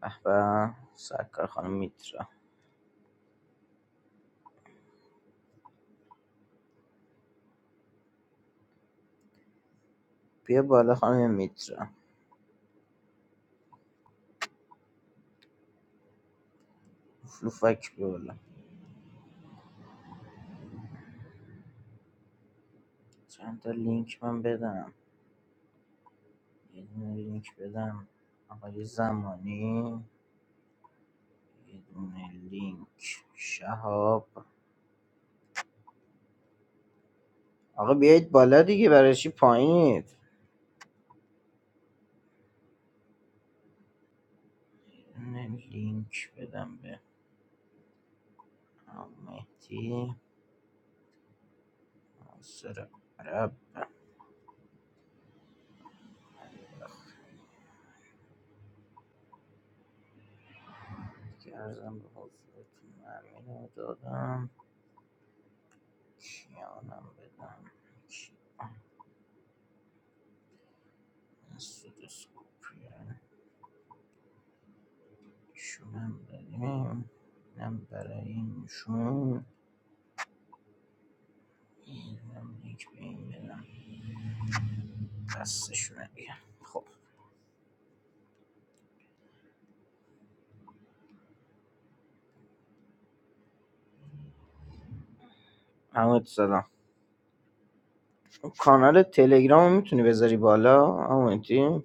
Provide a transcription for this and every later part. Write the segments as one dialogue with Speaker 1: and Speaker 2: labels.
Speaker 1: به به سرکار خانم میترا بیا بالا خانم میترا فلوفک بیا بالا چند تا لینک من بدم یه دونه لینک بدم آقای زمانی یه دونه لینک شهاب آقا بیایید بالا دیگه برای چی پایینید یه دونه لینک بدم به مهدی ناصر عرب دیگه ارزم به حضورتون امین دادم کیانم بدم سودوسکوپی ایشون داریم اینم برای اینشون اینم لینک به این بدم خستشونه دیگه خب حمید سلام کانال تلگرام میتونی بذاری بالا حمیدی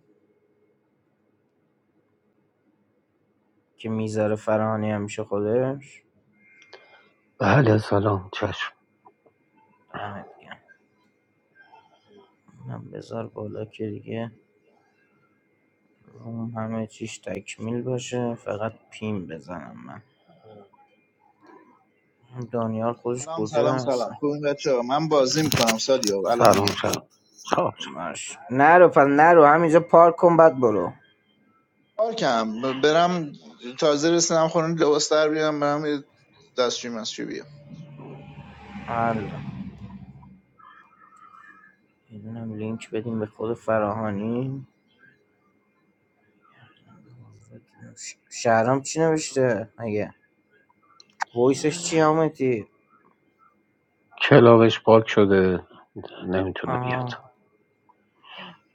Speaker 1: که میذاره فرهانی همیشه خودش
Speaker 2: بله سلام چشم
Speaker 1: همه دیگه اونم بذار بالا که دیگه روم همه چیش تکمیل باشه فقط پیم بزنم من دانیال خودش
Speaker 3: سلام
Speaker 1: کجا
Speaker 3: سلام سلام
Speaker 1: هستن
Speaker 3: خوبین بچه ها من بازی میکنم سادیو الان
Speaker 2: سلام
Speaker 3: میام
Speaker 2: شب خب
Speaker 1: باش نرو پس نرو همینجا پارک کن بعد برو
Speaker 3: کار کم برم تازه رسیدم خونه لباس در بیارم برم یه دستشویی مسجویی بیام
Speaker 1: الان اینم لینک بدیم به خود فراهانی ش- شهرام چی نوشته مگه وایسش چی آمدی
Speaker 2: کلاقش پاک شده نمیتونه بیاد
Speaker 1: آها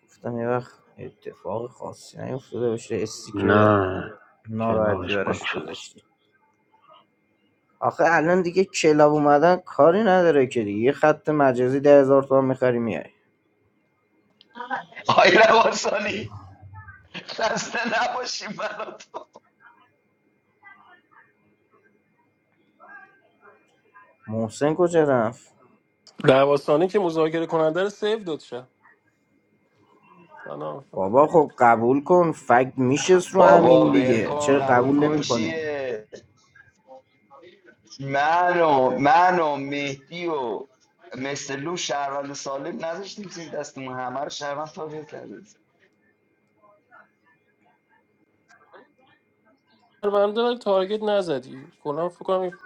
Speaker 1: گفتم یه وقت اتفاق خاصی نیفتاده باشه استیکر
Speaker 2: نه
Speaker 1: ناراحتی
Speaker 2: کلاقش پاک
Speaker 1: براش
Speaker 2: شده
Speaker 1: گذاشتی آخه الان دیگه کلاب اومدن کاری نداره که دیگه یه خط مجازی ده هزار تومن میخری میای
Speaker 4: آی رواسانی خسته نباشیم منو تو
Speaker 1: محسن کجا رفت
Speaker 5: لباسانی که مذاکره کننده رو سیو داد شد شهرونده
Speaker 1: بابا خب قبول کن فکت میشست رو
Speaker 4: بابا
Speaker 1: امین
Speaker 4: ول
Speaker 1: دیگه
Speaker 4: کن
Speaker 1: چرا
Speaker 4: قبول
Speaker 1: قبول
Speaker 4: کن
Speaker 1: نمیکنی
Speaker 4: چیه من و من و مهدی و مثل لو شهروند سالم نذاشتیم زیر دستمون همه رو شهروند تابع کردیم
Speaker 5: ولی تارگت نزدی کلا فکر کنم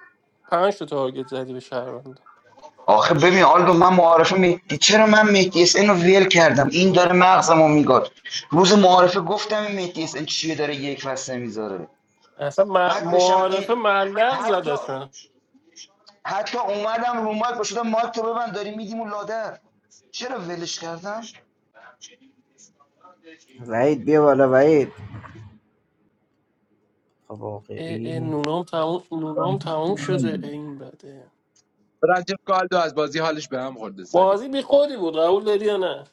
Speaker 5: پنج تا تارگت زدی به شهرونده
Speaker 4: آخه ببین آلدو من معارفه مهدی چرا من مهدی اس رو ویل کردم این داره مغزمو میگاد روز معارفه گفتم این مهدی اس این چیه داره یک وسته میذاره
Speaker 5: اصلا م-
Speaker 4: بعد بشم اون
Speaker 5: معارفه ملق زد
Speaker 4: حتی
Speaker 5: اصلا
Speaker 4: حتی اومدم رو مایک باشدم مایک تو ببند داری میدیم اون لادر چرا ولش کردم
Speaker 1: وحید بیا بالا وحید
Speaker 5: اه اه
Speaker 1: باقری
Speaker 5: نونام تموم نونام تموم شده اه،
Speaker 1: رجبی
Speaker 5: این بده
Speaker 6: رجب کالدو از بازی حالش به هم خورده سالی
Speaker 5: بازی بی خودی بود قبول داری یا نه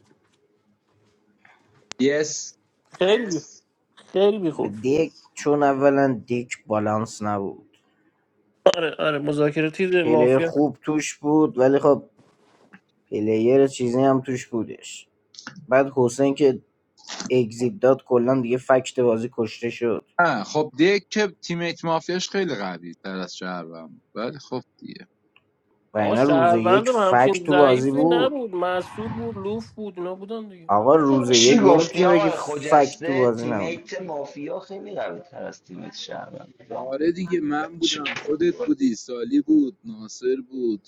Speaker 6: یس
Speaker 5: خیلی بی- خیلی بی
Speaker 1: به
Speaker 5: خود
Speaker 1: دک چون اولا دک بالانس نبود
Speaker 5: آره آره مذاکره تیز
Speaker 1: پلیر
Speaker 5: مافیا
Speaker 1: خوب توش بود ولی خب پلیر چیزی هم توش بودش بعد حسین که اگزیت داد کلا دیگه فکت بازی کشته شد
Speaker 6: آه خب دیگه که تیمیت مافیاش خیلی قوی تر از شهرم ولی خب دیگه
Speaker 1: و
Speaker 5: آقا
Speaker 1: اینا روز
Speaker 5: شهروند
Speaker 1: یک
Speaker 5: هم همچین
Speaker 1: فکت تو بازی
Speaker 5: ضعیفی
Speaker 1: بود
Speaker 5: نبود مسعود بود لوف بود اینا بودن
Speaker 1: آقا روز
Speaker 4: چی
Speaker 1: یک
Speaker 4: گفتی
Speaker 1: نمیتونی بگی
Speaker 4: آقای
Speaker 1: فکت تو
Speaker 4: خجسته
Speaker 1: بازی نبود
Speaker 4: تیمیت مافیا خیلی قوی تر از تیمیت شهروند
Speaker 6: آره دیگه من
Speaker 4: چه-
Speaker 6: بودم خودت بودی سالی بود ناصر بود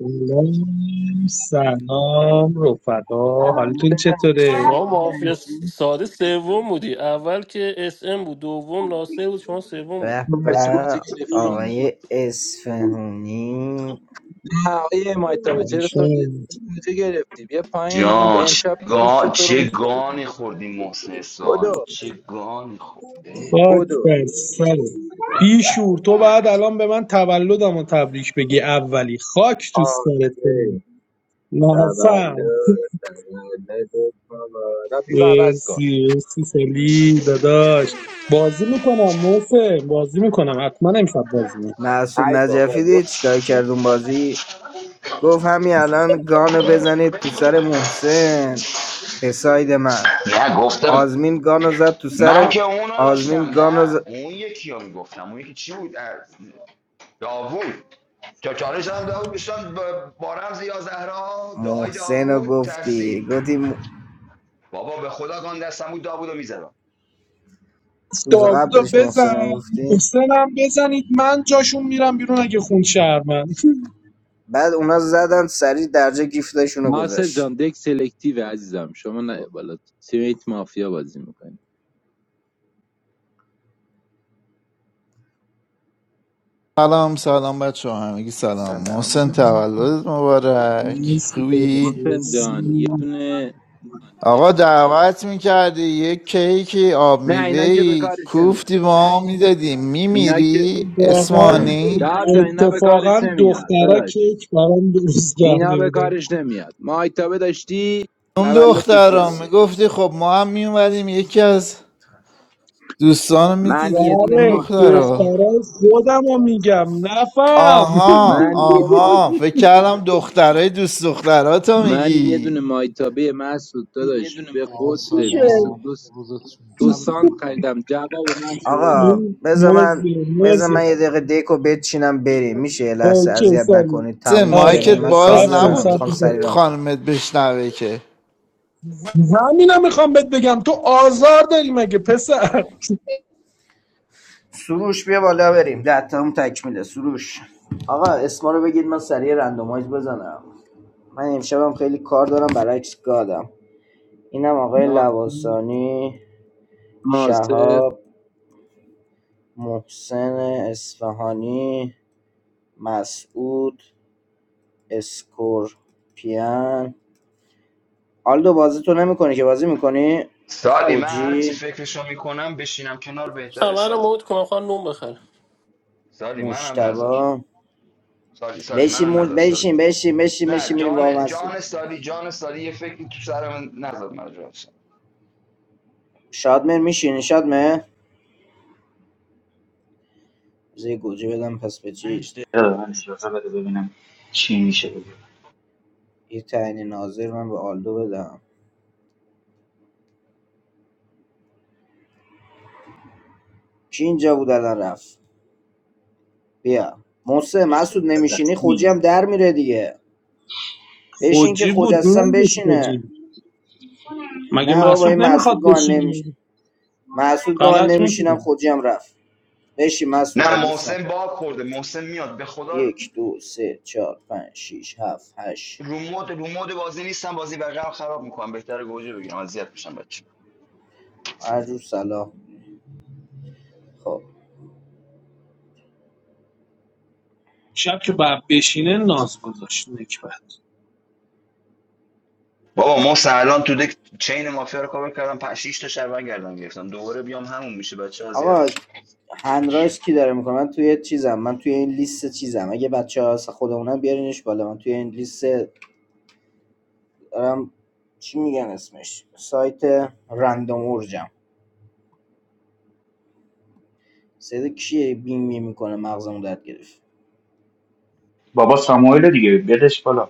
Speaker 7: سلام سلام رفقا حالتون
Speaker 6: نه
Speaker 7: چطوره؟
Speaker 5: شما مافیا س- ساده سوم بودی اول که اس ام بود دوم ناصر بود شما سوم بودی
Speaker 1: به
Speaker 6: مرسی گوجه
Speaker 1: به
Speaker 5: حالا
Speaker 6: گرفتی
Speaker 1: آقای اسفهونی
Speaker 6: نه آقای مایتابه چرا تو
Speaker 7: حالشون
Speaker 6: گوجه گرفتی بیا پایین این
Speaker 4: جان چه,
Speaker 6: امشب پوست
Speaker 4: گان...
Speaker 6: تو رو
Speaker 4: چه گانی
Speaker 6: میکنم
Speaker 4: خوردی محسن اسفحانی
Speaker 6: بدو
Speaker 4: چه گانی خورده
Speaker 7: خاک
Speaker 6: بدو
Speaker 7: بر سره بیشور تو بعد الان به من تولدم و تبریک بگی اولی خاک تو
Speaker 6: آخ
Speaker 7: سرت کنم
Speaker 6: تولد
Speaker 7: نفهم
Speaker 6: تولد کابا نه پیکو عوض کن
Speaker 7: مرسی مرسی سالی داداش بازی میکنم محسن بازی میکنم حتما امشب بازی میکنم
Speaker 1: محسود
Speaker 6: ای بابا
Speaker 1: نجفی
Speaker 6: برو.
Speaker 1: دید چیکار کرد اون بازی گفت همین الان گانو بزنید تو سر محسن به ساید من
Speaker 4: نه گفتم
Speaker 1: آزمین گانو زد تو
Speaker 4: من
Speaker 1: سر
Speaker 4: که اونو داشتم
Speaker 1: آزمین گانو ز...
Speaker 4: نه اون یکی رو میگفتم اون یکی چی بود اه، داوود تا چالش هم داوود بشتم با با رمز یا زهرا دعای
Speaker 1: محسن
Speaker 4: داوود ترسید
Speaker 1: گفتی گفتی م-
Speaker 4: بابا به خدا گان دستم بود داوودو میزدم
Speaker 1: روز
Speaker 7: داوودو
Speaker 1: قبلش
Speaker 7: بزن
Speaker 1: محسن گفتی
Speaker 7: محسنم بزنید من جاشون میرم بیرون اگه خون شهر من
Speaker 1: بعد اونا زدن سریع درجه گیفتاشون رو
Speaker 6: ناصر جان
Speaker 1: گذاشت
Speaker 6: دک سلکتیو عزیزم شما نه بالا سیمیت مافیا بازی میکنی
Speaker 3: سلام سلام بچه ها همگی سلام
Speaker 1: سلام
Speaker 3: محسن
Speaker 1: سلام
Speaker 3: تولدت مبارک
Speaker 7: مرسی داداش
Speaker 3: خوبی؟
Speaker 6: محسن جان یه
Speaker 7: مرسی
Speaker 6: دونه
Speaker 3: آقا دعوت میکردی یه کیکی آب
Speaker 6: نه اینا که به
Speaker 3: میوهی
Speaker 6: کارش نمیاد
Speaker 3: کوفتی با ما میدادی
Speaker 6: اینا که
Speaker 3: میمیری
Speaker 7: واقعا
Speaker 3: اسمانی
Speaker 6: جواب داد، اینا به کارش
Speaker 7: اتفاقا
Speaker 6: نمیاد
Speaker 7: دخترا
Speaker 6: داداش
Speaker 7: کیک برام درست
Speaker 6: اینا
Speaker 7: کرده
Speaker 6: به
Speaker 7: بودن
Speaker 6: کارش نمیاد ما آیتابه داشتی
Speaker 3: اون
Speaker 6: تولدش
Speaker 1: دو
Speaker 3: دخترا
Speaker 6: بده
Speaker 1: سه
Speaker 3: میگفتی
Speaker 1: چهار
Speaker 3: خب ما هم
Speaker 1: یک،
Speaker 3: میومدیم
Speaker 1: دو
Speaker 3: یکی
Speaker 1: سه
Speaker 3: از
Speaker 1: چهار،
Speaker 3: دوستان رو
Speaker 6: من یه
Speaker 3: میدیدیم
Speaker 1: هفت
Speaker 6: دونه
Speaker 3: کدوم
Speaker 7: آره
Speaker 6: ما
Speaker 3: دخترا
Speaker 7: دخترا خودم رو میگم
Speaker 1: هفت.
Speaker 7: نفهم
Speaker 3: آها
Speaker 6: من یه ما
Speaker 3: آها فکر کردم دخترای دوست دختراتو
Speaker 6: من یه دونه
Speaker 3: میگی
Speaker 6: مایتابه مسعود داداش به
Speaker 8: آقا
Speaker 6: قطر
Speaker 7: میشه
Speaker 6: بیست و
Speaker 8: سلام
Speaker 6: دو
Speaker 8: روزتون
Speaker 6: دو
Speaker 8: شبتون
Speaker 6: سانت
Speaker 8: بخیر
Speaker 6: خریدم جواب من سود
Speaker 1: آقا
Speaker 7: این
Speaker 1: بذار من
Speaker 7: موزه
Speaker 1: بذار
Speaker 7: موزه
Speaker 1: من یه دقیقه دیکو بچینم بریم میشه یه
Speaker 7: با
Speaker 1: لحظه
Speaker 7: چه
Speaker 1: اذیت
Speaker 7: سالی
Speaker 1: نکنید
Speaker 3: سه
Speaker 1: تموم شه
Speaker 7: آره
Speaker 1: بریم
Speaker 3: مایکت
Speaker 7: آره
Speaker 1: من کار
Speaker 3: باز
Speaker 7: سب کن
Speaker 1: دارم
Speaker 3: نبود
Speaker 7: سب
Speaker 1: میخوام
Speaker 7: کن سب
Speaker 1: سری
Speaker 3: خ-
Speaker 1: ران کنم
Speaker 3: خانمت بشنوه که
Speaker 7: کن. همینم میخوام بهت بگم تو آزار داری مگه پسر
Speaker 1: سروش بیا بالا بریم ده تا هم تکمیله سروش آقا اسما رو بگید من سریع رندومایز بزنم من امشبم خیلی کار دارم برای عکس گادم اینم آقای
Speaker 6: ناصر
Speaker 1: لواسانی
Speaker 6: ناصر
Speaker 1: شهاب محسن اصفهانی مسعود اسکورپیان آلدو بازی تو نمیکنی که بازی میکنی
Speaker 4: سالی من هر چی
Speaker 1: خوجی
Speaker 4: فکرشو میکنم بشینم کنار بهتره
Speaker 5: خبر
Speaker 4: سالی
Speaker 5: مود کنم خواهم نون بخره
Speaker 4: سالی منم نذار
Speaker 1: مجتبا
Speaker 4: سالی سالی
Speaker 1: بشین
Speaker 4: منم
Speaker 1: مج...
Speaker 4: نذار سالی
Speaker 1: بشین بشین بشین
Speaker 4: نه
Speaker 1: بشین میریم با
Speaker 4: جان جان
Speaker 1: مسعود
Speaker 4: سالی جان سالی یه فکری تو سرم نذار من جان سالی.
Speaker 1: شادمر میشینی شادمر زی گوجه بدم پس به
Speaker 9: پنج
Speaker 1: چیز
Speaker 9: دقیقه به من اجازه بده ببینم چی میشه دیگه
Speaker 1: یه تعیین ناظر من به آلدو بدم کی اینجا بود الان رفت بیا موسه
Speaker 9: مشکل
Speaker 1: مسعود نمیشینی
Speaker 9: دست
Speaker 1: خوجی
Speaker 9: میاد
Speaker 1: هم در میره دیگه بشین که
Speaker 7: خوجی بود
Speaker 1: خجستم
Speaker 7: میندازه
Speaker 1: بشینه
Speaker 7: خوجی مگه
Speaker 1: نه بابا این
Speaker 7: مسعود
Speaker 1: مسعود
Speaker 7: نمیخواد
Speaker 1: گفت من
Speaker 7: بشینه
Speaker 1: نمیش مسعود گفت من
Speaker 7: غلط
Speaker 1: نمیشینم
Speaker 7: میکنی
Speaker 1: خوجی هم رفت بشین مسعود
Speaker 4: نه
Speaker 1: دوست نکن
Speaker 4: محسن باک خورده محسن میاد به خدا
Speaker 1: یک دو سه چهار پنج شیش هفت هشت
Speaker 4: رومود رومود بازی نیستم بازی بقیه خراب میکنم بهتره گوجه بگیرم اذیت میشم بچه
Speaker 1: هر جور سلام خب
Speaker 7: شب که باید بشینه ناز گذاشت نکبت
Speaker 4: بابا محسن الان تو دک چین مافیا رو کاور کردم 5 6 تا شربن گردن گرفتم دوباره بیام همون میشه بچه اذیت
Speaker 1: آقا
Speaker 4: میشم
Speaker 1: هند رایس کی داره میکنه من توی چیزم من توی این لیست چیزم اگه بچه ها خودمونم بیارینش بالا من توی این لیست دارم چی میگن اسمش سایت رندوم اورجم سید کیه بیمی میکنه مغزمون درد گرفت
Speaker 9: بابا ساموئل دیگه بیادش بالا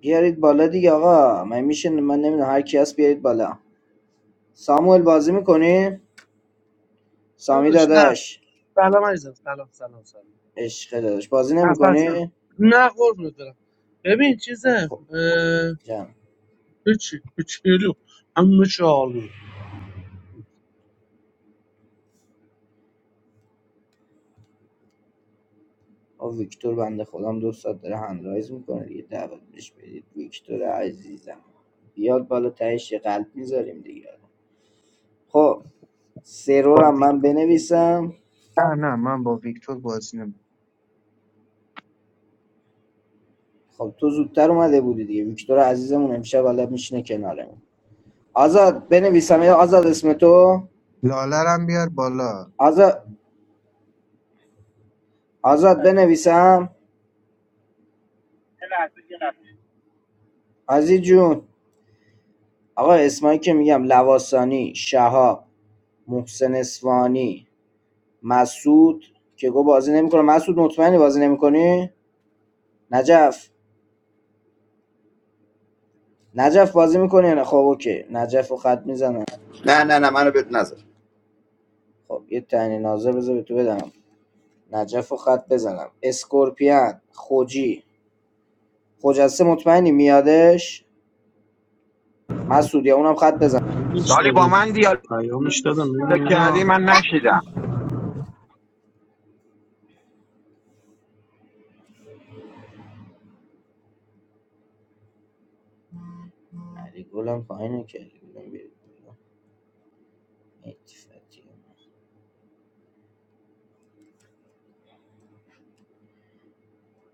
Speaker 1: بیارید بالا دیگه آقا من میشه من نمیدونم هر کی هست بیارید بالا ساموئل بازی میکنی سامی
Speaker 10: داداش نه
Speaker 1: داداش
Speaker 10: سلام عزیزم سلام سلام سلام
Speaker 1: عشق داداش بازی
Speaker 10: نفسم
Speaker 1: نمیکنی
Speaker 10: نه قربونت برم ببین چیزه
Speaker 1: خب
Speaker 10: اه،
Speaker 1: جمع
Speaker 10: هیچی کوچولو همه چی آلو
Speaker 1: آقا ویکتور بنده خودم دو ساعت داره هنرایز میکنه دیگه دعوت بهش بدید ویکتور عزیزم بیاد بالا تهش قلب میذاریم دیگه خب سرور
Speaker 11: با
Speaker 1: هم من
Speaker 11: ویکتور بازی
Speaker 1: بنویسم
Speaker 11: نه نه من با ویکتور بازی نمی
Speaker 1: خب تو زودتر اومده بودی دیگه ویکتور عزیزمون امشب بالا میشینه کنارمون آزاد بنویسم یا آزاد اسم تو
Speaker 11: لالرم بیار بالا
Speaker 1: آزاد آزاد بنویسم عزیز جون آقا اسمایی که میگم لواسانی شهاب محسن اسفانی مسعود که گفت بازی نمیکنه مسعود مطمئنی بازی نمیکنی نجف نجف بازی میکنه نه خب اوکی نجف رو خط میزنم
Speaker 4: نه نه نه منو بهت نذار
Speaker 1: خب یه تعیین ناظر بذار به تو بدم نجف رو خط بزنم اسکورپیان خوجی خجسته مطمئنی میادش مسعود یا اونم خط بزنم
Speaker 12: سالی با من
Speaker 7: میشنویم
Speaker 12: دیالوگ
Speaker 7: پیامش
Speaker 12: کردی
Speaker 7: میاد
Speaker 12: من نشیدم
Speaker 1: علی گلم پایینه که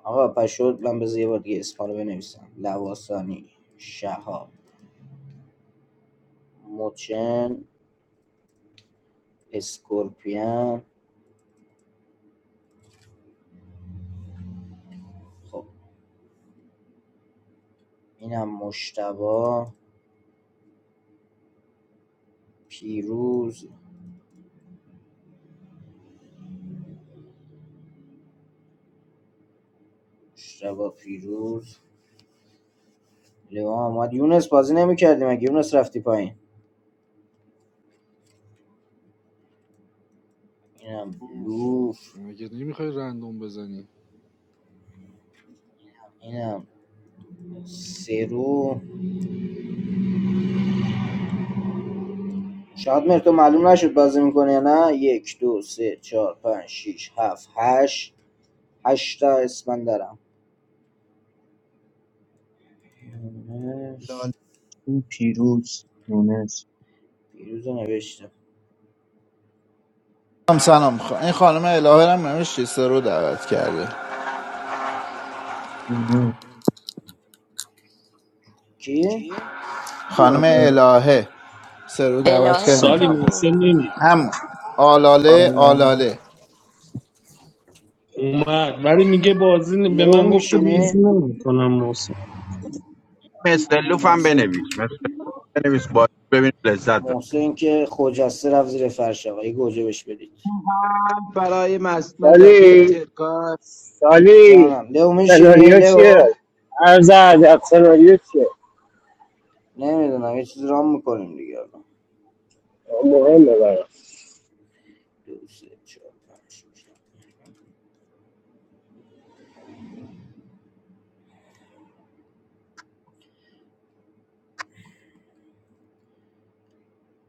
Speaker 1: آقا پشود من بذار یه بار دیگه اسما رو بنویسم لواسانی شهاب مچن اسکورپیان خب اینم مشتبه پیروز مشتبه پیروز لیوان اومد یونس بازی نمیکردیم مگه یونس رفتی پایین اینم لوف
Speaker 8: مگه نمیخوای رندوم بزنی
Speaker 1: اینم سرو شاید مر معلوم نشد بازی میکنه یا نه یک دو سه چهار پنج شیش هفت هشت هشتا اسپندرم
Speaker 11: لاله
Speaker 1: یونس
Speaker 11: این پیروز یونس
Speaker 1: پیروز رو نوشتم
Speaker 3: سلام سلام خ- این خانم الهه رو هم نمیشه سه دعوت کرده
Speaker 11: یونس
Speaker 1: کی؟
Speaker 3: خانم الهه سرو دعوت
Speaker 13: الهه
Speaker 3: کرده
Speaker 7: سالی
Speaker 13: کجا
Speaker 7: محسن
Speaker 13: بود
Speaker 7: نمی
Speaker 3: هم آلاله
Speaker 11: آلا
Speaker 3: آلاله
Speaker 7: اومد ولی میگه بازی ن- به
Speaker 1: لیو
Speaker 7: من گفته بازی
Speaker 1: میشینه
Speaker 7: نمیکنم محسن
Speaker 12: مثل لوفم
Speaker 1: محسن
Speaker 12: بنویس مثل بنویس بازی ببین لذت داره
Speaker 1: محسن که خوجسته رفت زیر فرش آقا یه گوجه بهش بدید
Speaker 6: هم برای مس نجفی
Speaker 14: سالی
Speaker 6: ترکا
Speaker 14: سالی
Speaker 1: جانم لو میشینی
Speaker 14: سناریو چیه؟
Speaker 1: لو
Speaker 14: عرض ادب سناریو چیه؟
Speaker 1: نمیدونم یه چیزی رام میکنیم دیگه الان.
Speaker 14: مهمه برام
Speaker 1: دو، سه، چهار، پنج، شش.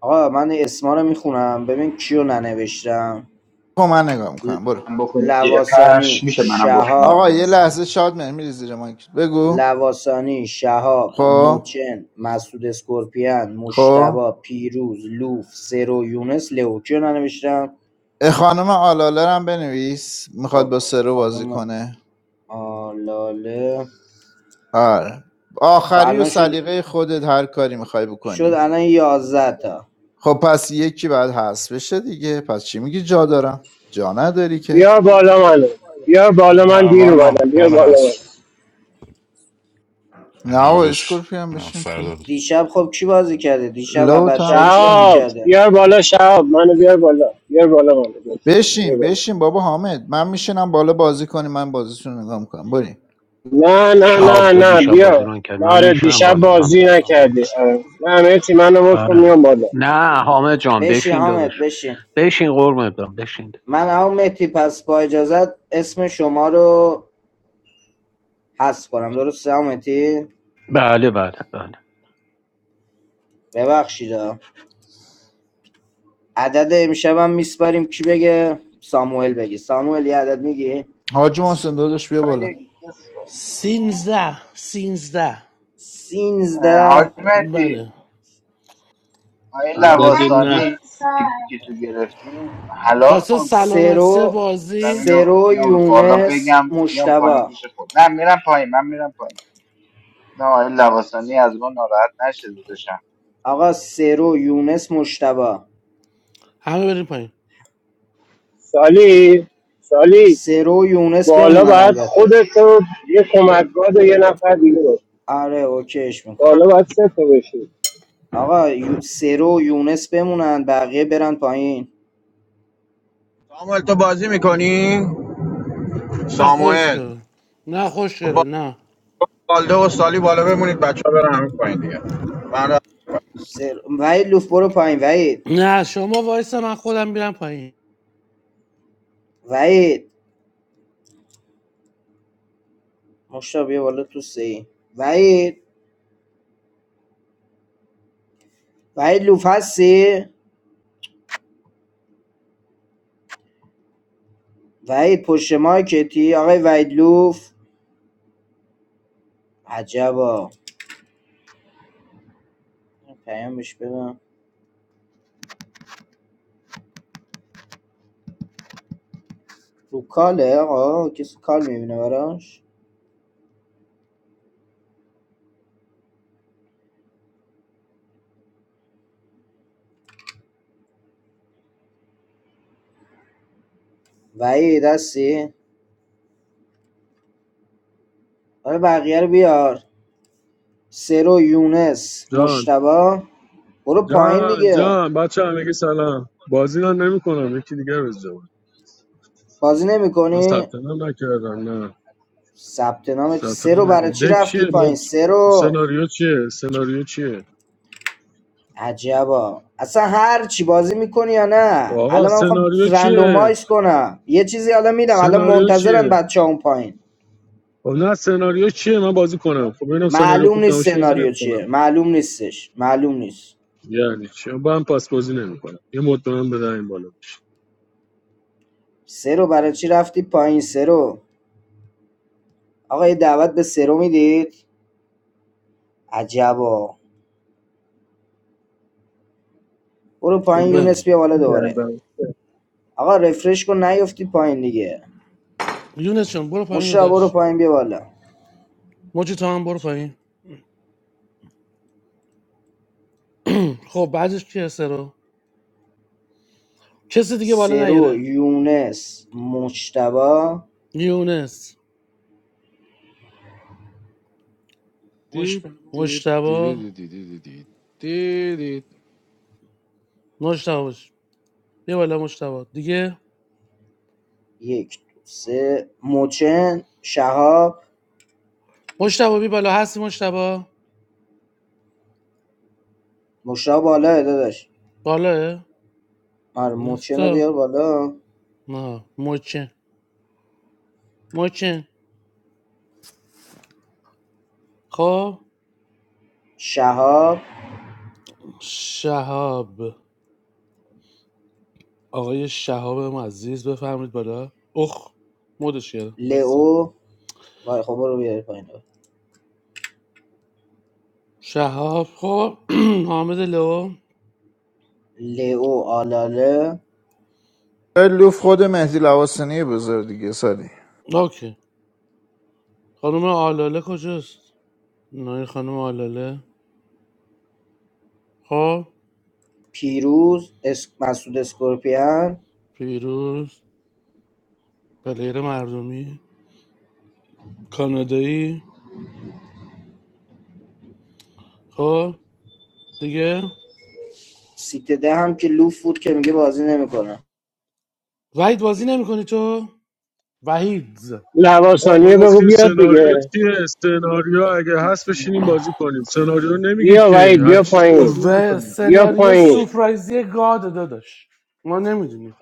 Speaker 1: آقا من اسما رو میخونم ببین کیو ننوشتم
Speaker 3: خب من نگاه
Speaker 1: ل-
Speaker 3: میکنم برو
Speaker 9: من بکنه زیر فرش
Speaker 1: لواسانی
Speaker 9: میشه منم بکنه
Speaker 1: شهاب
Speaker 3: آقا
Speaker 9: زیر
Speaker 3: یه
Speaker 9: فرش
Speaker 3: لحظه شاد میری میری زیر مایک بگو
Speaker 1: لواسانی شهاب
Speaker 3: خب
Speaker 1: موچن مسعود اسکورپیان
Speaker 3: خب
Speaker 1: مشتبا پیروز لوف سرو یونس لو کیو ننوشتم
Speaker 3: اه، خانم آلاله رو هم بنویس میخواد
Speaker 1: خب
Speaker 3: با سرو بازی
Speaker 1: خانم
Speaker 3: کنه
Speaker 1: آلاله
Speaker 3: آره.
Speaker 1: خب
Speaker 3: آخری و
Speaker 1: الان شد
Speaker 3: سلیقه خودت هر کاری میخوای
Speaker 1: شد
Speaker 3: بکنی
Speaker 1: الان 11 تا
Speaker 3: خب پس یکی بعد هست بشه دیگه پس چی میگی جا دارم جا نداری که
Speaker 14: بیار بالا منو بیار بالا من
Speaker 15: نه
Speaker 14: دیر
Speaker 15: من
Speaker 14: اومدم بیار
Speaker 15: من
Speaker 14: بالا منو
Speaker 15: هست
Speaker 3: نه و
Speaker 15: نوبش
Speaker 3: اسکورپیان
Speaker 15: نه
Speaker 3: بشین تو
Speaker 15: فردا بود
Speaker 1: دیشب خب کی بازی کرده دیشب و
Speaker 3: لو تو
Speaker 1: بچه
Speaker 3: هم
Speaker 1: ها کی بازی
Speaker 3: بشین
Speaker 14: شهاب
Speaker 1: کرده
Speaker 14: بیار بالا شهاب منو بیار بالا بیار بالا منو بیار
Speaker 3: بشین
Speaker 14: بالا
Speaker 3: بشین بابا حامد من میشینم بالا بازی کنی من بازیتون رو نگاه میکنم بریم
Speaker 14: نه نه
Speaker 2: شهاب
Speaker 14: نه
Speaker 2: تو
Speaker 14: نه
Speaker 2: دیشب بازی
Speaker 14: بیار
Speaker 2: رو کرد من
Speaker 14: آره
Speaker 2: میشنم
Speaker 14: دیشب
Speaker 2: بالا من
Speaker 14: بازی نکردی آره. نه همه چی منو بود کن
Speaker 2: آره
Speaker 14: میام بالا
Speaker 2: نه حامد جان
Speaker 1: بشین
Speaker 2: بشین داداش
Speaker 1: حامد بشین
Speaker 2: بشین قربونت برم بشین
Speaker 1: من هم مهدی پس با اجازت اسم شما رو حذف کنم درسته هم مهدی
Speaker 2: بله بله بله
Speaker 1: ببخشید ها. عدد امشب میسپاریم کی بگه ساموئل بگی ساموئل یه عدد میگی
Speaker 3: حاج محسن داداش بیا بالا
Speaker 16: برای کس
Speaker 10: سینزده سینزده
Speaker 16: اه،
Speaker 1: سینزده
Speaker 16: حاجمتی
Speaker 10: بله
Speaker 16: آقای لباسانی که تو گرفتیم حلال
Speaker 10: واسه
Speaker 16: کن تو رو خدا
Speaker 10: سلامتی
Speaker 1: سرو
Speaker 10: بازی
Speaker 16: زمین رو
Speaker 1: سرو
Speaker 16: بیام بالا
Speaker 1: یونس
Speaker 16: بگم بیام پایین
Speaker 1: مشتبا
Speaker 16: پیش خود نه میرم پایین من میرم پایین نه آقای لباسانی از ما ناراحت نشه
Speaker 1: آقا سرو یونس مشتبا
Speaker 10: همه بریم پایین
Speaker 14: سالی سالی
Speaker 1: سرو یونس
Speaker 14: بالا
Speaker 1: بمونن
Speaker 14: باید
Speaker 1: البته
Speaker 14: خودت رو یه کمکگاه و یه نفر دیگه باشه.
Speaker 1: آره اوکیش
Speaker 14: بالا
Speaker 1: میکنم
Speaker 14: باید سه تا بشی
Speaker 1: آقا یو- سرو و یونس بمونن بقیه برن پایین
Speaker 12: ساموئل تو بازی میکنی؟
Speaker 10: نه خوش
Speaker 12: ساموئل
Speaker 10: شده نه خوش شده
Speaker 12: با
Speaker 10: نه
Speaker 12: بالده و سالی بالا بمونید بچه ها برن همین پایین دیگه من را-
Speaker 1: سر... وحید لوف برو پایین وحید
Speaker 10: نه شما وایس من خودم میرم پایین
Speaker 1: وحید مشتاق بیا بالا تو سی وحید وحید لوف هستی وحید پشت مایکتی آقای وحید لوف عجبا پیامش بدم رو کاله آقا کسی کال میبینه براش وحید هستی آره بقیه رو بیار سرو یونس
Speaker 17: جان
Speaker 1: مشتبا برو پایین
Speaker 17: جان
Speaker 1: دیگه
Speaker 17: جان بچه هم میگه سلام بازی من نمی کنم یکی دیگه بز جواب
Speaker 1: بازی
Speaker 17: من
Speaker 1: نمیکنی
Speaker 17: ثبت نام نکردم نه
Speaker 1: ثبت نام
Speaker 17: ثبت
Speaker 1: سه رو
Speaker 17: نام
Speaker 1: برای
Speaker 17: نکردم
Speaker 1: چی
Speaker 17: دک چیه
Speaker 1: رفتی پایین
Speaker 17: مد...
Speaker 1: سه رو
Speaker 17: سناریو چیه سناریو چیه
Speaker 1: عجبا اصلا هر چی بازی میکنی یا نه
Speaker 17: آقا
Speaker 1: الان من میخوام
Speaker 17: سناریو چیه
Speaker 1: رندومایز کنم یه چیزی الان میدم الان
Speaker 17: سناریو چیه
Speaker 1: منتظرن بچه اون پایین
Speaker 17: خب نه سناریو چیه من بازی کنم خب ببینم سناریو
Speaker 1: معلوم
Speaker 17: خوب
Speaker 1: نیست
Speaker 17: نباشه بازی
Speaker 1: سناریو چیه
Speaker 17: نمیکنم
Speaker 1: معلوم نیستش معلوم نیست
Speaker 17: یعنی چی با هم پس بازی نمیکنم یه مد به من بدن این بالا بشه
Speaker 1: سه رو برای چی رفتی پایین سه رو آقا یه دعوت به سه رو میدید عجبا برو پایین
Speaker 11: تلگرام چی
Speaker 1: یونس
Speaker 10: بگم
Speaker 1: بیا بالا دوباره
Speaker 11: کرده
Speaker 1: آقا رفرش کن نیفتی پایین دیگه
Speaker 10: یونس جان برو پایین
Speaker 1: مشتاق برو
Speaker 10: داداش
Speaker 1: پایین بیا بالا
Speaker 10: موجی تو هم برو پایین خب بعدش کی هسته رو کسی دیگه بالا
Speaker 1: سرو
Speaker 10: نیاره
Speaker 1: یونس مجتبی
Speaker 10: یونس
Speaker 8: دید
Speaker 10: مجتبا
Speaker 8: دیرید دیدید دیدید دیدید
Speaker 10: مجتبا باش بیا بالا مجتبا دیگه
Speaker 1: یک دو سه موچن شهاب
Speaker 10: مجتبا بیا بالا هستی مجتبا
Speaker 1: مشتاق بالا داداش
Speaker 10: بالاه
Speaker 1: آره موچن رو
Speaker 10: نیستا
Speaker 1: بیار بالا
Speaker 10: نه مچن مچن خب
Speaker 1: شهاب
Speaker 10: شهاب آقای شهاب ما عزیز بفرمید بالا اخ مودش کردم بایستا
Speaker 1: لئو وای خب برو بیار پایین
Speaker 10: شهاب خب حامد لو
Speaker 1: لئو آلاله
Speaker 3: آی لوف خود مهدی لواسنی بزرگ دیگه سالی
Speaker 10: اوکی خانم آلاله کجاست نای خانم آلاله خب
Speaker 1: پیروز اس... مسعود اسکورپیان
Speaker 10: فیروز پلیر مردمی کانادایی خب دیگه
Speaker 1: سیت ده هم که لوف بود که میگه بازی نمیکنه
Speaker 10: وحید بازی نمیکنی تو وحید
Speaker 17: آقا ما
Speaker 14: لواسانیه بگو
Speaker 17: گفتیم
Speaker 14: بیاد
Speaker 17: سناریو
Speaker 14: دیگه
Speaker 17: چیه سناریو اگه هست بشینیم بازی کنیم سناریو نمیگید
Speaker 14: بیا
Speaker 17: که
Speaker 14: وید
Speaker 17: هر
Speaker 14: بیا
Speaker 17: چیزی که
Speaker 14: پایین
Speaker 17: بازی
Speaker 10: و
Speaker 17: نمیکنیم
Speaker 14: بیا
Speaker 10: سناریو
Speaker 14: پایین
Speaker 10: سورپرایزی گاد داداش ما نمیدونیم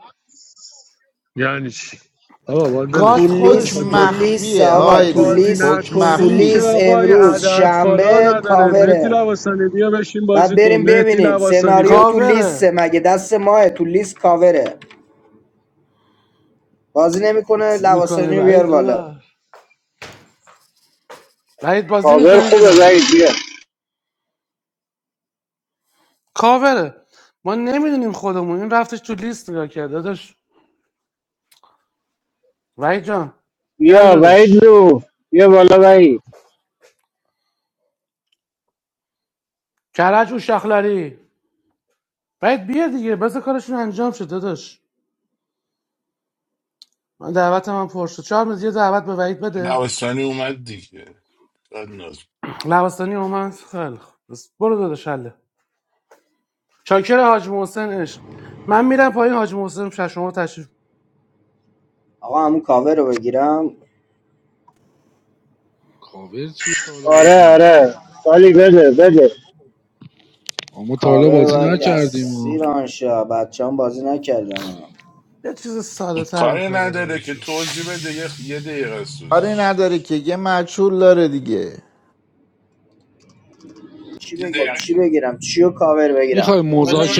Speaker 17: یعنی چی آقا باید
Speaker 10: گاد
Speaker 1: تو
Speaker 17: ولش کن ما
Speaker 3: حکم
Speaker 10: خودش
Speaker 1: لیست
Speaker 17: میخواید
Speaker 1: تو
Speaker 17: با...
Speaker 10: میگه
Speaker 1: لیست
Speaker 3: مخفیه
Speaker 1: آقا
Speaker 17: میخواید
Speaker 3: آی
Speaker 1: تو
Speaker 3: لوف
Speaker 17: بازی
Speaker 1: لیست
Speaker 3: حکم
Speaker 1: تو
Speaker 17: نکنیم
Speaker 3: مخفی
Speaker 17: که
Speaker 1: لیست
Speaker 17: آقا این
Speaker 1: امروز
Speaker 17: عدد فالا
Speaker 1: شنبه
Speaker 17: نداره مهدی
Speaker 1: کاوره
Speaker 17: لواسانی بیا بشین
Speaker 1: بعد
Speaker 17: بازی کن
Speaker 1: بریم
Speaker 17: مهدی
Speaker 1: ببینیم
Speaker 17: لواسانی بیا
Speaker 1: سناریو تو
Speaker 10: کاوره
Speaker 1: لیسته مگه دست ماه تو لیست کاوره بازی نمیکنه
Speaker 10: میکنه
Speaker 1: لواسانی بیار
Speaker 10: وحید
Speaker 1: بالا
Speaker 10: داداش وحید بازی
Speaker 14: کابر
Speaker 10: میکنی بی
Speaker 14: خوبه
Speaker 10: بالا
Speaker 14: وید بیا
Speaker 10: کاوره ما نمیدونیم خودمون این رفتش تو لیست نگاه کرد داداش وحید جان گل
Speaker 14: بیا وید
Speaker 10: داداش
Speaker 14: لو بیا بالا وید
Speaker 10: کرج و شخلری وحید بیا دیگه بذار کارشون انجام شد داداش من دعوتم هم پر شد چهار روز دعوت به وحید بده
Speaker 15: نوستانی اومد دیگه بعد ناز-
Speaker 10: لبستانی اومد خیلی خوب بس برو داداش حله شاکر حاج محسن عشق من میرم پایین حاج محسن شش شما تشریف
Speaker 1: آقا همون کاور رو بگیرم
Speaker 8: کاور چیه تا حالا
Speaker 14: آره
Speaker 8: بازی
Speaker 14: آره
Speaker 8: میکنی
Speaker 14: سالی بده بده
Speaker 8: ما تا حالا
Speaker 1: کاور
Speaker 8: بازی
Speaker 1: و
Speaker 8: نکردیم
Speaker 1: دستی
Speaker 8: و
Speaker 1: رانشا بچه هم بازی نکردن
Speaker 10: یه چیز ساده تر
Speaker 15: کاری
Speaker 10: میخوای بده
Speaker 15: نداره که
Speaker 10: بهشو
Speaker 15: توضیح بده یه, یه دقیقه از
Speaker 3: کاری
Speaker 15: توضیحش
Speaker 3: نداره که یه مجهول داره دیگه
Speaker 1: خب چی بگیرم چیو کاور بگیرم
Speaker 8: میخوای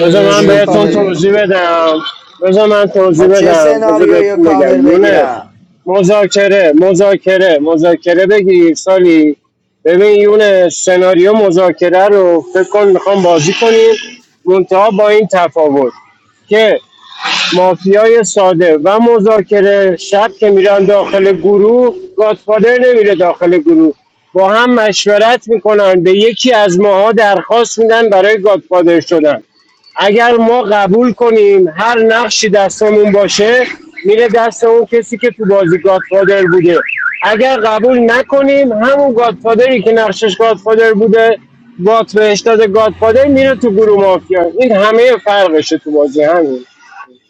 Speaker 14: بذار من
Speaker 1: چیو
Speaker 14: بهتون
Speaker 1: کاور بگیرم
Speaker 8: بدی
Speaker 14: توضیح بدم بذار من توضیح
Speaker 1: خب چه
Speaker 14: بدم بذار
Speaker 1: سناریو یا
Speaker 14: بهتون
Speaker 1: کاور
Speaker 14: بگم یونس
Speaker 1: بگیرم
Speaker 14: مذاکره مذاکره مذاکره بگیر سالی ببین یونس سناریو مذاکره رو فکر کن میخوام بازی کنیم منتها با این تفاوت که مافیای ساده و مذاکره شب که میرن داخل گروه گادفادر نمیره داخل گروه با هم مشورت میکنن به یکی از ماها درخواست میدن برای گادفادر شدن اگر ما قبول کنیم هر نقشی دستمون باشه میره دست اون کسی که تو بازی گادفادر بوده اگر قبول نکنیم همون گادفادری که نقشش گادفادر بوده گات بهش داده گادفادر میره تو گروه مافیا این همه فرقشه تو بازی همین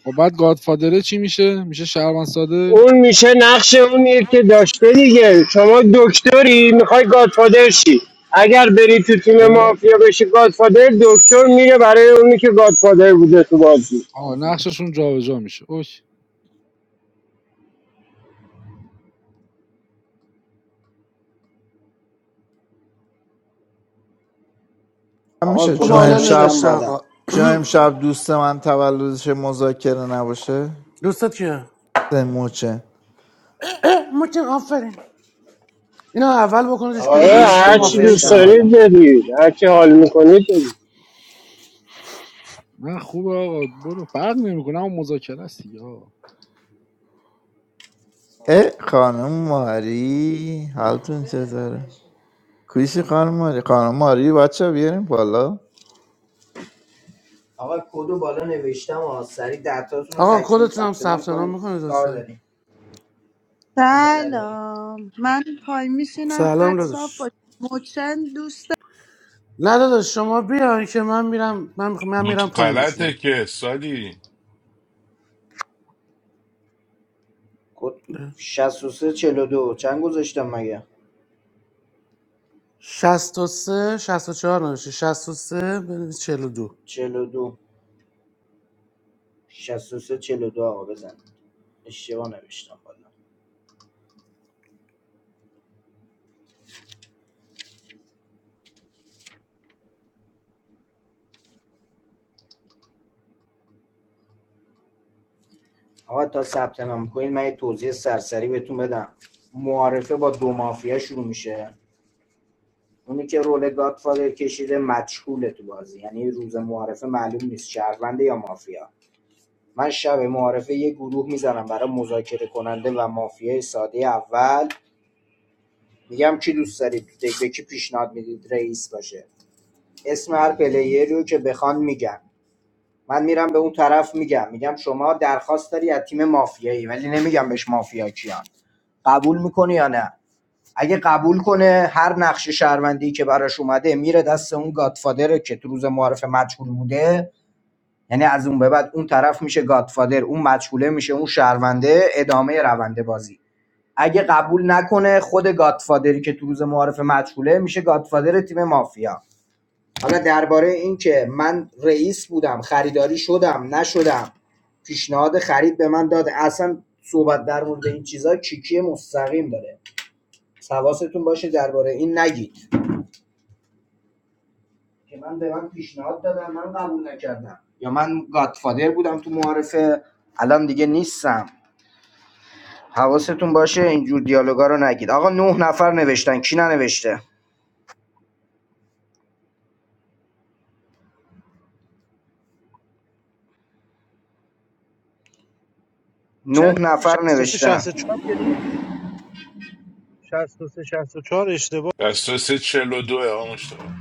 Speaker 8: خب بعد گادفادره چی میشه میشه شهروند ساده
Speaker 14: اون میشه نقش اونیه که داشته دیگه شما دکتری میخوای گادفادر شی اگر بری تو تیم
Speaker 8: خب
Speaker 14: مافیا بشی گادفادر دکتر میره برای اونی که گادفادر بوده تو بازی
Speaker 8: آه نقششون جابجا میشه اوکی
Speaker 3: هم
Speaker 1: آقا
Speaker 3: میشه چون
Speaker 1: کدو
Speaker 10: بالا
Speaker 3: امشب
Speaker 1: گذاشتم
Speaker 10: نوشته
Speaker 1: بالا
Speaker 10: آقا
Speaker 3: چرا امشب دوست من تولدش مذاکره نباشه
Speaker 10: دوستت کیه
Speaker 3: سموچه
Speaker 10: اه، متین آفرین اینا اول بکنیدش
Speaker 1: آقا
Speaker 10: بیرون
Speaker 14: آره
Speaker 10: امروز
Speaker 1: لیست
Speaker 10: شب
Speaker 14: هرچی
Speaker 10: مافیایی
Speaker 14: دوست
Speaker 10: شه
Speaker 1: گذاشتم بالا
Speaker 14: دارید بدید هرچی حال میکنید بدید
Speaker 8: من خوبه آقا برو فرق نمیکنه اما مذاکره است دیگه آقا.
Speaker 3: اه خانم ماری حالتون چطوره کویشی خانم ماری خانم ماری بچه بیاریم بالا
Speaker 1: آقا کدو بالا نوشتم آقا سریع دهتاتون رو
Speaker 10: آقا
Speaker 1: تکمیل
Speaker 10: کدتون هم
Speaker 1: ثبت نام
Speaker 10: ثبت نام
Speaker 1: کنید
Speaker 10: میکنید
Speaker 1: کار
Speaker 10: لطفا
Speaker 1: داریم عجله داریم
Speaker 18: Salam. Man, paym misinam
Speaker 10: سلام
Speaker 18: khad safa.
Speaker 10: داداش
Speaker 18: Mochan, dosta.
Speaker 10: نه داداش شما بیاین که من میرم من, میخ- من
Speaker 15: بود
Speaker 10: میرم پایین
Speaker 15: غلطه
Speaker 10: بشینم
Speaker 15: که سالی
Speaker 1: شصت کد 63 دو چند گذاشتم مگه
Speaker 10: 63 64 نوشته 63 بنویس 42
Speaker 1: 42 63 دو شصت و سه چهل و دو. آقا بزن اشتباه نوشتم بالا آقا تا ثبت نام کنید من یه توضیح سرسری بهتون بدم معارفه با دو مافیا شروع میشه اونی که رول گادفادر کشیده مجهوله تو بازی یعنی روز معارفه معلوم نیست شهرونده یا مافیا من شب معارفه یه گروه میزنم برای مذاکره کننده و مافیای ساده اول میگم کی دوست دارید به کی پیشنهاد میدید رئیس باشه اسم هر پلیری رو که بخوان میگم من میرم به اون طرف میگم میگم شما درخواست داری از تیم مافیایی ولی نمیگم بهش مافیا کیان قبول میکنه یا نه اگه قبول کنه هر نقش شهروندی که براش اومده میره دست اون گادفادر که تو روز معارف مجهول بوده یعنی از اون به بعد اون طرف میشه گادفادر اون مجهوله میشه اون شهرونده ادامه رونده بازی اگه قبول نکنه خود گادفادری که تو روز معارف مجهوله میشه گادفادر تیم مافیا حالا درباره این که من رئیس بودم خریداری شدم نشدم پیشنهاد خرید به من داده اصلا صحبت در مورد این چیزا کیکی مستقیم داره حواستون باشه درباره این نگید که من به من پیشنهاد دادم من قبول نکردم یا من گادفادر بودم تو معارفه الان دیگه نیستم حواستون باشه اینجور دیالوگا رو نگید آقا نه نفر نوشتن کی ننوشته
Speaker 19: چند
Speaker 1: نه
Speaker 19: ولی
Speaker 1: نفر
Speaker 19: 63
Speaker 1: نوشتن
Speaker 19: 64 که نیست 63 64 اشتباه است
Speaker 15: دسترس چل و دوه آقا مشتاق.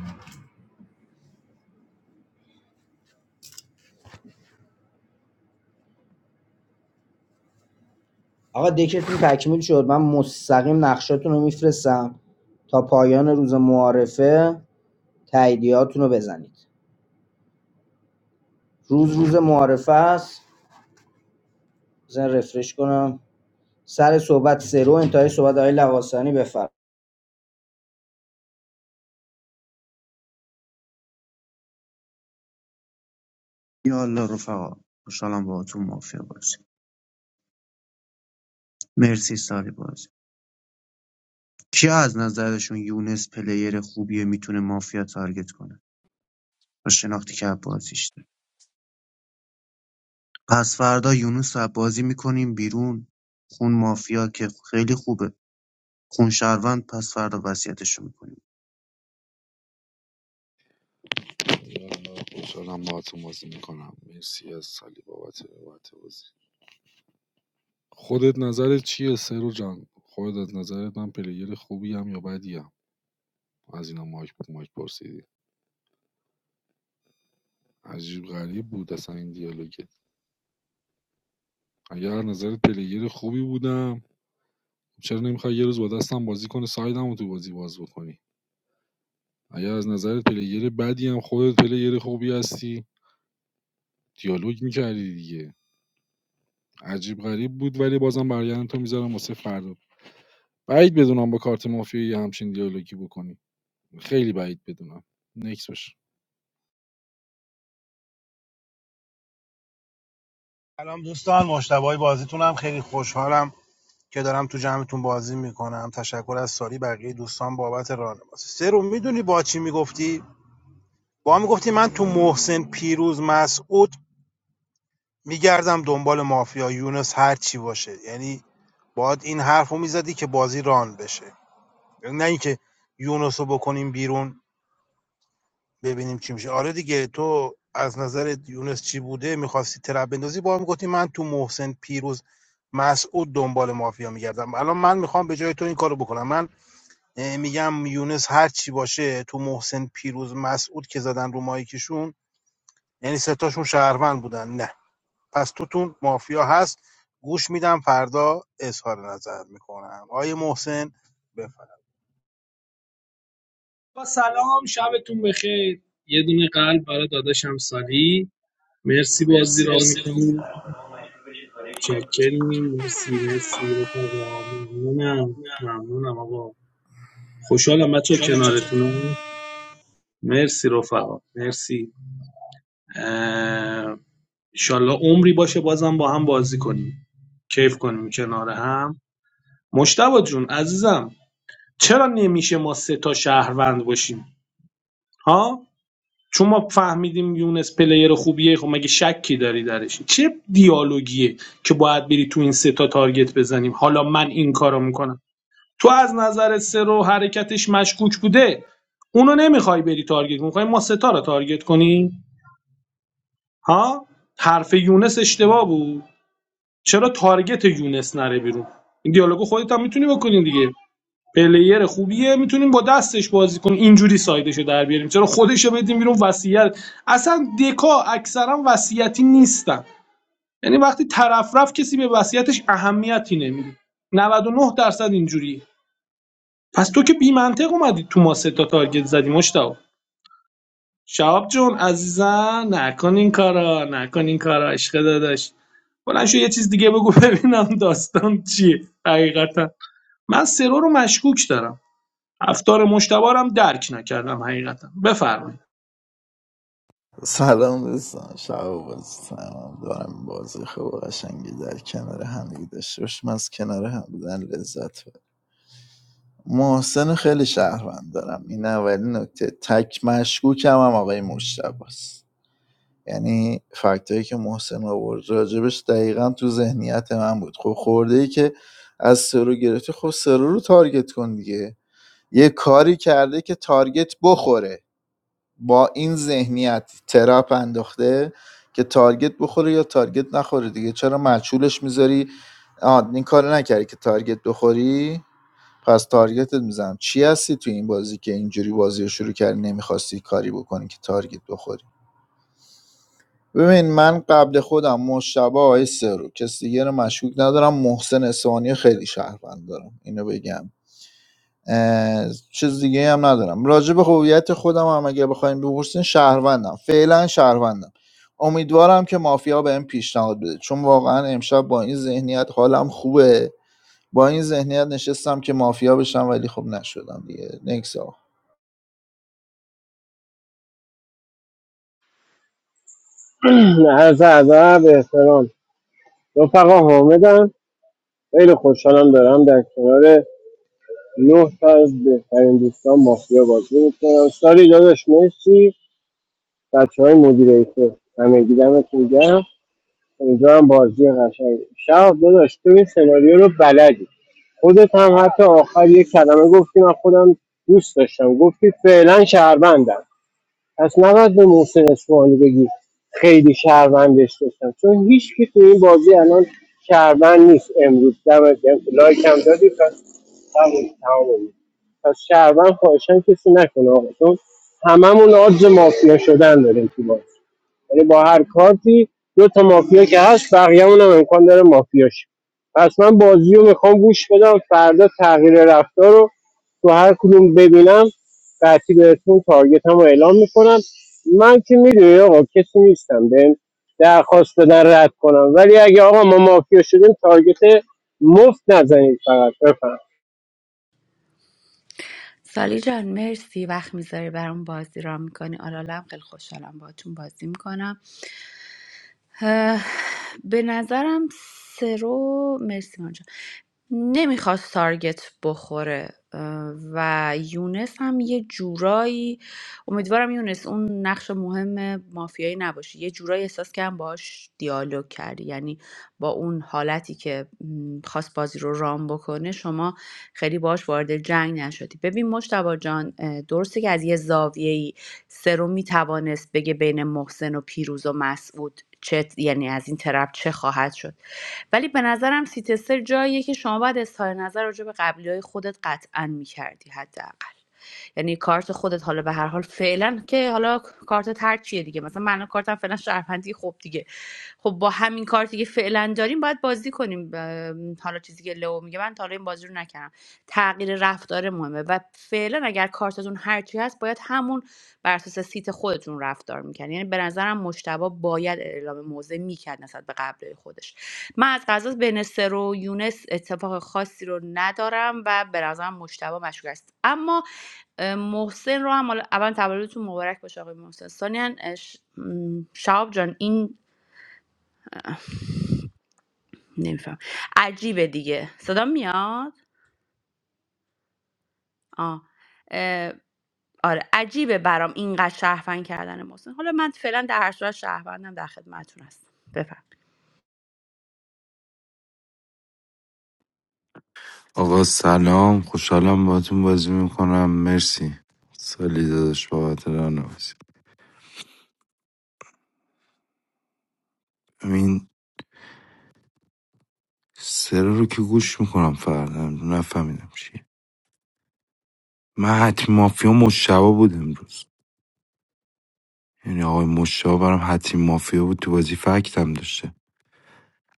Speaker 1: آقا دکتون تکمیل شد من مستقیم نقشاتون رو میفرستم تا پایان روز معارفه تاییدیاتون رو بزنید روز روز معارفه است بزن رفرش کنم سر صحبت سرو انتهای صحبت آقای لواسانی بفرم
Speaker 11: یا الله رفقا خوشحالم باهاتون مافیا بازی مرسی سالی بازی کیا از نظرشون یونس پلیر خوبیه میتونه مافیا تارگت کنه با شناختی که از بازیش داره پس فردا یونس رو از بازی میکنیم بیرون خون مافیا که خیلی خوبه خون شهروند پس فردا وصیتش رو
Speaker 8: یالا، خوشحالم باهاتون بازی میکنم مرسی از سالی بابت بابت بازی خودت نظرت چیه سرو جان خودت از نظرت من پلیر خوبی هم یا بدی هم از اینا مایک به مایک پرسیدی عجیب غریب بود اصلا این دیالوگت اگر نظرت پلیر خوبی بودم چرا نمیخوای یه روز با دستم بازی کنی سایدم رو تو بازی باز بکنی اگر از نظرت پلیر بدی هم خودت پلیر خوبی هستی دیالوگ میکردی دیگه عجیب غریب بود ولی بازم برگردن تو میذارم واسه فردا بعید بدونم با کارت مافیا یه همچین دیالوگی بکنی خیلی بعید بدونم نکس باشه
Speaker 19: سلام دوستان مشتبه بازیتون هم خیلی خوشحالم که دارم تو جمعتون بازی میکنم تشکر از ساری بقیه دوستان بابت راهنمایی سه رو میدونی با چی میگفتی با میگفتی من تو محسن پیروز مسعود میگردم دنبال مافیا یونس هر چی باشه یعنی باید این حرفو میزدی که بازی ران بشه نه اینکه یونس رو بکنیم بیرون ببینیم چی میشه آره دیگه تو از نظر یونس چی بوده میخواستی ترپ بندازی با هم گفتی من تو محسن پیروز مسعود دنبال مافیا میگردم الان من میخوام به جای تو این کارو بکنم من اه، میگم یونس هر چی باشه تو محسن پیروز مسعود که زدن رو مایکشون یعنی ستاشون شهروند بودن نه پس توتون مافیا هست گوش میدم فردا اظهار نظر میکنم آیه محسن بفرمایید.
Speaker 7: با سلام شبتون بخیر یه دونه قلب برای داداشم سالی مرسی بازی را میکنیم چکریم مرسی مرسی رفقا ممنونم ممنونم آقا خوشحالم بچه کنارتونم مرسی رفقا مرسی اه، ایشالله عمری باشه بازم با هم بازی کنیم کیف کنیم کنار هم مشتبه جون عزیزم چرا نمیشه ما سه تا شهروند باشیم ها چون ما فهمیدیم یونس پلیر خوبیه خب مگه شکی داری درش چه دیالوگیه که باید بری تو این سه تا تارگت بزنیم حالا من این کارو میکنم تو از نظر سرو حرکتش مشکوک بوده اونو نمیخوای بری تارگت میخوای ما سه تا رو تارگت کنیم ها حرف یونس اشتباه بود چرا تارگت یونس نره بیرون این دیالوگو خودت هم میتونی بکنین دیگه پلیر خوبیه میتونیم با دستش بازی کنیم اینجوری سایدشو در بیاریم چرا خودشو بدیم بیرون وصیت اصلا دکا اکثرا وصیتی نیستن یعنی وقتی طرف رفت کسی به وصیتش اهمیتی نمیده 99 درصد اینجوریه پس تو که بی منطق اومدی تو ما سه تا تارگت زدی مشتاق شهاب جون عزیزم نکن این کارا نکن این کارا عشق داداش بلند شو یه چیز دیگه بگو ببینم داستان چیه حقیقتا من سرو رو مشکوک دارم رفتار مشتبارم درک نکردم حقیقتا بفرمایید
Speaker 3: سلام دوستان شب و روز سلام دارم بازی خوب و قشنگی در کنار همگی داشته باشیم از کنار هم بودن لذت ببریم محسن خیلی شهروند دارم این اولین نکته تک مشکوکم هم آقای مشتبه یعنی فکتایی که محسن آورد راجبش دقیقا تو ذهنیت من بود خب خورده ای که از سرو گرفتی خب سرو رو تارگت کن دیگه یه کاری کرده که تارگت بخوره با این ذهنیت ترپ انداخته که تارگت بخوره یا تارگت نخوره دیگه چرا مچولش میذاری آه این کار نکردی که تارگت بخوری پس تارگتت میزنم چی هستی تو این بازی که اینجوری بازی رو شروع کردی نمیخواستی کاری بکنی که تارگت بخوری ببین من قبل خودم مشتبه آیسته رو کس دیگه رو مشکوک ندارم محسن اسفانی خیلی شهروند دارم اینو بگم اه، چیز دیگه هم ندارم راجع به هویت خودم هم اگه بخوایم بپرسین شهروندم فعلا شهروندم امیدوارم که مافیا بهم پیشنهاد بده چون واقعا امشب با این ذهنیت حالم خوبه با این ذهنیت نشستم که مافیا بشم ولی خب نشدم دیگه نکسا
Speaker 14: از ادب احترام رفقا حامدم خیلی خوشحالم دارم در کنار نه تا از بهترین دوستان مافیا بازی میکنم سالی داداش مرسی بچه های مدیریتور همه گیدمتون گرم امیدوارم بازی قشنگی شب داداش تو این سناریو رو بلدی خودت هم حتی آخر یک کلمه گفتی من خودم دوست داشتم گفتی فعلا شهروندم پس نباید به محسن اسفحانی بگی خیلی شهروندش داشتم چون هیچ کی تو این بازی الان شهروند نیست امروز دم دم لایک هم دادی پس تموم تموم پس شهروند خواهشن کسی نکنه آقا چون هممون آدز مافیا شدن داریم تو بازی یعنی با هر کارتی دو تا مافیا که هست بقیه‌مون هم امکان داره مافیا شه پس من بازی رو میخوام گوش بدم فردا تغییر رفتار رو تو هر کدوم ببینم قطعی بهتون تارگت هم رو اعلام میکنم من که میدونی آقا کسی نیستم به درخواست بدن رد کنم ولی اگه آقا ما مافیا شدیم تارگت مفت نزنید فقط بفهم
Speaker 13: سالی جان مرسی وقت میذاری برام بازی را میکنی آلالم خیلی خوشحالم باهاتون بازی میکنم اه، به نظرم سرو مرسی مانجا نمیخواست تارگت بخوره اه، و یونس هم یه جورایی امیدوارم یونس اون نقش مهم مافیایی نباشه یه جورایی احساس کردم باش دیالوگ کردی یعنی با اون حالتی که م، خواست بازی رو رام بکنه شما خیلی باش وارد جنگ نشدی ببین مشتبا جان اه، درسته که از یه زاویه. سرو میتوانست بگه بین محسن و پیروز و مسعود چه یعنی از این طرف چه خواهد شد ولی به نظرم سیتستر جاییه که شما باید اظهار نظر راجع به قبلی های خودت قطعا میکردی حداقل یعنی کارت خودت حالا به هر حال فعلا که حالا کارت هر چیه دیگه مثلا من کارتم فعلا شهروندی خب دیگه خب با همین کارتی که فعلا داریم باید بازی کنیم حالا چیزی که لو میگه من تا حالا این بازی رو نکردم تغییر رفتار مهمه و فعلا اگر کارتتون هر چی هست باید همون بر اساس سیت خودتون رفتار میکرد یعنی به نظرم مشتبه باید اعلام موضع میکرد نسبت به قبل خودش من از قضا بین سر و یونس اتفاق خاصی رو ندارم و به نظرم مشتبه مشکوک است اما اه، محسن رو هم حالا- اول تولدتون مبارک باشه آقای محسن ثانیا اه، ش- م، شهاب جان این نمیفهم عجیبه دیگه صدا میاد آه. اه، آره عجیبه برام اینقدر شهروند کردن محسن حالا من فعلا در هر صورت شهروندم در خدمتتون هستم بفرمایید.
Speaker 20: آقا سلام خوشحالم باهاتون بازی میکنم مرسی سالی داداش بابت رانوازی این سرا رو که گوش میکنم فردا نفهمیدم چیه من حتی مافیا مشتبا بود امروز یعنی آقای مشتبا برام حتی مافیا بود تو بازی فکتم داشته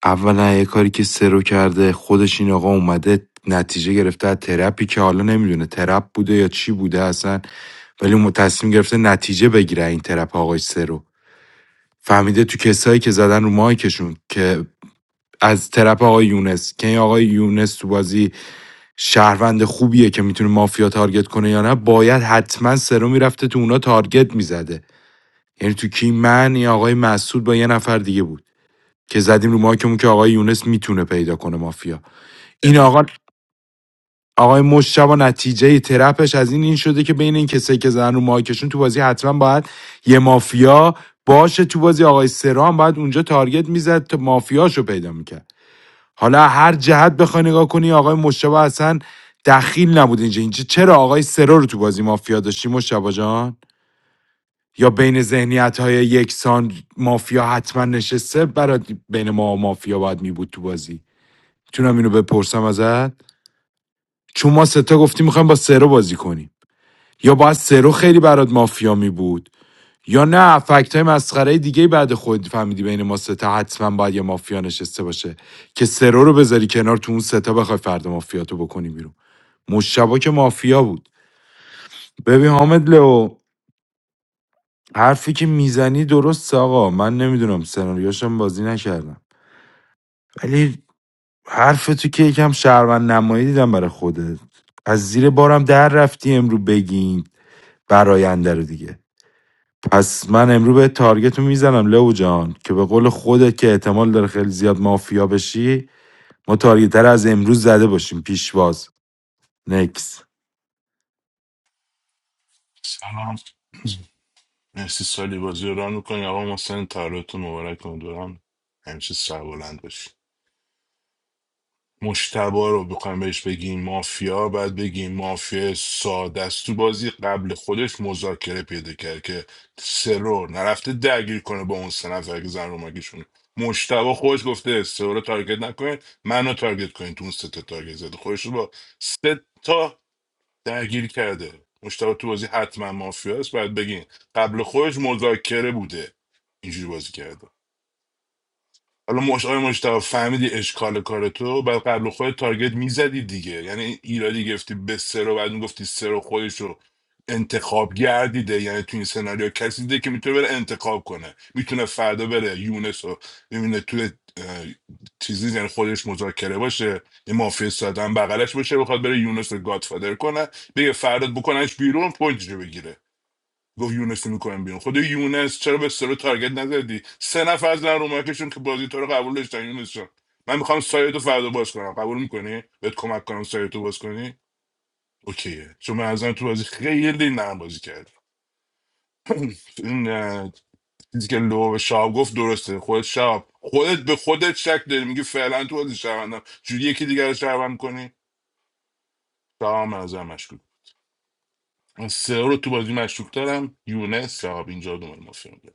Speaker 20: اولا یه کاری که سرو کرده خودش این آقا اومده نتیجه گرفته از ترپی که حالا نمیدونه ترپ بوده یا چی بوده اصلا ولی م- تصمیم گرفته نتیجه بگیره این ترپ آقای سرو فهمیده تو کسایی که زدن رو مایکشون که از طرف آقای یونس که این آقای یونس تو بازی شهروند خوبیه که میتونه مافیا تارگت کنه یا نه باید حتما سرو میرفته تو اونا تارگت میزده یعنی تو کی من یا آقای مسعود با یه نفر دیگه بود که زدیم رو مایکمون که آقای یونس میتونه پیدا کنه مافیا این آقا آقای مشتبا نتیجه ترپش از این این شده که بین این کسایی که زن رو مایکشون تو بازی حتما باید یه مافیا باشه تو بازی آقای سرام باید اونجا تارگت میزد تا مافیاشو پیدا میکرد حالا هر جهت بخوای نگاه کنی آقای مشتبا اصلا دخیل نبود اینجا اینجا چرا آقای سرا رو تو بازی مافیا داشتی مشتبا جان یا بین ذهنیت یکسان مافیا حتما نشسته برای بین ما مافیا باید می بود تو بازی میتونم اینو بپرسم ازت چون ما ستا گفتیم میخوایم با سرا بازی کنیم یا باید سرو خیلی برات مافیا می بود یا نه فکت های مسخره دیگه بعد خود فهمیدی بین ما ستا حتما باید یه مافیا نشسته باشه که سرو رو بذاری کنار تو اون سه تا بخوای فرد مافیاتو بکنی بیرون مشتبا که مافیا بود ببین حامد لو حرفی که میزنی درست آقا من نمیدونم سناریوشم بازی نکردم ولی حرف تو که یکم شهروند نمایی دیدم برای خودت از زیر بارم در رفتی امرو بگین براینده رو دیگه پس من امروز به تارگت رو میزنم لو جان که به قول خودت که احتمال داره خیلی زیاد مافیا بشی ما تارگت رو از امروز زده باشیم پیشواز نکس
Speaker 15: سلام مرسی سالی بازی رو ران میکنی آقا محسن تولدتون مبارک امیدوارم همیشه سربلند باشی مشتبا رو بخوایم بهش بگیم مافیا باید بگیم مافیا ساده است تو بازی قبل خودش مذاکره پیدا کرد که سرور نرفته درگیر کنه با اون سه نفر که زن رو مگیشون مشتبه خودش گفته سرور رو تارگت نکنید منو تارگت کنید تو اون سه تا تارگت زده خودش رو با سه تا درگیر کرده مشتبه تو بازی حتما مافیا است باید بگیم قبل خودش مذاکره بوده اینجوری بازی کرده حالا مش آقای مشتاق فهمیدی اشکال کار تو بعد قبل خود تارگت میزدی دیگه یعنی ایرادی گرفتی به سرو بعد میگفتی سرو خودش رو انتخاب گردیده یعنی تو این سناریو کسی دیده که میتونه بره انتخاب کنه میتونه فردا بره یونس رو ببینه توی اه، چیزی یعنی خودش مذاکره باشه یه مافیا ساده هم بغلش باشه بخواد بره یونس رو گادفادر کنه بگه فردا بکننش بیرون پوینتش رو بگیره گفت یونس میکنم بیرون خود یونس چرا به سرو تارگت نزدی سه نفر از در اومدشون که بازی تو رو قبول داشتن یونس جان من میخوام سایتو فردا باز کنم قبول میکنی بهت کمک کنم سایتو باز کنی اوکیه چون من از تو بازی خیلی نرم بازی کرد این اه، چیزی که لو به شاب گفت درسته خود شاب خودت به خودت شک داری میگی فعلا تو بازی شهروندم جوری یکی دیگر رو شهروند کنی شاب هم از مشکوک من سه رو تو بازی مشکوک دارم یونس شاب اینجا دومل مافیا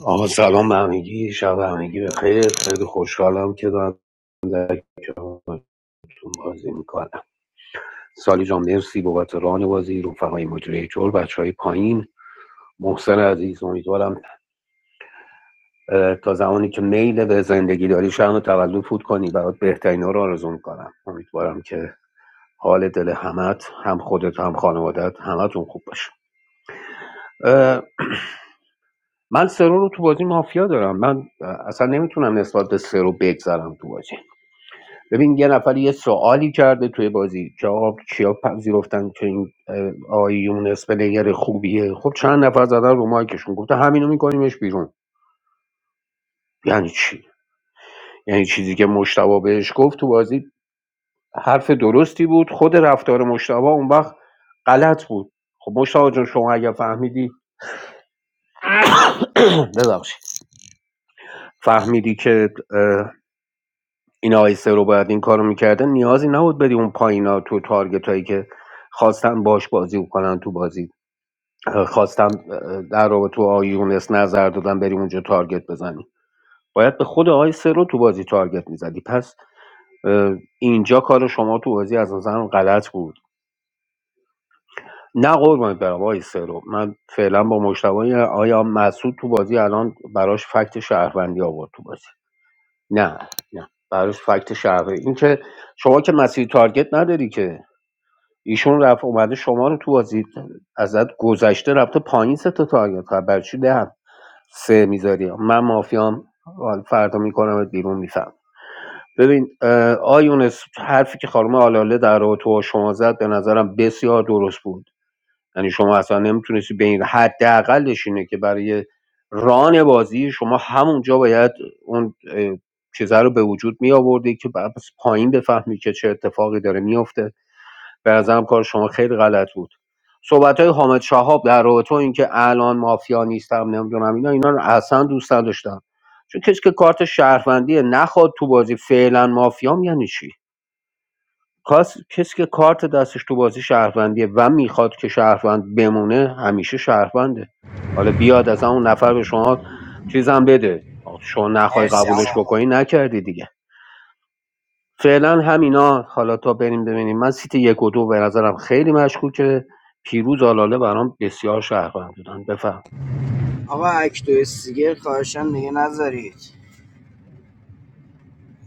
Speaker 2: آقا سلام به همگی شب همگی بخیر خیلی خوشحالم که دارم کنارتون بازی میکنم سالی جان مرسی بابت ران بازی رفقای مجری چول بچه های پایین محسن عزیز امیدوارم اه، تا زمانی که میل به زندگی داری شهر و تولد فوت کنی برات بهترین ها رو آرزو میکنم امیدوارم که حال دل همت هم خودت هم خانوادت همتون خوب باشه اه، من سرو رو تو بازی مافیا دارم من اصلا نمیتونم نسبت به سرو بگذرم تو بازی ببین یه نفر یه سوالی کرده توی بازی که آقا کیا پذیرفتن که این اه، آقای یونس پلیر خوبیه خب چند نفر زدن رو مایکشون گفته همینو میکنیمش بیرون یعنی چی یعنی چیزی که مشتبه بهش گفت تو بازی حرف درستی بود خود رفتار مشتبه اون وقت غلط بود خب مشتبه جان شما اگر فهمیدی ببخشید فهمیدی که اه، این آیسه رو باید این کارو میکردن نیازی نبود بری اون پایینا تو تارگت هایی که خواستن باش بازی کنن تو بازی اه، خواستن اه، در رابطه تو آقای یونس نظر دادن بری اونجا تارگت بزنی باید به خود آقای سه رو تو بازی تارگت میزدی پس اه، اینجا کار شما تو بازی از نظرم غلط بود نه قربونت برم آقای سرو من فعلا با مشتبه آیا مسعود تو بازی الان براش فکت شهروندی آورد تو بازی نه نه براش فکت شهروندی این که شما که مسیر تارگت نداری که ایشون رفت اومده شما رو تو بازی ازت گذشته رفته پایین سه تا تارگت کرد برای چی دهم سه میذاری من مافیام حالا فردا میکنم بیرون میفهم ببین اه، آیونس حرفی که خانم آلاله در رابطه با شما زد به نظرم بسیار درست بود یعنی شما اصلا نمیتونستی به این حداقلش اینه که برای ران بازی شما همونجا باید اون اه، چیزه رو به وجود می آوردی که بعد از پایین بفهمی که چه اتفاقی داره میفته به نظرم کار شما خیلی غلط بود صحبت های حامد شهاب در رابطه با اینکه الان مافیا نیستم نمیدونم اینا اینا رو اصلا دوست نداشتم چون کسی که کارت شهروندی نخواد تو بازی فعلا مافیام یعنی چی کاس کسی که کارت دستش تو بازی شهروندیه و میخواد که شهروند بمونه همیشه شهرونده حالا بیاد از اون نفر به شما چیزم بده شما نخوای
Speaker 1: مرسی
Speaker 2: قبولش
Speaker 1: آقا
Speaker 2: بکنی نکردی دیگه فعلا همینا حالا تا بریم ببینیم من سیت یک و دو به نظرم خیلی مشکوکه پیروز آلاله برام بسیار شهروند بودن بفهم
Speaker 1: آقا اکتو سیگر خواهشم دیگه نذارید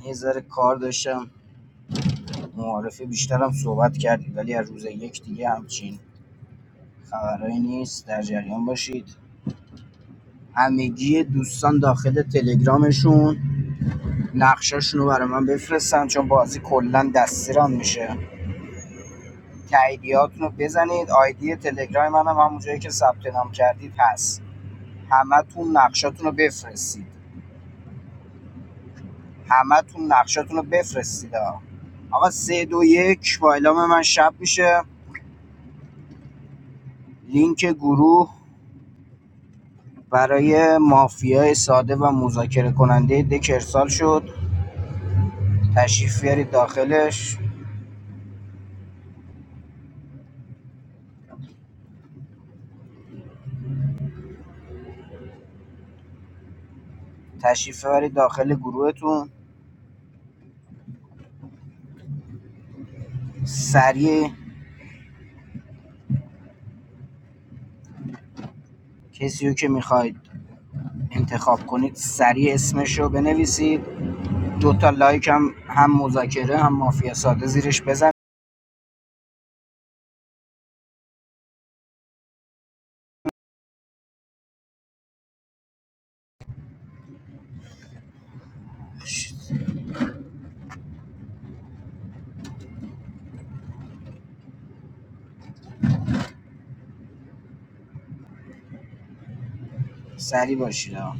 Speaker 1: یه ذره کار داشتم معارفه بیشترم صحبت کردید ولی از روز یک دیگه همچین خبرایی نیست در جریان باشید همگی دوستان داخل تلگرامشون نقشاشونو برای من بفرستن چون بازی کلا دستیران میشه تاییدیاتونو بزنید آیدی تلگرام منم همون جایی که ثبت نام کردید هست همتون نقشاتونو بفرستید همتون نقشاتونو بفرستید آقا آقا سه دو یک با اعلام من شب میشه لینک گروه برای مافیای ساده و مذاکره کننده دک ارسال شد تشریف بیارید داخلش تشریف ببرید داخل گروهتون سریع کسی رو که میخواید انتخاب کنید سریع اسمش رو بنویسید دو تا لایک هم هم مذاکره هم مافیا ساده زیرش بزن سریع باشید آقا.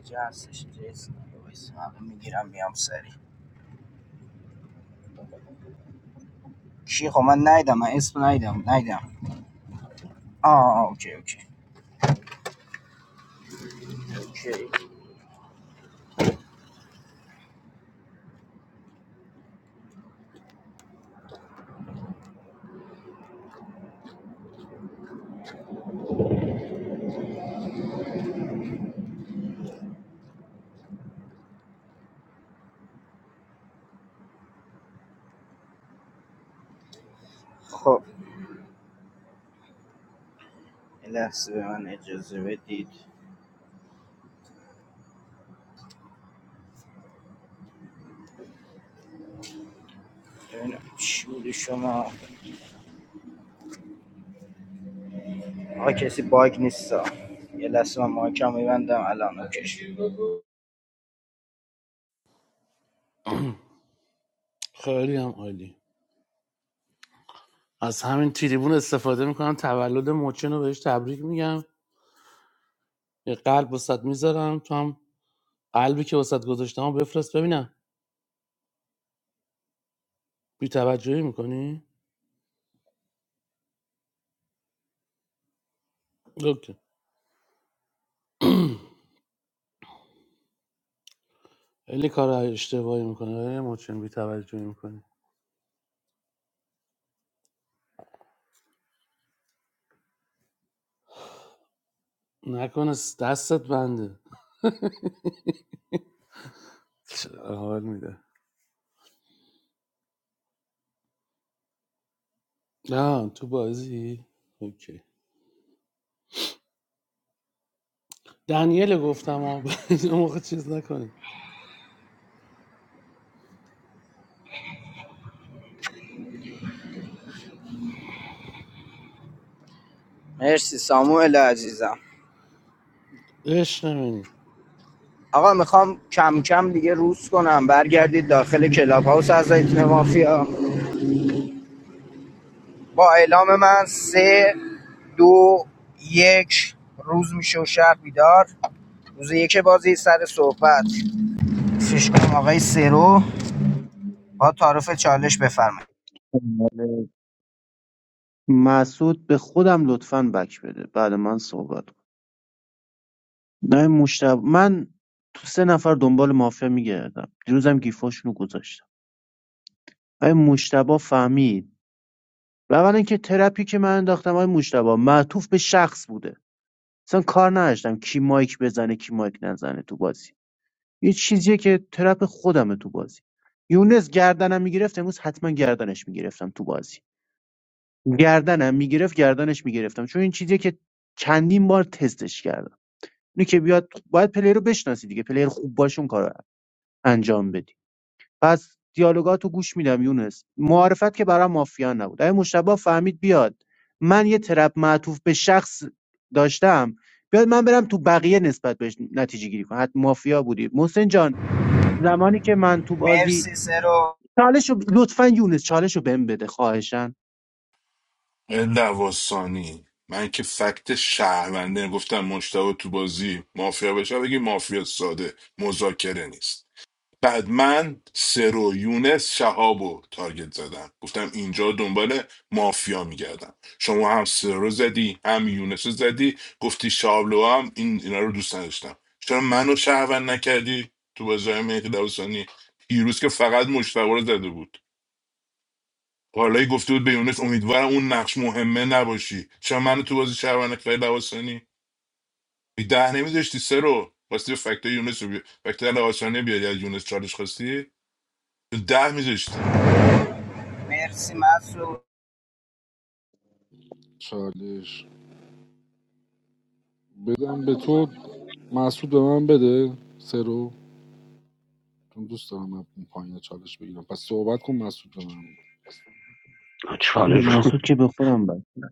Speaker 1: کجا هستش جیسون وایس میگیرم میام سریع کی خب من نیدم من اسم نیدم نیدم آه آه، اوکی اوکی اوکی خب یه لحظه به من اجازه بدید ببینم چی بوده شما آقا کسی باگ نیست یه لحظه من مایکم میبندم الان اوکیش
Speaker 10: خیلی هم عالی از همین تریبون استفاده میکنم تولد موچن رو بهش تبریک میگم یه قلب وسط میذارم تو هم قلبی که وسط گذاشتم رو بفرست ببینم بی توجهی میکنی؟ اوکی خیلی کار اشتباهی میکنه موچن بی توجهی میکنی نکنه س- دستت بنده چه حال میده نه تو بازی اوکی دنیل گفتم آب اون موقع چیز نکنه
Speaker 1: مرسی ساموئل عزیزم
Speaker 10: عشق منی
Speaker 1: آقا میخوام کم کم دیگه روز کنم برگردید داخل کلاب هاوس اعضایتون مافیا با اعلام من سه دو یک روز میشه و شهر بیدار روز یک بازی سر صحبت فیش کنم آقای سرو با تعارف چالش بفرمایید
Speaker 11: میکنیم مسعود به خودم لطفا بک بده بعد من صحبت کن نه مشتب من تو سه نفر دنبال مافیا میگردم دیروزم گیفاشونو گذاشتم آیا مشتبا فهمید و اولا که ترپی که من انداختم آیا مشتبا معطوف به شخص بوده اصلا کار نداشتم کی مایک بزنه کی مایک نزنه تو بازی یه چیزیه که ترپ خودمه تو بازی یونس گردنم میگرفت امروز حتما گردنش میگرفتم تو بازی گردنم میگرفت گردنش میگرفتم چون این چیزیه که چندین بار تستش کردم اینه که بیاد باید پلیر رو بشناسی دیگه پلیر خوب باشون کار انجام بدی پس دیالوگاتو گوش میدم یونس معارفت که برام مافیا نبود اگه مشتبه فهمید بیاد من یه ترپ معطوف به شخص داشتم بیاد من برم تو بقیه نسبت بهش نتیجه گیری کنم حتی مافیا بودی محسن جان زمانی که من تو بازی
Speaker 1: مرسی سرو
Speaker 11: چالشو لطفا یونس چالشو بهم بده خواهشن
Speaker 15: لواسانی من که فکت شهرونده گفتم مشتبه تو بازی مافیا بشه بگی مافیا ساده مذاکره نیست بعد من سرو یونس شهاب و تارگت زدم گفتم اینجا دنبال مافیا میگردم شما هم سرو زدی هم یونس رو زدی گفتی شهاب لو هم این اینا رو دوست نداشتم چرا منو شهروند نکردی تو بازی های مهدی لواسانی پیروز که فقط مشتبه رو زده بود پارلایی گفته بود به یونس امیدوارم اون نقش مهمه نباشی چرا منو تو بازی شهروند خیلی لواسانی بی ده نمیذاشتی سه رو واسه فکت یونس رو بی... فکت لواسانی بیاری از یونس چالش خواستی تو ده میذاشتی
Speaker 1: مرسی مسعود
Speaker 8: چالش بدم به تو مسعود به من بده سه رو چون دوست دارم از اون پایین چالش بگیرم پس صحبت کن مسعود به من
Speaker 11: نه،
Speaker 2: چالش رو.
Speaker 11: مسعود که به خودم بد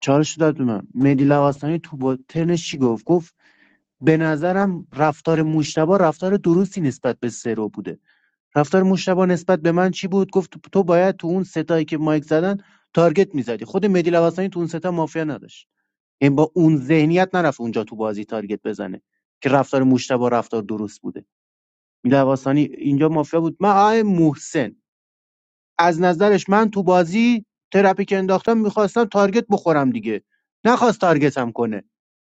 Speaker 11: چالش رو داد به من مهدی لواسانی تو با ترنش چی گفت گفت به نظرم رفتار مشتبه رفتار درستی نسبت به سرو بوده رفتار مشتبه نسبت به من چی بود گفت تو باید تو اون ستایی که مایک زدن تارگت میزدی خود مهدی لواسانی تو اون ستا مافیا نداشت این با اون ذهنیت نرفت اونجا تو بازی تارگت بزنه که رفتار مشتبه رفتار درست بوده لواسانی اینجا مافیا بود من آقای محسن از نظرش من تو بازی ترپی که انداختم میخواستم تارگت بخورم دیگه نخواست تارگتم کنه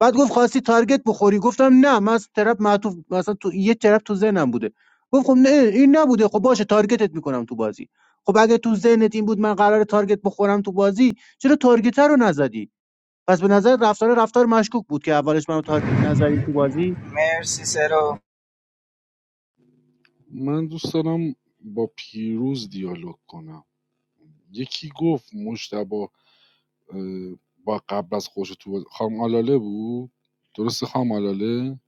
Speaker 11: بعد گفت خواستی تارگت بخوری گفتم نه من از ترپ معطوف مثلا تو یه ترپ تو ذهنم بوده گفت خب نه این نبوده خب باشه تارگتت میکنم تو بازی خب اگه تو ذهنت این بود من قرار تارگت بخورم تو بازی چرا تارگت رو نزدی پس به نظر رفتار رفتار مشکوک بود که اولش منو تارگت نزدی تو بازی
Speaker 1: مرسی سرو
Speaker 8: من دوست دارم با پیروز دیالوگ کنم یکی گفت مشتبا اه، با قبل از خوش تو خام آلاله بود درست خام آلاله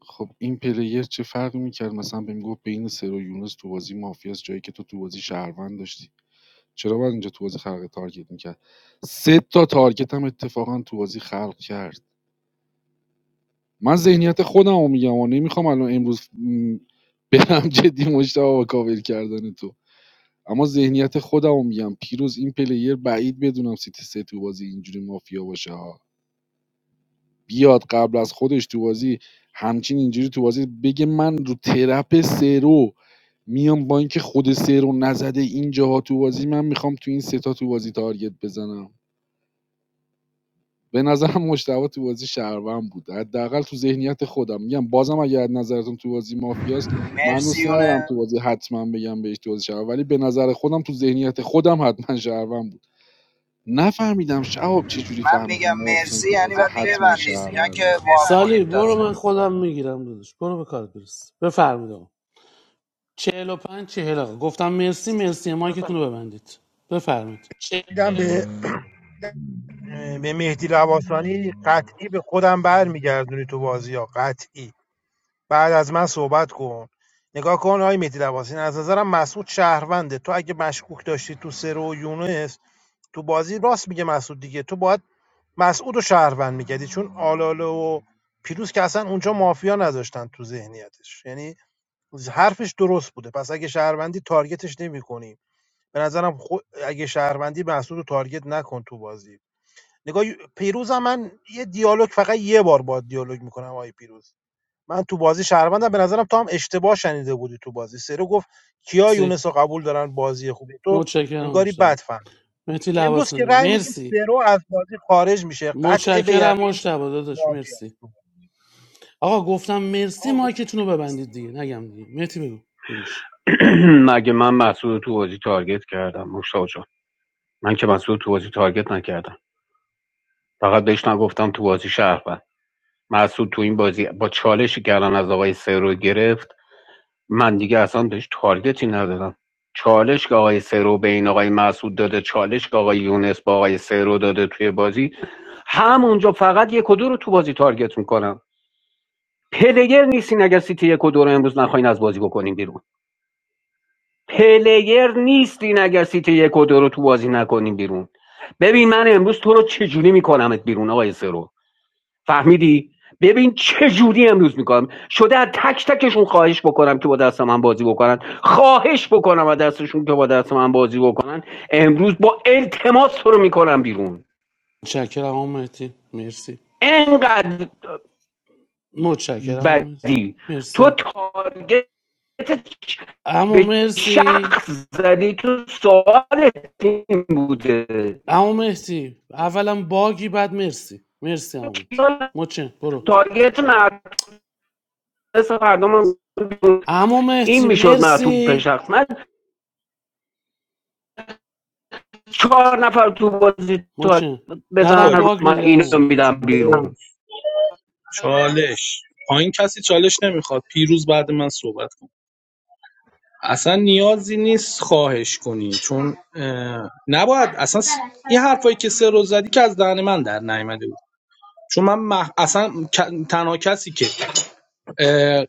Speaker 8: خب این پلیر چه فرقی میکرد مثلا بهم گفت بین سر و یونس تو بازی مافیاس جایی که تو تو بازی شهروند داشتی چرا باید اینجا تو بازی خلق تارگت میکرد سه تا تارگت هم اتفاقا تو بازی خلق کرد من ذهنیت خودم رو میگم و نمیخوام الان امروز م، برم جدی مشتاق با کاور کردن تو اما ذهنیت خودم رو میگم پیروز این پلیر بعید بدونم سیتی سه تو بازی اینجوری مافیا باشه ها بیاد قبل از خودش تو بازی همچین اینجوری تو بازی بگه من رو ترپ سرو میام با اینکه خود سرو نزده اینجاها تو بازی من میخوام تو این سه تا تو بازی تارگت بزنم به نظرم مجتبی تو بازی شهروند بود حداقل تو ذهنیت خودم میگم بازم اگر نظرتون تو بازی مافیاست من
Speaker 1: مرسی
Speaker 8: دوست ندارم
Speaker 1: یونه
Speaker 8: تو بازی حتما بگم بهش تو بازی شهروند ولی به نظر خودم تو ذهنیت خودم حتما شهروند بود نفهمیدم شهاب چه جوری
Speaker 1: من
Speaker 8: فهمیدی
Speaker 1: میگم
Speaker 8: محسن
Speaker 1: مرسی
Speaker 8: تو
Speaker 1: یعنی
Speaker 8: بازی
Speaker 1: باید
Speaker 8: حتما
Speaker 1: ببندید نه
Speaker 8: شهرونده
Speaker 1: که وا
Speaker 10: سالی
Speaker 1: کنید
Speaker 10: برو
Speaker 1: تازه
Speaker 10: من خودم میگیرم داداش برو به کار برس بفرمایید آقا. چهل و پنج چهل آقا گفتم مرسی مرسی مایکتون رو ببندید بفرمایید
Speaker 19: میدم به به مهدی لواسانی قطعی به خودم برمیگردونی تو بازی ها قطعی بعد از من صحبت کن نگاه کن آقای مهدی لواسانی از نظرم مسعود شهرونده تو اگه مشکوک داشتی تو سرو و یونس تو بازی راست میگه مسعود دیگه تو باید مسعود و شهروند میگردی چون آلاله و پیروز که اصلا اونجا مافیا نذاشتن تو ذهنیتش یعنی حرفش درست بوده پس اگه شهروندی تارگتش نمیکنی به نظرم خو... اگه شهروندی مسعود رو تارگت نکن تو بازی نگاه پیروزم من یه دیالوگ فقط یه بار با دیالوگ میکنم آقای پیروز من تو بازی شهروندم به نظرم تو هم اشتباه شنیده بودی تو بازی سرو گفت کیا
Speaker 10: مرسی
Speaker 19: یونس رو قبول دارن بازی خوبی تو
Speaker 10: متشکرم
Speaker 19: انگاری بد
Speaker 10: مشتبه
Speaker 19: فهم
Speaker 10: مهدی
Speaker 19: امروز که
Speaker 10: لباسانی
Speaker 19: رأی میدیم
Speaker 10: مرسی
Speaker 19: سرو از بازی خارج میشه قطع به
Speaker 10: متشکرم
Speaker 19: یقین
Speaker 10: مشتبه داداش مرسی
Speaker 19: مافیاست
Speaker 10: آقا گفتم مرسی مایکتون رو ببندید دیگه نگم دیگه مهدی بگو داداش
Speaker 2: مگه من مسعود رو تو بازی تارگت کردم مشتاق جان من که مسعود رو تو بازی تارگت نکردم فقط بهش نگفتم تو بازی شهروند مسعود تو این بازی با چالشی که الان از آقای سرو گرفت من دیگه اصلا داشت تارگتی ندادم چالش که آقای سرو به این آقای مسعود داده چالش که آقای یونس با آقای سرو داده توی بازی همونجا فقط یک و دو رو تو بازی تارگت میکنم پلیر نیستین اگر سیتی یک و دو رو امروز نخواین از بازی بکنیم بیرون پلیر نیستین اگر سیتی یک و دو رو تو بازی نکنیم بیرون ببین من امروز تو رو چجوری میکنمت بیرون آقای سرو فهمیدی ببین چه جوری امروز میکنم شده از تک تکشون خواهش بکنم که با دست من بازی بکنن خواهش بکنم از دستشون که با دست من بازی بکنن امروز با التماس تو رو میکنم بیرون
Speaker 10: متشکرم آقا مهدی مرسی
Speaker 2: انقدر
Speaker 10: متشکرم آقا مهدی
Speaker 2: بدی تو
Speaker 10: مرسی
Speaker 2: تارگت
Speaker 10: اما
Speaker 2: به
Speaker 10: مرسی
Speaker 2: شخص زدی تو سوال این بوده
Speaker 10: اما مهدی اولا باگی بعد مرسی مرسی اما مهدی متشکرم برو
Speaker 2: تارگت مدرس فردا من
Speaker 10: اما
Speaker 2: این
Speaker 10: مهدی
Speaker 2: میشد معطوب به
Speaker 10: مرسی
Speaker 2: شخص من چهار نفر تو بازی تو
Speaker 10: مچه بعدم
Speaker 2: بزنن
Speaker 7: داری
Speaker 10: باگ
Speaker 2: من
Speaker 10: بودی
Speaker 2: اینو
Speaker 10: همون
Speaker 2: میدم بیرون
Speaker 7: چالش پایین کسی چالش نمیخواد پیروز بعد من صحبت کن اصلا نیازی نیست خواهش کنی چون اه، نباید اصلا سه حرفایی که سه روز زدی که از دهن من در نیامده چون من مح... اصلا ک- تنها کسی که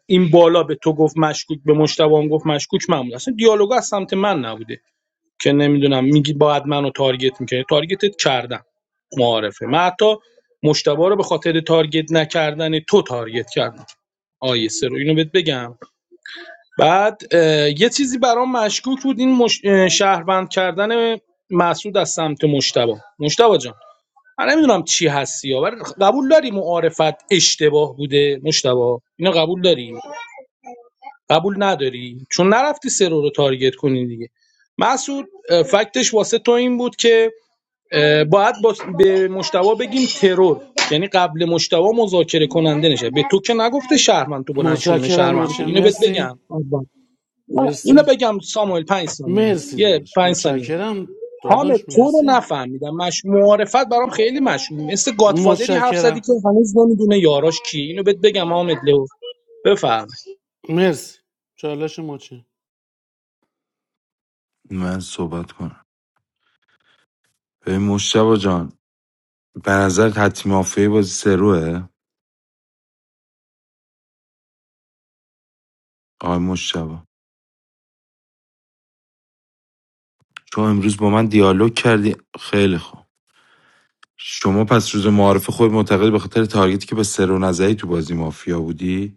Speaker 7: این بالا به تو گفت مشکوک به مشتبه هم گفت مشکوک من بود اصلا دیالوگا از سمت من نبوده که نمیدونم میگی باید منو تارگت میکنی تارگتت کردم معارفه من حتی مشتبه رو به خاطر تارگت نکردن تو تارگت کردم آیه رو اینو بهت بگم بعد یه چیزی برام مشکوک بود این مش... شهروند کردن مسعود از سمت مشتبه مشتبه جان من نمیدونم چی هستی یا ولی قبول داری معارفت اشتباه بوده مشتبه اینو قبول داری قبول نداری چون نرفتی سرو رو تارگت کنی دیگه مسعود اه، فکتش واسه تو این بود که اه، باید با به مشتبه بگیم ترور یعنی قبل مشتبه مذاکره کننده نشه به تو که نگفته شهرمند تو بلند شونه
Speaker 10: متشکرم
Speaker 7: شهرمند
Speaker 10: مچه
Speaker 7: کنی. اینو بهت
Speaker 10: مرسی
Speaker 7: بگم اینو
Speaker 10: مرسی
Speaker 7: بگم ساموئل 5 ثانیه
Speaker 10: مرسی
Speaker 7: یه
Speaker 10: داداش
Speaker 7: 5 ثانیه
Speaker 10: متشکرم
Speaker 7: حامد
Speaker 10: داداش
Speaker 7: تو رو
Speaker 10: مرسی
Speaker 7: نفهمیدم مش معارفت برام خیلی مشمول مثل گادفادری حرف زدی
Speaker 10: متشکرم
Speaker 7: که هنوز نمیدونه یاراش کی اینو بهت بگم حامد لو بفهم
Speaker 10: مرسی چالش مچه
Speaker 20: من صحبت کنم به مشتبا جان به نظر حتمی مافیا بازی سروه آقای مشتبا چون امروز با من دیالوگ کردی خیلی خوب شما پس روز معارف خود معتقد به خاطر تارگتی که به سرو نظری تو بازی مافیا بودی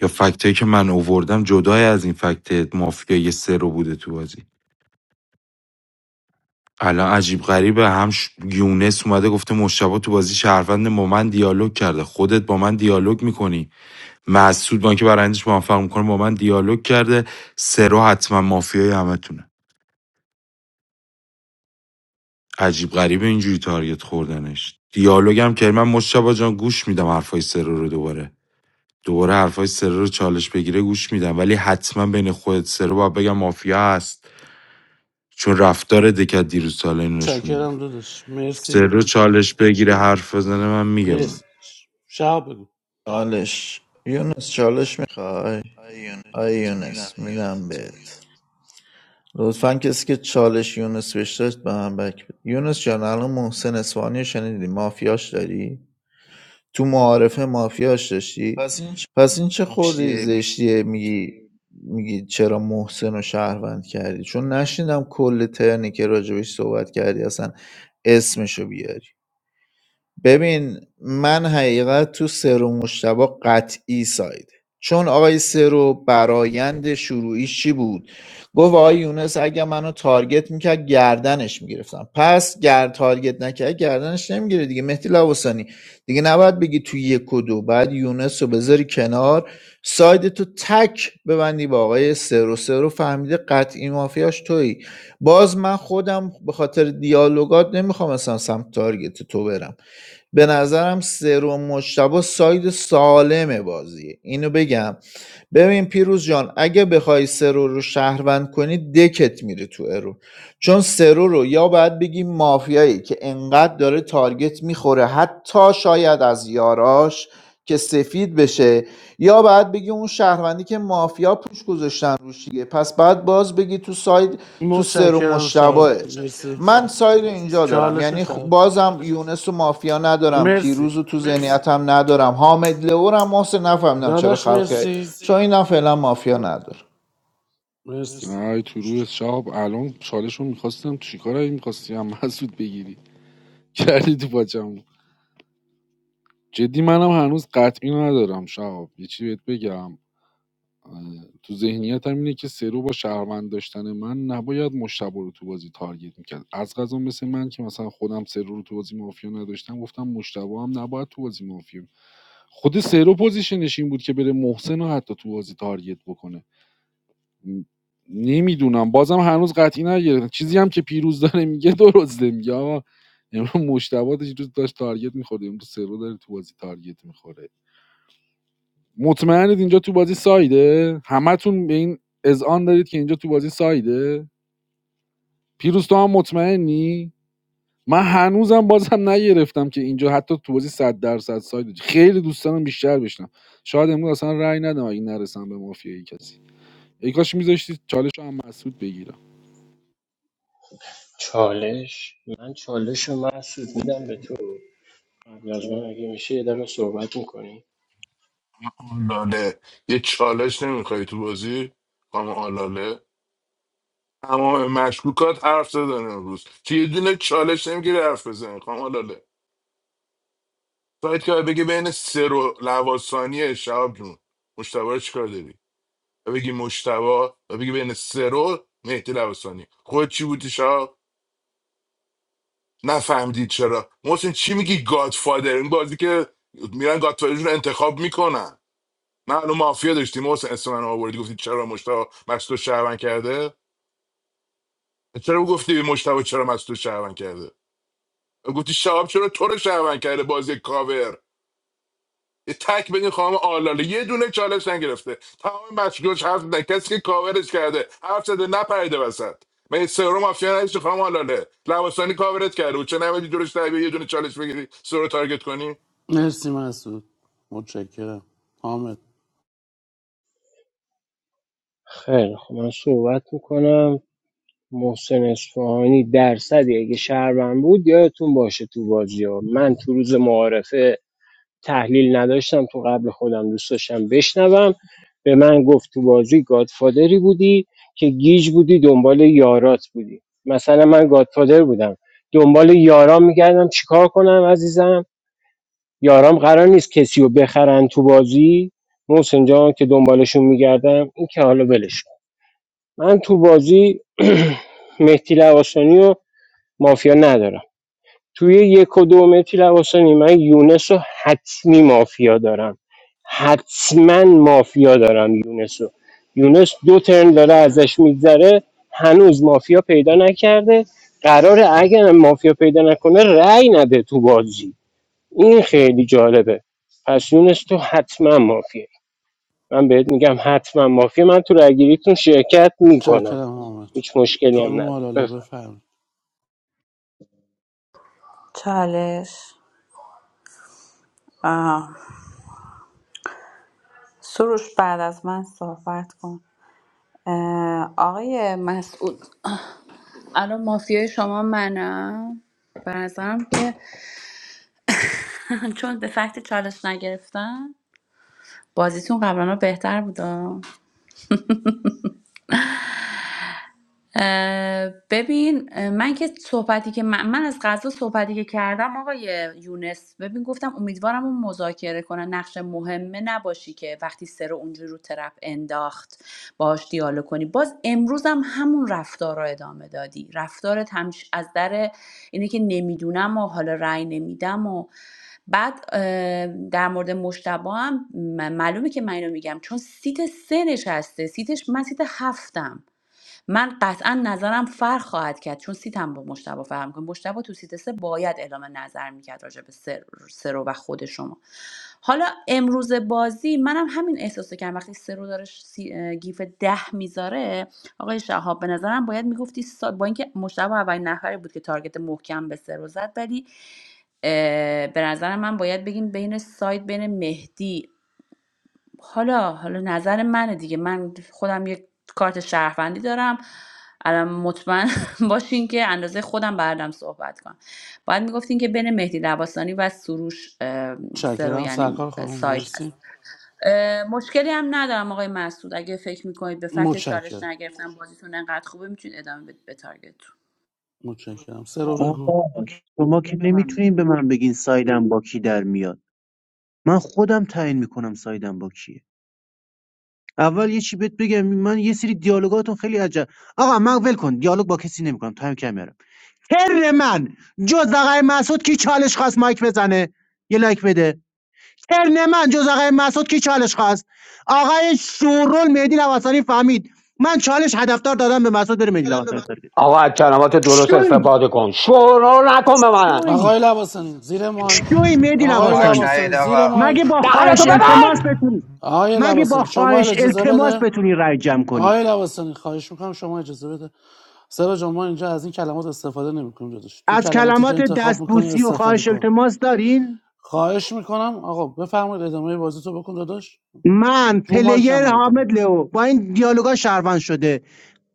Speaker 20: یا فکتایی که من اووردم جدای از این فکت مافیایی سرو بوده تو بازی الان عجیب غریبه هم ش- یونس اومده گفته مشتبه تو بازی شهروند با من دیالوگ کرده خودت با من دیالوگ میکنی مسعود با که برندش موفق میکنه با من دیالوگ کرده سرو حتما مافیای همتونه عجیب غریبه اینجوری تارگت خوردنش دیالوگ هم که من مشتبه جان گوش میدم حرفای سرو رو دوباره دوباره حرفای سرو رو چالش بگیره گوش میدم ولی حتما بین خودت سرو باید بگم مافیا هست چون رفتار دکت دیروز ساله اینو نشون میده
Speaker 10: متشکرم داداش مرسی
Speaker 20: سرو چالش بگیره حرف بزنه من میگم
Speaker 10: مرسی داداش شهاب بگو
Speaker 3: چالش یونس چالش میخوای آی یونس میدم بهت لطفا کسی که چالش یونس بهش به من بک بده یونس جان الان محسن اصفهانی شنیدی مافیاش داری تو معارفه مافیاش داشتی پس این چه خوردی زشتیه میگی میگی چرا محسن رو شهروند کردی چون نشنیدم کل ترنی که راجبش صحبت کردی اصلا اسمشو بیاری ببین من حقیقت تو سرو مشتبه قطعی سایده چون آقای سرو برایند شروعیش چی بود گفت آقای یونس اگه منو تارگت میکرد گردنش میگرفتم پس گر تارگت نکرد گردنش نمیگیره دیگه مهدی لواسانی دیگه نباید بگی تو یک و دو بعد یونس رو بذاری کنار ساید تو تک ببندی با آقای سرو سرو فهمیده قطعی مافیاش تویی باز من خودم به خاطر دیالوگات نمیخوام اصلا سمت تارگت تو برم به نظرم سروم مجتبی ساید سالم بازیه اینو بگم ببین پیروز جان اگه بخوای سرو رو شهروند کنی دکت میره تو ارو چون سرو رو یا باید بگی مافیایی که انقدر داره تارگت میخوره حتی شاید از یاراش که سفید بشه یا بعد بگی اون شهروندی که مافیا پوش گذاشتن روش دیگه پس بعد باز بگی تو ساید تو سرو
Speaker 10: متشکرم شهاب
Speaker 3: مشتبهه
Speaker 10: مرسی
Speaker 3: من ساید اینجا دارم
Speaker 10: چالش
Speaker 3: یعنی خ-
Speaker 10: شهاب
Speaker 3: بازم یونس و مافیا ندارم
Speaker 10: مرسی
Speaker 3: پیروز رو تو ذهنیتم ندارم حامد لورم محسن نفهمیدم چرا
Speaker 10: داداش
Speaker 3: خلقه
Speaker 10: مرسی
Speaker 3: چون اینم فعلا مافیا ندارم
Speaker 10: مرسی
Speaker 8: نه تو روی شهاب الان چالشون میخواستم چیکار میخواستی هم مسعود بگیری کردی تو بچم جدی منم هنوز قطعی ندارم شهاب یه چی بهت بگم آره. تو ذهنیتم اینه که سرو با شهروند داشتن من نباید مشتبه رو تو بازی تارگت میکرد از غذا مثل من که مثلا خودم سرو رو تو بازی مافیا نداشتم گفتم مشتبه هم نباید تو بازی مافیا خود سرو پوزیشنش این بود که بره محسن رو حتی تو بازی تارگت بکنه م- نمیدونم بازم هنوز قطعی نگرفتم چیزی هم که پیروز داره میگه درسته میگه آقا امروز مشتبه داشت- روز داشت تارگت میخورد امروز سرو داره تو بازی تارگت میخوره مطمئنید اینجا تو بازی سایده همتون به این اذعان دارید که اینجا تو بازی سایده پیروز تو هم مطمئنی من هنوزم بازم نگرفتم که اینجا حتی تو بازی صد درصد سایده خیلی دوست دارم بیشتر بشنم شاید امروز اصلا رأی ندم اگه نرسم به مافیای کسی ای کاش میذاشتی چالش هم مسعود بگیرم
Speaker 14: چالش من چالش رو محسوس میدم به تو قبل از من اگه میشه یه دقیقه صحبت میکنی
Speaker 15: آلاله یه چالش نمیخوای تو بازی خانم آلاله تمام مشکوکات حرف زدن امروز که یه دونه چالش نمیگیره حرف بزن خانم آلاله سایت که بگه بین سه رو لواسانی شهاب جون مشتبه رو چیکار داری و بگی مشتبا و بگی بین سرو مهدی لباسانی خود چی بودی شا نفهمدید چرا محسن چی میگی گادفادر این بازی که میرن گادفادر رو انتخاب میکنن نه الان مافیا داشتی محسن اسم من آوردی گفتی چرا مشتبا مستو شهرون کرده چرا گفتی مشتبا چرا مستو شهرون کرده گفتی شهاب چرا تو رو شهرون کرده بازی کاور یه تک بدین خانم آلاله یه دونه چالش نگرفته تمام مشکلش حرف نه کسی که کاورش کرده حرف زده نپریده وسط من یه سرو مافیا نداشتی خانم آلاله لباسانی کاورت کرده بود چه نمیدی دورش تایی یه دونه چالش بگیری سرو تارگت کنی
Speaker 10: مرسی مسعود متشکرم حامد
Speaker 14: خیلی خب من صحبت میکنم محسن اصفهانی درصدی اگه شهروند بود یادتون باشه تو بازی ها من تو روز معارفه تحلیل نداشتم تو قبل خودم دوست داشتم بشنوم به من گفت تو بازی گادفادری بودی که گیج بودی دنبال یارات بودی مثلا من گادفادر بودم دنبال یارام میگردم چیکار کنم عزیزم یارام قرار نیست کسی رو بخرن تو بازی محسن جان که دنبالشون میگردم این که حالا ولش کن. من تو بازی مهدی لواسانی و مافیا ندارم توی یک و دو مهدی لواسانی من یونس و حتمی مافیا دارم حتما مافیا دارم یونس رو یونس دو ترن داره ازش میگذره هنوز مافیا پیدا نکرده قراره اگر مافیا پیدا نکنه رأی نده تو بازی این خیلی جالبه پس یونس تو حتما مافیا من بهت میگم حتما مافیا من تو رأیگیریتون شرکت میکنم
Speaker 10: متشکرم حامد
Speaker 14: هیچ مشکلی هم
Speaker 10: خانم
Speaker 14: نداره
Speaker 10: حلاله
Speaker 14: بفرم.
Speaker 10: بفرمایید
Speaker 13: چالش آه. سروش بعد از من صحبت کن اه، آقای مسعود الان مافیای شما منم به نظرم که چون به فکت چالش نگرفتن بازیتون قبلا بهتر بودا اه، ببین اه، من که صحبتی که من, من از غزه صحبتی که کردم آقای یونس ببین گفتم امیدوارم اون مذاکره کنه نقش مهمه نباشی که وقتی سر اونجوری رو طرف انداخت باهاش دیالوگ کنی باز امروز هم همون رفتار رو ادامه دادی رفتارت همش از در اینه که نمیدونم و حالا رأی نمیدم و بعد اه، در مورد مشتبه هم م- معلومه که من اینو میگم چون سیت سه نشسته سیتش من سیت هفتم من قطعا نظرم فرق خواهد کرد چون سیتم با مشتبه فرق میکنه مشتبه تو سیت سه باید اعلام نظر میکرد راجع به سر- سرو و خود شما حالا امروز بازی منم همین احساس رو کردم وقتی سرو داره ش- سی- اه، گیف ده میذاره آقای شهاب به نظرم باید میگفتی سا... با اینکه مشتبه اولین نفری بود که تارگت محکم به سرو زد ولی اه، به نظر من باید بگیم بین ساید بین مهدی حالا حالا نظر منه دیگه من خودم یک کارت شهروندی دارم الان مطمئن باشین که اندازه خودم بردم صحبت کنم باید میگفتین که بین مهدی لباسانی و سروش اه، سرو
Speaker 10: متشکرم
Speaker 13: یعنی
Speaker 10: سرکار خانم
Speaker 13: سایت
Speaker 10: مرسی
Speaker 13: هست اه، مشکلی هم ندارم آقای مسعود اگه فکر میکنید به فکت چالش
Speaker 10: متشکرم
Speaker 13: نگرفتن بازیتون انقدر خوبه میتونید ادامه بدید به تارگتتون.
Speaker 10: متشکرم سه رو بگو
Speaker 11: آقا شما که نمیتونین به من بگین سایدم با کی در میاد من خودم تعیین میکنم سایدم با کیه اول یه چی بهت بگم من یه سری دیالوگاتون خیلی عجب آقا من ول کن دیالوگ با کسی نمیکنم تایم کمه ترن من جز آقای مسعود کی چالش خواست مایک بزنه یه لایک بده ترن من جز آقای مسعود کی چالش خواست آقای شورول مهدی لواسانی فهمید من چالش هدفدار دادم به مسعود بره مهدی لواسانی تارگت
Speaker 2: آقا از کلمات درست
Speaker 11: شوی
Speaker 2: استفاده کن شورو نکن به من
Speaker 11: شوی
Speaker 10: آقای لباسانی زیر ماش
Speaker 11: شوی مهدی
Speaker 10: آقای
Speaker 1: مایک
Speaker 11: لواسانی
Speaker 10: لباسانی
Speaker 1: نهید
Speaker 10: زیر
Speaker 1: آقا
Speaker 11: مگه
Speaker 10: ماش
Speaker 11: با
Speaker 2: دهنتو
Speaker 11: خواهش التماس
Speaker 2: ببند
Speaker 11: بتونی
Speaker 10: آقای
Speaker 11: مگه با
Speaker 10: لباسانی شما
Speaker 11: خواهش
Speaker 10: اجازه
Speaker 11: التماس
Speaker 10: بده
Speaker 11: بتونی رای جمع کنی
Speaker 10: آقای لباسانی خواهش میکنم شما اجازه بده سر جان ما اینجا از این کلمات استفاده نمیکنیم جدش تو
Speaker 11: از
Speaker 10: کلماتی که
Speaker 11: کلمات
Speaker 10: انتخاب میکنی
Speaker 11: دستبوسی و
Speaker 10: استفاده
Speaker 11: خواهش
Speaker 10: کن
Speaker 11: التماس دارین
Speaker 10: خواهش میکنم آقا بفرمایید ادامه بازی تو بکن داداش
Speaker 11: من
Speaker 10: رو مایک
Speaker 11: پلیر
Speaker 10: هم نگید دیگه
Speaker 11: حامد لو با این دیالوگا شهروند شده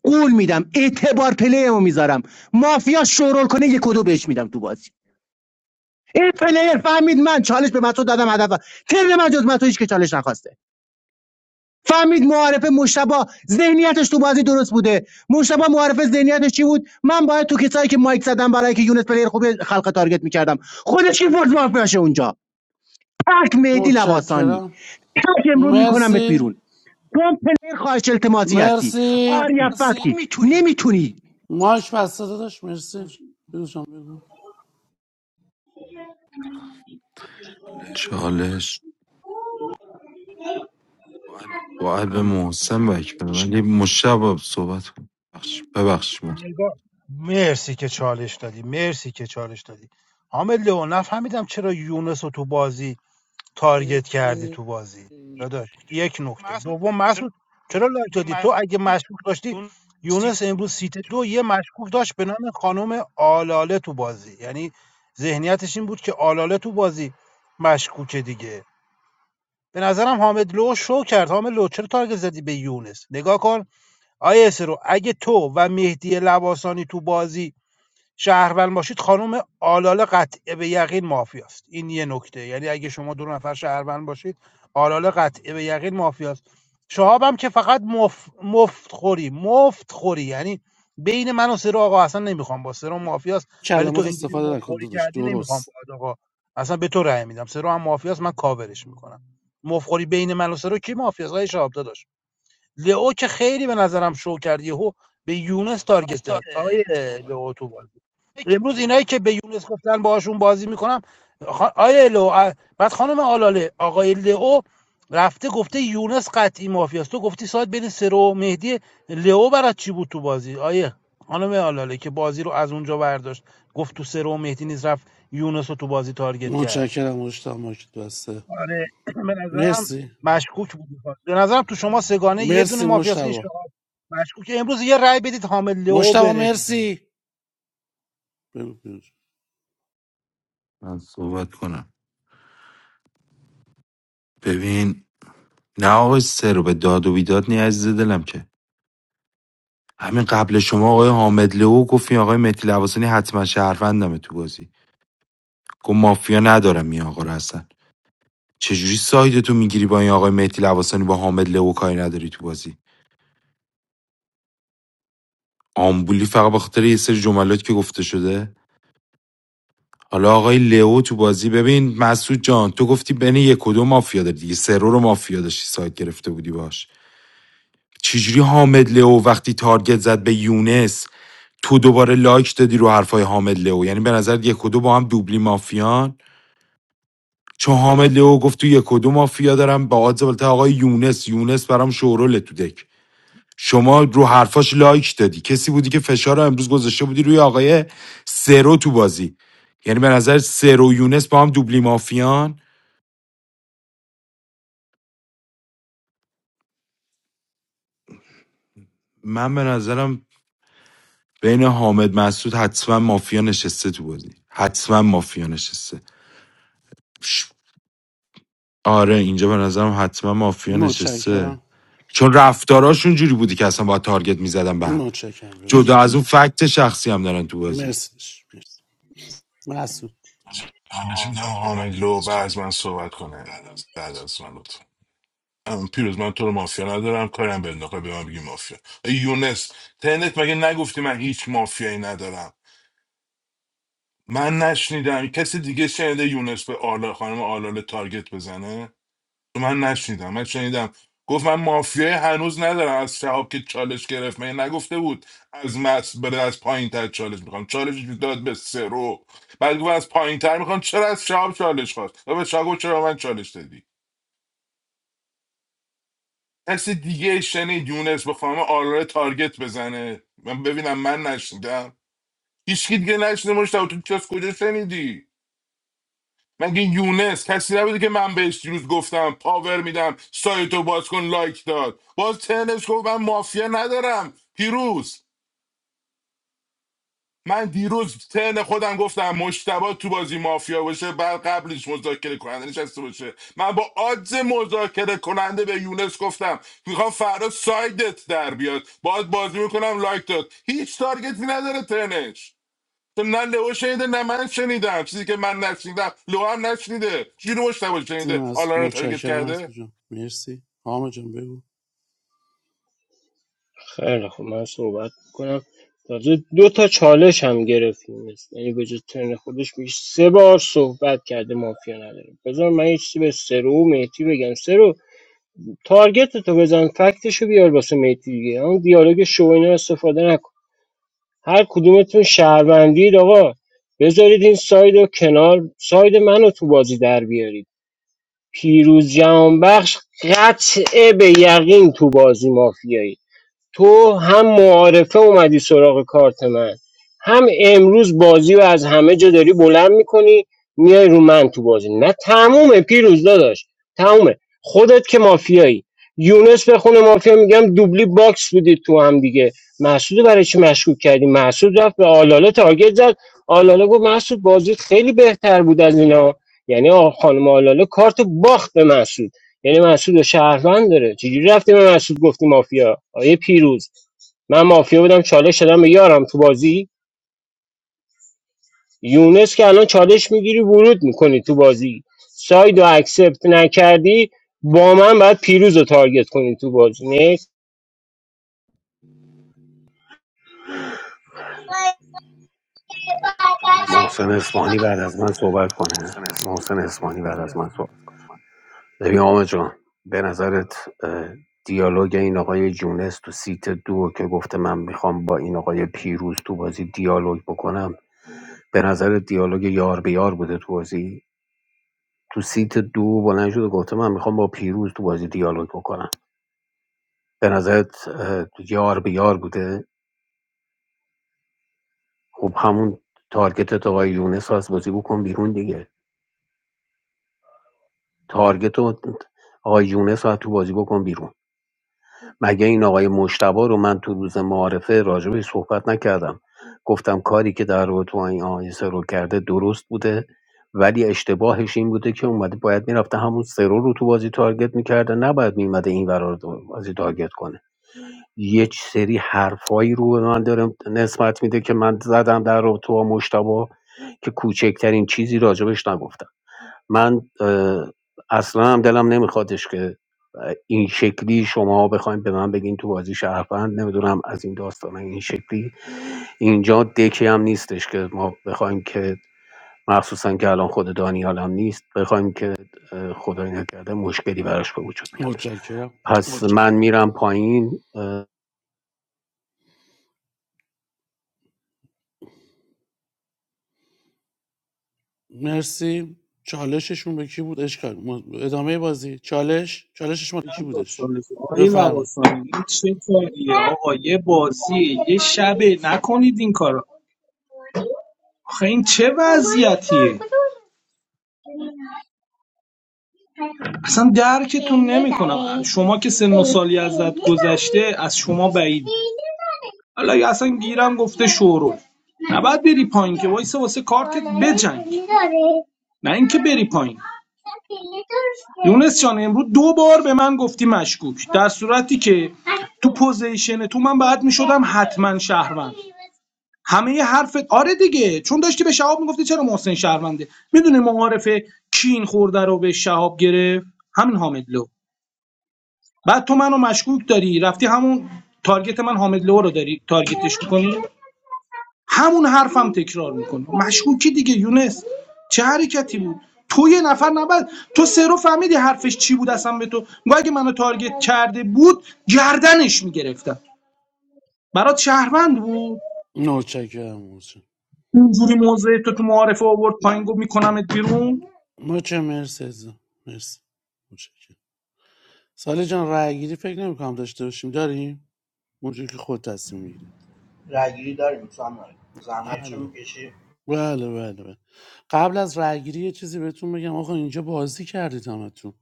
Speaker 11: قول میدم اعتبار پلیرمو میذارم مافیا شورول کنه یک کدو بهش میدم تو بازی این پلیر فهمید من چالش به متو دادم هدف ترن من جز متو هیچ که چالش نخواسته فهمید معارف مشتبا ذهنیتش تو بازی درست بوده مشتبا معارف ذهنیتش چی بود من باید تو کسایی که مایک زدم برای که یونس پلیر خوب خلق تارگت میکردم خودش کی فورد مافیاشه اونجا تک مهدی لواسانی
Speaker 10: متشکرم
Speaker 11: تک امرو میکنمت
Speaker 10: مرسی
Speaker 11: بیرون تو هم پلیر خواهش التماسی هستی
Speaker 10: مرسی
Speaker 11: آریا فکتی نمیتونی
Speaker 10: مایک بسته داداش مرسی بگو جان بگو
Speaker 20: چالش باید به محسن بک بدم ولی مشتبه صحبت کن ببخش محسن
Speaker 19: نگاه مرسی که چالش دادی مرسی که چالش دادی حامد لئو نفهمیدم چرا یونس رو تو بازی تارگت کردی تو بازی داداش یک نکته دوم مسعود چرا لایک دادی تو اگه مشکوک داشتی یونس امروز سیت دو یه مشکوک داشت به نام خانم آلاله تو بازی یعنی ذهنیتش این بود که آلاله تو بازی مشکوکه دیگه به نظرم حامد لو شو کرد حامد لو چرا تارگت زدی به یونس نگاه کن آیه رو اگه تو و مهدی لواسانی تو بازی شهروند باشید خانم آلاله قطع به یقین مافیاست این یه نکته یعنی اگه شما دو نفر شهروند باشید آلاله قطع به یقین مافیاست شهاب هم که فقط مف... مفت خوری مفت خوری یعنی بین من و سر آقا اصلا نمیخوام با سر مافیاست ولی تو
Speaker 10: کلمات
Speaker 19: اینجوری
Speaker 10: استفاده
Speaker 19: مفت
Speaker 10: نکن
Speaker 19: خوری
Speaker 10: داداش
Speaker 19: کردی نمیخوام
Speaker 10: درست
Speaker 19: با آقا اصلا به تو رأی میدم سر هم مافیاست من کاورش میکنم مفت خوری بین من و سر کی مافیاست آقای شهاب داداش لئو که خیلی به نظرم شو کردی یهو به یونس تارگت زد آقای لئو تو بازی. امروز اینایی که به یونس گفتن باهاشون بازی میکنم خا... آیه لو بعد خانم آلاله آقای لئو رفته گفته یونس قطعی مافیاست تو گفتی ساعت بین سرو و مهدی لئو برات چی بود تو بازی آیه خانم آلاله که بازی رو از اونجا برداشت گفت تو سرو و مهدی نیز رفت یونس رو تو بازی تارگت کرد
Speaker 10: متشکرم مشتبه مایک بسته
Speaker 19: آره به نظرم
Speaker 10: مرسی
Speaker 19: مشکوک بود به نظرم تو شما سگانه یه دونه
Speaker 10: مرسی
Speaker 19: مافیاست این
Speaker 10: مشتبه
Speaker 19: شما مشکوک امروز یه رأی بدید حامد لئو
Speaker 10: مشتبه
Speaker 19: بره بیرون
Speaker 10: مرسی بگو بگو.
Speaker 20: من صحبت کنم ببین نه آقای سه رو به داد و بیداد نی عزیز دلم که همین قبل شما آقای حامد لو گفتین آقای مهدی لواسانی حتما شهروندمه تو بازی گفت مافیا ندارم این آقا رو اصلا چجوری سایدتو میگیری با این آقای مهدی لواسانی با حامد لو کاری نداری تو بازی آمبولی فقط به خاطر یه سری جملات که گفته شده حالا آقای لئو تو بازی ببین مسعود جان تو گفتی بین یک و دو مافیا داری دیگه سرو رو مافیا داشتی سایت گرفته بودی باش چجوری حامد لئو وقتی تارگت زد به یونس تو دوباره لایک دادی رو حرفای حامد لئو یعنی به نظر یک و دو با هم دوبلی مافیان چون حامد لئو گفت تو یک و دو مافیا دارم با آدز بالاتر آقای یونس یونس برام شورول تو دک شما رو حرفاش لایک دادی کسی بودی که فشار رو امروز گذاشته بودی روی آقای سرو تو بازی یعنی به نظر سرو یونس با هم دوبلی مافیان من به نظرم بین حامد مسعود حتما مافیا نشسته تو بازی حتما مافیا نشسته آره اینجا به نظرم حتما مافیا نشسته
Speaker 10: متشکرم
Speaker 20: چون رفتاراشون جوری بودی که اصلا با تارگت میزدن به هم
Speaker 10: متشکرم بگو
Speaker 20: جدا
Speaker 10: جان
Speaker 20: از اون فکت شخصی هم دارن تو بازی
Speaker 10: مرسی داداش. مرسی مسعود
Speaker 15: البته میدم حامد لو بعد از من صحبت کنه بعد از من لطفا ام، پیروز من تو رو مافیا ندارم کارم به انداخته به من بگی مافیا ای یونس تنت مگه نگفتی من هیچ مافیایی ندارم من نشنیدم کسی دیگه شنیده یونس به آلا خانم آلاله تارگت بزنه من نشنیدم من شنیدم گفت من مافیای هنوز ندارم از شهاب که چالش گرفت من نگفته بود از مس بره از پایین تر چالش میخوام چالش رو داد به سرو بعد گفت از پایین تر میخوام چرا از شهاب چالش خواست و به شهاب گفت چرا به من چالش دادی کسی دیگه شنید یونس به خانم آراره تارگت بزنه من ببینم من نشنیدم هیچکی دیگه نشنیده مشتاق تو از کجا شنیدی مگه یونس کسی نبوده که من بهش دیروز گفتم پاور میدم سایتو باز کن لایک داد باز ترنش گفت من مافیا ندارم پیروز من دیروز ترن خودم گفتم مشتبه تو بازی مافیا باشه بعد قبلش مذاکره کننده نشسته باشه من با آدز مذاکره کننده به یونس گفتم میخوام فردا سایدت در بیاد باید بازی میکنم لایک داد هیچ تارگتی نداره ترنش که نه لئو شنیده نه من شنیدم چیزی که من نشنیدم لئو هم نشنیده چجوری مشتبه
Speaker 10: مرسی
Speaker 15: شنیده
Speaker 10: مسعود.
Speaker 15: آلان رو تارگت
Speaker 10: متشکرم
Speaker 15: کرده
Speaker 10: مسعود جان مرسی حامد جان بگو
Speaker 14: خیلی خب من صحبت کنم تازه دو تا چالش هم گرفتیم یعنی به جز ترن خودش میگه سه بار صحبت کرده مافیا نداره بذار من یه چیزی به سرو و مهدی بگم سرو تارگت تو بزن فکتشو بیار واسه مهدی دیگه اون دیالوگ شو اینا استفاده نکن هر کدومتون شهروندید آقا بذارید این ساید و کنار ساید منو تو بازی در بیارید پیروز جهانبخش قطعه به یقین تو بازی مافیایی تو هم معارفه اومدی سراغ کارت من هم امروز بازی و از همه جا داری بلند میکنی میای رو من تو بازی نه تمومه پیروز داداش تمومه خودت که مافیایی یونس به خونه مافیا میگم دوبلی باکس بودی تو هم دیگه محسود برای چی مشکوک کردی محسود رفت به آلاله تارگت زد آلاله گفت محسود بازیت خیلی بهتر بود از اینا یعنی آ- خانم آلاله کارت باخت به محسود یعنی مسعود و شهروند داره چجوری رفتیم به مسعود گفتی مافیا آیه پیروز من مافیا بودم چالش شدم به یارم تو بازی یونس که الان چالش میگیری ورود میکنی تو بازی ساید و اکسپت نکردی با من باید پیروز رو تارگت کنی تو بازی نه
Speaker 2: محسن اسمانی بعد از من صحبت کنه محسن اسمانی بعد از من صحبت کنه ببین آمه جان به نظرت اه، دیالوگ این آقای جونس تو سیت دو که گفته من میخوام با این آقای پیروز تو بازی دیالوگ بکنم به نظر دیالوگ یار به یار بوده تو بازی تو سیت دو بلند شد و گفته من میخوام با پیروز تو بازی دیالوگ بکنم به نظرت اه، یار به یار بوده خب همون تارگت تو آقای یونس رو از بازی بکن بیرون دیگه تارگت رو آقای یونس رو از تو بازی بکن بیرون مگه این آقای مشتبا رو من تو روز معارفه راجبش صحبت نکردم گفتم کاری که در رابطه با این آقای سرو کرده درست بوده ولی اشتباهش این بوده که اومده باید میرفته همون سرو رو تو بازی تارگت میکرده نباید میمده این قرار بازی تارگت کنه یک سری حرفایی رو به من داره نسبت میده که من زدم در رابطه با مشتبه که کوچکترین چیزی راجبش نگفتم من اه، اصلا هم دلم نمیخوادش که این شکلی شما بخواید به من بگین تو بازی شهروند نمیدونم از این داستان این شکلی اینجا دکی هم نیستش که ما بخوایم که مخصوصا که الان خود دانیال هم نیست بخوایم که اه، خدای نکرده مشکلی براش به وجود بیاد
Speaker 10: متشکرم
Speaker 2: پس من میرم پایین
Speaker 10: مرسی چالششون به کی بود اشکال م- ادامه بازی چالش چالشش ما کی
Speaker 7: چند
Speaker 10: بودش
Speaker 7: داستانه شد. آقای
Speaker 10: بفرمایید
Speaker 7: لواسانی این چه کاریه آقا یه بازی نکنید این کارو آخه این چه وضع اصلا درک شما که سنه از شما بعید حالا یا اصلا گیرم گفت باید بری پایین که وایسه واسه کار نه اینکه بری پایین پس جان امروز دو بار به من گفتی مشکوک در صورتی که تو پوزیشن تو من بعد میشدم حتما شهر همه یه حرفت آره دیگه چون داشتی به شهاب میگفتی چرا محسن شهرونده میدونی معارف کین خورده رو به شهاب گرفت همین حامدلو بعد تو منو مشکوک داری رفتی همون تارگت من حامدلو رو داری تارگتش میکنی همون حرفم تکرار میکنه مشکوکی دیگه یونس چه حرکتی بود تو یه نفر نبود تو سه رو فهمیدی حرفش چی بود اصلا به تو میگه اگه منو تارگت کرده بود گردنش میگرفتم برات شهروند بود
Speaker 10: متشکرم متشکرم
Speaker 7: اونجوری موضع تو تو معارفه آورد پایین گفت میکنمت بیرون
Speaker 10: متشکرم مرسی عزیزم. مرسی متشکرم ساله جان رای گیری فکر نمی کنم داشته باشیم داریم اونجوری که خود تصمیم میگیری
Speaker 1: رأیگیری داریم ساموئل زحمت چه
Speaker 10: بله
Speaker 1: میکشی
Speaker 10: بله بله بله قبل از رای گیری یه چیزی بهتون بگم آقا اینجا بازی کردید همتون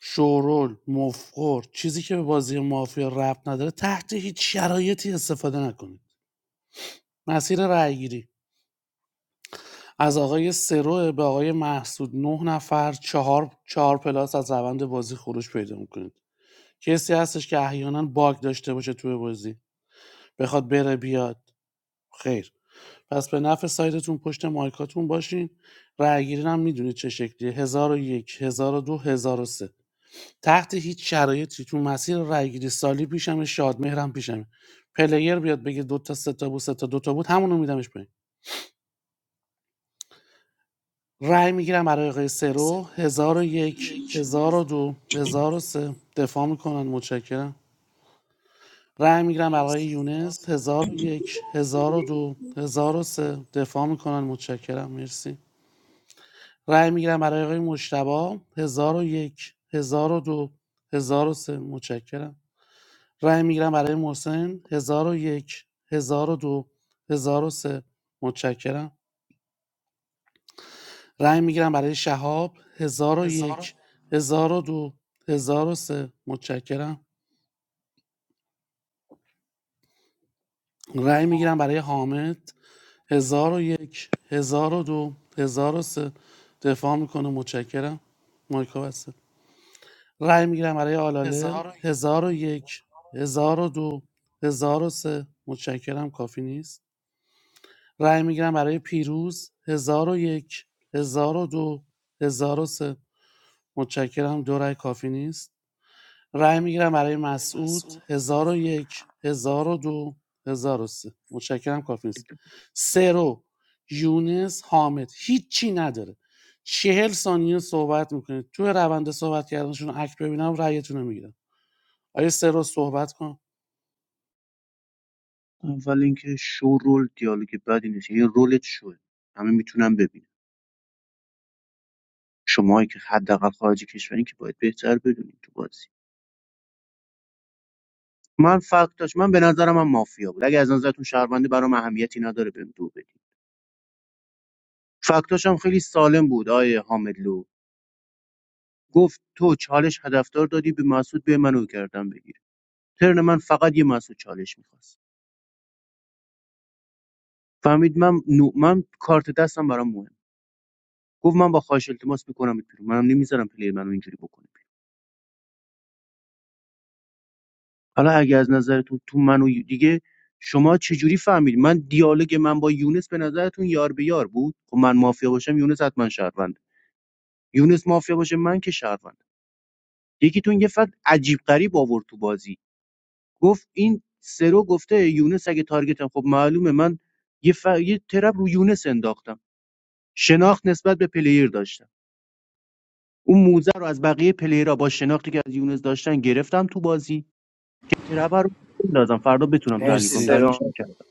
Speaker 10: شورول مفخور چیزی که به بازی مافیا ربط نداره تحت هیچ شرایطی استفاده نکنید مسیر رای گیری از آقای سرو به آقای محسود نه نفر چهار چهار پلاس از روند بازی خروج پیدا میکنید کسی هستش که احیانا باگ داشته باشه توی بازی بخواد بره بیاد خیر پس به نفع سایتتون پشت مایکاتون باشین رأیگیری هم میدونید چه شکلیه 1001 1002 سه تحت هیچ شرایطی تو مسیر رأیگیری سالی پیشم شادمهرم پیشم پلیر بیاد بگه دو تا سه تا بود سه تا دو تا بود همونو میدمش پایین رای میگیرم برای آقای سرو 1001 1002 سه دفاع میکنن متشکرم رای میگیرم برای یونس هزار و یک هزار و دو هزار و سه دفاع میکنن متشکرم مرسی رای میگیرم برای آقای مشتبا هزار و یک هزار و دو هزار و سه متشکرم رای میگیرم برای محسن هزار و یک هزار و دو هزار و سه متشکرم رای میگیرم برای شهاب هزار و یک هزار و دو هزار و سه متشکرم رای میگیرم برای حامد هزار و یک هزار و دو هزار و سه دفاع میکنه متشکرم مایکا بسته رأی میگیرم برای آلاله هزار و یک هزار و دو هزار و سه متشکرم کافی نیست رأی میگیرم برای پیروز هزار و یک هزار و دو هزار و سه متشکرم دو رأی کافی نیست رای میگیرم برای مسعود 1001 1002 سه متشکرم کافی نیست سرو یونس حامد هیچی نداره چهل ثانیه صحبت میکنید توی روند صحبت کردنشون اکت ببینم رأیتون رو میگیرم آیا سرو صحبت کن
Speaker 11: اول اینکه شو رول دیالوگ بدی نیست یه رولت شوه همه میتونن ببینن شماهایی که حداقل خارج کشورین که باید بهتر بدونین تو بازی من فکتاش من به نظرم هم مافیا بود اگه از نظرتون شهرونده برام اهمیتی نداره بهم دو بدین فکتاش هم خیلی سالم بود آیه حامدلو گفت تو چالش هدفدار دادی به مسعود به منو کردم بگیر ترن من فقط یه مسعود چالش میخواست فهمید من نو... من کارت دستم برام مهم گفت من با خواهش التماس میکنمت بیرون منم نمیذارم پلیر منو اینجوری بکنه حالا اگه از نظرتون تو منو دیگه شما چجوری فهمیدید من دیالوگ من با یونس به نظرتون یار به یار بود خب من مافیا باشم یونس حتما شهروند یونس مافیا باشه من که شهروند یکیتون یه فقط عجیب غریب آورد تو بازی گفت این سرو گفته یونس اگه تارگتم خب معلومه من یه, ف... یه ترپ رو یونس انداختم شناخت نسبت به پلیر داشتم اون موزه رو از بقیه پلیرها با شناختی که از یونس داشتن گرفتم تو بازی ترپه رو بندازم فردا بتونم تحلیل
Speaker 1: مرسی
Speaker 11: کنم
Speaker 10: مرسی
Speaker 11: تحلیلش
Speaker 1: سرو
Speaker 11: نکردم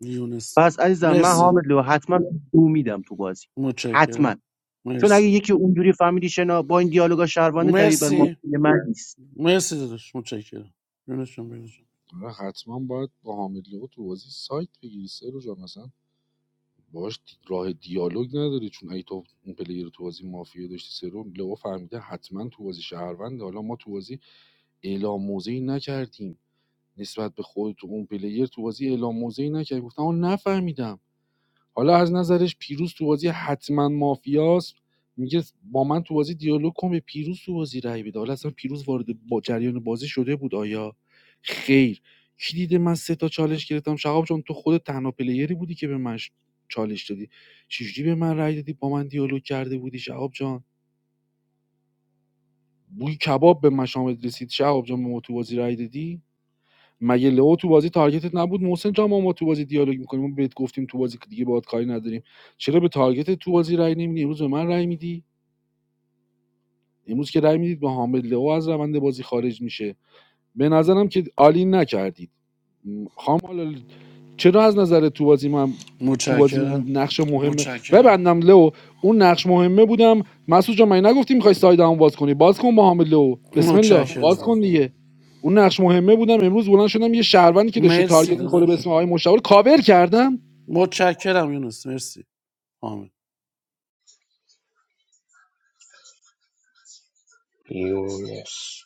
Speaker 10: یونس
Speaker 11: پس عزیزم من
Speaker 10: مرسی
Speaker 11: حامد لو حتما دو میدم تو بازی حتما
Speaker 10: متشکرم
Speaker 11: چون اگه
Speaker 10: مرسی
Speaker 11: یکی اونجوری فهمیدی شنا با این دیالوگا شهروانه دلیل بر
Speaker 10: مرسی
Speaker 11: مافیا من نیست
Speaker 10: مرسی داداش متشکرم یونس جان بگو
Speaker 8: آره، حتما باید با حامد لقو تو بازی سایت بگیری سه رو جا مثلا باش راه دیالوگ نداری چون اگه تو اون پلیر رو تو بازی مافیا داشتی سرو لو فهمیده حتما تو بازی شهرونده حالا ما تو بازی اعلام موضعی نکردیم نسبت به خود تو اون پلیر تو بازی اعلام موضعی نکردیم گفتم آقا نفهمیدم حالا از نظرش پیروز تو بازی حتما مافیاست میگه با من تو بازی دیالوگ کن به پیروز تو بازی رای بده حالا اصلا پیروز وارد با جریان بازی شده بود آیا خیر کی دیده من سه تا چالش گرفتم شقاب چون تو خود تنها پلیری بودی که به من ش- چالش دادی چجوری به من رای دادی با من دیالوگ کرده بودی شقاب جان بوی کباب به مشامت رسید شقاب جان به ما تو بازی رای دادی مگه لئو تو بازی تارگتت نبود محسن جان ما, ما تو بازی دیالوگ میکنیم ما بهت گفتیم تو بازی که دیگه باهات کاری نداریم چرا به تارگت تو بازی رای نمیدی امروز به من رای میدی امروز که رای میدید به حامد لئو از روند بازی خارج میشه به نظرم که عالی نکردید م، خام چرا از نظر تو بازیم من تو بازی
Speaker 10: متشکرم
Speaker 8: اون نقش مهمه متشکرم ببندم لو اون نقش مهمه بودم مسعود جان من نگفتی میخوای ساید همون باز کنی باز کن با حامد لو بسم الله
Speaker 10: متشکرم
Speaker 8: باز کن
Speaker 10: یونس
Speaker 8: دیگه اون نقش مهمه بودم امروز بلند شدم یه شهروندی که داشته
Speaker 10: مرسی
Speaker 8: تارگت میخوره به
Speaker 10: داداش
Speaker 8: اسم آقای مشاور کاور کردم
Speaker 10: متشکرم یونس مرسی حامد
Speaker 14: یونس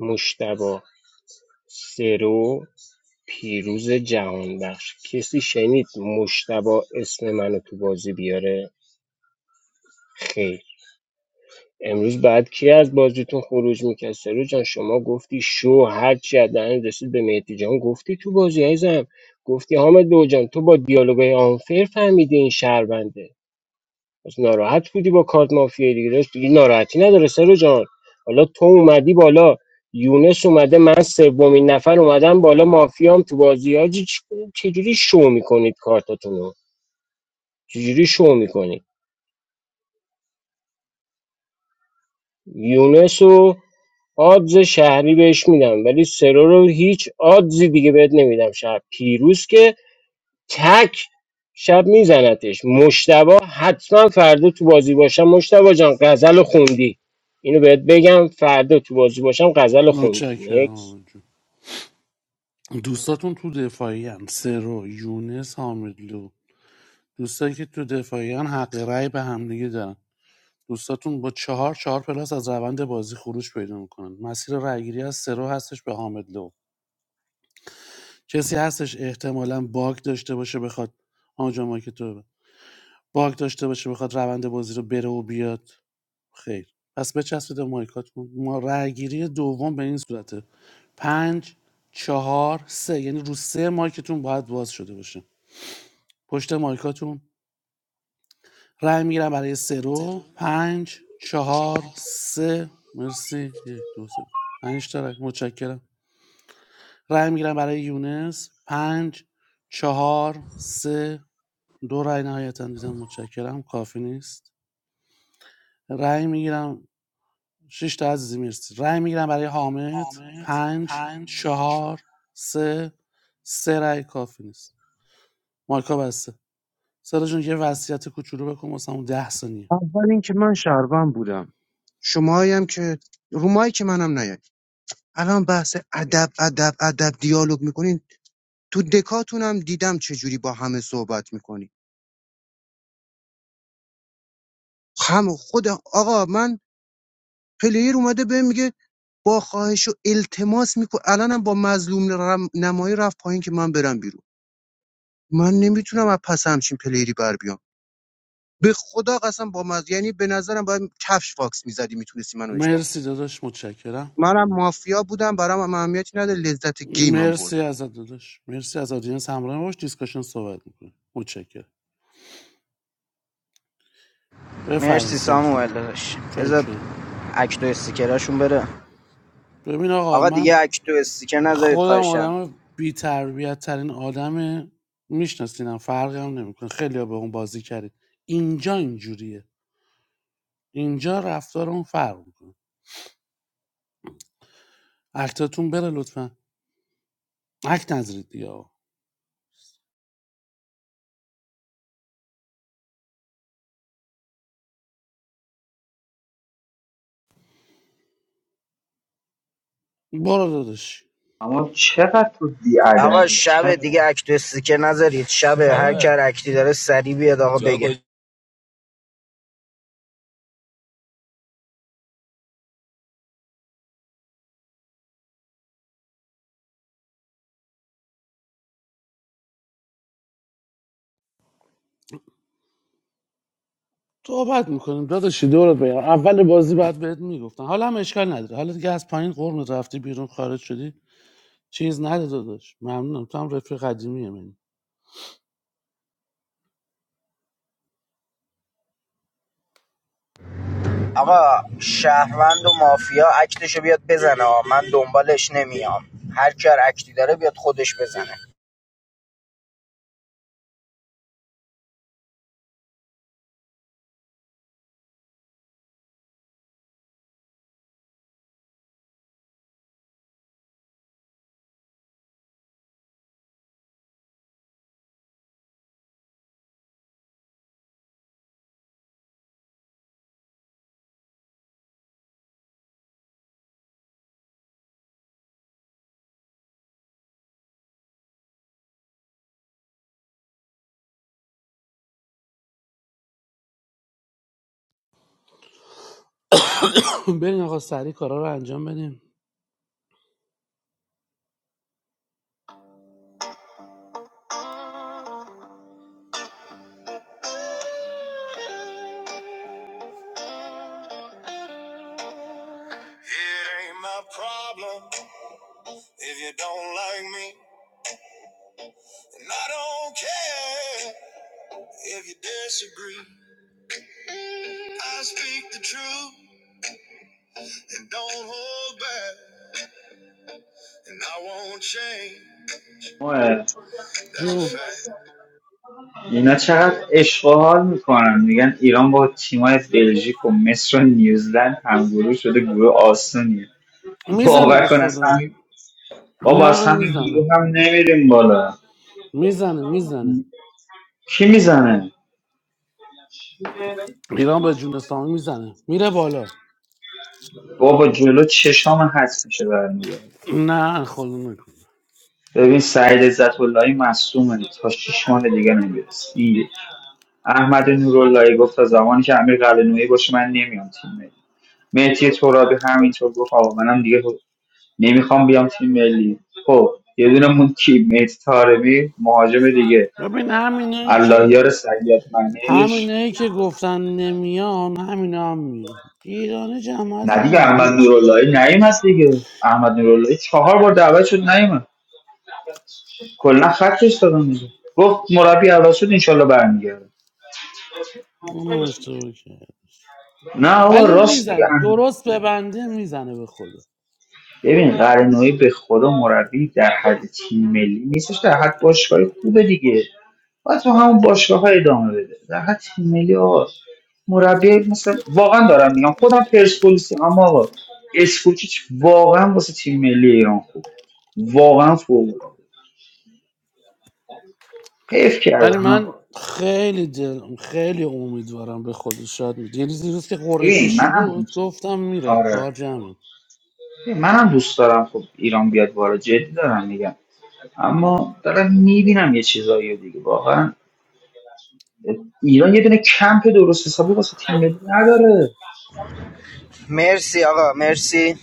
Speaker 14: مشتبا سرو پیروز جهان بخش کسی شنید مشتبا اسم منو تو بازی بیاره خیر امروز بعد کی از بازیتون خروج میکرد سرو جان شما گفتی شو هر چی از دهن رسید به مهدی جان گفتی تو بازی عزیزم گفتی حامد لو جان تو با دیالوگای آنفر فهمیدی این شهربنده پس ناراحت بودی با کارت مافیا دیگه راست دیگه ناراحتی نداره سرو جان حالا تو اومدی بالا یونس اومده من سومین نفر اومدم بالا مافیام تو بازی ها چجوری شو میکنید کارتاتونو چجوری شو میکنید یونس و آدز شهری بهش میدم ولی سرو رو هیچ آدزی دیگه بهت نمیدم شب پیروز که تک شب میزنتش مشتبا حتما فردا تو بازی باشم مشتبا جان غزل خوندی اینو بهت بگم فردا تو بازی باشم غزل خوندی
Speaker 10: متشکرم
Speaker 14: نیکس
Speaker 10: حامد جون دوستاتون تو دفاعی هم سرو یونس حامدلو لو دوستایی که تو دفاعی هم حق رأی به همدیگه دارن دوستاتون با چهار چهار پلاس از روند بازی خروج پیدا میکنن مسیر رأیگیری از سرو هستش به حامدلو لو کسی هستش احتمالا باگ داشته باشه بخواد آنجا ما که تو ببند. باگ داشته باشه بخواد روند بازی رو بره و بیاد خیر پس بچسبید به مایکاتون ما رأی گیری دوم به این صورته پنج چهار سه یعنی رو سه مایکتون باید باز شده باشه پشت مایکاتون رأی میگیرم برای سه رو پنج چهار سه مرسی یک دو سه پنج تا رأی متشکرم رأی میگیرم برای یونس پنج چهار سه دو رای نهایتا دیدم متشکرم کافی نیست رأی میگیرم شش تا عزیزی مرسی رای میگیرم برای حامد پنج چهار سه سه رای کافی نیست مایکا بسته سارا جون یه وصیت کوچولو بکن واسه همون ده ثانیه
Speaker 11: اول اینکه من شهروند بودم شما که رومم نیاد الان بحث ادب ادب ادب دیالوگ میکنین تو دکاتونم دیدم چجوری با همه صحبت میکنی هم خود آقا من پلیر اومده بهم میگه با خواهش و التماس میکنه الانم با مظلوم رم- نمایی رفت پایین که من برم بیرون من نمیتونم از پس همچین پلیری بر بیام به خدا قسم با مز... یعنی به نظرم باید کفش فاکس میزدی میتونستی منو اجماع کنی
Speaker 10: مرسی داداش متشکرم
Speaker 11: منم مافیا بودم برام هم اهمیتی نداره لذت گیمم بود.
Speaker 10: مرسی ازت داداش مرسی از آدینس همراه ما باش دیسکشن صحبت میکنه متشکرم بفرمایید
Speaker 1: مرسی
Speaker 10: سارا جون
Speaker 1: ساموئل داداش
Speaker 10: چای
Speaker 1: بذار
Speaker 10: کرد.
Speaker 1: اکتو استیکراشون بره
Speaker 10: ببین آقا
Speaker 1: آقا
Speaker 10: من
Speaker 1: دیگه اکتو استیکر نذارید
Speaker 10: خودم
Speaker 1: خواهشم
Speaker 10: آدم بی تربیت ترین آدمه میشناسینم فرقی هم نمیکنه خیلی به اون بازی کردید اینجا اینجوریه اینجا رفتار اون فرق میکنه اکتاتون بره لطفا اکت نظرید دیگه آقا. داداشی.
Speaker 9: اما چقدر تو
Speaker 1: آقا
Speaker 9: بیادبی
Speaker 1: شب
Speaker 9: چقدر
Speaker 1: دیگه اکتو استیکر نذارید شب هر کار اکتی داره سری بیاد آقا بگه
Speaker 10: تو توبت میکنیم داداشی دورت بگم اول بازی بعد بهت میگفتن حالا هم اشکال نداره حالا دیگه از پایین قرن رفتی بیرون خارج شدی چیز نده داداش ممنونم تو هم رفیق قدیمی منی
Speaker 1: آقا شهروند و مافیا اکتشو بیاد بزنه آقا من دنبالش نمیام هر کار اکتی داره بیاد خودش بزنه
Speaker 10: برین آقا سریع کارا رو انجام بدیم
Speaker 9: آه،
Speaker 10: جو.
Speaker 9: اینا چقدر عشق و حال میکنن میگن ایران با تیمای بلژیک و مصر و نیوزلند همگروه شده گروه آسونیه
Speaker 10: میزنه
Speaker 9: باور
Speaker 10: به
Speaker 9: کن از
Speaker 10: خدا
Speaker 9: همین بابا از
Speaker 10: نه
Speaker 9: همین
Speaker 10: میزنه
Speaker 9: گروه هم نمیریم بالا
Speaker 10: میزنه میزنه
Speaker 9: کی میزنه
Speaker 10: ایران به جون اسلامی میزنه میره بالا
Speaker 9: بابا جلو چشام هست میشه برمیگرد
Speaker 10: نه خدا نکن
Speaker 9: ببین سعید عزت اللهی مصومه تا شیش ماه دیگه نمیرسه این یک احمد نوراللهی گفت تا زمانی که امیر قلعه‌نویی باشه من نمیام تیم ملی مهدی ترابی همینطور گفت آقا منم دیگه خب نمیخوام بیام تیم ملی خب یه دونه مون کی مهدی طارمی مهاجم دیگه
Speaker 10: ببین همینایی که
Speaker 9: اللهیار سید منش
Speaker 10: همینایی که گفتن نمیان همینا هم میان ایرانی جماعت
Speaker 9: نه دیگه
Speaker 10: همین
Speaker 9: احمد
Speaker 10: دادش
Speaker 9: نوراللهی نیم هست دیگه احمد نوراللهی چهار بار دعوت شد نیم کلا خطش دادم دیگه گفت مربی عوض شد انشالله برمیگرده
Speaker 10: اونم اشتباه کرد
Speaker 9: نه آقا
Speaker 10: ولی
Speaker 9: راست میگه
Speaker 10: میزن
Speaker 9: امیر.
Speaker 10: درست ببنده میزنه به خدا
Speaker 9: ببین قرنویی به خدا مربی در حد تیم ملی نیستش در حد باشگاه خوبه دیگه باید تو همون باشگاه ها ادامه بده در حد تیم ملی آقا مربی مثلا واقعا دارم میگم خودم پرسپولیسی اما آقا اسکوچیچ واقعا واسه تیم ملی ایران خوب واقعا فوق العاده حیف
Speaker 10: ولی
Speaker 9: کردن
Speaker 10: من
Speaker 9: آقا
Speaker 10: خیلی دل... خیلی امیدوارم به خود شاد میده یعنی دیروز که قرعه
Speaker 9: ببین
Speaker 10: کشی
Speaker 9: منم
Speaker 10: بود
Speaker 9: دوست
Speaker 10: گفتم میره
Speaker 9: آره
Speaker 10: کار جمعه
Speaker 9: منم دوست دارم خب ایران بیاد بالا جدی دارم میگم اما دارم میبینم یه چیزایی رو دیگه واقعا ایران یه دونه کمپ درست حسابی واسه تیم ملی نداره
Speaker 1: مرسی آقا مرسی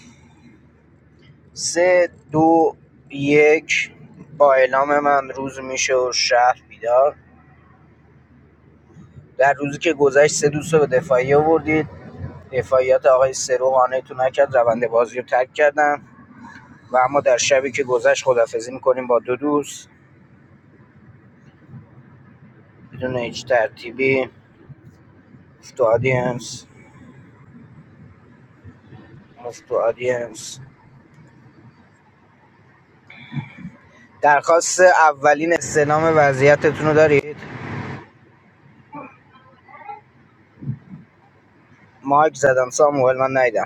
Speaker 1: سه دو یک با اعلام من روز میشه و شهر بیدار در روزی که گذشت سه دوست رو به دفاعی آوردید دفاعیات آقای سرو قانعتون نکرد روند بازی رو ترک کردن و اما در شبی که گذشت خدافزی میکنیم با دو دوست بدون هیچ ترتیبی مفتو آدینس مفتو آدینس درخواست اولین استنام وضعیتتون رو دارید مایک زدم ساموئل من ندیدم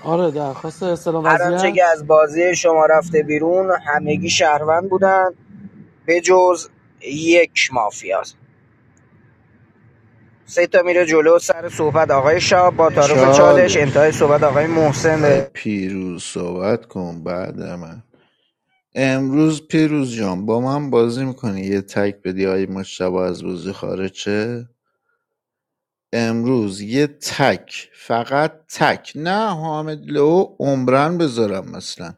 Speaker 10: آره درخواست استلام
Speaker 1: هر آنچه که
Speaker 10: وضعیت
Speaker 1: از بازی شما رفته بیرون همگی شهروند بودن به جز یک مافیا سه تا میره جلو سر صحبت آقای شاب با تعارف چالش انتهای
Speaker 3: چالش
Speaker 1: صحبت آقای
Speaker 3: آی
Speaker 1: محسن
Speaker 3: پیروز صحبت کن بعد من امروز پیروز جان با من بازی میکنی یه تک بدی آی مشتبه از بازی خارج شه امروز یه تک فقط تک نه حامد لو عمرن بذارم مثلا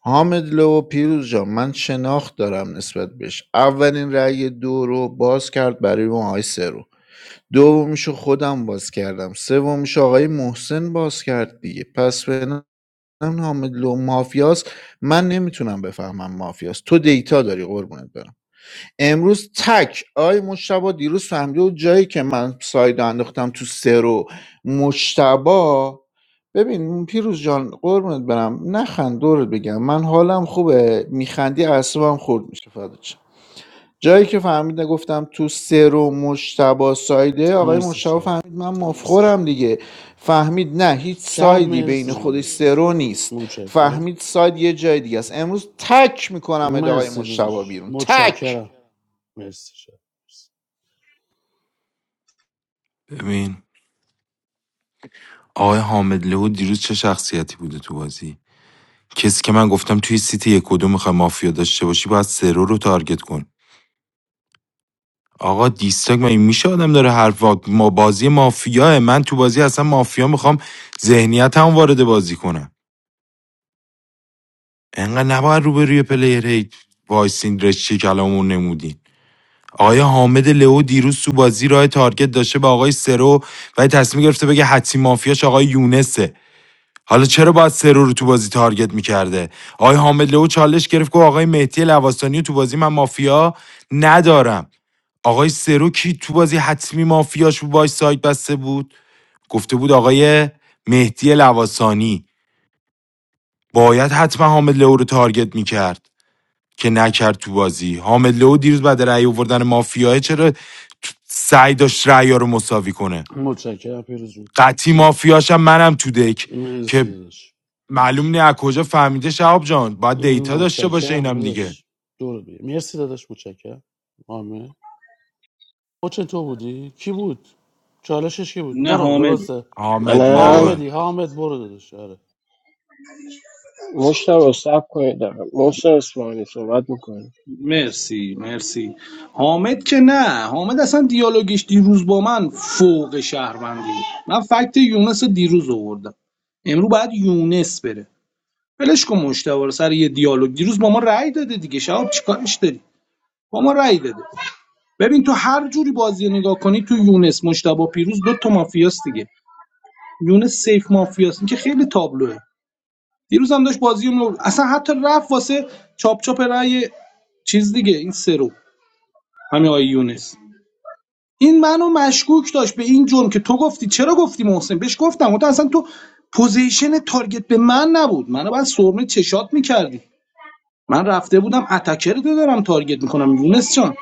Speaker 3: حامد لو پیروز جان من شناخت دارم نسبت بهش اولین رأی دو رو باز کرد برای ما آقای سه رو دومیشو خودم باز کردم سومیشو آقای محسن باز کرد دیگه پس به نظرم حامد لو مافیاست من نمیتونم بفهمم مافیاست تو دیتا داری قربونت برم امروز تک آی مشتبا دیروز فهمیده و جایی که من ساید انداختم تو سه رو مشتبا ببین پیروز جان قربونت برم نخند دورت بگم من حالم خوبه میخندی اعصابم خورد میشه فدات شم. جایی که فهمید گفتم تو سه رو مشتبا سایده آقای
Speaker 10: مرسی
Speaker 3: مشتبا
Speaker 10: شب
Speaker 3: فهمید من مفخورم دیگه فهمید نه هیچ
Speaker 10: شب
Speaker 3: سایدی بین
Speaker 10: مرسی
Speaker 3: خودش
Speaker 10: داداشی
Speaker 3: سرو نیست
Speaker 10: متشکرم
Speaker 3: فهمید ساید یه جای دیگه است امروز تک میکنم ادعای
Speaker 10: مرسی
Speaker 3: مشتبا
Speaker 10: داداش
Speaker 3: بیرون تک
Speaker 10: متشکرم مرسی شب
Speaker 20: ببین آقای حامد لهو دیروز چه شخصیتی بوده تو بازی کسی که من گفتم توی سیتی یک کدوم میخوای مافیا داشته باشی باید سرو رو تارگت کن آقا دیستاک مگه میشه آدم داره حرف وا- ما بازی مافیاه من تو بازی اصلا مافیا میخوام ذهنیت هم وارد بازی کنم انقدر نباید روبروی پلیر هی وایسین رشته کلامون نمودین آقای حامد لئو دیروز تو بازی راه تارگت داشته به آقای سرو ولی تصمیم گرفته بگه حتی مافیاش آقای یونسه حالا چرا باید سرو رو تو بازی تارگت میکرده آقای حامد لو چالش گرفت که آقای مهدی لواسانی تو بازی من مافیا ندارم آقای سرو کی تو بازی حتمی مافیاش بود باش سایت بسته بود گفته بود آقای مهدی لواسانی باید حتما حامد لو رو تارگت میکرد که نکرد تو بازی حامد لو دیروز بعد رأی آوردن مافیاه چرا سعی داشت رأی رو مساوی کنه
Speaker 10: متشکرم پیروز جون
Speaker 20: قطعی مافیاشم منم تو دک که
Speaker 10: مرسی داداش
Speaker 20: معلوم نه از کجا فهمیده شهاب جان باید دیتا داشته باشه
Speaker 10: متشکرم
Speaker 20: اینم دیگه
Speaker 10: داداش دور بگیر مرسی داداش متشکرم حامد مچن تو بودی کی بود چالشش کی بود
Speaker 7: نه
Speaker 10: برو
Speaker 7: حامد
Speaker 10: درسته
Speaker 20: حامد
Speaker 14: منم
Speaker 20: لو
Speaker 10: حامدی حامد برو داداش آره
Speaker 14: مشتبا سب کنید دارم محسن اسمانی صحبت میکنم
Speaker 7: مرسی مرسی حامد که نه حامد اصلا دیالوگش دیروز با من فوق شهروندی بود. من فکت یونس رو دیروز آوردم امرو باید یونس بره ولش کن مشتوار سر یه دیالوگ دیروز با ما رأی داده دیگه شباب چیکارش داری با ما رأی داده ببین تو هر جوری بازی رو نگاه کنی تو یونس مشتبه پیروز دو تا مافیاست دیگه یونس سیف مافیاست این که خیلی تابلوه دیروز هم داشت بازی رو اصلا حتی رفت واسه چاپ چاپ رای چیز دیگه این سرو همین آقای یونس این منو مشکوک داشت به این جرم که تو گفتی چرا گفتی محسن بهش گفتم گفتم اصلا تو پوزیشن تارگت به من نبود منو باید سرمه چشات میکردی من رفته بودم اتکر رو دارم تارگت میکنم یونس جان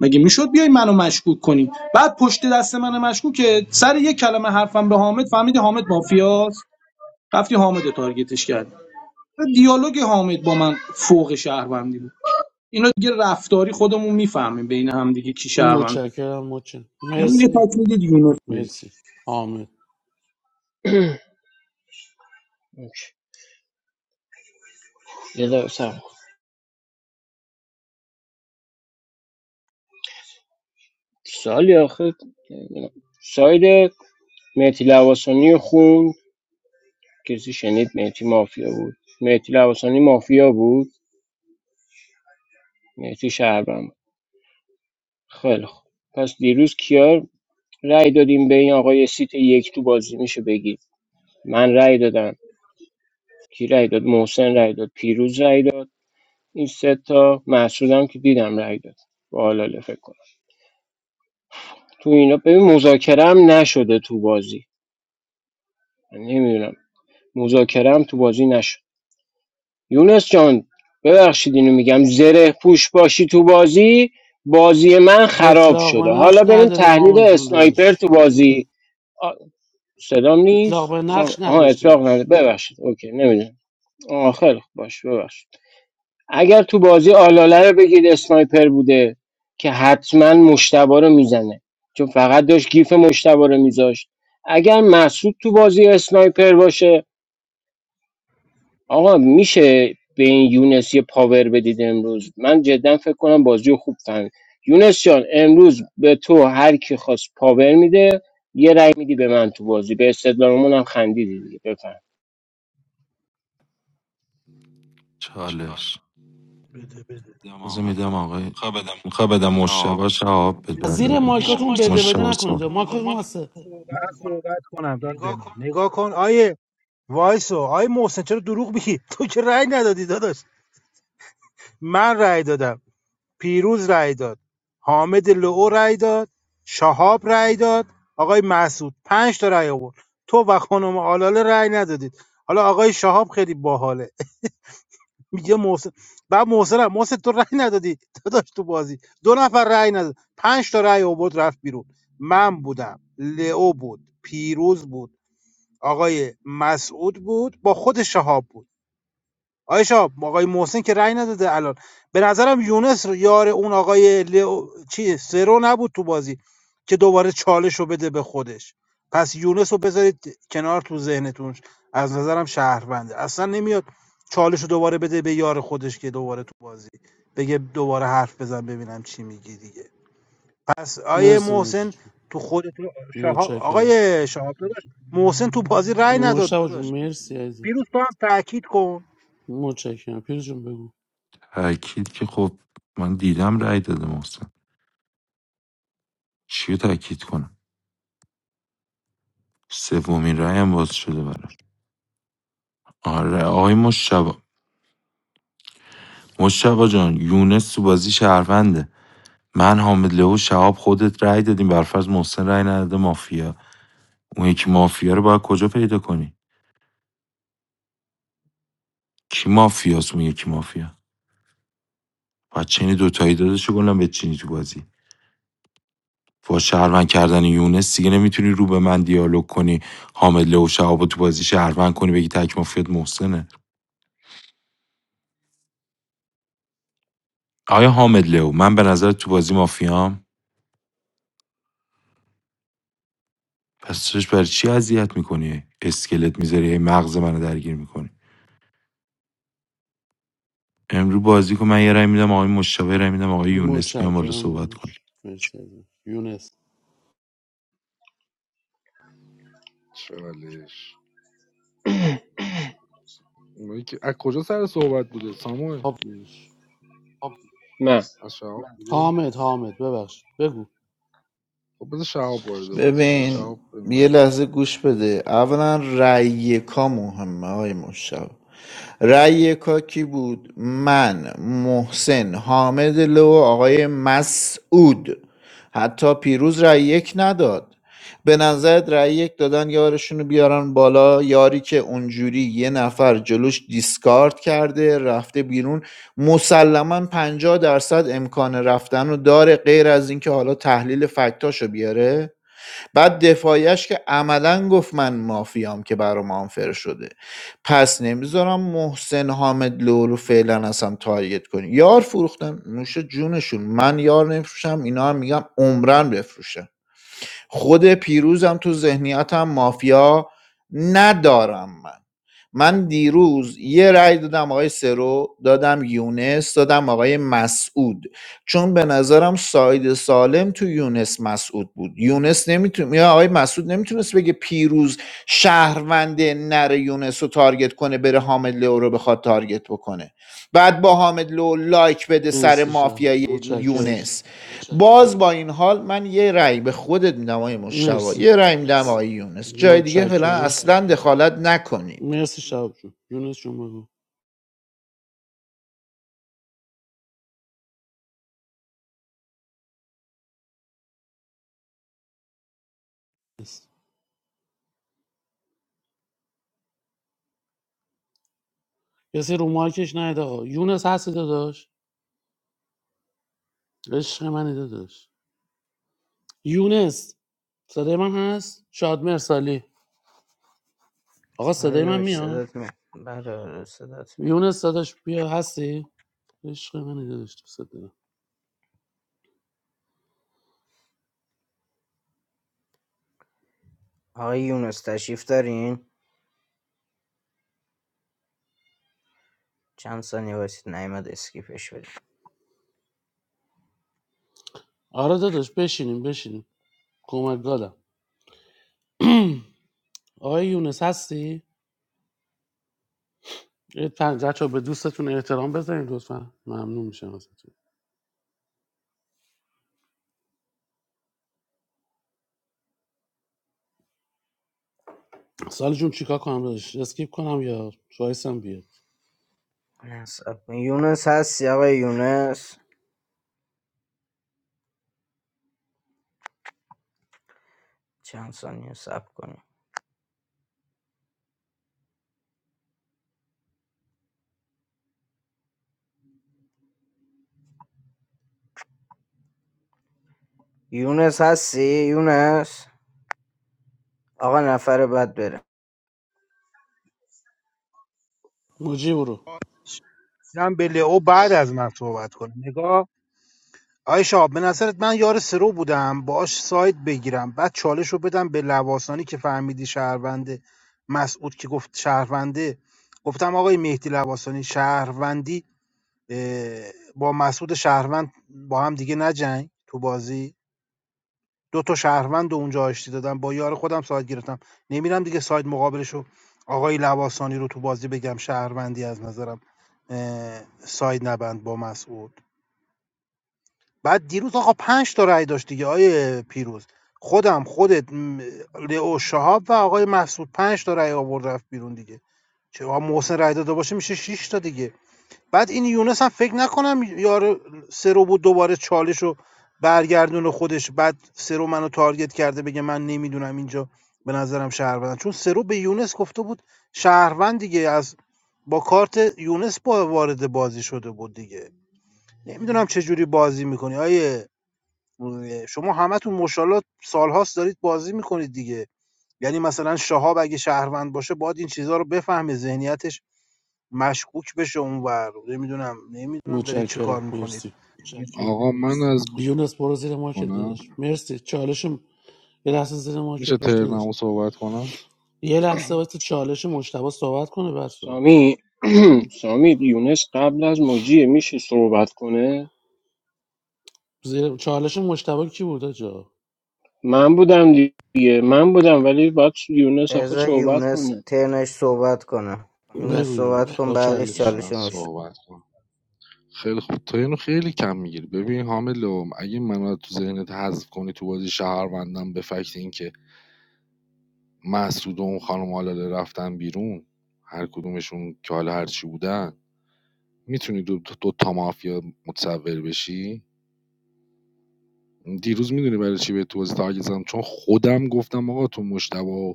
Speaker 7: مگه میشد بیای منو مشکوک کنی بعد پشت دست من مشکوک سر یک کلمه حرفم به حامد فهمیدی حامد مافیاست رفتی حامد تارگتش کردی دیالوگ حامد با من فوق شهروندی بود اینا دیگه رفتاری خودمون میفهمیم بین هم دیگه کی شهروند
Speaker 10: متشکرم مچن
Speaker 7: امروز یه
Speaker 10: مرسی
Speaker 7: تک میدید یونس میره.
Speaker 10: مرسی حامد
Speaker 14: یه دقیقه صبر کن. سالی آخه نمی‌دونم. ساید مهدی لواسانی رو کسی شنید مهدی مافیا بود مهدی لواسانی مافیا بود مهدی شهروند بود خیلی خوب پس دیروز کیا رأی دادیم به این آقای سیت یک تو بازی میشه بگید من رأی دادم کی رأی داد محسن رأی داد پیروز رأی داد این سه تا محسودم که دیدم رأی داد بالا فکر کنم تو اینا ببین مذاکره هم نشده تو بازی من نمیدونم مذاکره هم تو بازی نشده یونس جان ببخشید اینو میگم زره پوش باشی تو بازی بازی من خراب
Speaker 10: اطلاق
Speaker 14: شده
Speaker 10: به نقش
Speaker 14: حالا بریم
Speaker 10: نداریم
Speaker 14: تحلیل
Speaker 10: حامد جون
Speaker 14: اسنایپر
Speaker 10: داداش
Speaker 14: تو بازی آ، صدام
Speaker 10: اطلاق
Speaker 14: نیست
Speaker 10: به
Speaker 14: سام-
Speaker 10: نقش
Speaker 14: آها
Speaker 10: نداشتیم
Speaker 14: اطلاق نده
Speaker 10: داداش
Speaker 14: ببخشید اوکی نمیدونم آخر باش ببخشید اگر تو بازی آلاله رو بگید اسنایپر بوده که حتما مشتبا رو میزنه چون فقط داشت گیف مشتبا رو میذاشت اگر مسعود تو بازی اسنایپر باشه آقا میشه به این یونس یه پاور بدید امروز من جدا فکر کنم بازی رو خوب فهمید یونس جان امروز به تو هر کی خواست پاور میده یه رأی میدی به من تو بازی به استدلالمون هم خندیدی دیگه بفهم
Speaker 20: چالش
Speaker 19: بده بده
Speaker 20: بذار میدم آقای میخوای بدم مشتبه شهاب بهت
Speaker 19: بده
Speaker 10: از زیر
Speaker 19: بده
Speaker 20: برگردم
Speaker 10: مایکاتون بده بده
Speaker 20: مشتبه سال
Speaker 10: نکنید مایکاتون هسته
Speaker 19: من صحبت کنم داد به من نگاه کن آیه وایسو آیه محسن چرا دروغ میگی تو که رأی ندادی داداش من رأی دادم پیروز رأی داد حامد لعو رأی داد شهاب رأی داد آقای مسعود پنج تا رأی آورد تو و خانم آلاله رأی ندادید حالا آقای شهاب خیلی باحاله میگه محسن بعد محسن هم- محسن تو رأی ندادی داداش تو بازی دو نفر رأی نداد پنج تا رأی آورد رفت بیرون من بودم لئو بود پیروز بود آقای مسعود بود با خود شهاب بود آقای شهاب آقای محسن که رأی نداده الان به نظرم یونس یار اون آقای لئو چی سرو نبود تو بازی که دوباره چالش رو بده به خودش پس یونس رو بذارید کنار تو ذهنتون از نظرم شهرونده اصلا نمیاد چالش رو دوباره بده به یار خودش که دوباره تو بازی بگه دوباره حرف بزن ببینم چی میگی دیگه پس آقای
Speaker 10: مرسی مجید
Speaker 19: محسن
Speaker 10: جون.
Speaker 19: تو خودتون شهاب
Speaker 10: متشکرم
Speaker 19: آقای شهاب داداش محسن تو بازی رأی نداد
Speaker 10: مشتاق جون
Speaker 19: داداش
Speaker 10: مرسی عزیزم
Speaker 19: پیروز تو هم تاکید کن
Speaker 10: متشکرم پیروز جون بگو
Speaker 20: تأکید که خب من دیدم رأی داده محسن چی رو تأکید کنم سومین رأیم باز شده براش آره آقای مشتبه مشتبه جان یونس تو بازی شهرونده من حامد لهو شهاب خودت رأی دادیم برفرض محسن رأی نداده مافیا اون یکی مافیا رو باید کجا پیدا کنی کی مافیاس اون کی مافیا و چینی دوتایی داداش گلم به چینی تو بازی با شهروند کردن یونس دیگه نمیتونی رو به من دیالوگ کنی حامد لو شهاب تو بازی شهروند کنی بگی تک مافیات محسنه آیا حامد لو من به نظر تو بازی مافیام پس توش برای چی اذیت میکنی اسکلت میذاری مغز منو درگیر میکنی امروز بازی کن من یه رای میدم آقای مشتبه رای میدم آقای یونس میام بالا
Speaker 10: متشکرم
Speaker 20: صحبت کن
Speaker 10: داداش مرسی ازم یونس
Speaker 8: چالش اونایی که از کجا سر صحبت بوده ساموئل
Speaker 10: خب داداش.
Speaker 14: من
Speaker 8: از شهاب بوده
Speaker 10: حامد حامد ببخشید بگو
Speaker 8: خب بذار شهاب وارد بازی شه
Speaker 3: ببین
Speaker 8: شهاب بریم
Speaker 3: یه
Speaker 8: بک
Speaker 3: لحظه گوش بده اولا رأی یکا مهمه های مشتبه رأی یکا کی بود من محسن حامد لو و آقای مسعود حتی پیروز رأی یک نداد به نظرت رأی یک دادن یارشون رو بیارن بالا یاری که اونجوری یه نفر جلوش دیسکارد کرده رفته بیرون مسلما پنجاه درصد امکان رفتن رو داره غیر از اینکه حالا تحلیل فکتاشو بیاره بعد دفاعیش که عملا گفت من مافیام که برام آنفر شده پس نمیذارم محسن حامد لو رو فعلا اصلا تارگت کنی یار فروختن نوش جونشون من یار نمیفروشم اینا هم میگم عمرن بفروشم خود پیروزم تو ذهنیتم مافیا ندارم من من دیروز یه رأی دادم آقای سرو دادم یونس دادم آقای مسعود چون به نظرم ساید سالم تو یونس مسعود بود یونس نمیتون یا آقای مسعود نمیتونست بگه پیروز شهرونده نره یونس رو تارگت کنه بره حامد لئو رو بخواد تارگت بکنه بعد با حامد لو لایک بده سر
Speaker 10: مرسی شب
Speaker 3: مافیای
Speaker 10: متشکرم
Speaker 3: یونس باز با این حال من یه رأی به خودت میدم آقای مشتبا
Speaker 10: مرسی
Speaker 3: یه رأی میدم آقای یونس جای دیگه فعلا
Speaker 10: متشکرم
Speaker 3: اصلا دخالت نکنید
Speaker 10: مرسی شب جون یونس جون بگو مرسی. کسی رو مارکش نهید آقا یونس هستی داداش عشق منی داداش یونس صدای من هست شاد مرسالی آقا صدای
Speaker 1: آره
Speaker 10: من
Speaker 1: داداش
Speaker 10: میاد
Speaker 1: صدات می بله آره صدات می
Speaker 10: یونس داداش بیا هستی عشق منی داداش تو صدای من.
Speaker 1: آقای یونس تشریف دارین چند ثانیه واسید نیمد اسکیپش بدیم
Speaker 10: آره داداش بشینیم بشینیم کمک گادم آقای یونس هستی؟ بچه به دوستتون احترام بذارین لطفا ممنون میشم ازتون سال جون چیکار کنم داداش اسکیپ کنم یا شایستم بیاد
Speaker 1: نه، صبر کن. یونس هستی آقای یونس چند ثانیه سب کنیم یونس هستی یونس آقا نفر بعد بره
Speaker 10: مجی برو
Speaker 19: اینم به لئو بعد از من صحبت کنه نگاه آیه شاب به نظرت من یار سرو بودم باش ساید بگیرم بعد چالش رو بدم به لواسانی که فهمیدی شهرونده مسعود که گفت شهرونده گفتم آقای مهدی لواسانی شهروندی اه، با مسعود شهروند با هم دیگه نجنگ تو بازی دو تا شهروند اونجا آشتی دادم با یار خودم ساید گرفتم نمیرم دیگه ساید مقابلشو آقای لواسانی رو تو بازی بگم شهروندی از نظرم ساید نبند با مسعود بعد دیروز آقا پنج تا رأی داشت دیگه آیه پیروز خودم خودت لئو شهاب و آقای مسعود پنج تا رأی آورد رفت بیرون دیگه چه محسن رأی داده باشه میشه شش تا دیگه بعد این یونس هم فکر نکنم یار سرو بود دوباره چالش رو برگردون خودش بعد سرو منو تارگت کرده بگه من نمیدونم اینجا به نظرم شهروند چون سرو به یونس گفته بود شهروند دیگه از با کارت یونس با وارد بازی شده بود دیگه نمیدونم چه جوری بازی میکنی آیه شما همتون مشالله سالهاست دارید بازی میکنید دیگه یعنی مثلا شهاب اگه شهروند باشه باید این چیزها رو بفهمه ذهنیتش مشکوک بشه اونور نمیدونم نمیدونم دارید چه کار
Speaker 10: متشکرم
Speaker 19: میکنید
Speaker 10: مرسی
Speaker 8: آقا من از
Speaker 10: یونس برو زیر مارکت
Speaker 8: کنم
Speaker 10: داداش مرسی چالشم یه لحظه زیر
Speaker 8: میشه
Speaker 10: مارکت باش داداش
Speaker 8: ترنمو صحبت کنم
Speaker 10: یه لحظه واسه چالش مشتبه صحبت کنه بعد صحبت
Speaker 14: سامی سامی یونس قبل از موجیه میشه صحبت کنه
Speaker 10: زیر... چالش مشتبه کی بود جا
Speaker 14: من بودم دیگه من بودم ولی باید یونس آخه
Speaker 1: بذار
Speaker 14: صحبت
Speaker 1: یونس
Speaker 14: کنه
Speaker 1: ترنش صحبت کنه یونس
Speaker 10: بگو
Speaker 1: صحبت
Speaker 10: یونس
Speaker 1: کن
Speaker 10: با
Speaker 1: بعدش
Speaker 10: چالش
Speaker 8: من
Speaker 1: چالش مشت
Speaker 8: صحبت کنم خیلی خوب تو اینو خیلی کم میگیری ببین حاملو اگه منو تو ذهنت حذف کنی تو بازی شهروندم به فکت اینکه مسعود و اون خانم آلاله رفتن بیرون هر کدومشون که حالا هر چی بودن میتونی دو, دو, دو تا مافیا متصور بشی دیروز میدونی برای چی به تو بازی تارگت زدم چون خودم گفتم آقا تو مشتبه و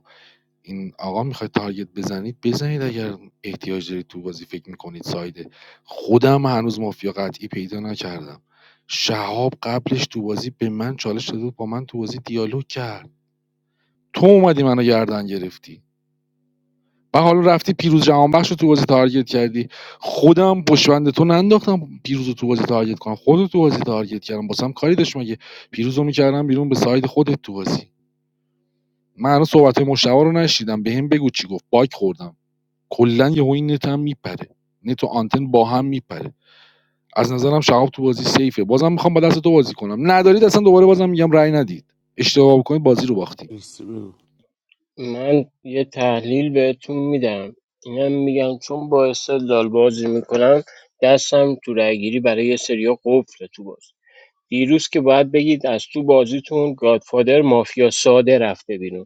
Speaker 8: این آقا میخواید تارگت بزنید بزنید اگر احتیاج دارید تو بازی فکر میکنید سایده خودم هنوز مافیا قطعی پیدا نکردم شهاب قبلش تو بازی به من چالش داده بود، با من تو بازی دیالوگ کرد تو اومدی منو گردن گرفتی و حالا رفتی پیروز جهانبخش رو تو بازی تارگت کردی خودم پشبند تو ننداختم پیروز رو تو بازی تارگت کنم خودت تو بازی تارگت کردم باسم کاری داشت مگه پیروز رو میکردم بیرون به ساید خودت تو بازی من هنوز صحبت مشتبه رو نشیدم بهم بگو چی گفت باک خوردم کلا یهو این نت هم میپره نت و آنتن با هم میپره از نظرم شهاب تو بازی سیفه بازم میخوام با دست تو بازی کنم ندارید اصلا دوباره بازم میگم رأی ندید اشتباه بکنید بازی رو باختیم
Speaker 10: مرسی بگو
Speaker 14: من یه تحلیل بهتون میدم اینم میگم چون با استدلال بازی میکنم دستم تو رأیگیری برای یه سریا قفله تو باز دیروز که باید بگید از تو بازیتون گادفادر مافیا ساده رفته بیرون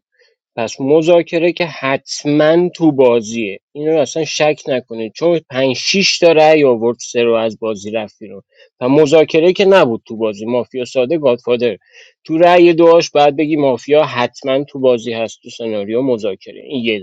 Speaker 14: پس مذاکره که حتما تو بازیه این رو اصلا شک نکنید چون 5 6 تا رأی آورد سه رو از بازی رفت بیرون و مذاکره که نبود تو بازی مافیا ساده گادفادر تو رأی دوهاش باید بگی مافیا حتما تو بازی هست تو سناریو مذاکره این یه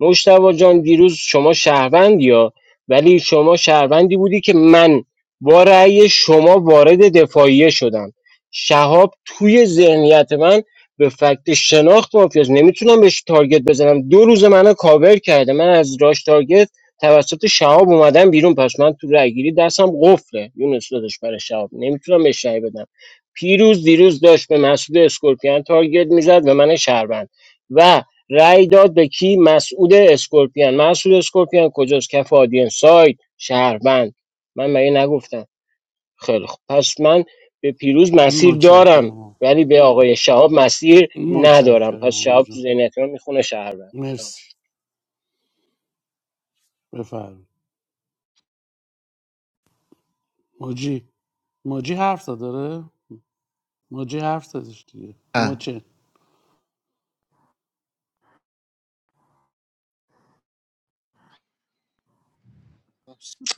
Speaker 14: مجتبی جان دیروز شما شهروندی ها ولی شما شهروندی بودی که من با رأی شما وارد دفاعیه شدم شهاب توی ذهنیت من به فکت شناخت مافیاست نمیتونم بهش تارگت بزنم دو روز منو کاور کرده من از راش تارگت توسط شهاب اومدم بیرون پس من تو رأی گیری دستم قفله یونس دادش برای شهاب نمیتونم بهش رأی بدم پیروز دیروز داشت به مسعود اسکورپیان تارگت میزد و من شهروند و رأی داد به کی مسعود اسکورپیان مسعود اسکورپیان کجاست کف آدین سایت شهروند من مگه نگفتم خیلی خوب پس من به پیروز مسیر دارم
Speaker 10: متشکرم آقا.
Speaker 14: ولی به آقای شهاب مسیر ندارم
Speaker 10: متشکرم
Speaker 14: پس
Speaker 10: آقا
Speaker 14: شهاب
Speaker 10: جون.
Speaker 14: تو ذهنیت من میخونه شهروند تمام شد.
Speaker 10: مرسی بفرم موجی موجی حرف زد داره موجی حرف زدش دیگه
Speaker 3: اه.
Speaker 10: موچه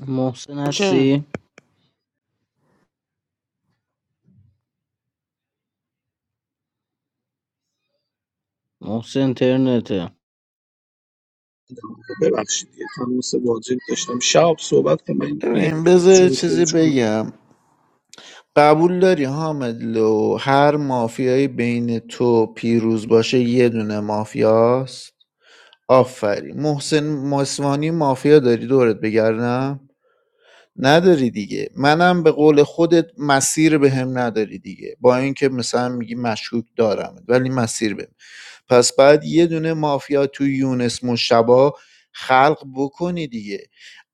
Speaker 1: محسن
Speaker 10: موچه
Speaker 1: هستی؟ محسن ترنته
Speaker 7: ببخشید یه تماس واجب داشتم شب صحبت کنم این توی
Speaker 3: ببین بذار
Speaker 7: این
Speaker 3: چیزی
Speaker 7: خروج کنم
Speaker 3: بگم قبول داری حامد لو هر مافیایی بین تو پیروز باشه یه دونه مافیاست آفرین محسن ماسوانی مافیا داری دورت بگردم نداری دیگه منم به قول خودت مسیر بهم نداری دیگه با اینکه مثلا میگی مشکوک دارم ولی مسیر بهم پس بعد یه دونه مافیا تو یونس مشبا خلق بکنی دیگه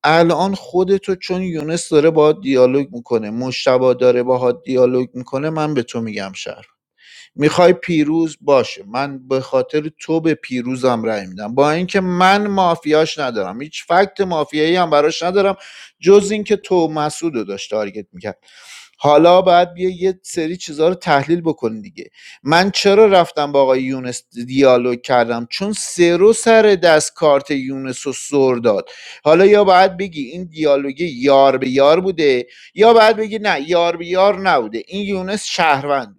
Speaker 3: الان خودتو چون یونس داره باهات دیالوگ میکنه مشتبا داره باهات دیالوگ میکنه من به تو میگم شهر میخوای پیروز باشه من به خاطر تو به پیروزم رأی میدم با اینکه من مافیاش ندارم هیچ فکت مافیایی هم براش ندارم جز اینکه تو مسعود رو داشت تارگت میکرد حالا باید بیا یه سری چیزها رو تحلیل بکنی دیگه من چرا رفتم با آقای یونس دیالوگ کردم چون سرو سر دست کارت یونس رو سر داد حالا یا باید بگی این دیالوگ یار به یار بوده یا باید بگی نه یار به یار نبوده این یونس شهروند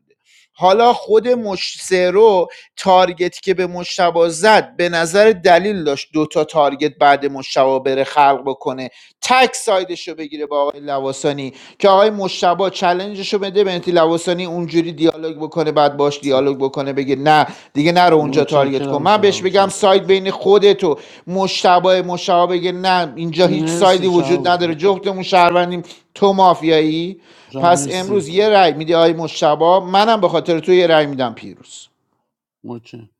Speaker 3: حالا خود مش رو تارگتی که به مشتبه زد به نظر دلیل داشت دوتا تارگت بعد مشتبه بره خلق بکنه تک سایدش رو بگیره با آقای لواسانی که آقای مشتبا چلنجش رو بده بنتی لواسانی اونجوری دیالوگ بکنه بعد باش دیالوگ بکنه بگه نه دیگه نرو اونجا تارگت کن
Speaker 10: متشکرم
Speaker 3: من بهش
Speaker 10: شهاب
Speaker 3: بگم
Speaker 10: جون
Speaker 3: ساید بین خودت و مشتبا مشتبا بگه نه اینجا هیچ سایدی
Speaker 10: مرسی
Speaker 3: وجود
Speaker 10: شهاب
Speaker 3: نداره
Speaker 10: جون
Speaker 3: جفتمون شهروندیم تو مافیایی
Speaker 10: شهاب
Speaker 3: پس امروز
Speaker 10: مرسی
Speaker 3: یه رأی میدی آقای مشتبا منم به خاطر تو یه رأی میدم پیروز
Speaker 10: موچه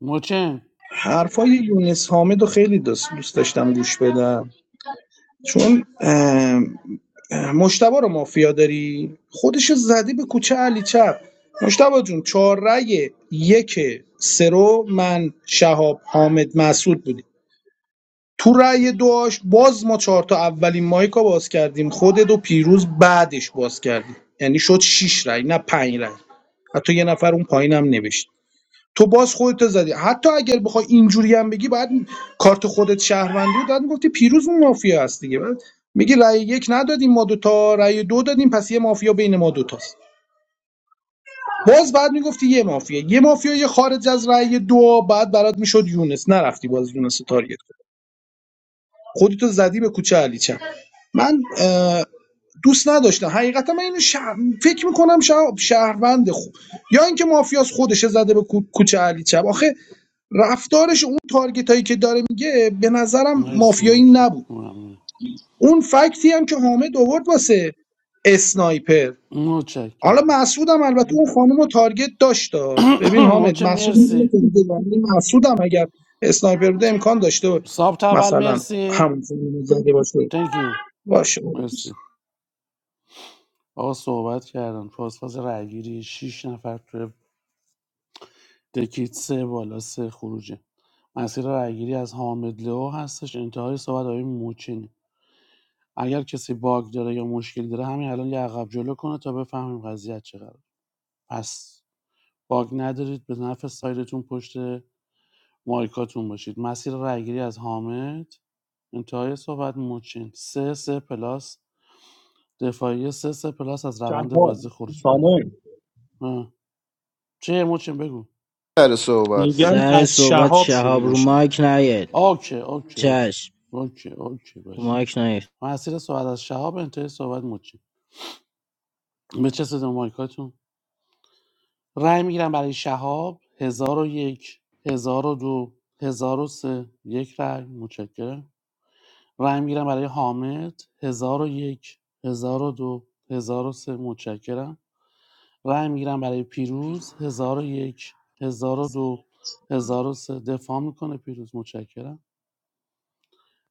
Speaker 10: موچه
Speaker 7: حرفای یونس حامد رو خیلی دوست دوست داشتم گوش بدم چون اه، اه، مشتبه رو مافیا داری خودش زدی به کوچه علی چپ مشتبه جون چهار رأی یک سرو من شهاب حامد مسعود بودی تو رأی دوش باز ما چهار تا اولین مایکا باز کردیم خودت و پیروز بعدش باز کردیم یعنی شد شش رأی نه پنج رأی حتی یه نفر اون پایینم نوشت تو باز خودت زدی حتی اگر بخوای اینجوری هم بگی بعد کارت خودت شهروندی بود بعد میگفتی پیروز اون مافیا هست دیگه بعد میگی رأی یک ندادیم ما دوتا رأی دو دادیم پس یه مافیا بین ما دوتاست باز بعد میگفتی یه مافیا یه مافیا یه خارج از رأی دو بعد برات میشد یونس نرفتی باز یونس رو تارگت خودتو زدی به کوچه علیچم من اه، دوست نداشتم حقیقتا من اینو شهر... فکر میکنم شهر... شهروند خوب یا اینکه مافیاس خودشه زده به کو... کوچه علیچم آخه رفتارش اون تارگت هایی که داره میگه به نظرم
Speaker 10: مرسی
Speaker 7: مافیایی
Speaker 10: موچه
Speaker 7: نبود
Speaker 10: ممنون.
Speaker 7: اون فکتی هم که حامد آورد واسه اسنایپر حالا
Speaker 10: متشکرم
Speaker 7: مسعودم البته اون خانم رو تارگت داشت ببین حامد
Speaker 10: موچه
Speaker 7: مسعود اینو
Speaker 10: مرسی
Speaker 7: که میگه، یعنی مسعودم اگر اسنایپر بوده امکان داشته
Speaker 10: سابت اول
Speaker 7: مثلا
Speaker 10: مرسی
Speaker 7: همون خانم رو زده باشه
Speaker 10: تانکیو
Speaker 7: باشه
Speaker 10: مرسی آقا صحبت کردن فاس فاس رأیگیری شیش نفر توی دکیت سه بالا سه خروجه مسیر رأیگیری از حامد لو هستش انتهای صحبت آقای موچین اگر کسی باگ داره یا مشکل داره همین الان یه عقب جلو کنه تا بفهمیم قضیه چقدر پس باگ ندارید به نفع سایرتون پشت مایکاتون باشید مسیر رأیگیری از حامد انتهای صحبت موچین سه سه پلاس دفاعی سه سه پلاس از روند
Speaker 7: شهاب
Speaker 10: بازی خروج پیدا
Speaker 7: سامان
Speaker 10: می‌کنه. اه. چه موچین بگو
Speaker 3: سر صحبت
Speaker 7: میگم
Speaker 3: بودم
Speaker 1: سر
Speaker 7: از
Speaker 1: صحبت
Speaker 7: شهاب شروع
Speaker 1: شهاب رو
Speaker 7: میشه
Speaker 1: مایک نیاد
Speaker 10: اوکی اوکی اوکی
Speaker 1: چشم
Speaker 10: اوکی اوکی
Speaker 1: رو
Speaker 10: باش
Speaker 1: مایک نیاد
Speaker 10: مسیر صحبت از شهاب انتهای صحبت مچی به چه صدا مایکاتون رأی میگیرم برای شهاب هزار و یک هزار و دو هزار و سه یک رأی متشکرم رأی میگیرم برای حامد هزار و یک هزار و دو هزار و سه متشکرم رأی میگیرم برای پیروز هزار و یک هزار و دو هزار و سه دفاع میکنه پیروز متشکرم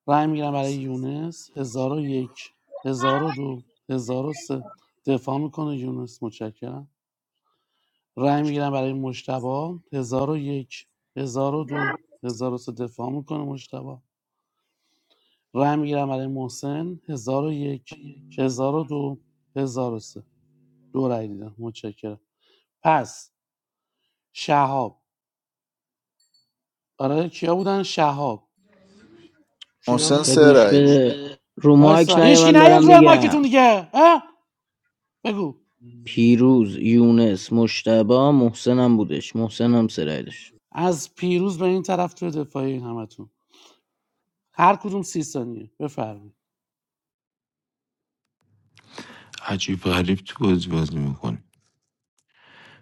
Speaker 10: رای میگیرم برای یونس 1001 1002 سه دفاع میکنه یونس متشکرم رای میگیرم برای مجتبی 1001 1002 سه دفاع میکنه مجتبی رای میگیرم برای محسن 1001 1002 1003 دو هزار و سه دو رای دیدم متشکرم پس شهاب آره کیا بودن شهاب کیا
Speaker 3: محسن
Speaker 10: بود
Speaker 3: سه
Speaker 1: بگوش
Speaker 3: رأی بود. گوش
Speaker 1: بده رو
Speaker 10: وایسا
Speaker 1: مایک نیاد
Speaker 10: هیچکی
Speaker 1: من دارم
Speaker 10: نیاد روی
Speaker 1: میگم
Speaker 10: مایکتون دیگه ها بگو
Speaker 1: پیروز یونس مشتبه محسنم بودش محسنم سرایدش
Speaker 10: از پیروز به این طرف توی دفاعی همتون هر کدوم سی ثانیه بفرمایید
Speaker 20: عجیب غریب تو بازی بازی میکنه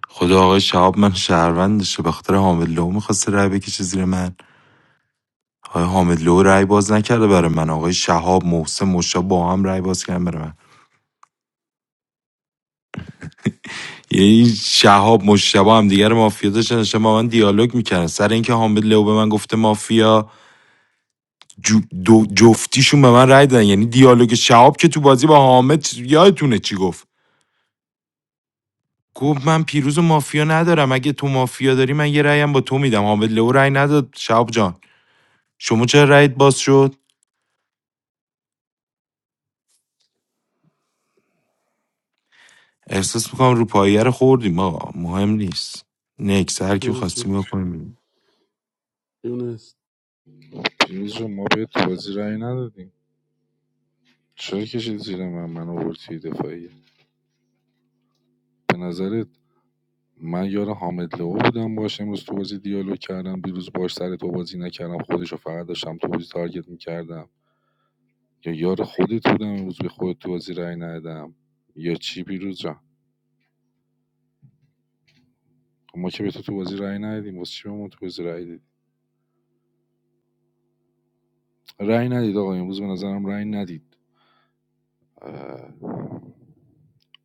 Speaker 20: خدا آقای شهاب من شهروندشه به خاطر حامد لو میخواسته رای بکشه زیر من آقای حامد لو رای باز نکرده برای من آقای شهاب محسن مشا با هم رای باز کردن برای من یعنی شهاب مشتبه هم دیگر مافیا داشتن داشتن با من دیالوگ میکردن سر اینکه حامد لو به من گفته مافیا جو دو جفتیشون به من رای دادن یعنی دیالوگ شهاب که تو بازی با حامد یادتونه چی گفت گفت من پیروز و مافیا ندارم اگه تو مافیا داری من یه رایم با تو میدم حامد لو رای نداد شهاب جان شما چرا رایت باز شد احساس میکنم رو پایه رو خوردیم آقا مهم نیست نکس هر کی
Speaker 10: پیروز جون
Speaker 20: خواستیم بکنیم
Speaker 10: یونس
Speaker 8: پیروز جون ما بهت تو بازی رأی ندادیم چرا کشید زیر من من آورد توی دفاعیه به نظرت من یار حامد لو بودم باش امروز تو بازی دیالوگ کردم دیروز باش سر تو بازی نکردم خودشو فقط داشتم تو بازی تارگت میکردم یا یار خودت بودم امروز به خودت تو بازی رأی ندادم یا چی پیروز جان خب ما که به تو تو بازی رأی ندادیم واسه چی به ما تو بازی رأی دادی؟ رأی ندید آقا امروز به نظرم رأی ندید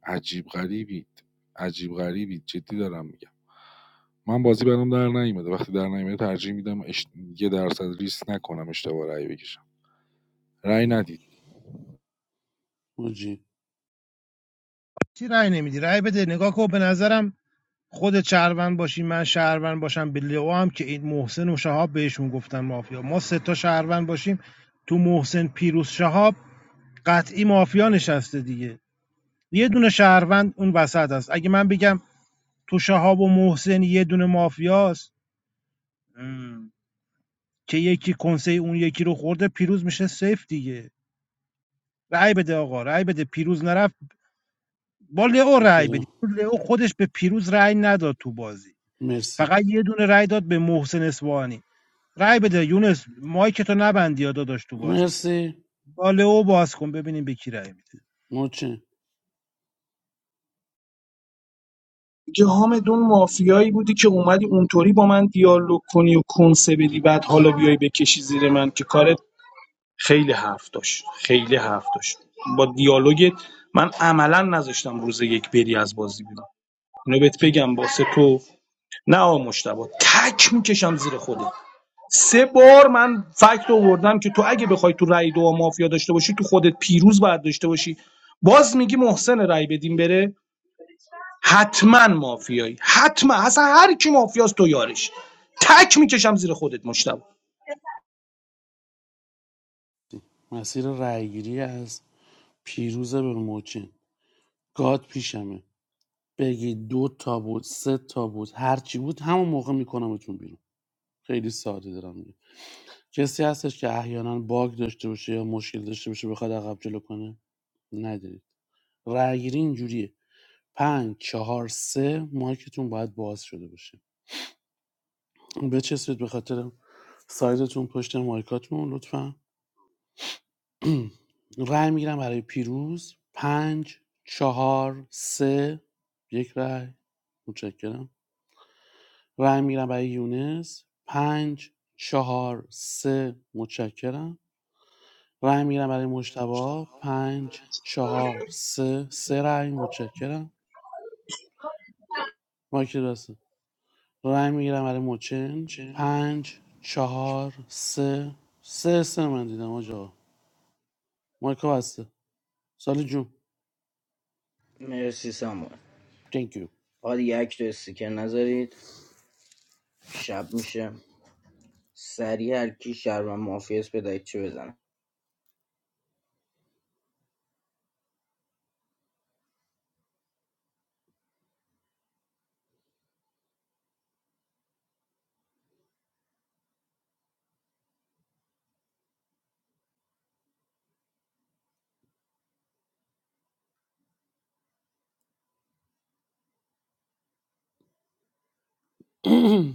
Speaker 8: عجیب غریبید عجیب غریبید جدی دارم میگم من بازی برام در نیومده وقتی در نیومده ترجیح میدم اش... یه درصد ریسک نکنم اشتباه رأی بکشم رأی
Speaker 10: بکرم
Speaker 8: ندید
Speaker 10: موجی
Speaker 19: چی رأی نمیدی رأی بده نگاه کن به نظرم خود شهروند باشی من شهروند باشم به لئو هم که این محسن و شهاب بهشون گفتن مافیا ما سه تا شهروند باشیم تو محسن پیروز شهاب قطعی مافیا نشسته دیگه یه دونه شهروند اون وسط است. اگه من بگم تو شهاب و محسن یه دونه مافیاست ام. که یکی کنسه اون یکی رو خورده پیروز میشه سیف دیگه رأی بده آقا رأی بده پیروز نرفت. با لئو رأی بدید
Speaker 10: بکرم
Speaker 19: چون لئو خودش به پیروز رأی نداد تو بازی
Speaker 10: مرسی
Speaker 19: فقط یه دونه رأی داد به محسن اسوانی رأی بده یونس مایک تو نبندی یا داداش تو بازی
Speaker 10: مرسی
Speaker 19: با لئو باز کن ببینیم به کی رأی میده
Speaker 10: موچن
Speaker 7: میگه حامدون مافیایی بودی که اومدی اونطوری با من دیالوگ کنی و کنسه بدی بعد حالا بیای بکشی زیر من که کارت خیلی حرف داشت خیلی حرف داشت با دیالوگت من عملا نذاشتم روز یک بری از بازی بیرون اینو بهت بگم واسه تو نه آقا مشتبه تک میکشم زیر خودت سه بار من فکت آوردم که تو اگه بخوای تو رای دو مافیا داشته باشی تو خودت پیروز باید داشته باشی باز میگی محسن رای بدیم بره حتما مافیایی حتما اصلا هر کی مافیاست تو یارش تک میکشم زیر خودت مشتبه
Speaker 10: مسیر رایگیری از پیروزه به موچن گاد پیشمه بگی دو تا بود سه تا بود هر چی بود همون موقع میکنمتون بیرون خیلی ساده دارم میگم کسی هستش که احیانا باگ داشته باشه یا مشکل داشته باشه بخواد عقب جلو کنه ندارید رایگیری اینجوریه پنج چهار سه مایکتون باید باز شده باشه بچسبید به خاطر سایزتون پشت مایکاتون لطفا رای میگیرم برای پیروز پنج چهار سه یک رأی متشکرم رای میگیرم برای یونس پنج چهار سه متشکرم رای میگیرم برای مجتبا پنج چهار سه سه رأی متشکرم مایک دسته رای میگیرم برای موچن پنج چهار سه سه سه من دیدم آجا مایکا بسته سالی جون
Speaker 1: مرسی ساموئل
Speaker 10: thank you
Speaker 1: آقا دیگه اکت و استیکر نذارید شب میشه سریع هر کی شهروند مافیاس بدهید چه بزنه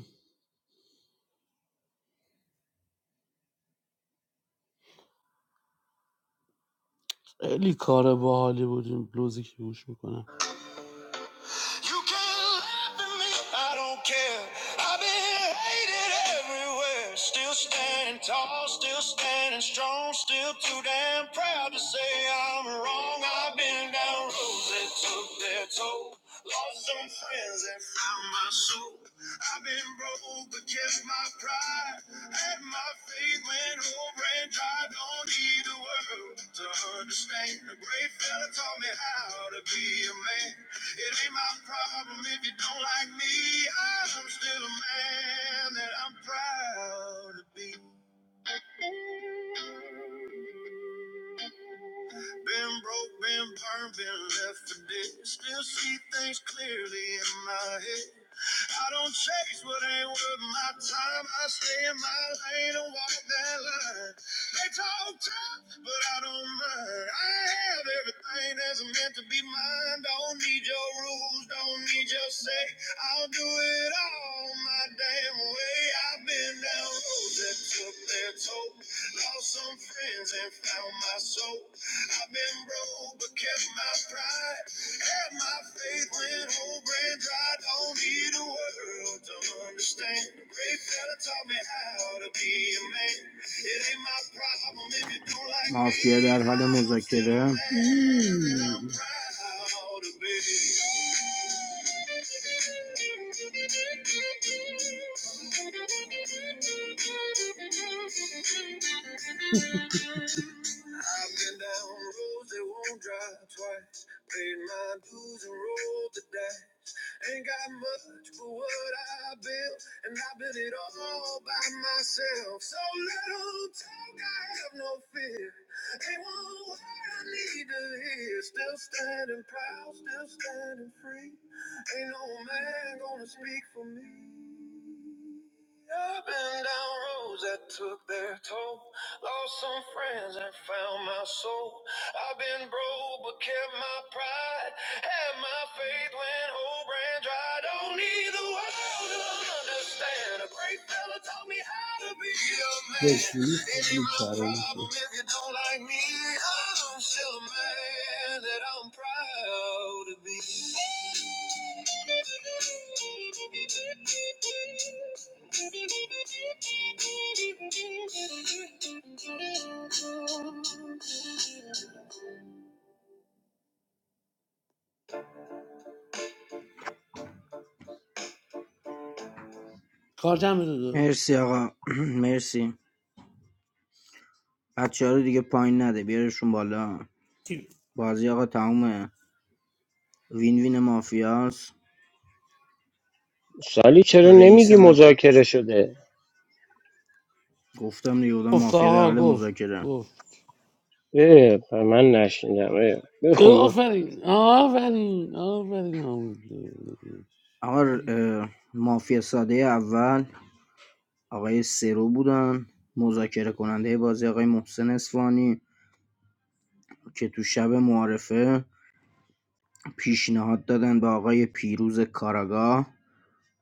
Speaker 10: خیلی کار باحالی بود این بلوزی که گوش میکنم
Speaker 1: مافیا در حال مذاکره
Speaker 10: کار جمع داشت
Speaker 1: مرسی آقا مرسی بچه رو دیگه پایین نده بیارشون بالا بازی آقا تمومه وین وین مافیاس
Speaker 14: سالی چرا
Speaker 1: رئیس
Speaker 14: نمیگی
Speaker 1: ما
Speaker 14: مذاکره شده
Speaker 1: گفتم دیگه بودم
Speaker 10: گفت
Speaker 1: مافیا در
Speaker 10: آقا
Speaker 1: حال
Speaker 10: گفت
Speaker 1: مذاکره
Speaker 10: گفت
Speaker 14: اه، من نشنیدم اه، بخون بخون
Speaker 10: آفرین آفرین آفرین آفرین.
Speaker 1: آقا اه، مافیا ساده اول آقای سرو بودن مذاکره کننده بازی آقای محسن اسفانی که تو شب معارفه پیشنهاد دادن به آقای پیروز کاراگاه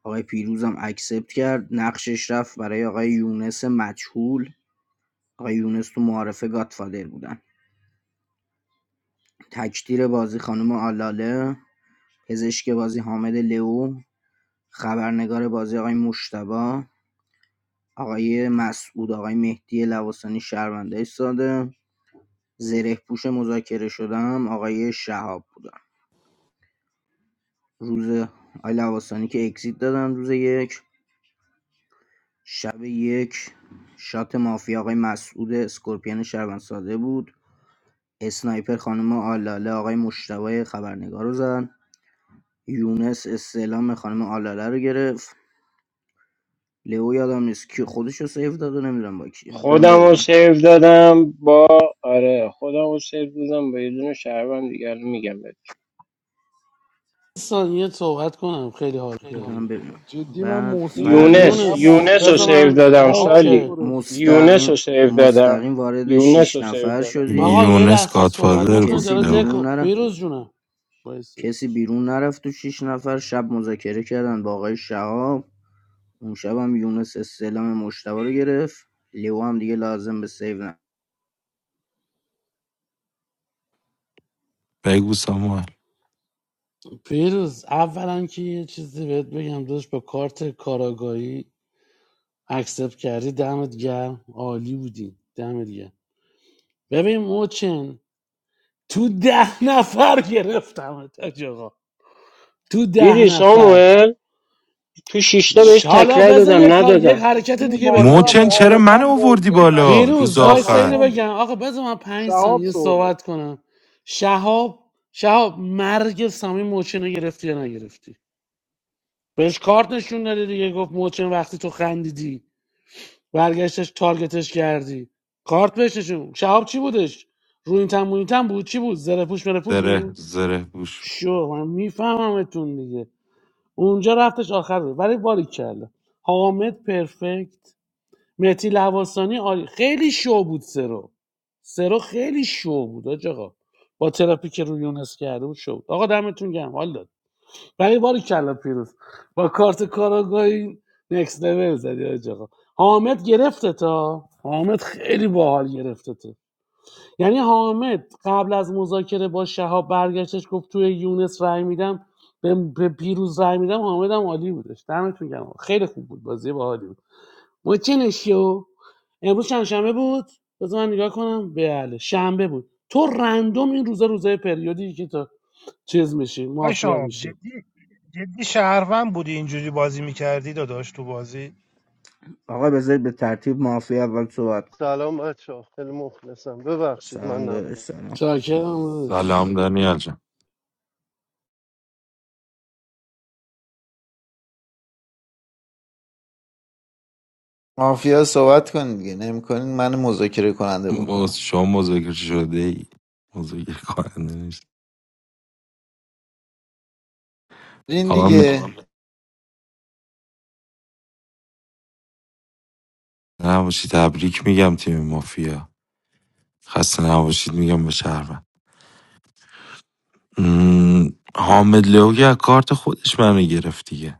Speaker 1: آقای پیروزم اکسپت کرد نقشش رفت برای آقای یونس مجهول آقای یونس تو معارفه گاتفادر بودن تکتیر بازی خانم آلاله پزشک بازی حامد لو خبرنگار بازی آقای مشتبه آقای مسعود آقای مهدی لواسانی شهرونده ساده زره پوش مذاکره شدم آقای شهاب بودن روز آقای لواسانی که اکزیت دادن روز یک شب یک شات مافیا آقای مسعود اسکورپیان شهروند ساده بود اسنایپر خانم آلاله آقای مشتبه خبرنگار رو زد یونس استعلام خانم آلاله رو گرفت لئو یادم نیست کی خودش رو سیو داده نمیدونم با کی دارم
Speaker 14: خودم رو
Speaker 1: ببینم
Speaker 14: سیو دادم با آره خودم رو سیو دادم با یه دونه شهروند دیگر میگم
Speaker 10: ثانیه صحبت کنم خیلی حال
Speaker 1: دارم
Speaker 10: کردیم
Speaker 1: ببینم
Speaker 8: دی من
Speaker 1: بعد
Speaker 8: محسن رو
Speaker 14: یونس
Speaker 8: انقدر
Speaker 1: فرداش
Speaker 10: یونس
Speaker 14: یونس
Speaker 8: مافیا
Speaker 14: رو
Speaker 10: بذار
Speaker 14: سیو
Speaker 8: داشتم
Speaker 10: من
Speaker 14: دادم
Speaker 8: شهاب
Speaker 14: سالی
Speaker 10: اوکی
Speaker 14: یونس رو
Speaker 1: مستقیم
Speaker 14: سیو دادم
Speaker 1: مستقیم وارد
Speaker 14: یونس
Speaker 1: شیش
Speaker 14: رو سیو
Speaker 1: نفر
Speaker 14: دادم
Speaker 10: آقا
Speaker 1: شدید
Speaker 10: یه
Speaker 20: یونس
Speaker 10: لحظه صحبت
Speaker 20: گادفادر
Speaker 10: نکنید
Speaker 20: بود
Speaker 1: کسی
Speaker 10: داره
Speaker 20: لو
Speaker 1: بیرون
Speaker 10: دکو
Speaker 1: نره
Speaker 10: پیروز جونم وایسا.
Speaker 1: کسی بیرون نرفت تو شیش نفر شب مذاکره کردن با آقای شهاب اون شب هم یونس استعلام مشتبه رو گرفت لئو هم دیگه لازم به سیو نه.
Speaker 20: بگو ساموئل
Speaker 10: پیروز اولا که یه چیزی بهت بگم داشت با کارت کاراگاهی اکسپت کردی دمت گرم عالی بودی دمت گرم ببین موچن تو ده نفر گرفتم آقا تو ده
Speaker 14: دیدی
Speaker 10: نفر
Speaker 14: ساموئل تو شیشتا
Speaker 8: تو
Speaker 14: بهش
Speaker 10: شالا
Speaker 14: تکرای
Speaker 10: بذار یک
Speaker 14: دادم
Speaker 10: کار- یه
Speaker 14: ندادم
Speaker 10: حرکت
Speaker 8: جون
Speaker 10: دیگه بهت
Speaker 8: مادرم
Speaker 10: بگم
Speaker 20: موچن چرا من
Speaker 8: معارفم
Speaker 20: آوردی
Speaker 8: محسن
Speaker 20: بالا روز
Speaker 10: پیروز
Speaker 8: مشکوکترین
Speaker 10: وایسا
Speaker 20: آخر
Speaker 10: اینو
Speaker 8: آدم بود
Speaker 10: بگم آقا بذار من پنج
Speaker 8: شهاب
Speaker 10: ثانیه
Speaker 8: سردار
Speaker 10: صحبت کنم شهاب شهاب مرگ سامی موچن رو گرفتی یا نگرفتی بهش کارت نشون دادی دیگه گفت موچن وقتی تو خندیدی برگشتش تارگتش کردی کارت بهش نشون شهاب چی بودش رو این تن این تن بود چی بود زره پوش مره پوش
Speaker 20: دره
Speaker 10: بود
Speaker 20: زره بوش
Speaker 10: شو من میفهممتون دیگه اونجا رفتش آخر رو. ولی باریک کرده حامد پرفکت مهدی لواسانی عالی- خیلی شو بود سرو سرو خیلی شو بود حاج آقا با تراپی که روی یونس کرده بود شو بود آقا دمتون گرم حال داد ولی باری کلا پیروز با کارت کاراگاهی نکس لول زدی حاج آقا حامد گرفته تا حامد خیلی باحال گرفته تا یعنی حامد قبل از مذاکره با شهاب برگشتش گفت توی یونس رای میدم به به پیروز رای میدم حامد هم عالی بودش دمتون گرم خیلی خوب بود بازی باحالی بود محسنشیو امروز چند شنبه بود بذار من نگاه کنم بله شنبه بود تو رندوم این روزا روزای پریودی که تو چیز میشی
Speaker 19: آی
Speaker 10: مافیا
Speaker 19: شاب
Speaker 10: میشی
Speaker 19: جدی جدی شهروند بودی اینجوری بازی میکردی داداش تو بازی
Speaker 1: آقا بذارید به ترتیب مافیا اول صحبت
Speaker 21: سلام بچه ها، خیلی مخلصم ببخشید من
Speaker 1: سلام داداش
Speaker 21: نبودم
Speaker 1: سلام
Speaker 10: چاکرم
Speaker 20: سلام دانیال جان
Speaker 3: مافیا صحبت کن دیگه نمیکنین من مذاکره کننده بکنم
Speaker 20: موز شما مذاکره شده ای مذاکره کننده نیست
Speaker 3: این
Speaker 20: آقا م-
Speaker 3: دیگه
Speaker 20: نباشید تبریک میگم تیم مافیا خسته نباشید میگم به شهروند م، حامد لوگی از کارت خودش منو گرفت دیگه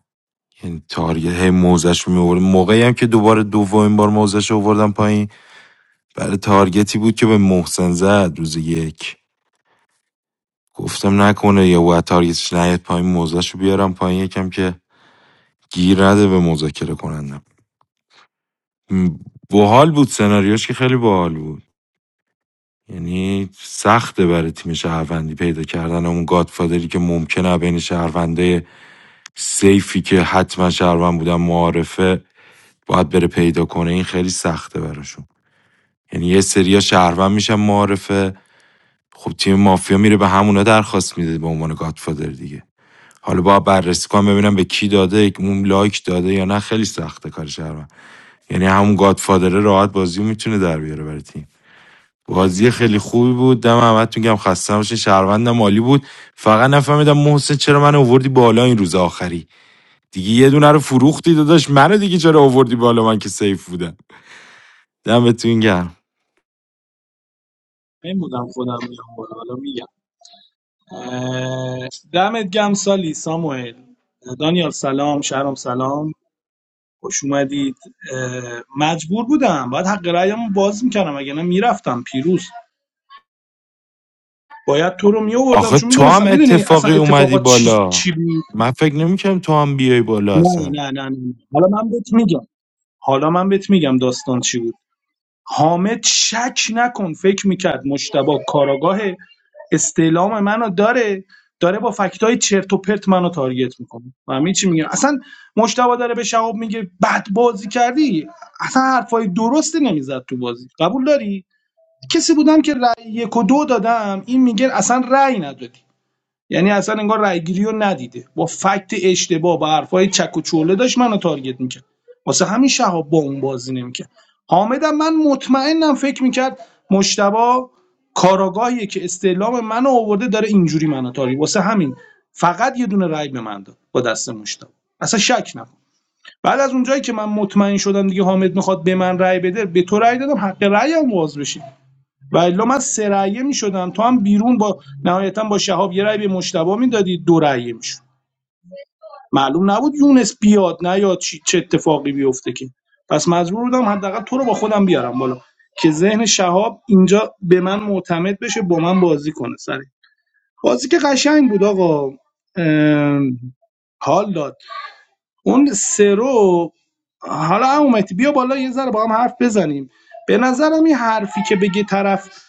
Speaker 20: یعنی تارگت هی موزش رو میورد موقعی هم که دوباره دومین بار موزش رو آوردم پایین برای تارگتی بود که به محسن زد روز یک گفتم نکنه یه وطار یه چیز نیاد پایین موزهشو بیارم پایین یکم که گیر نده به مذاکره کنندم م، باحال بود سناریوش که خیلی باحال بود یعنی سخته برای تیم شهروندی پیدا کردن اون گادفادری که ممکنه بین شهرونده سیفی که حتما شهروند بودن معارفه باید بره پیدا کنه این خیلی سخته براشون یعنی یه سریا شهروند میشن معارفه خب تیم مافیا میره به همونا درخواست میده به عنوان گادفادر دیگه حالا باید بررسی کنم ببینم به کی داده اون لایک داده یا نه خیلی سخته کار شهروند یعنی همون
Speaker 22: Right.
Speaker 20: گادفادره راحت بازی رو میتونه در بیاره برای تیم بازی خیلی خوبی بود دم احمد میگم خسته نباشین شهروندم مالی بود فقط نفهمیدم محسن چرا من آوردی بالا این روز آخری دیگه یه دونه رو فروختی داداش منو دیگه چرا آوردی بالا من که سیف بودم دم تو این گرم
Speaker 7: این بودم خودم میام بالا حالا میگم اه، دمت گم سالی ساموئل دانیال سلام شهرام سلام خوش اومدید اه، مجبور بودم باید حق رأیمو باز میکنم اگه نه میرفتم پیروز باید تو رو میآوردم
Speaker 20: آخه
Speaker 7: چون
Speaker 20: تو
Speaker 7: میدونستم
Speaker 20: هم
Speaker 7: میدونی اصلا
Speaker 20: اتفاقی اومدی
Speaker 7: اتفاقات چی,
Speaker 20: بالا
Speaker 7: چی بود
Speaker 20: من فکر نمیکنم تو هم بیای بالا
Speaker 7: نه
Speaker 20: اصلا
Speaker 7: نه نه نه حالا من بهت میگم حالا من بهت میگم داستان چی بود حامد شک نکن فکر میکرد مشتبه کاراگاه استعلام منو داره داره با فکتای چرت و پرت منو تارگت میکنه همین چی میگم اصلا مشتبه داره به شهاب میگه بد بازی کردی اصلا حرفای درستی نمیزد تو بازی قبول داری کسی بودم که رأی یک و دو دادم این میگه اصلا رأی ندادی یعنی اصلا انگار رأیگیری رو ندیده با فکت اشتباه با حرفای چک و چوله داشت منو تارگت میکرد واسه همین شهاب با اون بازی نمیکرد حامدم من مطمئنم فکر میکرد مشتبا کاراگاهیه که استعلام منو آورده داره اینجوری منو تارگت واسه همین فقط یه دونه رای به من داد با دست مشتبا اصلا شک نکن بعد از اونجایی که من مطمئن شدم دیگه حامد میخواد به من رای بده به تو رأی دادم حق رأی هم باز بشه و الا من سه رأیه میشدم تو هم بیرون با نهایتا با شهاب یه رأی به مشتبه میدادی دو رأیه میشد معلوم نبود یونس بیاد نه یا چه اتفاقی بیفته که پس مجبور بودم حداقل تو رو با خودم بیارم بالا که ذهن شهاب اینجا به من معتمد بشه با من بازی کنه سری بازی که قشنگ بود آقا حال داد اون سرو حالا اومد بیا بالا یه ذره با هم حرف بزنیم به نظرم این حرفی که بگه طرف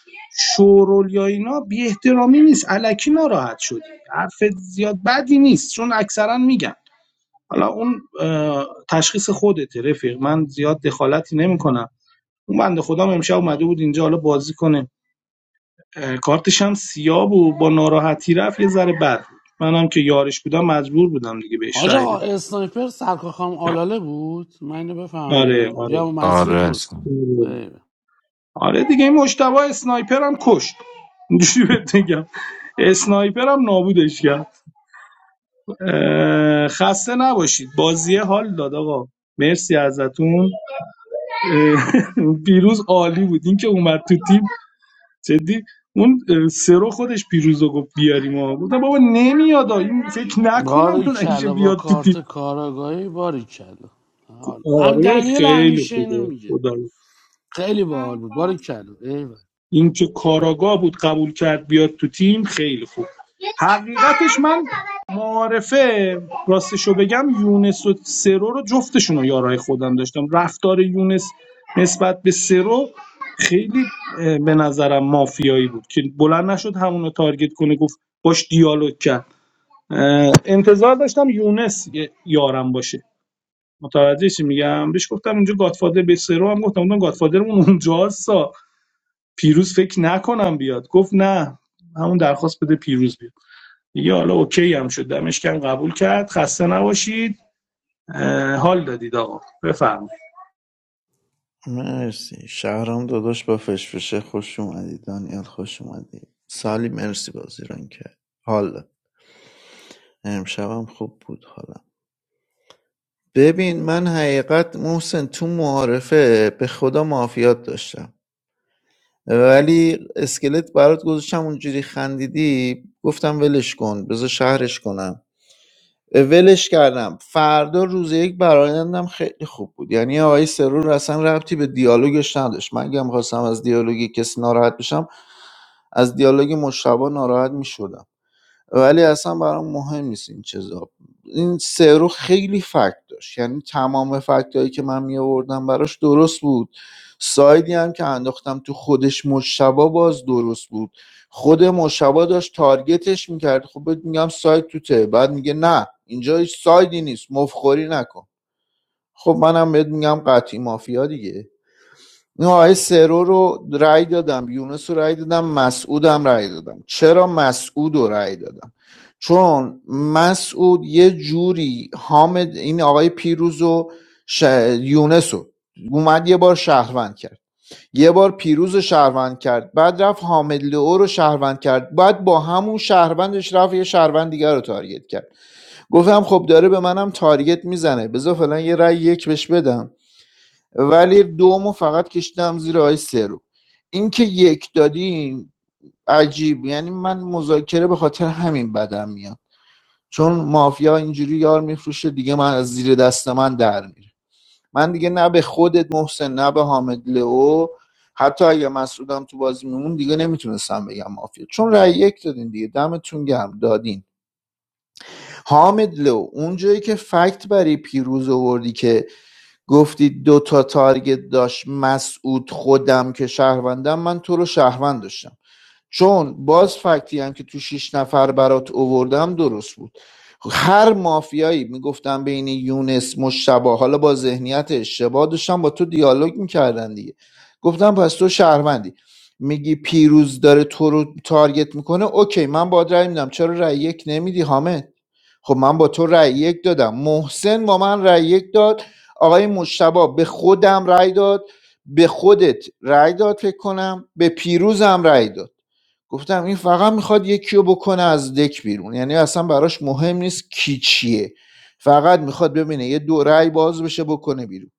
Speaker 7: شورول یا اینا بی احترامی نیست علکی ناراحت شدی حرف زیاد بدی نیست چون اکثرا میگن حالا اون اه، تشخیص خودته رفیق من زیاد دخالتی نمیکنم اون بنده خودم امشب اومده بود اینجا حالا بازی کنه کارتش هم سیاه بود با ناراحتی رفت یه ذره بد بود منم که یارش بودم مجبور بودم دیگه بهش
Speaker 10: حاج
Speaker 7: رأی
Speaker 10: آقا
Speaker 7: بدم
Speaker 10: اسنایپر سرکار خانم آلاله بود من اینو بفهم یا
Speaker 7: آره
Speaker 10: نه
Speaker 7: آره
Speaker 10: یا مسعود
Speaker 20: آره
Speaker 10: بود
Speaker 20: اصلا.
Speaker 10: بله
Speaker 7: آره دیگه این مشتبه اسنایپر هم کشت اینجوری بهت بگم اسنایپر هم نابودش کرد اه، خسته نباشید بازی حال داد آقا مرسی ازتون اه، پیروز عالی بود این که اومد تو تیم جدی اون اه، سرو خودش پیروز رو گفت بیاریم آقا گفتم بابا نمیاد آ. این فکر نکنم
Speaker 10: باری
Speaker 7: بلنشه
Speaker 10: کلا با
Speaker 7: بیاد تو تیم
Speaker 10: کارت کاراگاهی باری کلا حال هم
Speaker 7: آره
Speaker 10: دنیل
Speaker 7: خیلی
Speaker 10: همیشه اینو
Speaker 7: خوبه
Speaker 10: میگه
Speaker 7: خدا رو.
Speaker 10: خیلی باحال بود باری کلا ایول
Speaker 7: این که کاراگاه بود قبول کرد بیاد تو تیم خیلی خوب حقیقتش من معارفه راستشو بگم یونس و سرو رو جفتشون رو یارای خودم داشتم رفتار یونس نسبت به سرو خیلی اه، به نظرم مافیایی بود که بلند نشد همونو تارگت کنه گفت باش دیالوگ کرد اه، انتظار داشتم یونس یه یارم باشه متوجه چی میگم بهش گفتم اونجا گادفادر به سرو هم گفتم اونجا گادفادرمون اونجا سا پیروز فکر نکنم بیاد گفت نه همون درخواست بده پیروز بیاد دیگه حالا اوکی هم شد دمشکم قبول کرد خسته نباشید حال دادید آقا بفرمایید
Speaker 3: مرسی شهرام داداش با فشفشه خوش اومدی دانیال خوش اومدی سالی مرسی بازی ران کرد حالا امشبم خوب بود حالا ببین من حقیقت محسن تو معارفه به خدا معافیات داشتم ولی اسکلت برات گذاشتم اونجوری خندیدی گفتم ولش کن بذار شهرش کنم ولش کردم فردا روز یک برایندم خیلی خوب بود یعنی آقای سرور اصلا ربطی به دیالوگش نداشت من اگه خواستم از دیالوگی کسی ناراحت بشم از دیالوگ مشتبه ناراحت میشدم ولی اصلا برام مهم نیست این چیزا این سرو خیلی فکت داشت یعنی تمام فکت هایی که من می آوردم براش درست بود سایدی هم که انداختم تو خودش مشتبا باز درست بود خود مشتبا داشت تارگتش میکرد خب بهت میگم ساید توته بعد میگه نه اینجا هیچ سایدی نیست مفخوری نکن خب منم بهت میگم قطعی مافیا دیگه این آقای سرو رو رأی دادم یونس رو رأی دادم مسعودم رأی دادم چرا مسعود رو رأی دادم چون مسعود یه جوری حامد این آقای پیروز و ش... یونس رو اومد یه بار شهروند کرد یه بار پیروز رو شهروند کرد بعد رفت حامد لئو رو شهروند کرد بعد با همون شهروندش رفت یه شهروند دیگر رو تارگت کرد گفتم خب داره به منم تارگت میزنه بذار فلان یه رأی یک بهش بدم ولی دومو فقط کشیدم زیر آی سه رو این که یک دادیم عجیب یعنی من مذاکره به خاطر همین بدم میاد چون مافیا اینجوری یار میفروشه دیگه من از زیر دست من در میره من دیگه نه به خودت محسن نه به حامد لئو حتی اگه مسعودم تو بازی میمون دیگه نمیتونستم بگم مافیا چون رأی یک دادین دیگه دمتون گرم دادین حامد لو اونجایی که فکت برای پیروز آوردی که گفتی دو تا تارگت داشت مسعود خودم که شهروندم من تو رو شهروند داشتم چون باز فکتی هم که تو شش نفر برات اووردم درست بود هر مافیایی میگفتم بین یونس مشتبه حالا با ذهنیت اشتباه داشتم با تو دیالوگ میکردن دیگه گفتم پس تو شهروندی میگی پیروز داره تو رو تارگت میکنه اوکی من با رأی میدم چرا رأی یک نمیدی حامد خب من با تو رأی یک دادم محسن با من رأی یک داد آقای مشتبه به خودم رأی داد به خودت رأی داد فکر کنم به پیروزم رأی داد گفتم این فقط میخواد یکی رو بکنه از دک بیرون یعنی اصلا براش مهم نیست کی چیه فقط میخواد ببینه یه دو رأی باز بشه بکنه بیرون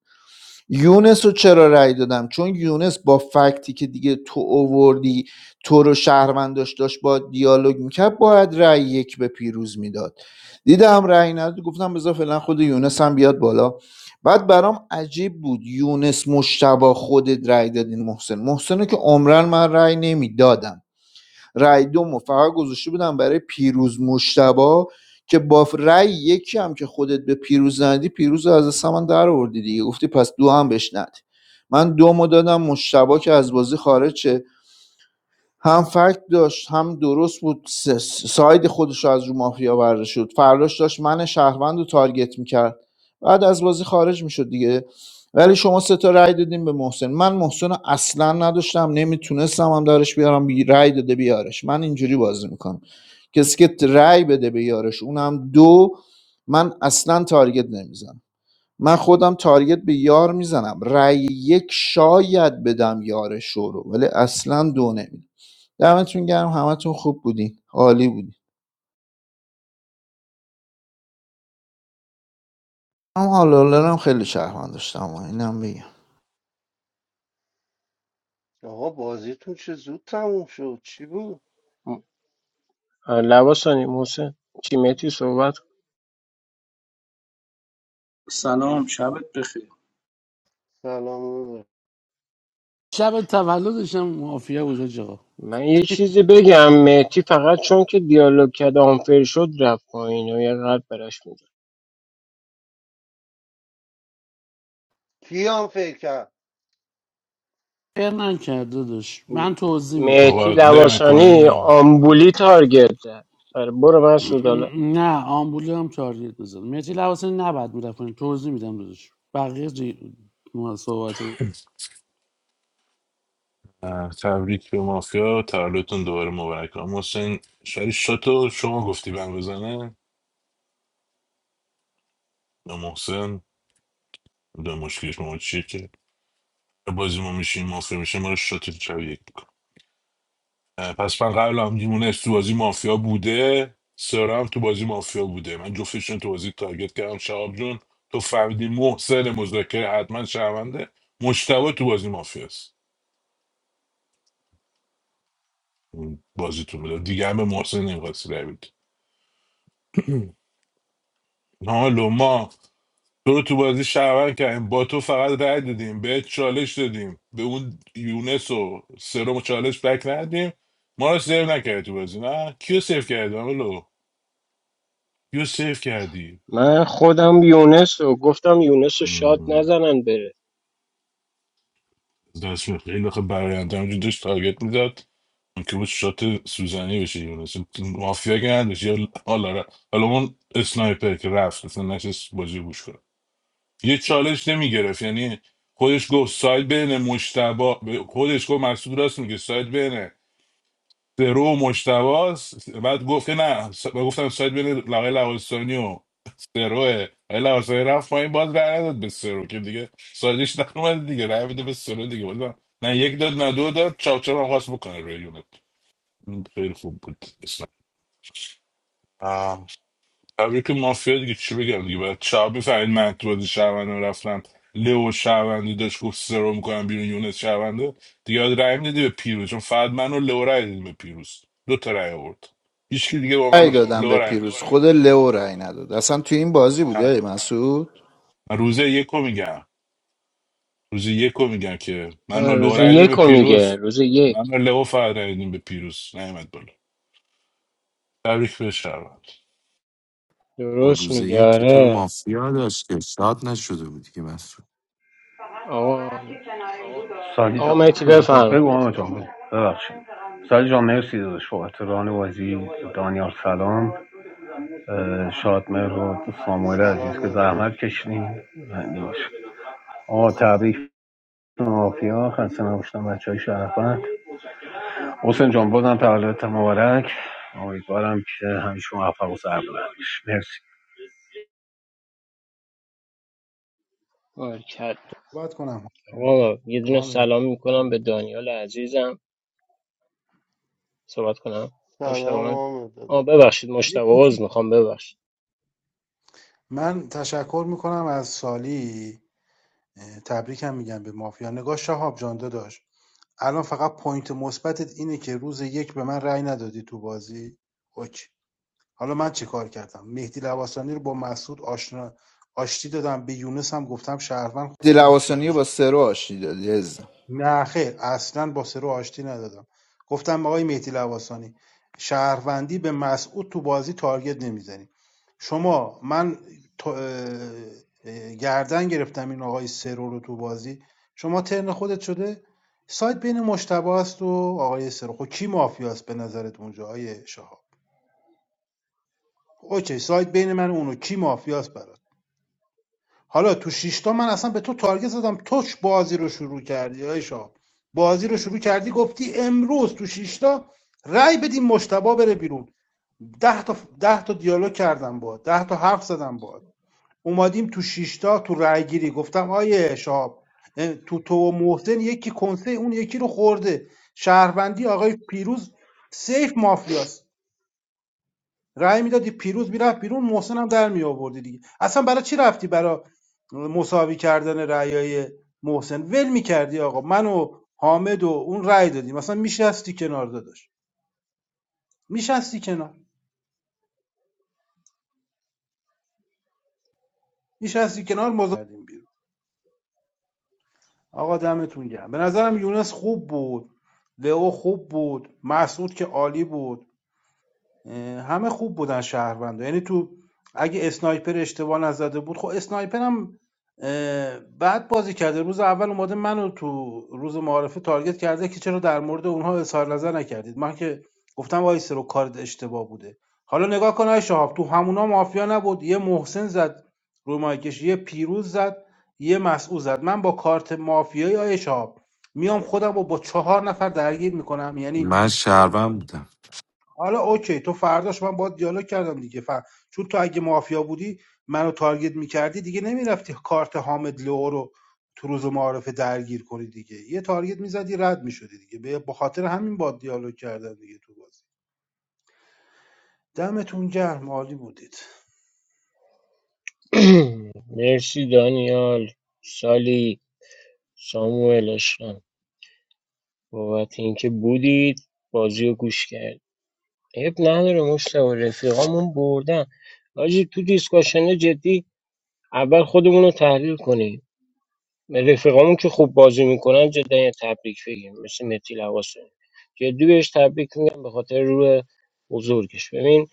Speaker 3: یونس رو چرا رأی دادم چون یونس با فکتی که دیگه تو اووردی تو رو شهرونداش داشت با دیالوگ میکرد باید رأی یک به پیروز میداد دیدم رأی نداد گفتم بذار فعلا خود یونس هم بیاد بالا بعد برام عجیب بود یونس مشتبه خودت رأی دادین محسن محسن رو که عمرن من رأی نمیدادم رای دومو فقط گذاشته بودم برای پیروز مشتبه که با رای یکی هم که خودت به پیروز ندی پیروز رو از دست من در آوردی دیگه گفتی پس دو هم بهش ندی من دومو دادم مشتبه که از بازی خارج شه هم فکت داشت هم درست بود س- ساید خودش از رو مافیا برداشت شد فراش داشت من شهروند رو تارگت میکرد بعد از بازی خارج میشد دیگه ولی شما سه تا رأی دادیم به محسن من محسن رو اصلا نداشتم نمیتونستم هم دارش بیارم بی رای داده بیارش من اینجوری بازی میکنم کسی که رای بده به یارش اونم دو من اصلا تارگت نمیزنم من خودم تارگت به یار میزنم رأی یک شاید بدم یارش رو ولی اصلا دو نمیدم دمتون گرم همتون خوب بودین عالی بودین هم حالا هم خیلی شهروند داشتم و اینم بگم
Speaker 21: آقا بازیتون چه زود تموم شد چی بود
Speaker 14: لباسانی محسن چی مهتی صحبت کن.
Speaker 7: سلام شبت بخیر
Speaker 21: سلام ببر.
Speaker 10: شب تولدش هم مافیا بود حاج آقا.
Speaker 14: من یه چیزی بگم مهتی فقط چون که دیالوگ کرد آنفر شد رفت پایین و یه قلب برش
Speaker 21: کیام فکر کرد
Speaker 10: ار نکرده داشت
Speaker 14: میدم
Speaker 10: من توضیح میدم
Speaker 14: مهتی
Speaker 21: اه،
Speaker 15: صحبت نمی
Speaker 14: لباسانی
Speaker 15: کنیم
Speaker 14: آمبولی تارگت زد آره برو من سودالا
Speaker 21: اه.
Speaker 10: نه آمبولی هم تارگت میزد مهدی لواسانی نباید میرفت پایین. توضیح میدم داداش بقیه جی... ما صحبت رو-
Speaker 15: تبریک به مافیا تولدتون دوباره مبارک آقا محسن شری شاتو شما گفتی بند بزنه به محسن به مشکلش ما چیه که بازی ما میشیم مافیا میشه ما رو شات شب یک می‌کنه. پس من قبل هم دیمونش تو بازی مافیا بوده سارا تو بازی مافیا بوده من جفتشون تو بازی تارگت کردم شهاب جون تو فهمیدی محسن مذاکره حتما شهرونده مشتبه تو بازی مافیاست اون بازیتون بوده دیگه هم به محسن نمیخواستی رای بدی حالا ما تو رو تو بازی شهروند کردیم با تو فقط رای دادیم به چالش دادیم به اون یونس و سرم و چالش بک ندیم ما رو سیو نکردی تو بازی نه کیو سیو کردی حالا کیو سیو کردی
Speaker 14: من خودم یونس رو گفتم یونس رو شاد
Speaker 15: مم.
Speaker 14: نزنن بره
Speaker 15: دست به خیلی آخه برایند همجور داشت تارگت میداد که بود شات سوزنی بشه دیگه مثلا مافیا که نداشت یا حالا ر- حالا اون اسنایپر که رفت مثلا نشست بازی گوش کنه یه چالش نمیگرفت یعنی خودش گفت ساید بین مشتبا خودش گفت مسعود راست میگه ساید بین درو و مشتباست بعد گفت که نه س- گفتم ساید بین لقای لواسانی و سروه ولی لامصبایی رفت پایین باز رای نداد به سرو که دیگه سایدش نرمد دیگه رای بده به سرو دیگه ولی نه یک داد نه دو داد چاپ چاپ هم خواست بکنه روی یونت این خیلی خوب بود اسلام آه. تبریک به مافیا دیگه چی بگم دیگه بعد شب میفهمید من تو بازی شهروند رفتم لو شهروندی داشت گفت سرو میکنم بیرون یونت شهرونده دیگه باید رای میدادی به پیروز چون فقط من و لو رای دادیم به پیروز دو تا رای آورد هیچکی دیگه با من
Speaker 3: رأی
Speaker 15: و
Speaker 3: دادم
Speaker 15: لو
Speaker 3: به
Speaker 15: رای
Speaker 3: پیروز خود لئو رأی نداد اصلا تو این بازی بوده
Speaker 15: نه.
Speaker 3: ای مسعود
Speaker 15: من روزه یکو میگم روز یکو میگن که من
Speaker 14: آه،
Speaker 15: و
Speaker 14: روز
Speaker 15: لورا عیدیم
Speaker 14: یک
Speaker 15: به
Speaker 14: رو میگه
Speaker 15: پیروز
Speaker 14: روز یک
Speaker 15: من و لئو فقط عیدیم به پیروز نعمت بالا تبریک به شهروند
Speaker 20: خب
Speaker 14: درست
Speaker 20: روز
Speaker 14: میگه
Speaker 20: یک که تو رو
Speaker 14: آره
Speaker 20: مافیا داشته شاد نشده بودی که مسعود
Speaker 14: آقا
Speaker 2: سالی
Speaker 14: آقا
Speaker 2: جان
Speaker 14: مهتی بفرم
Speaker 2: بگو آقا جان بگو ببخشید سالی جان مرسی داداش بابت ران بازی دانیال سلام اه، شادمهر و ساموئل عزیز
Speaker 21: سلام
Speaker 2: که
Speaker 21: نداشت
Speaker 2: زحمت کشیدین بنده باشه آقا تبریک به مافیا خسته نباشتن بچه های شرفت حسین جان بازم تولدت مبارک امیدوارم که همیشه موفق و سربلند باشی. مرسی
Speaker 14: کرد
Speaker 19: صحبت کنم
Speaker 14: آقا یه دونه
Speaker 19: حامد
Speaker 14: سلام میکنم به دانیال عزیزم صحبت کنم مشتبه
Speaker 21: سلام
Speaker 14: من
Speaker 21: آمد
Speaker 14: آه
Speaker 21: داده
Speaker 14: ببخشید
Speaker 19: یه
Speaker 14: مشتبه عوض
Speaker 19: کوچیک
Speaker 14: میخوام ببخشید
Speaker 19: من تشکر میکنم از سالی اه، تبریکم میگم به مافیا نگاه شهاب جان داداش الان فقط پوینت مثبتت اینه که روز یک به من رأی ندادی تو بازی اوکی حالا من چه کار کردم مهدی لواسانی رو با مسعود آشنا آشتی دادم به یونس هم گفتم شهروند خودم هم
Speaker 3: دلواسانی با سرو آشتی دادی عزیزم.
Speaker 19: نه خیر اصلا با سرو آشتی ندادم گفتم آقای مهدی لواسانی شهروندی به مسعود تو بازی تارگت نمیزنی شما من گردن گرفتم این آقای سرو رو تو بازی شما ترن خودت شده سایت بین مشتبه است و آقای سرو خب کی مافیاست به نظرت اونجا آقای شهاب اوکی سایت بین من و اونو کی مافیاست برات حالا تو شیشتا من اصلا به تو تارگت زدم توش بازی رو شروع کردی آی شاه بازی رو شروع کردی گفتی امروز تو شیشتا رأی بدیم مشتبه بره بیرون ده تا ده تا دیالوگ کردم با ده تا حرف زدم با اومدیم تو شیشتا تو رأی گیری گفتم آیه شاب تو تو و محسن یکی کنسه اون یکی رو خورده شهروندی آقای پیروز سیف مافیاست رای میدادی پیروز میرفت بیرون محسن هم در می آوردی دیگه اصلا برای چی رفتی برای مساوی کردن رأیای محسن ول میکردی آقا من و حامد و اون رای دادیم مثلا میشستی کنار داداش میشستی کنار میشستی کنار مزا کردیم بیرون آقا دمتون گرم به نظرم یونس خوب بود لئو خوب بود مسعود که عالی بود همه خوب بودن شهروندا یعنی تو اگه اسنایپر اشتباه نزده بود خب اسنایپر هم بعد بازی کرده روز اول اومده منو تو روز معارفه تارگت کرده که چرا در مورد اونها اظهار نظر نکردید من که گفتم وای سرو کارت اشتباه بوده حالا نگاه کن آی شهاب تو همونا مافیا نبود یه محسن زد روی مایکش یه پیروز زد یه مسعود زد من با کارت مافیایی آی شهاب میام خودم رو با چهار نفر درگیر میکنم یعنی
Speaker 20: من شهروند بودم
Speaker 19: حالا اوکی تو فرداش من باید دیالوگ کردم دیگه ف... چون تو اگه مافیا بودی منو تارگت میکردی دیگه نمیرفتی کارت حامد لو رو تو روز معارفه درگیر کنی دیگه یه تارگت میزدی رد میشدی دیگه به خاطر همین با دیالوگ کردم دیگه تو بازی دمتون گرم عالی بودید
Speaker 14: مرسی دانیال سالی ساموئل اشکان بابت اینکه بودید بازی رو گوش کرد عیب نداره مشتبه رفیقامون بردن آجی تو دیسکاشنه جدی اول خودمون رو تحلیل کنیم رفیقامون که خوب بازی میکنن جدا یه تبریک بگیم مثل متی لواسه جدی بهش تبریک میگم به خاطر روح بزرگش ببین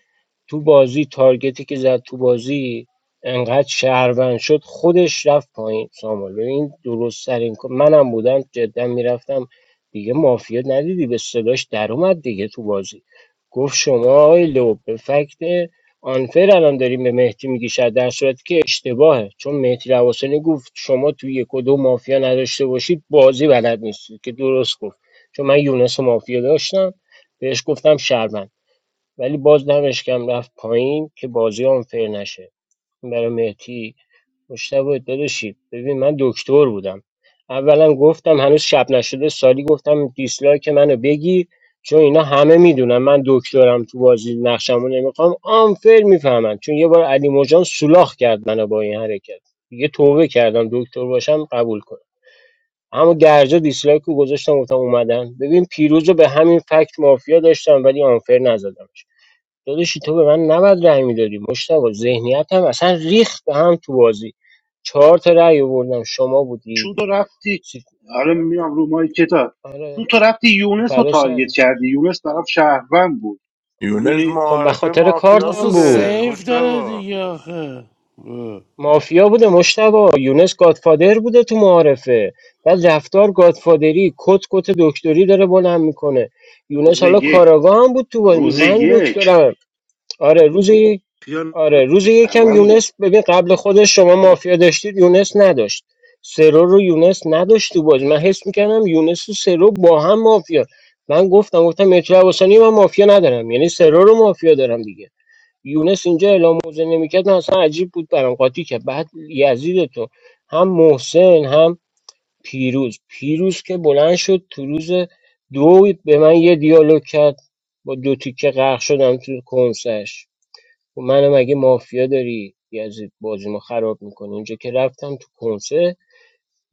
Speaker 14: تو بازی تارگتی که زد تو بازی انقدر شهروند شد خودش رفت پایین سامان ببین این درست ترین کار- منم بودم جدا میرفتم دیگه مافیا ندیدی به صداش در اومد دیگه تو بازی گفت شما آقای لو به فکت آنفر الان داریم به مهدی میگی شاید در صورتی که اشتباهه چون مهدی رواسانی گفت شما توی یک و دو مافیا نداشته باشید بازی بلد نیستید که درست گفت چون من یونس و مافیا داشتم بهش گفتم شهروند ولی باز دمشکم رفت پایین که بازی آنفر نشه این برای مهدی مشتبه داداشی ببین من دکتر بودم اولا گفتم هنوز شب نشده سالی گفتم دیسلایک منو بگیر چون اینا همه میدونن من دکترم تو بازی نقشمو نمیخوام آنفر میفهمن چون یه بار علی موجان سولاخ کرد منو با این حرکت دیگه توبه کردم دکتر باشم قبول کنم اما گرجا دیسلایک رو گذاشتم گفتم اومدن ببین پیروز رو به همین فکت مافیا داشتم ولی آنفر نزدم داداشی تو به من نباید رأی میدادی مشتاق ذهنیت هم اصلا ریخت به هم تو بازی چهار تا رأی آوردم شما بودی
Speaker 19: چون تو رفتی
Speaker 14: سی-
Speaker 19: آره میام رو مای کتاب
Speaker 14: آره
Speaker 19: چون تو رفتی یونس رو
Speaker 14: فدا
Speaker 19: تارگت
Speaker 14: سر
Speaker 19: کردی یونس طرف شهروند بود
Speaker 15: یونس
Speaker 19: میدونی
Speaker 14: خب به
Speaker 15: معارفه
Speaker 14: خاطر
Speaker 10: اون
Speaker 15: مافیا
Speaker 10: اصلا
Speaker 14: کارتم بود
Speaker 15: بوده
Speaker 10: سیف داره
Speaker 15: مشتبا
Speaker 10: دیگه آخه اه.
Speaker 14: مافیا بوده مشتبا یونس گادفادر بوده تو معارفه بعد رفتار گادفادری کت کت دکتری داره بلند میکنه یونس حالا
Speaker 19: یک
Speaker 14: کاراگاه هم بود تو بازی.
Speaker 19: روز
Speaker 14: من
Speaker 19: یک
Speaker 14: دکترم آره روز
Speaker 19: خیال
Speaker 14: آره روز یکم
Speaker 19: بود
Speaker 14: یونس ببین قبل خودش شما مافیا داشتید یونس نداشت سرو رو یونس نداشت تو بازی من حس میکردم یونس و سرو با هم مافیا من گفتم گفتم مترو عباسانی من مافیا ندارم یعنی سرو رو مافیا دارم دیگه یونس اینجا اعلام موزه نمیکرد من اصلا عجیب بود برام قاطی که بعد یزید تو هم محسن هم پیروز پیروز که بلند شد تو روز دو به من یه دیالوگ کرد با دو تیکه غرق شدم تو کنسش تو منم مگه مافیا داری یزید بازی ما خراب میکنه اینجا که رفتم تو کنسه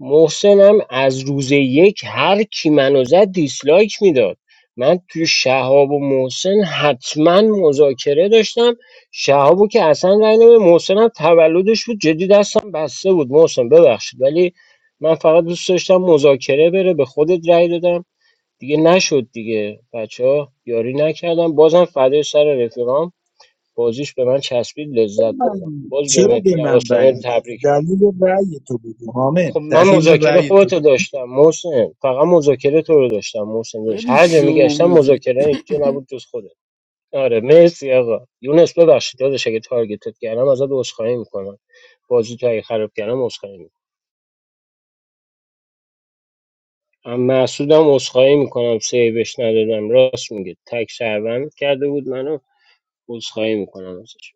Speaker 14: محسنم از روز یک هر کی منو زد دیسلایک میداد من توی شهاب و محسن حتما مذاکره داشتم شهابو که اصلا رای نمی محسنم تولدش بود جدی دستم بسته بود محسن ببخشید ولی من فقط دوست داشتم مذاکره بره به خودت رای دادم دیگه نشد دیگه بچه ها یاری نکردم بازم فدای سر رفیقام بازیش به من چسبید لذت بردم باز به
Speaker 7: چرا
Speaker 14: مهدی
Speaker 7: به من رأی
Speaker 14: لواسنی
Speaker 7: میدادی
Speaker 14: تبریک میگم
Speaker 7: دلیل رأی تو بگو حامد
Speaker 14: خب من
Speaker 7: دلیل
Speaker 14: مذاکره
Speaker 7: رأی تو
Speaker 14: خودتو
Speaker 7: بگو
Speaker 14: داشتم محسن فقط مذاکره تو رو داشتم محسن داشت
Speaker 10: خیلی
Speaker 14: هر جا
Speaker 10: شو
Speaker 14: میگشتم
Speaker 10: بودی
Speaker 14: مذاکره اینجا نبود جز خودت آره مرسی آقا یونس ببخشید داداش اگه تارگتت کردم ازت عذرخواهی میکنم بازی تو اگه خراب کردم عذرخواهی میکنم ام مسعودم عذرخواهی میکنم سیوش ندادم راست میگه تک شهروند کرده بود منو عذرخواهی میکنم ازش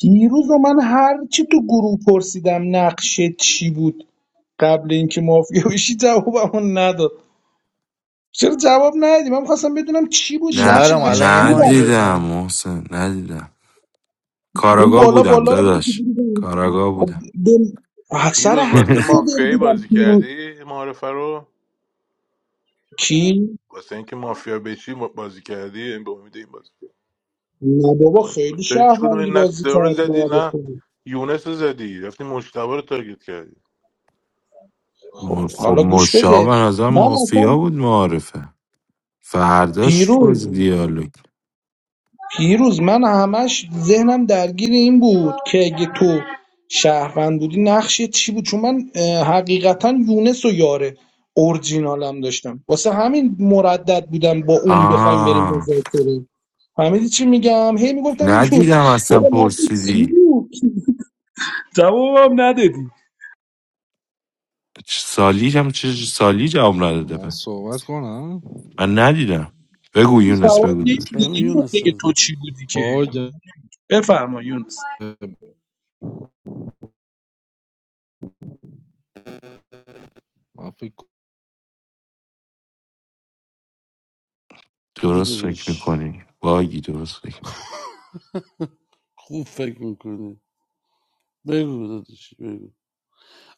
Speaker 7: پیروز و من هر چی تو گروه پرسیدم نقشه چی بود قبل اینکه مافیا بشی جوابمون نداد چرا جواب ندادی من خواستم بدونم چی بودی
Speaker 20: نه
Speaker 7: نقشت
Speaker 3: شهرم
Speaker 7: برای
Speaker 3: الان یه
Speaker 7: چی
Speaker 3: مایک
Speaker 7: بود؟
Speaker 20: ندیدم
Speaker 3: بزن
Speaker 20: محسن ندیدم
Speaker 7: اون
Speaker 20: کاراگاه
Speaker 7: بالا
Speaker 20: بودم
Speaker 7: بالا رو بگو
Speaker 20: داداش کاراگاه
Speaker 7: خب
Speaker 20: بودم
Speaker 7: به-
Speaker 15: پیروز
Speaker 7: سر
Speaker 15: واسه
Speaker 7: همین دو دل
Speaker 15: مافیایی
Speaker 7: بودم
Speaker 15: بازی
Speaker 7: پیروز
Speaker 15: کردی معارفه رو
Speaker 7: کی
Speaker 15: واسه اینکه مافیا بشی بازی کردی به امید این بازی
Speaker 7: نه بابا خیلی
Speaker 15: کردی چرا هیچ کدوم
Speaker 7: شهروندی
Speaker 15: این نه
Speaker 7: بازی
Speaker 15: سه رو
Speaker 7: کرد
Speaker 15: زدی نه
Speaker 7: معرفه
Speaker 15: یونس رو زدی رفتی مشتبا رو تارگت کردی
Speaker 7: خب
Speaker 20: م- خب
Speaker 7: حالا گوش
Speaker 20: مشا به
Speaker 7: بده
Speaker 20: نظر
Speaker 7: من اصلا
Speaker 20: مافیا بود معارفه فرداش
Speaker 7: پیروز
Speaker 20: باز دیالوگ
Speaker 7: پیروز من همش ذهنم درگیر این بود که اگه تو شهروند بودی نقشت چی بود چون من اه، حقیقتا یونس و یاره اورجینالم داشتم واسه همین مردد بودم با اون بخوایم بریم
Speaker 20: آه
Speaker 7: مذاکره فهمیدی چی میگم هی میگفتم این یون-
Speaker 20: ندیدم اصلا
Speaker 7: بابا نقش چی
Speaker 20: پرسیدی
Speaker 7: بود جوابم ندادی
Speaker 20: چ- سالی هم چه سالی جواب نداده
Speaker 8: من
Speaker 20: به
Speaker 8: صحبت کنم
Speaker 20: من ندیدم بگو یونس
Speaker 7: جواب
Speaker 20: بگو
Speaker 8: سلام
Speaker 20: داداش.
Speaker 7: نمیدی
Speaker 10: بگو
Speaker 7: نمیدونم
Speaker 10: یونس
Speaker 7: دیگه تو
Speaker 10: عزیزم.
Speaker 7: چی بودی که
Speaker 8: باگ
Speaker 7: بفرما یونس
Speaker 8: من فکر
Speaker 10: بگی
Speaker 20: درست فکر
Speaker 10: داداش
Speaker 20: میکنی باگی درست فکر
Speaker 10: خوب فکر میکنی بگو داداش بگو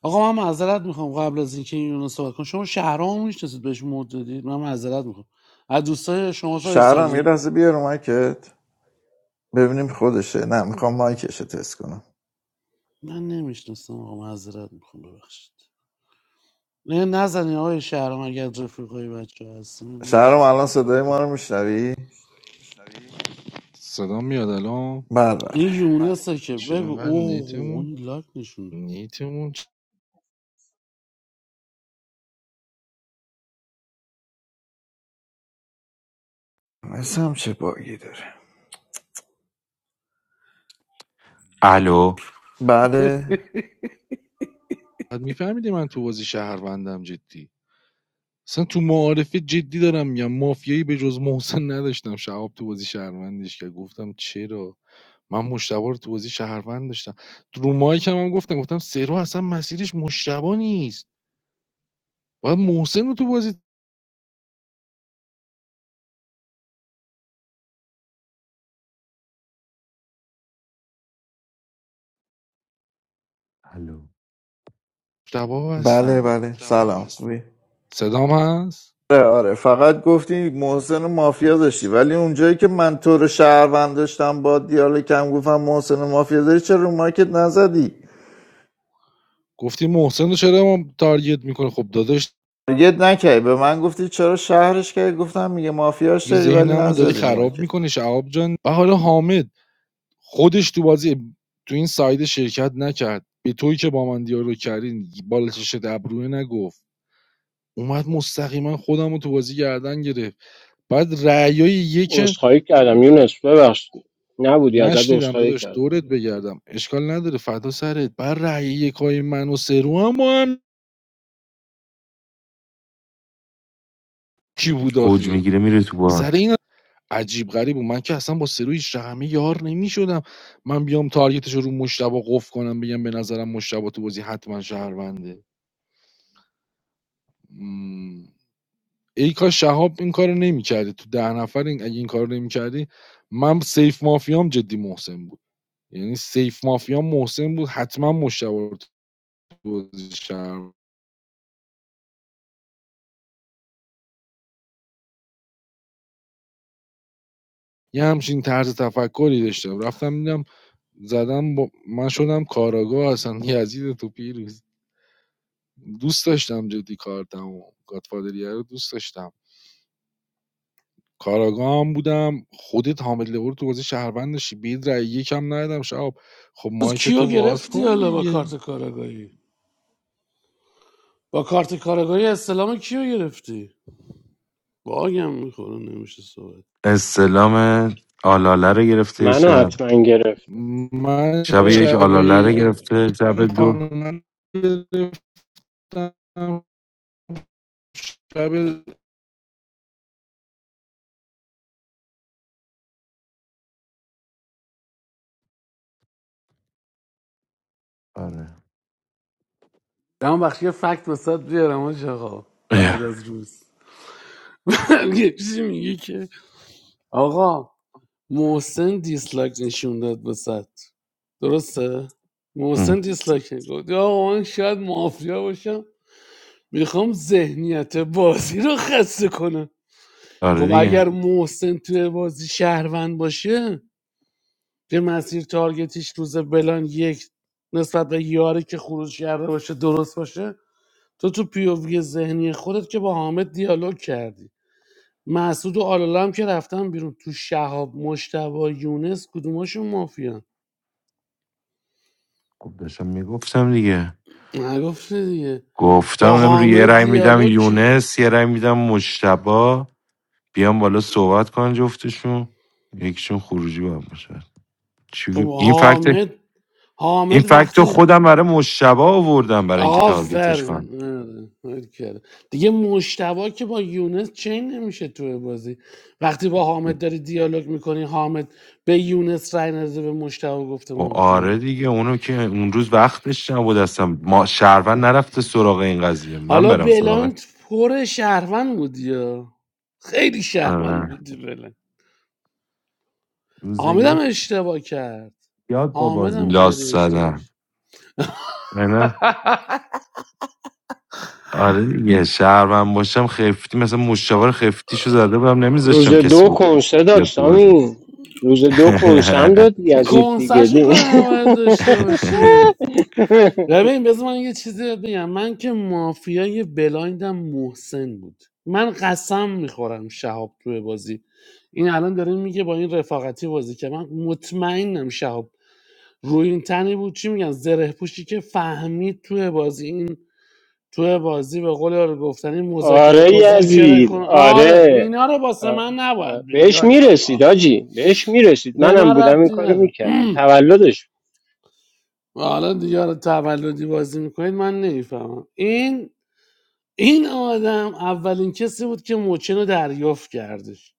Speaker 10: آقا من معذرت میخوام قبل از اینکه این یونس صحبت کنم شما شهرام میشناسید بهش مد دادید من معذرت میخوام از دوستای شما سایر
Speaker 3: شهرم یه
Speaker 10: سالی
Speaker 3: لحظه بیار رو مایکت ببینیم خودشه نه میخوام مایکش رو تست کنم
Speaker 10: من نمیشناسم آقا معذرت میخوام ببخشید نه نزنین آقای شهرام اگر رفیقای بچه ها هستی من
Speaker 3: شهرم
Speaker 10: نمیشناسم
Speaker 3: الان صدای ما رو
Speaker 10: بفرمایید
Speaker 3: میشنوی
Speaker 8: صدا میاد الان
Speaker 3: بله
Speaker 10: این
Speaker 3: بله
Speaker 10: یونسه که
Speaker 8: چرا
Speaker 10: بگو
Speaker 8: انقدر
Speaker 10: اوه
Speaker 8: نیتمون
Speaker 10: اون لاک نشونه
Speaker 8: نیتمون
Speaker 3: مثل هم چه باگی داره
Speaker 20: الو
Speaker 3: بله
Speaker 8: چقدر میفهمیده من تو بازی شهروندم جدی اصلا تو معارفه جدی دارم میگم مافیایی به جز محسن نداشتم شهاب تو بازی شهروندش که گفتم چرا من مشتبه رو تو بازی شهروند داشتم رو مایکم هم گفتم گفتم سرو اصلا مسیرش مشتبه نیست باید محسن رو تو بازی
Speaker 20: الو
Speaker 8: مشتبه
Speaker 3: بله
Speaker 8: هستم
Speaker 3: بله سلام
Speaker 8: صدام هست
Speaker 3: آره آره فقط گفتی محسن و مافیا داشتی ولی اونجایی که من تو رو شهروند داشتم با دیالوگ کم گفتم محسن و مافیا داری چرا رو مارکت نزدی
Speaker 8: گفتی محسن رو چرا ما تارگت میکنه خب داداش
Speaker 3: تارگت نکردی به من گفتی چرا شهرش کردی گفتم میگه مافیاش
Speaker 8: دیگه
Speaker 3: داری ولی
Speaker 8: ذهنمو داری
Speaker 3: نزدی رو
Speaker 8: خراب
Speaker 3: مارکت
Speaker 8: می‌کنی شهاب جان و حالا حامد خودش تو بازی تو این ساید شرکت نکرد به تویی که با من دیالوگ کردین بالا چشت ابروه نگفت اومد مستقیما خودم رو تو بازی گردن گرفت بعد رأیای یک
Speaker 14: عذرخواهی کردم یونس ببخشید نبودی ازت
Speaker 8: نشنیدم
Speaker 14: عذرخواهی
Speaker 8: داداش
Speaker 14: کردم
Speaker 8: دورت بگردم اشکال نداره فدا سرت بعد رأی یکای من و سرو هم کی بود
Speaker 20: اوج
Speaker 8: آخه
Speaker 20: میگیره میره تو بار
Speaker 8: سر این عجیب غریب و من که اصلا با سرو هیچ رقمی یار نمیشدم من بیام تارگتش رو رو مشتبه قف کنم بگم به نظرم مشتبه تو بازی حتما شهرونده مم. ای کاش شهاب این کارو نمیکردی تو ده نفر این اگه این کارو نمیکردی من سیف مافیام جدی محسن بود یعنی سیف مافیام محسن بود حتما مشتبه رو تو بازی شهر یه همچین طرز تفکری داشتم رفتم دیدم زدم با... من شدم کاراگاه اصلا یزید تو پیروز دوست داشتم جدی کار و گاتفادریه رو دوست داشتم کاراگاه هم بودم خودت حامد لور تو بازی شهروند داشتی بید رأی یکم ندادم شب خب
Speaker 10: از
Speaker 8: مایک
Speaker 10: کیو
Speaker 8: تو واز
Speaker 10: گرفتی
Speaker 8: کن
Speaker 10: حالا با
Speaker 8: دیگه
Speaker 10: کارت کارگاهی با کارت کارگاهی اسلام کیو گرفتی باگم میخوره نمیشه صحبت
Speaker 20: استلام آلاله رو گرفته
Speaker 14: منو
Speaker 20: شب
Speaker 14: حتما گرفت
Speaker 8: من
Speaker 20: شب
Speaker 14: اه،
Speaker 20: یک
Speaker 8: شب
Speaker 20: آلاله
Speaker 14: فکرم
Speaker 20: رو
Speaker 8: یک
Speaker 14: منو گرفت.
Speaker 20: گرفته
Speaker 8: این
Speaker 20: شب دو
Speaker 8: خانم رو گرفتم شب
Speaker 20: آره
Speaker 10: من وقتی یه فکت وسط بیارم آج آقا بعد
Speaker 20: اه.
Speaker 10: از روز یه چیزی میگه که آقا محسن دیسلایک نشون داد وسط درسته محسن
Speaker 20: ام.
Speaker 10: دیسلایک نشون گفت آقا من شاید مافیا باشم میخوام ذهنیت بازی رو خسته کنم
Speaker 20: آره
Speaker 10: خب
Speaker 20: دیگه
Speaker 10: اگر محسن توی بازی شهروند باشه که مسیر تارگتیش روز بلان یک نسبت به یاری که خروج کرده باشه درست باشه تو تو پیووی ذهنی خودت که با حامد دیالوگ کردی مسعود و آلالا هم که رفتن بیرون تو شهاب مشتبه یونس کدوماشون مافیان
Speaker 20: خب داشتم میگفت دیگه
Speaker 10: نگفته دیگه
Speaker 20: گفتم
Speaker 10: با
Speaker 20: امرو یه
Speaker 10: حامد
Speaker 20: رای میدم
Speaker 10: دیالوگ که-
Speaker 20: یونس یه رای میدم مشتبا بیام بالا صحبت کن جفتشون یکیشون خروجی باید باشه چی
Speaker 10: خب
Speaker 20: گو- این فکت
Speaker 10: حامد
Speaker 20: این
Speaker 10: حامد
Speaker 20: فکت رو
Speaker 10: وقتی
Speaker 20: خودم برای مشتبا آوردم برای اینکه تارگتش کنم
Speaker 10: آفرین آره، حال کرد. دیگه مشتبه که با یونس چین نمیشه توی بازی وقتی با حامد داری دیالوگ میکنی حامد به یونس رای نزده به مشتوا گفته
Speaker 20: و
Speaker 10: مافیا
Speaker 20: آره دیگه اونو که اون روز وقتش نبود اصلا ما شهرون نرفته سراغ این قضیه من
Speaker 10: حالا
Speaker 20: برم سراغ
Speaker 10: بلایند پر شهروند بودی یا خیلی شهروند
Speaker 20: آره.
Speaker 10: بودی بلند
Speaker 20: روز
Speaker 10: حامد هم
Speaker 20: یک
Speaker 10: اشتباه کرد
Speaker 20: یاد با
Speaker 10: حامد
Speaker 20: بازی
Speaker 10: هم خیلی
Speaker 20: لاس
Speaker 10: اشتباه کرد
Speaker 20: زدن نه آره دیگه شهرون باشم خفتی مثلا مشاور خفتیشو زده بودم
Speaker 14: روز
Speaker 20: نمیذاشتم کسی
Speaker 14: دو
Speaker 20: بود
Speaker 14: کنسه داد
Speaker 20: بیاد تو بازی
Speaker 14: سامی روز دو کنسه هم داد یزید دیگه
Speaker 10: کنسش
Speaker 14: دی
Speaker 10: کاری نباید داشته باشیم ببین بذار من یه چیزی بهت بگم من که مافیای بلایندم محسن بود من قسم میخورم شهاب توی بازی این الان داره میگه با این رفاقتی بازی که من مطمئنم شهاب روی این تنی بود چی میگن زره پوشی که فهمید توی بازی این توی بازی به قول یارو گفتنی مذاکره
Speaker 14: آره
Speaker 10: مذاکره
Speaker 14: یزید
Speaker 10: کن آره
Speaker 14: آره
Speaker 10: اینا رو واسه
Speaker 14: آ-
Speaker 10: من
Speaker 14: آ،
Speaker 10: نباید بگی
Speaker 14: بهش
Speaker 10: حاج آقا.
Speaker 14: میرسید آجی بهش میرسید
Speaker 10: به
Speaker 14: منم
Speaker 10: من
Speaker 14: بودم این
Speaker 10: ربطی
Speaker 14: کارو
Speaker 10: نداره
Speaker 14: میکردم تولدش
Speaker 10: و حالا دیگه حالا تولدی بازی میکنید من نمیفهمم این این آدم اولین کسی بود که موچن رو دریافت کردش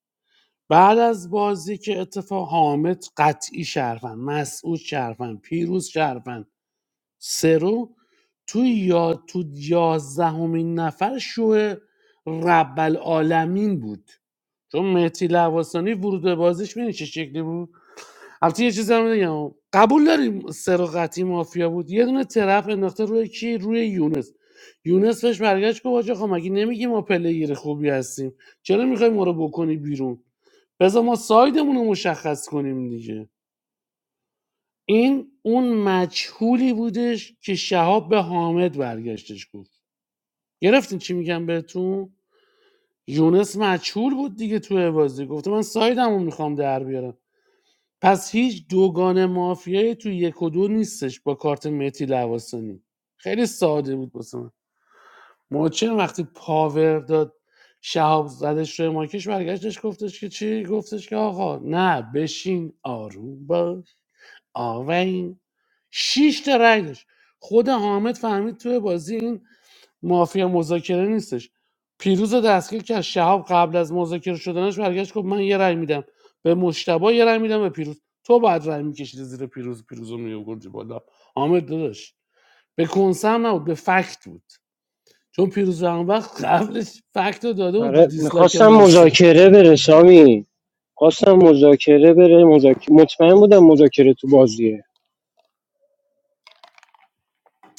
Speaker 10: بعد از بازی که اتفاق حامد قطعی شرفن مسعود شرفن پیروز شرفن سرو تو یا تو یازدهمین نفر شو رب العالمین بود چون مهتی لواسانی ورود به بازیش می‌دونی چه شکلی بود البته یه چیزی هم بگم قبول داریم سراقتی مافیا بود یه دونه طرف انداخته روی کی روی یونس یونس بهش برگشت گفت آجا خب مگه نمیگی ما پلیر خوبی هستیم چرا میخوای ما رو بکنی بیرون بذار ما سایدمون رو مشخص کنیم دیگه این اون مجهولی بودش که شهاب به حامد برگشتش گفت گرفتین چی میگم بهتون یونس مجهول بود دیگه توی بازی گفته من سایدمون میخوام در بیارم پس هیچ دوگان مافیایی تو یک و دو نیستش با کارت متی لواسانی خیلی ساده بود واسه من مهاجم وقتی پاور داد شهاب زدش روی ماکش برگشتش گفتش که چی گفتش که آقا نه بشین آروم باش آقا و این شش تا رای داشت خود حامد فهمید توی بازی این مافیا مذاکره نیستش پیروز رو دستگیر کرد شهاب قبل از مذاکره شدنش برگشت گفت من یه رای میدم به مشتبه یه رای میدم به پیروز تو بعد رای میکشیدی زیر پیروز پیروز رو میوگردی بالا حامد داداش به کنسم نبود به فکت بود چون پیروز اون وقت قبلش فکت رو داده بود رو
Speaker 14: آره
Speaker 10: دیسلاک
Speaker 14: میخواستم
Speaker 10: محسن
Speaker 14: مذاکره بره سامی خواستم مذاکره بره مذاکره مطمئن بودم مذاکره تو بازیه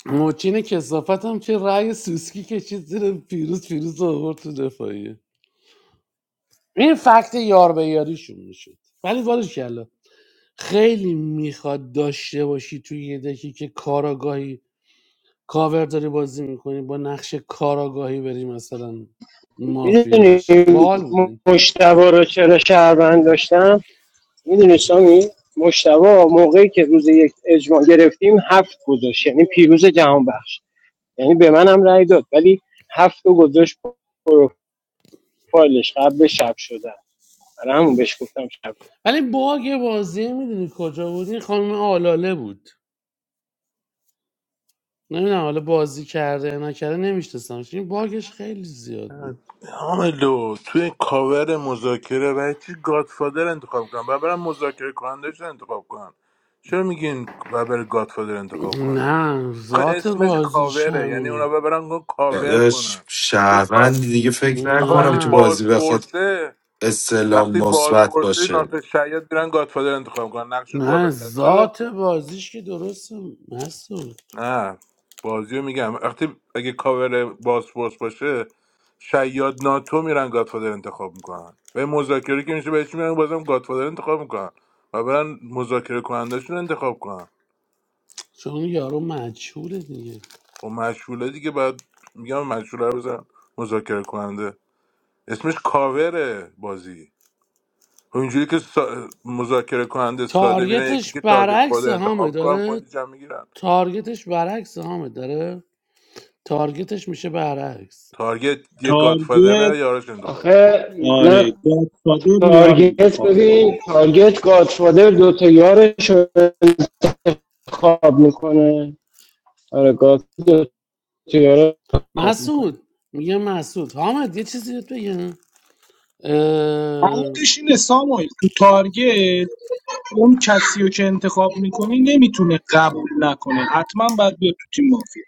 Speaker 10: موچین کسافت هم که رأی سوسکی کشید زیر پیروز پیروز رو آورد تو دفاعیه این فکت یار به یاریشون میشد ولی بارش کلا خیلی میخواد داشته باشی توی یه دکی که کاراگاهی کاور داری بازی میکنی با نقش کاراگاهی بری مثلا مافیا
Speaker 14: میدونی
Speaker 10: بشی باحال بودین
Speaker 14: مشتبه رو چرا شهروند داشتم میدونی سامی مشتبه موقعی که روز یک اجماع گرفتیم هفت گذاشت یعنی پیروز جهان بخش یعنی به من هم رأی داد ولی هفت رو گذاشت پروفایلش قبل شب شدن برای همون بهش گفتم شب
Speaker 10: ولی باگ بازی میدونی کجا بود این خانم آلاله بود نمیدونم حالا بازی کرده یا نکرده نمیشناسم این باگش خیلی زیاد بود
Speaker 15: حامدو توی کاور مذاکره برای چی گادفادر انتخاب کنن و برن مذاکره کنندش رو انتخاب کنن چرا میگین و بره گادفادر انتخاب کنه
Speaker 10: نه
Speaker 15: آخه
Speaker 10: ذات
Speaker 15: اسمش
Speaker 10: بازیش
Speaker 15: کاوره یعنی اونا
Speaker 10: همینه
Speaker 15: ببرن گو- کاور
Speaker 20: داداش
Speaker 15: کنن چرا گاد
Speaker 20: شهروندی دیگه فکر
Speaker 15: آخه
Speaker 20: نکنم
Speaker 15: وقتی
Speaker 20: تو
Speaker 10: نه
Speaker 20: بازی بخواد
Speaker 15: بازپرسه
Speaker 20: استعلام
Speaker 15: وقتی
Speaker 20: مثبت
Speaker 15: بازپرسه
Speaker 20: باشه
Speaker 15: ناتو شاید برن گادفادر انتخاب کنن نقش
Speaker 10: نه
Speaker 15: بالاتر چرا
Speaker 10: ذات بازیش که درسته مسئول
Speaker 15: نه بازیو میگم وقتی اگه کاور بازپرس باشه شیاد ناتو میرن گادفادر انتخاب میکنن و مذاکره که میشه بهش میرن بازم گادفادر انتخاب میکنن و برن مذاکره کنندهشون رو انتخاب کنن
Speaker 10: چون یارو مجهوله دیگه
Speaker 15: و مشهوله دیگه بعد میگم مشهوله رو بزن مذاکره کننده اسمش کاوره بازی خب اینجوری که سا... مذاکره کننده ساده میرن یکی
Speaker 10: تارگتش
Speaker 15: که تارگت خود
Speaker 10: برعکس همه
Speaker 15: انتخاب میکنن
Speaker 10: داره
Speaker 15: پوینتش هم میگیرن
Speaker 10: تارگتش برعکس همه داره تارگتش میشه برعکس
Speaker 15: تارگت یه گادفادر
Speaker 7: تارگت
Speaker 15: یارش انتخاب میکنه
Speaker 14: آخه
Speaker 7: آره
Speaker 14: نه
Speaker 7: گادفادر یار بوده
Speaker 14: تارگت
Speaker 7: خب
Speaker 14: ببین تارگت گادفادر دوتا یارش رو انتخاب میکنه آره گاد دوتا یارش رو انتخاب میکنه
Speaker 10: مسعود میگه مسعود حامد یه چیزی بهت بگم اه...
Speaker 7: عمقش اینه ساموئل تو تارگت اون کسی رو که انتخاب میکنی نمیتونه قبول نکنه حتما باید بیاد تو تیم مافیا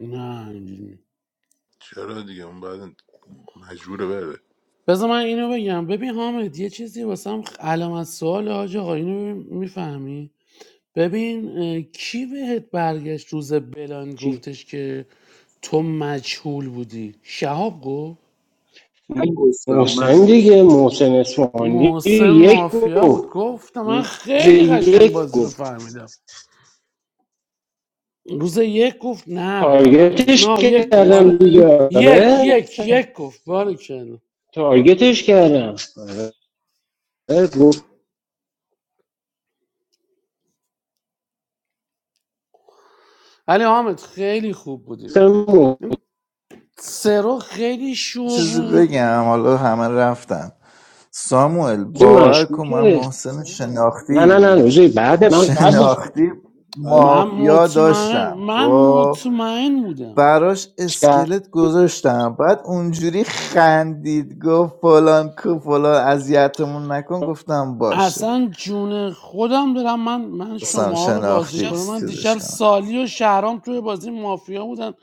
Speaker 10: نه اینجوری.
Speaker 15: چرا دیگه اون بعد مجبوره بره
Speaker 10: بذار من اینو بگم ببین حامد یه چیزی واسم علامت سوال حاج آقا اینو میفهمی ببین اه، کی بهت برگشت روز بلان
Speaker 14: چی؟
Speaker 10: گفتش که تو مجهول بودی شهاب گفت
Speaker 7: من گفتم من
Speaker 14: محسن
Speaker 7: گفتم
Speaker 14: دیگه محسن اسفحانی
Speaker 10: محسن
Speaker 14: یک
Speaker 10: مافیا بود
Speaker 14: گفت
Speaker 10: گفتم من
Speaker 14: روز
Speaker 10: خیلی قشنگ
Speaker 14: یک
Speaker 10: بازی رو
Speaker 14: گفت
Speaker 10: فهمیدم روز یک گفت نه بلان گفت
Speaker 14: تارگتش
Speaker 10: نه یک گفت آره
Speaker 14: کردم دیگه
Speaker 10: یک
Speaker 14: آره
Speaker 10: یک یک گفت باری کردم
Speaker 14: تارگتش کردم آره گفتم
Speaker 10: ولی حامد خیلی خوب بودی
Speaker 14: محسن
Speaker 10: سرو خیلی شو
Speaker 3: چیزی
Speaker 10: بود
Speaker 3: بگم حالا همه رفتن ساموئل باور کن من
Speaker 14: مشکوکه
Speaker 3: محسن
Speaker 14: نه نه نه
Speaker 3: شناختی
Speaker 14: روزی بعد من قبلش بود.
Speaker 3: شناختی
Speaker 14: آره،
Speaker 10: من
Speaker 3: مافیا
Speaker 10: مطمئن
Speaker 3: داشتم
Speaker 10: من
Speaker 3: خب
Speaker 10: مطمئن بودم
Speaker 3: براش اسکلت گذاشتم بعد اونجوری خندید گفت فلان کو فلان اذیتمون نکن گفتم باشه
Speaker 10: اصلا جون خودم دارم من من
Speaker 3: سم
Speaker 10: شماها رو بازی
Speaker 3: شناختی
Speaker 10: کنم من
Speaker 3: است چیزش
Speaker 10: دیشب
Speaker 3: کنم
Speaker 10: سالی و شهرام توی بازی مافیا بودن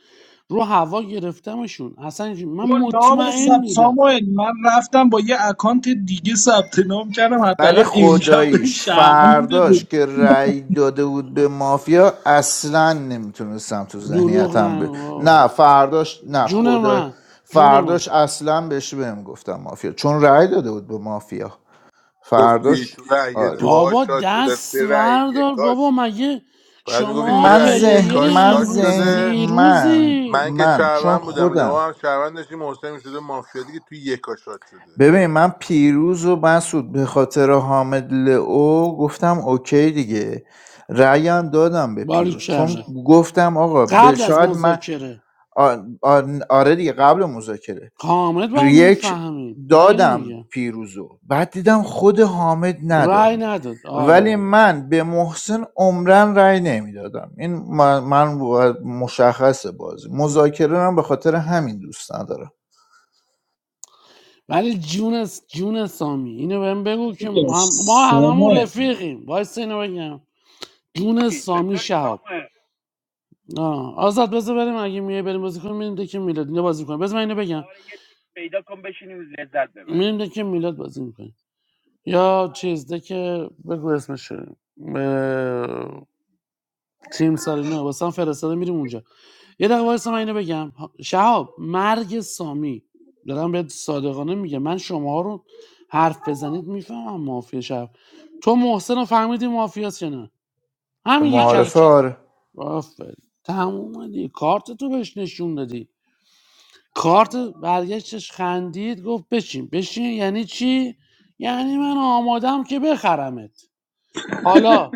Speaker 10: رو هوا گرفتمشون اصلا اینجوری-
Speaker 7: بابا
Speaker 10: من
Speaker 7: نام
Speaker 10: مطمئن
Speaker 7: ثبت
Speaker 10: بودم
Speaker 7: ساموئل من رفتم با یه اکانت دیگه ثبت نام کردم
Speaker 3: ولی
Speaker 7: حداقل امشب بهم
Speaker 3: خداییش
Speaker 7: شهروند
Speaker 3: فرداش
Speaker 7: بده
Speaker 3: که رأی داده بود به مافیا اصلا نمیتونستم تو
Speaker 10: دروغ
Speaker 3: ذهنیتم
Speaker 10: نه
Speaker 3: ب... نه
Speaker 10: بابا
Speaker 3: فرداش نه
Speaker 10: جون
Speaker 3: خدا
Speaker 10: من جون من
Speaker 3: فرداش اصلا بهش بهم گفتم مافیا چون رأی داده بود به مافیا فرداش آره
Speaker 10: بابا دست وردار بابا مگه
Speaker 15: میگفتی تو
Speaker 10: شما
Speaker 3: من
Speaker 15: رأی
Speaker 10: پلیر
Speaker 3: ذهن
Speaker 15: یکاش
Speaker 3: من
Speaker 15: شاد
Speaker 10: امروز
Speaker 3: ذهن
Speaker 15: شده
Speaker 3: من
Speaker 10: دیروزید
Speaker 15: من که
Speaker 3: من چون
Speaker 15: شهروند بودم لئو
Speaker 3: خودم
Speaker 15: هم شهروند داشتیم محسن میشده مافیا دیگه توی یکا شاد شده
Speaker 3: ببین من پیروز و مسعود به خاطر حامد لئو گفتم اوکی دیگه رأیم دادم به پیروز چون
Speaker 10: باریکلا
Speaker 3: گفتم آقا به-
Speaker 10: قبل از
Speaker 3: شاید من
Speaker 10: مذاکره
Speaker 3: آ- آ- آره دیگه قبل مذاکره
Speaker 10: کامل باید
Speaker 3: یک
Speaker 10: میفهمید من اینو
Speaker 3: دادم
Speaker 10: میگم
Speaker 3: پیروزو بعد دیدم خود حامد نداد
Speaker 10: رأی نداد
Speaker 3: ولی
Speaker 10: آره
Speaker 3: من به محسن عمرا رأی نمیدادم این من, من باید مشخص بازی مذاکره من به خاطر همین دوست ندارم
Speaker 10: ولی جون جون سامی اینو بهم بگو که ما ما هممون رفیقیم وایس اینو بگم جون سامی شهاب آه. آزاد بذار بریم اگه میای بریم بازی کنیم میریم دکه میلاد اینو بازی کنیم بذار من اینو بگم میریم دکه میلاد بازی میکنیم یا چیز دکه بگو اسمش ب... تیم سارینا واسه هم فرستاده میریم اونجا یه دقیقه وایسا من اینو بگم شهاب مرگ سامی دارم بهت صادقانه میگم من شما رو حرف بزنید میفهمم مافیا شهاب تو محسن رو فهمیدی مافیاست یا نه همین یک کلم
Speaker 3: معارفه آره
Speaker 10: آفرین تموم دی کارت تو بهش نشون دادی کارت برگشتش خندید گفت بشین بشین یعنی چی یعنی من آمادم که بخرمت حالا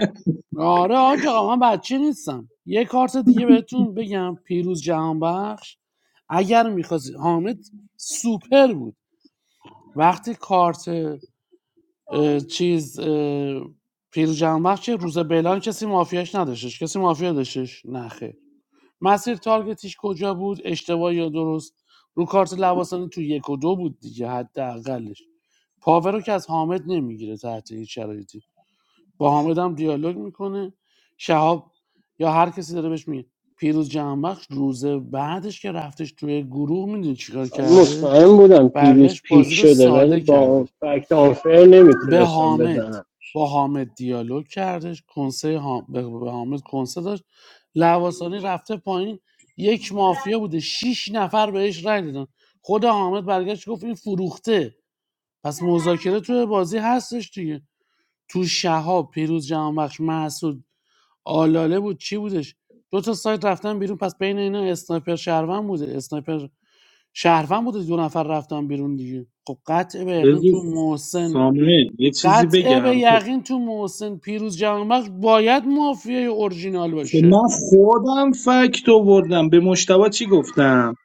Speaker 10: آره آج آقا من بچه نیستم یه کارت دیگه بهتون بگم پیروز جهانبخش اگر میخواست حامد سوپر بود وقتی کارت اه، چیز اه، پیروز جهانبخش چه روز بلان کسی مافیاش نداشتش کسی مافیا داشتش نه خیر مسیر تارگتیش کجا بود اشتباه یا درست رو کارت لواسانی تو یک و دو بود دیگه حداقلش پاور رو که از حامد نمیگیره تحت هیچ شرایطی با حامد هم دیالوگ میکنه شهاب یا هر کسی داره بهش میگه پیروز جهانبخش روز بعدش که رفتش توی گروه میدونی چیکار کردش
Speaker 14: مطمئن بودم پیروز
Speaker 10: برگشت
Speaker 14: پیک
Speaker 10: بازی رو
Speaker 14: شده ولی
Speaker 10: ساده
Speaker 14: با
Speaker 10: کردش
Speaker 14: فکت آنفر
Speaker 10: به
Speaker 14: نمیتونستم
Speaker 10: حامد
Speaker 14: بزنم
Speaker 10: با حامد دیالوگ کردش کنسه حام- به به حامد کنسه داشت لواسانی رفته پایین یک مافیا بوده شیش نفر بهش رای دادن خود حامد برگشت گفت این فروخته پس مذاکره توی بازی هستش دیگه تو شهاب پیروز جهانبخش محسود آلاله بود چی بودش دو تا سایت رفتن بیرون پس بین اینا اسنایپر شهروند بوده اسنایپر شهروند بوده دو نفر رفتن بیرون دیگه خب قطع به یقین
Speaker 7: بذار
Speaker 10: تو محسن
Speaker 7: ساموئل یه چیزی
Speaker 10: قطع به
Speaker 7: بگم
Speaker 10: یقین تو محسن پیروز جهانبخش باید مافیای اورجینال
Speaker 7: که من
Speaker 10: باشه
Speaker 7: خودم فکت آوردم به مشتبه چی گفتم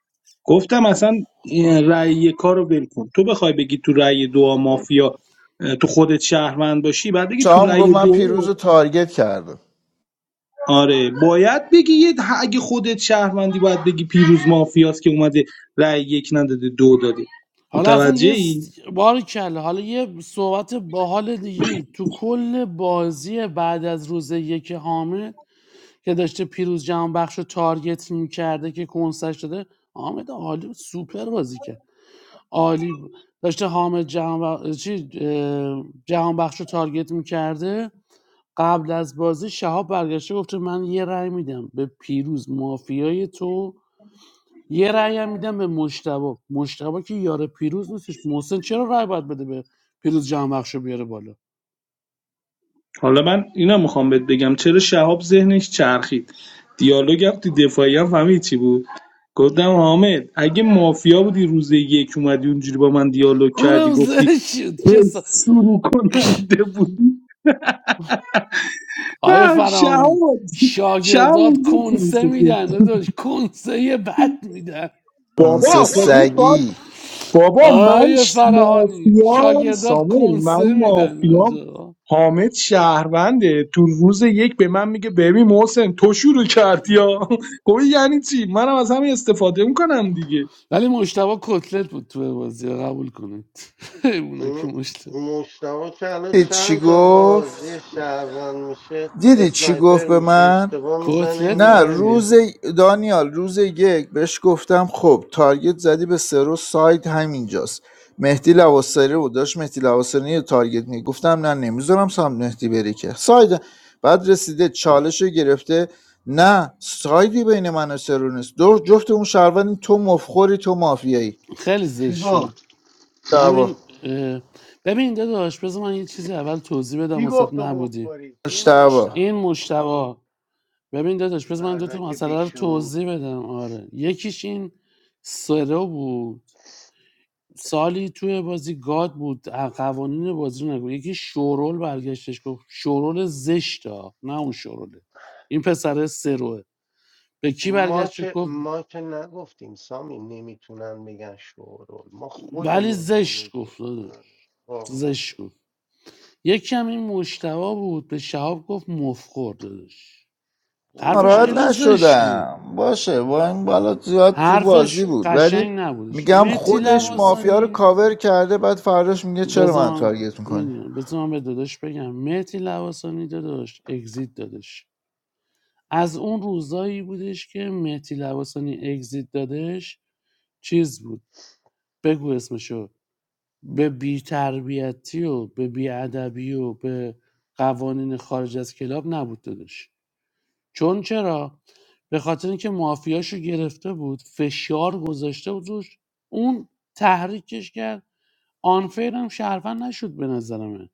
Speaker 7: گفتم اصلا این رأی کار رو ول کن تو بخوای بگی تو رأی دو مافیا اه، تو خودت شهروند باشی بعد بگی تو
Speaker 3: شما میگفت
Speaker 7: رأی
Speaker 3: من
Speaker 7: دو
Speaker 3: پیروز رو تارگت کردم
Speaker 7: آره باید بگی یه ده- اگه خودت شهروندی باید بگی پیروز مافیاست که اومده رأی یک نداده دو دادی
Speaker 10: حالا اصلا یه
Speaker 7: متوجهی
Speaker 10: س... بار کله حالا یه صحبت باحال دیگه تو کل بازی بعد از روز یک حامد که داشته پیروز جهانبخش رو تارگت میکرده که کنسش داده حامد عالی بود، سوپر بازی کرد عالی بود داشته حامد جهان چی اه، جهان بخش رو تارگت میکرده قبل از بازی شهاب برگشته گفته من یه رأی میدم به پیروز مافیای تو یه رأی هم میدم به مشتبه مشتبه که یار پیروز نیستش محسن چرا رأی باید بده به پیروز جهان بخش رو بیاره بالا
Speaker 7: حالا من اینا میخوام بهت بگم چرا شهاب ذهنش چرخید دیالوگم تو دفاعی هم فهمید چی بود گفتم حامد اگه مافیا بودی روز یک اومدی اونجوری با من دیالوگ کردی
Speaker 10: اونم
Speaker 7: گفتی
Speaker 10: زشت
Speaker 7: "ای
Speaker 10: کسا
Speaker 7: شروع کننده بود
Speaker 10: آیه
Speaker 7: من
Speaker 10: فرانی
Speaker 7: شهاب شهاب
Speaker 10: شاگردات
Speaker 7: اونجا
Speaker 10: کنسه
Speaker 7: کنسه خورد.
Speaker 10: میدن داداش کنسه بد میدن
Speaker 3: اون
Speaker 7: بابا
Speaker 3: سه
Speaker 7: خب اون کار
Speaker 3: سگی
Speaker 7: بابا من
Speaker 10: آیه
Speaker 7: ش-
Speaker 10: فراهانی
Speaker 7: مافیام
Speaker 10: شاگردات
Speaker 7: سامول من
Speaker 10: کنسه میدن
Speaker 7: مافیام
Speaker 10: آجا
Speaker 7: حامد شهرونده تو روز یک به من میگه ببین محسن تو شروع کردی ها گفت یعنی چی منم از همین استفاده میکنم دیگه
Speaker 10: ولی مشتبه کتلت بود تو بازی قبول کنید ایوونه که مشتبه
Speaker 21: مشتبه که الان
Speaker 3: دید چی
Speaker 21: چند تا
Speaker 3: گفت
Speaker 21: بازی شهروند میشه
Speaker 3: دیدی چی گفت
Speaker 21: اسنایپر
Speaker 3: به
Speaker 21: میشه
Speaker 3: من
Speaker 21: اشتباه میزنه
Speaker 10: کتلت
Speaker 3: نه
Speaker 10: بود
Speaker 21: میزنه میره
Speaker 10: دیگه
Speaker 3: روز دانیال روز یک بهش گفتم خب تارگت زدی به سرو ساید همینجاست مهدی لواسری رو داشت مهدی لواسری یه تارگت می گفتم نه نمیذارم سام مهدی بری که ساید بعد رسیده چالش رو گرفته نه سایدی بین من و سرو نیست دو جفت اون شهروندی تو مفخوری تو مافیایی
Speaker 10: خیلی
Speaker 21: کی
Speaker 10: زشت بود
Speaker 21: گفت
Speaker 10: همین
Speaker 3: اشتباه
Speaker 10: اه، ببین داداش بذار من یه چیزی اول توضیح بدم
Speaker 21: کی گفت
Speaker 10: واسه
Speaker 21: تو
Speaker 10: نبودی
Speaker 21: مفبری
Speaker 3: اشتباه
Speaker 10: این مشتبه ببین داداش بذار من دو
Speaker 21: مردک
Speaker 10: مسئله رو
Speaker 21: بیشور
Speaker 10: توضیح بدم آره یکیش این سرو بود سالی توی بازی گاد بود اه، قوانین بازی رو نگو یکی شورول برگشتش گفت شورول زشتا نه اون شوروله این پسر سروه به
Speaker 21: خب
Speaker 10: کی
Speaker 21: ما
Speaker 10: برگشت
Speaker 21: که
Speaker 10: گفت
Speaker 21: ما که نگفتیم سامی نمیتونن بگن شورول ما
Speaker 10: ولی
Speaker 21: خودمون
Speaker 10: زشت
Speaker 21: نمیگیم
Speaker 10: گفت داداش
Speaker 21: آه، اوکی.
Speaker 10: زشت گفت یکی هم این مشتبا بود به شهاب گفت مفخور داداش
Speaker 21: اون
Speaker 10: حرفش
Speaker 3: ناراحت
Speaker 21: که
Speaker 10: خیلی زشت بود
Speaker 3: نشدم باشه با این بالا زیاد تو
Speaker 10: حرفش
Speaker 3: بازی بود ولی
Speaker 10: قشنگ نبودش
Speaker 3: میگم
Speaker 10: متی
Speaker 3: خودش
Speaker 21: مم.
Speaker 3: مافیا رو
Speaker 10: لواسانی
Speaker 3: کاور کرده بعد فرداش میگه چرا من
Speaker 10: بزن
Speaker 3: تارگت میکنی
Speaker 10: میدونم بزن به داداش بگم متی لواسانی داداش اگزیت دادش از اون روزایی بودش که مهدی لواسانی اگزیت دادش چیز بود بگو اسمشو به بیتربیتی و به بیادبی و به قوانین خارج از کلاب نبود دادش چون چرا به خاطر اینکه مافیاشو گرفته بود فشار گذاشته بود روش اون تحریکش کرد آنفیر هم شهروند نشد به نظرمه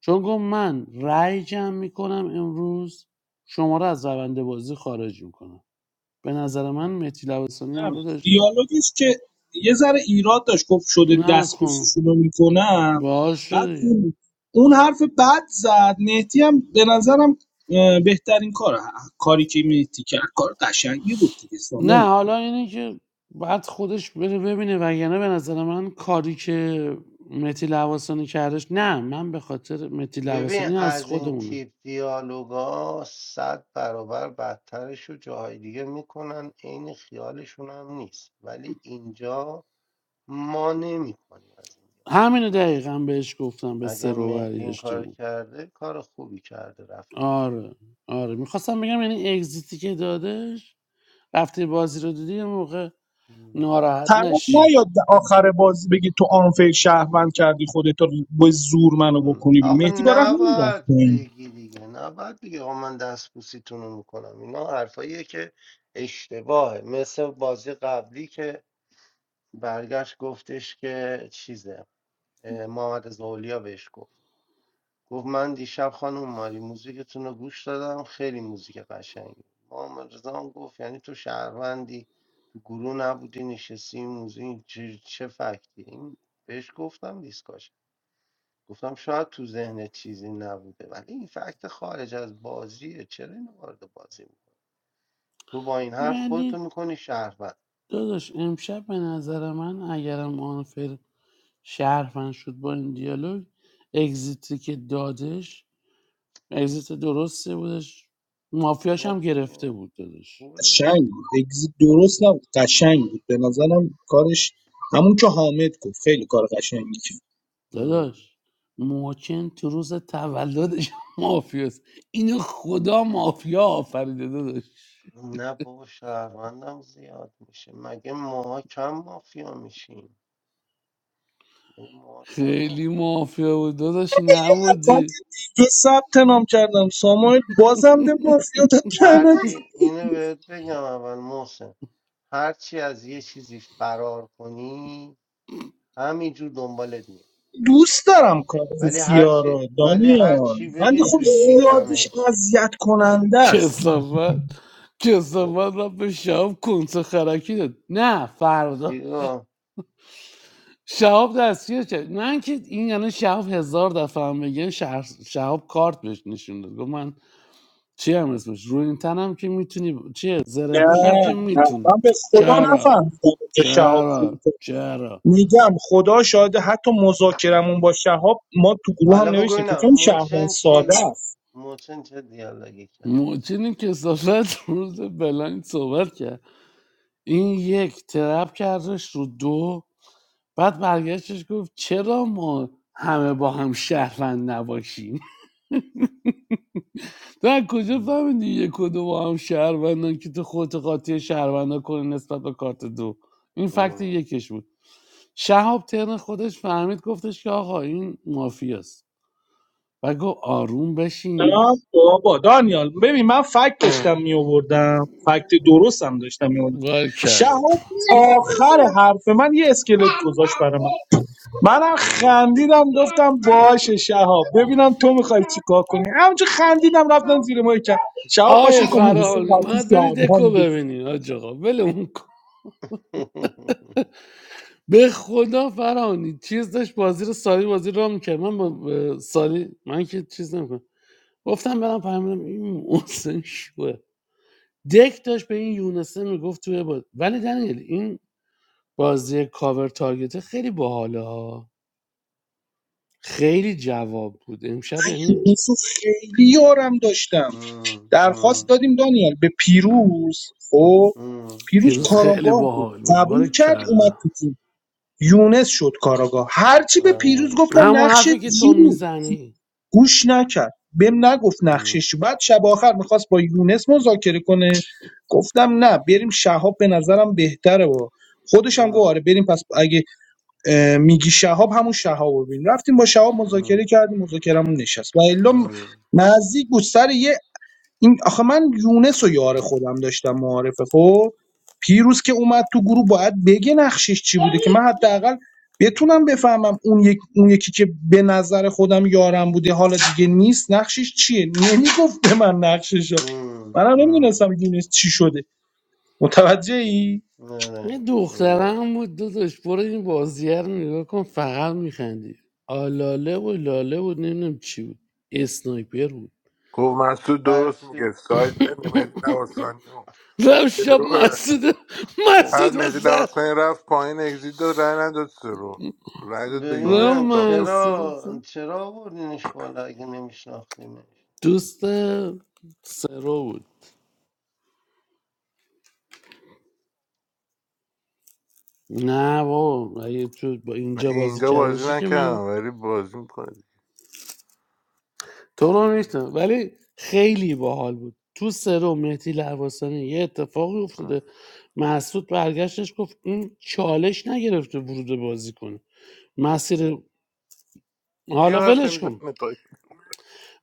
Speaker 10: چون گفت من رأی جمع میکنم امروز شما رو از رونده بازی خارج میکنم به نظر من
Speaker 21: خب.
Speaker 10: مهدی لباسانی
Speaker 7: نه.
Speaker 10: هم داداش
Speaker 7: دیالوگش که یه ذره ایراد داشت گفت شده
Speaker 10: نکن
Speaker 7: دستبوسشون رو میکنم
Speaker 10: باهاش
Speaker 7: بعد
Speaker 10: شدی
Speaker 7: اون اون حرف بد زد مهدی هم به نظرم اه، بهترین کار کاری که مهدی کرد کار قشنگی بود دیگه سامان.
Speaker 10: نه حالا اینه که بعد خودش بره ببینه وگرنه به نظر من کاری که متی لباسانی کردش نه من به خاطر متی
Speaker 21: ببین
Speaker 10: لباسانی از
Speaker 21: از این
Speaker 10: خودمونه
Speaker 21: تیپ دیالوگا صد برابر بدترش رو جاهای دیگه میکنن عین خیالشون هم نیست ولی اینجا ما نمیکنیم از این دیالوگا
Speaker 10: همینو
Speaker 21: پس
Speaker 10: دقیقا بهش گفتم به
Speaker 21: اگر
Speaker 10: سه رو
Speaker 21: مهدی این کار
Speaker 10: برگشتم
Speaker 21: کرده کار خوبی کرده رفته
Speaker 10: آره آره میخواستم بگم یعنی اگزیتی که دادش رفته بازی رو دیدی یه موقع ناراحت
Speaker 7: طرف
Speaker 10: نشی
Speaker 7: نیاد آخر بازی بگی تو آنفیر شهروند کردی خودت رو با زور منو
Speaker 21: م.
Speaker 7: بکنی بیرون
Speaker 21: آخه
Speaker 7: مهدی برای همین رفت
Speaker 21: نباید
Speaker 7: پایین.
Speaker 21: بگی دیگه نباید بگی آقا من دستبوسیتون رو میکنم اینا حرفاییه که اشتباهه مثل بازی قبلی که برگشت گفتش که چیزه اه، محمد زولیا بهش گفت گفت من دیشب خانم ماری موزیکتون رو گوش دادم خیلی موزیک قشنگی محمد رضا هم گفت یعنی تو شهروندی تو گروه نبودی نشستی این موزیک چه, چه فکتی این بهش گفتم دیسکاش گفتم شاید تو ذهن چیزی نبوده ولی این فکت خارج از بازیه چرا اینو وارد بازی میکنی تو با این حرف خودتو
Speaker 10: ولی
Speaker 21: میکنی شهروند
Speaker 10: داداش امشب به نظر من اگرم آنفر شهروند شد با این دیالوگ اگزیتی که دادش اگزیت درسته بودش مافیاش
Speaker 21: خب
Speaker 10: هم گرفته
Speaker 21: دیگه
Speaker 10: بود دادش
Speaker 21: خوبه دیگه
Speaker 7: قشنگ بود اگزیت درست نبود قشنگ بود به نظرم کارش همون که حامد گفت خیلی کار قشنگی کرد
Speaker 21: ام.
Speaker 10: داداش موچن تو روز تولدش مافیاست اینو خدا مافیا آفریده داداش
Speaker 21: نه بابا شهروندم زیاد میشه مگه ماها کم مافیا میشیم مگه ماها کم
Speaker 10: خیلی
Speaker 21: مافیا میشیم
Speaker 10: مافیا بود داداش
Speaker 7: من
Speaker 10: نبودی
Speaker 7: دیگه ثبت نام کردم ساموئل بازم به مافیاتت کردم
Speaker 21: هرچی اینو بهت بگم اول محسن هرچی از یه چیزی فرار کنی همینجور دنبالت میاد
Speaker 7: دوست دارم کارت
Speaker 21: ولی هر
Speaker 7: سیا
Speaker 21: چی
Speaker 7: رو
Speaker 21: ولی هر
Speaker 7: دانیال
Speaker 21: چی
Speaker 7: ولی
Speaker 21: بری
Speaker 7: خب
Speaker 21: تو
Speaker 7: زیادیش
Speaker 21: شکمش
Speaker 7: اذیت کننده است
Speaker 10: کسافت
Speaker 21: خب
Speaker 10: کسافت را به شام کنسه خرکی داد نه فردا
Speaker 21: چی گفت
Speaker 10: شهاب دستگیر کرد من که این یعنی شهاب هزار دفعه هم بگه شهر... شهاب کارت بهش نشون داد گفت من چی هم اسمش رو این تنم که میتونی چیه زره پوشم
Speaker 7: نه
Speaker 10: که
Speaker 7: نه
Speaker 10: میتونی
Speaker 7: من به خدا
Speaker 10: چرا
Speaker 7: نفهمیدم اونجا شهاب
Speaker 10: چرا چرا
Speaker 7: میگم خدا شاهده حتی مذاکرمون با شهاب ما تو گروه هم
Speaker 21: حالا بگو
Speaker 7: نوشتیم فکر
Speaker 21: اینم
Speaker 7: کنم شهروند
Speaker 21: موچن چی
Speaker 7: ساده
Speaker 21: گفت
Speaker 7: است
Speaker 21: موچن چه دیالوگی کرد
Speaker 10: موچین کسافت روز بلند صحبت کرد این یک ترپ کردش رو دو بعد برگشتش گفت چرا ما همه با هم شهروند نباشیم تو از کجا
Speaker 21: مم.
Speaker 10: فهمیدی یک و دو با هم شهروندن که تو خودت قاطع شهروندا کنی نسبت به کارت دو این فکت
Speaker 21: مم.
Speaker 10: یکش بود شهاب ترن خودش فهمید گفتش که آقا این مافیاست و گفت آروم بشین
Speaker 7: نه بابا دانیال ببین من فکت داشتم می آوردم فکت درستم داشتم می آوردم
Speaker 10: کل
Speaker 7: شهاب آخر حرف من یه اسکلت گذاشت برای من منم
Speaker 21: مم.
Speaker 7: خندیدم گفتم باشه شهاب ببینم تو میخوای چیکار کنی همونجا خندیدم رفتم زیر ماهی که شهاب
Speaker 10: آقای
Speaker 7: پاشون که محسن
Speaker 10: فرهانی
Speaker 7: قطعی
Speaker 10: باید بری دکو
Speaker 7: شهروند بود.
Speaker 10: ببینی حاج آقا ولمون کن به خدا فرهانی چیز داشت بازی رو سالی بازی رو میکرد من با با سالی من که چیز نمیکنم گفتم برم فهمیدم این محسن شوه دک داشت به این یونسه میگفت توی با... ولی دنیل این بازی کاور تارگت خیلی باحاله ها خیلی جواب بود امشب
Speaker 7: من
Speaker 10: یعنی
Speaker 7: یوسف خیلی یارم داشتم
Speaker 21: مم.
Speaker 7: درخواست
Speaker 21: مم.
Speaker 7: دادیم دانیال به پیروز خب
Speaker 21: مم.
Speaker 7: پیروز
Speaker 10: پیروز
Speaker 21: مم.
Speaker 10: خیلی
Speaker 7: کاراگاه بود
Speaker 10: باحال بود بار
Speaker 7: قبول کرد اومد
Speaker 10: کلا
Speaker 7: تو تیم یونس شد کاراگاه هرچی به پیروز
Speaker 21: آره.
Speaker 7: گفتم
Speaker 10: همون
Speaker 7: نقش
Speaker 10: حرفی که تو
Speaker 7: چی بود
Speaker 10: میزنی
Speaker 7: گوش نکرد بهم نگفت
Speaker 21: مم.
Speaker 7: نقشش چی. بعد شب آخر میخواست با یونس مذاکره کنه گفتم نه بریم شهاب به نظرم بهتره با خودش هم گفت آره
Speaker 21: مم.
Speaker 7: بریم پس اگه میگی شهاب همون شهاب رو بریم رفتیم با شهاب
Speaker 21: مم.
Speaker 7: مذاکره کردیم مذاکرمون نشست و الا
Speaker 21: مم.
Speaker 7: نزدیک بود سر یه این آخه من یونس و یار خودم داشتم معارفه خب پیروز که اومد تو گروه باید بگه نقشش چی بوده که من حداقل بتونم بفهمم اون, یک، اون یکی که به نظر خودم یارم بوده حالا دیگه نیست نقشش چیه نمیگفت به من نقشش رو
Speaker 21: مم.
Speaker 7: منم
Speaker 21: مم.
Speaker 7: نمیدونستم یونس چی شده متوجه ای؟
Speaker 10: یه
Speaker 21: آره. آره.
Speaker 10: دخترم بود داداش برو این بازیه رو نگاه کن فقط میخندی آلاله و لاله بود نمیدونم چی بود اسنایپر بود
Speaker 15: گفت مسعود
Speaker 21: برای
Speaker 15: درست
Speaker 21: چی؟
Speaker 15: میگه ساید بین مهدی لواسانی و
Speaker 10: رفت شب
Speaker 15: سروه.
Speaker 10: مسعود
Speaker 21: خب
Speaker 15: بعد
Speaker 10: مسعود رو
Speaker 15: مهدی
Speaker 10: زد رفت
Speaker 15: لواسانی رفت پایین اگزیت داد رای نداد سرو رای داد به یونس
Speaker 21: ببینم
Speaker 15: چاپچوپ
Speaker 10: مسعود رو
Speaker 21: چرا
Speaker 10: زد.
Speaker 21: چرا آوردینش بالا اگه نمیشناختینش
Speaker 10: دوست سرو بود نه بابا اگه تو با
Speaker 15: نه
Speaker 10: اینجا بازی
Speaker 15: اینجا
Speaker 10: کرده
Speaker 15: بازی
Speaker 10: باشه که
Speaker 15: نکردم
Speaker 10: من
Speaker 15: ولی بازی میکنه
Speaker 10: تو رو نیستم ولی خیلی باحال بود تو سرو مهدی لواسانی یه اتفاقی افتاده مسعود برگشتش گفت این چالش نگرفته ورود بازی کنه مسیر حالا ولش کن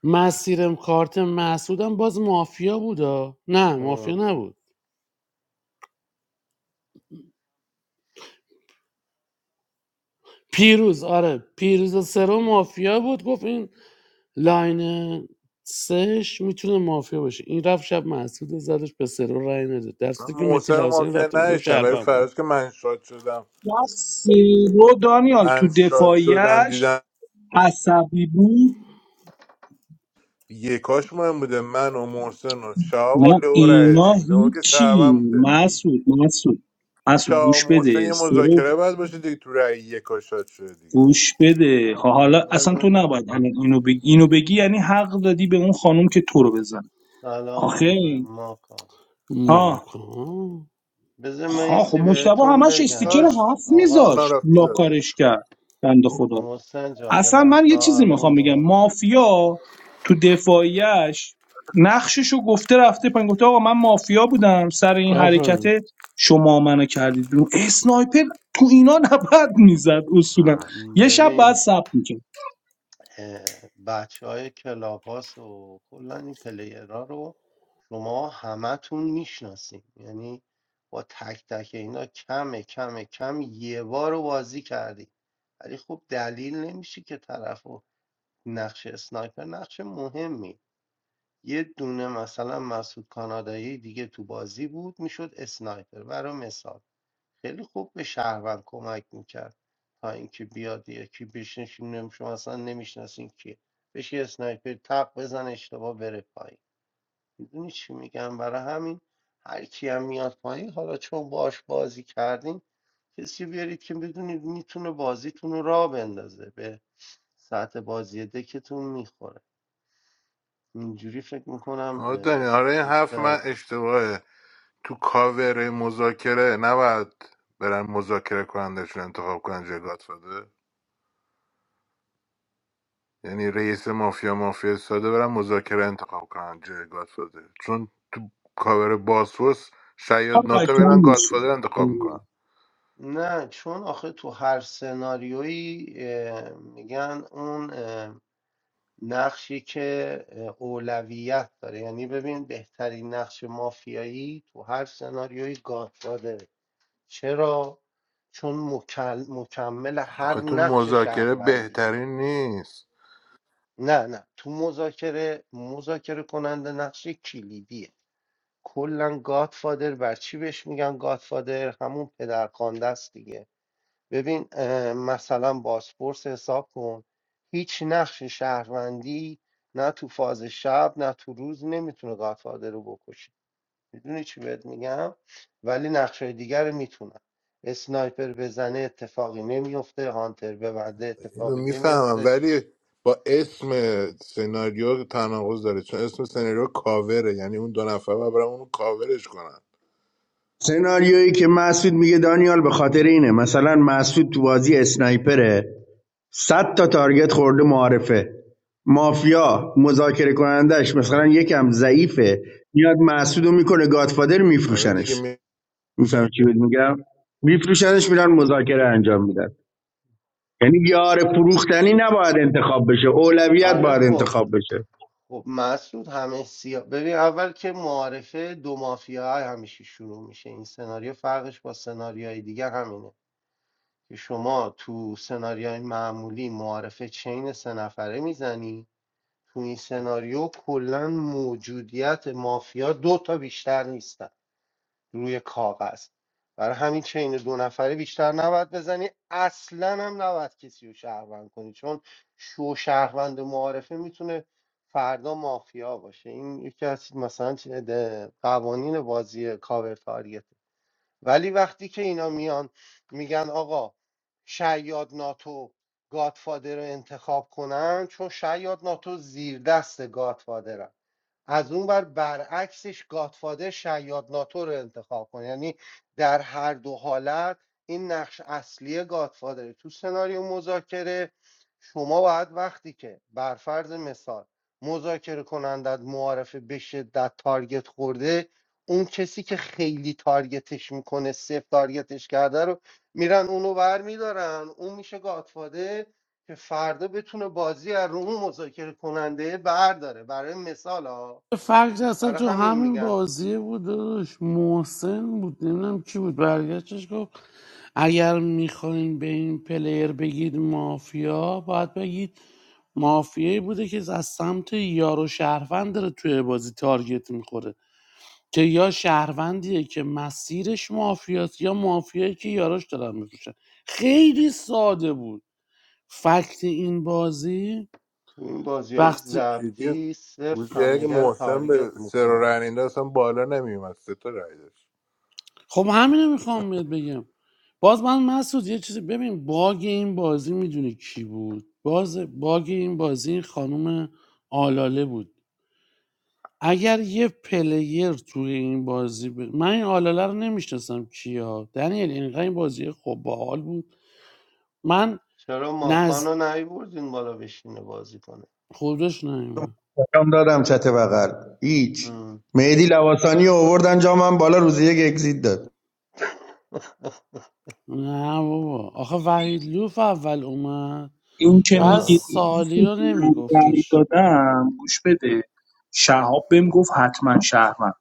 Speaker 10: مسیرم کارت مسعودم باز مافیا بود آه. نه مافیا نبود پیروز آره پیروز سرو مافیا بود گفت این لاین سهش میتونه مافیا باشه این رفت شب محسود زدش به سرو رای نده در
Speaker 15: من
Speaker 10: صورتی که متی
Speaker 15: محسن رو
Speaker 10: لوسانی
Speaker 15: مافیا
Speaker 10: رفته بیرون
Speaker 15: نداشتم ولی
Speaker 10: شهروند
Speaker 15: فراز که من شاد شدم
Speaker 7: رو دانیال تو
Speaker 15: من شاد شدم
Speaker 7: دفاعیش
Speaker 15: دیدم
Speaker 7: عصبی بود
Speaker 15: یکاش مهم بوده من و محسن و شهاب و
Speaker 7: نه
Speaker 15: لئو
Speaker 21: م.
Speaker 15: رای
Speaker 7: اینا
Speaker 15: دادیم لئو که
Speaker 7: هیچی
Speaker 15: شهروند بوده
Speaker 7: مسعود مسعود مسعود
Speaker 15: شاه
Speaker 7: گوش
Speaker 15: محسن
Speaker 7: بده
Speaker 15: یه
Speaker 7: سرو
Speaker 15: مذاکره باید باشه دیگه تو رأی یک شاد شده دیگه
Speaker 7: گوش بده خب حالا اصلا تو
Speaker 21: بزن
Speaker 7: نباید الان اینو بگی اینو بگی یعنی حق دادی به اون خانم که تو رو بزن آخه
Speaker 21: سلام ماکان
Speaker 7: ها
Speaker 10: ماکان
Speaker 21: بذار من یه
Speaker 7: ها خب
Speaker 21: چی
Speaker 7: مشتبه
Speaker 21: بهتون
Speaker 7: همش استیکر
Speaker 21: بگم
Speaker 15: داشت
Speaker 7: هفت
Speaker 21: آقا
Speaker 15: اونم
Speaker 7: میذاش
Speaker 15: رفت
Speaker 7: لاکارش
Speaker 15: زدش
Speaker 7: کرد بنده خدا
Speaker 21: محسن جان یه
Speaker 7: اصلا من
Speaker 21: لحظه
Speaker 7: یه چیزی میخوام
Speaker 21: آروم
Speaker 7: بگم
Speaker 21: باش
Speaker 7: مافیا تو دفاعیش نقششو گفته رفته پایین گفته آقا من مافیا بودم سر این حرکت
Speaker 10: قفل
Speaker 7: شما منو کردید بیرون اسنایپر تو اینا نباید میزد اصولا
Speaker 15: آه.
Speaker 7: یه شب بعد
Speaker 21: ببین
Speaker 7: ثبت می‌کرد.
Speaker 21: بچه های کلاب هاست و کلا این پلیرها رو شما همتون میشناسین یعنی با تک تک اینا کم کم کم یه بار رو بازی کردی ولی خب دلیل نمیشه که طرف و نقش اسنایپر نقش مهمیه یه دونه مثلا مسعود کانادایی دیگه تو بازی بود میشد اسنایپر برای مثال خیلی خوب به شهروند کمک میکرد تا اینکه بیاد یکی بشنشین شما مثلا نمیشناسین کیه بشه اسنایپر تق بزن اشتباه بره پایین میدونی چی میگم برای همین هر کی هم میاد پایین حالا چون باش بازی کردین کسی بیارید که بدونید میتونه بازیتون رو راه بندازه به ساعت بازی دکتون میخوره اینجوری فکر میکنم
Speaker 15: آره دنیا آره این حرف
Speaker 21: چیزتر
Speaker 15: من
Speaker 21: باشه
Speaker 15: اشتباهه تو کاور مذاکره نباید برن مذاکره کنندشون انتخاب کنن جای گاتفاده یعنی رئیس مافیا مافیا ساده برن مذاکره انتخاب کنن جای گاتفاده چون تو کاور باسفورس
Speaker 7: کار
Speaker 15: شاید ناتو
Speaker 7: قشنگ
Speaker 15: میرن
Speaker 7: میشه
Speaker 15: گاتفاده انتخاب میکنن
Speaker 21: نه چون آخه تو هر سناریویی اه، میگن اون اه، نقشی که اه، اولویت داره یعنی ببین بهترین نقش مافیایی تو هر سناریویی گاتفادره چرا؟ چون مکل- مکمل هر
Speaker 15: آخه تو
Speaker 21: نقش
Speaker 15: مذاکره
Speaker 21: شهروندیه
Speaker 15: بهترین نیست
Speaker 21: نه نه تو مذاکره مذاکره کننده نقش کلیدیه کلا گادفادر بر چی بهش میگن گادفادر همون پدرخوانده است دیگه ببین اه، مثلا بازپرس حساب کن هیچ نقش شهروندی نه تو فاز شب نه تو روز نمیتونه گادفادر رو بکشه میدونی چی بهت میگم ولی نقشای دیگر رو میتونن اسنایپر بزنه اتفاقی نمیفته هانتر ببنده
Speaker 15: اینو
Speaker 21: اتفاقی
Speaker 15: میفهمم
Speaker 21: نمیفته
Speaker 15: ولی با اسم سناریو تناقض داره چون اسم سناریو کاوره یعنی اون دو نفر باید برن اونو کاورش کنن
Speaker 23: سناریویی که مسعود میگه دانیال به خاطر اینه مثلا مسعود تو بازی اسنایپره 100 تا تارگت خورده معارفه مافیا مذاکره کنندش مثلا
Speaker 15: آره
Speaker 23: یکم ضعیفه میاد مسعودو میکنه گادفادر
Speaker 15: آره دیگه
Speaker 23: میفروشنش
Speaker 15: می...
Speaker 23: میفهم چی بهت میگم میفروشنش میرن مذاکره انجام میدن یعنی یار فروختنی نباید انتخاب بشه اولویت
Speaker 21: آره
Speaker 23: باید
Speaker 21: خب
Speaker 23: انتخاب بشه
Speaker 21: خب مسعود همه سیا ببین اول که معارفه دو مافیا همیشه شروع میشه این سناریو فرقش با سناریوهای دیگه همینه که شما تو سناریوهای معمولی معارفه چین سه نفره میزنی تو این سناریو کلا موجودیت مافیا دو تا بیشتر نیستن روی کاغذ برای همین چین دو نفره بیشتر نباید بزنی اصلا هم نباید کسی رو شهروند کنی چون شو شهروند معارفه میتونه فردا مافیا باشه این یکی از مثلا چه- ده- قوانین بازی کاور تاریت. ولی وقتی که اینا میان میگن آقا شیاد ناتو گادفادر رو انتخاب کنن چون شیاد ناتو زیر دست گادفادرن از اون بر برعکسش گادفادر شیاد ناتو رو انتخاب کنه یعنی در هر دو حالت این نقش اصلی گادفادره تو سناریو مذاکره شما باید وقتی که بر فرض مثال مذاکره کنندت معارفه به شدت تارگت خورده اون کسی که خیلی تارگتش میکنه صفر تارگتش کرده رو میرن اونو ور میدارن اون میشه گاتفاده که فردا بتونه بازی از رو اون مذاکره کننده برداره برای مثال ها
Speaker 10: فرق اصلا
Speaker 21: برای
Speaker 10: تو
Speaker 21: همین
Speaker 10: همین
Speaker 21: میگن
Speaker 10: بازیه بود داداش محسن بود نمیدونم کی بود برگشتش گفت اگر میخواین به این پلیر بگید مافیا باید بگید مافیایی بوده که از سمت یارو شهروند داره توی بازی تارگت میخوره که یا شهروندیه که مسیرش مافیاست یا مافیایی که یاراش دارن میفروشن خیلی ساده بود فکت این بازی
Speaker 21: تو این بازی های
Speaker 10: وقتی
Speaker 15: جدی
Speaker 21: ضبطی صفر
Speaker 15: روزی اگه
Speaker 21: همدیگه رو
Speaker 15: محسن به
Speaker 21: تارگت
Speaker 15: سر و
Speaker 21: میکنن
Speaker 15: رنینده اصلا بالا نمیومد سه تا رای داشت
Speaker 10: خب همینو میخوام بهت بگم باز من مسعود یه چیزی ببین باگ این بازی میدونی کی بود باز باگ این بازی این خانم آلاله بود اگر یه پلیر توی این بازی ب- من این آلاله رو نمیشناسم کیا دنیل اینقدر این بازی خب باحال بود من
Speaker 21: چرا ماکان
Speaker 10: نزد
Speaker 21: رو نیوردین بالا بشینه بازی کنه
Speaker 10: خودش نیومد
Speaker 23: کم دادم چت بغل هیچ
Speaker 21: هم.
Speaker 23: مهدی لواسانی رو آوردن جامم بالا روز یک اگزییت داد
Speaker 10: نه بابا آخه وحید لوف اول اومد
Speaker 7: این که
Speaker 10: پس
Speaker 7: میگید
Speaker 21: آه.
Speaker 10: سالی رو
Speaker 7: من رأی
Speaker 10: نمیگفتش
Speaker 7: دادم گوش بده شهاب بهم گفت حتما شهروند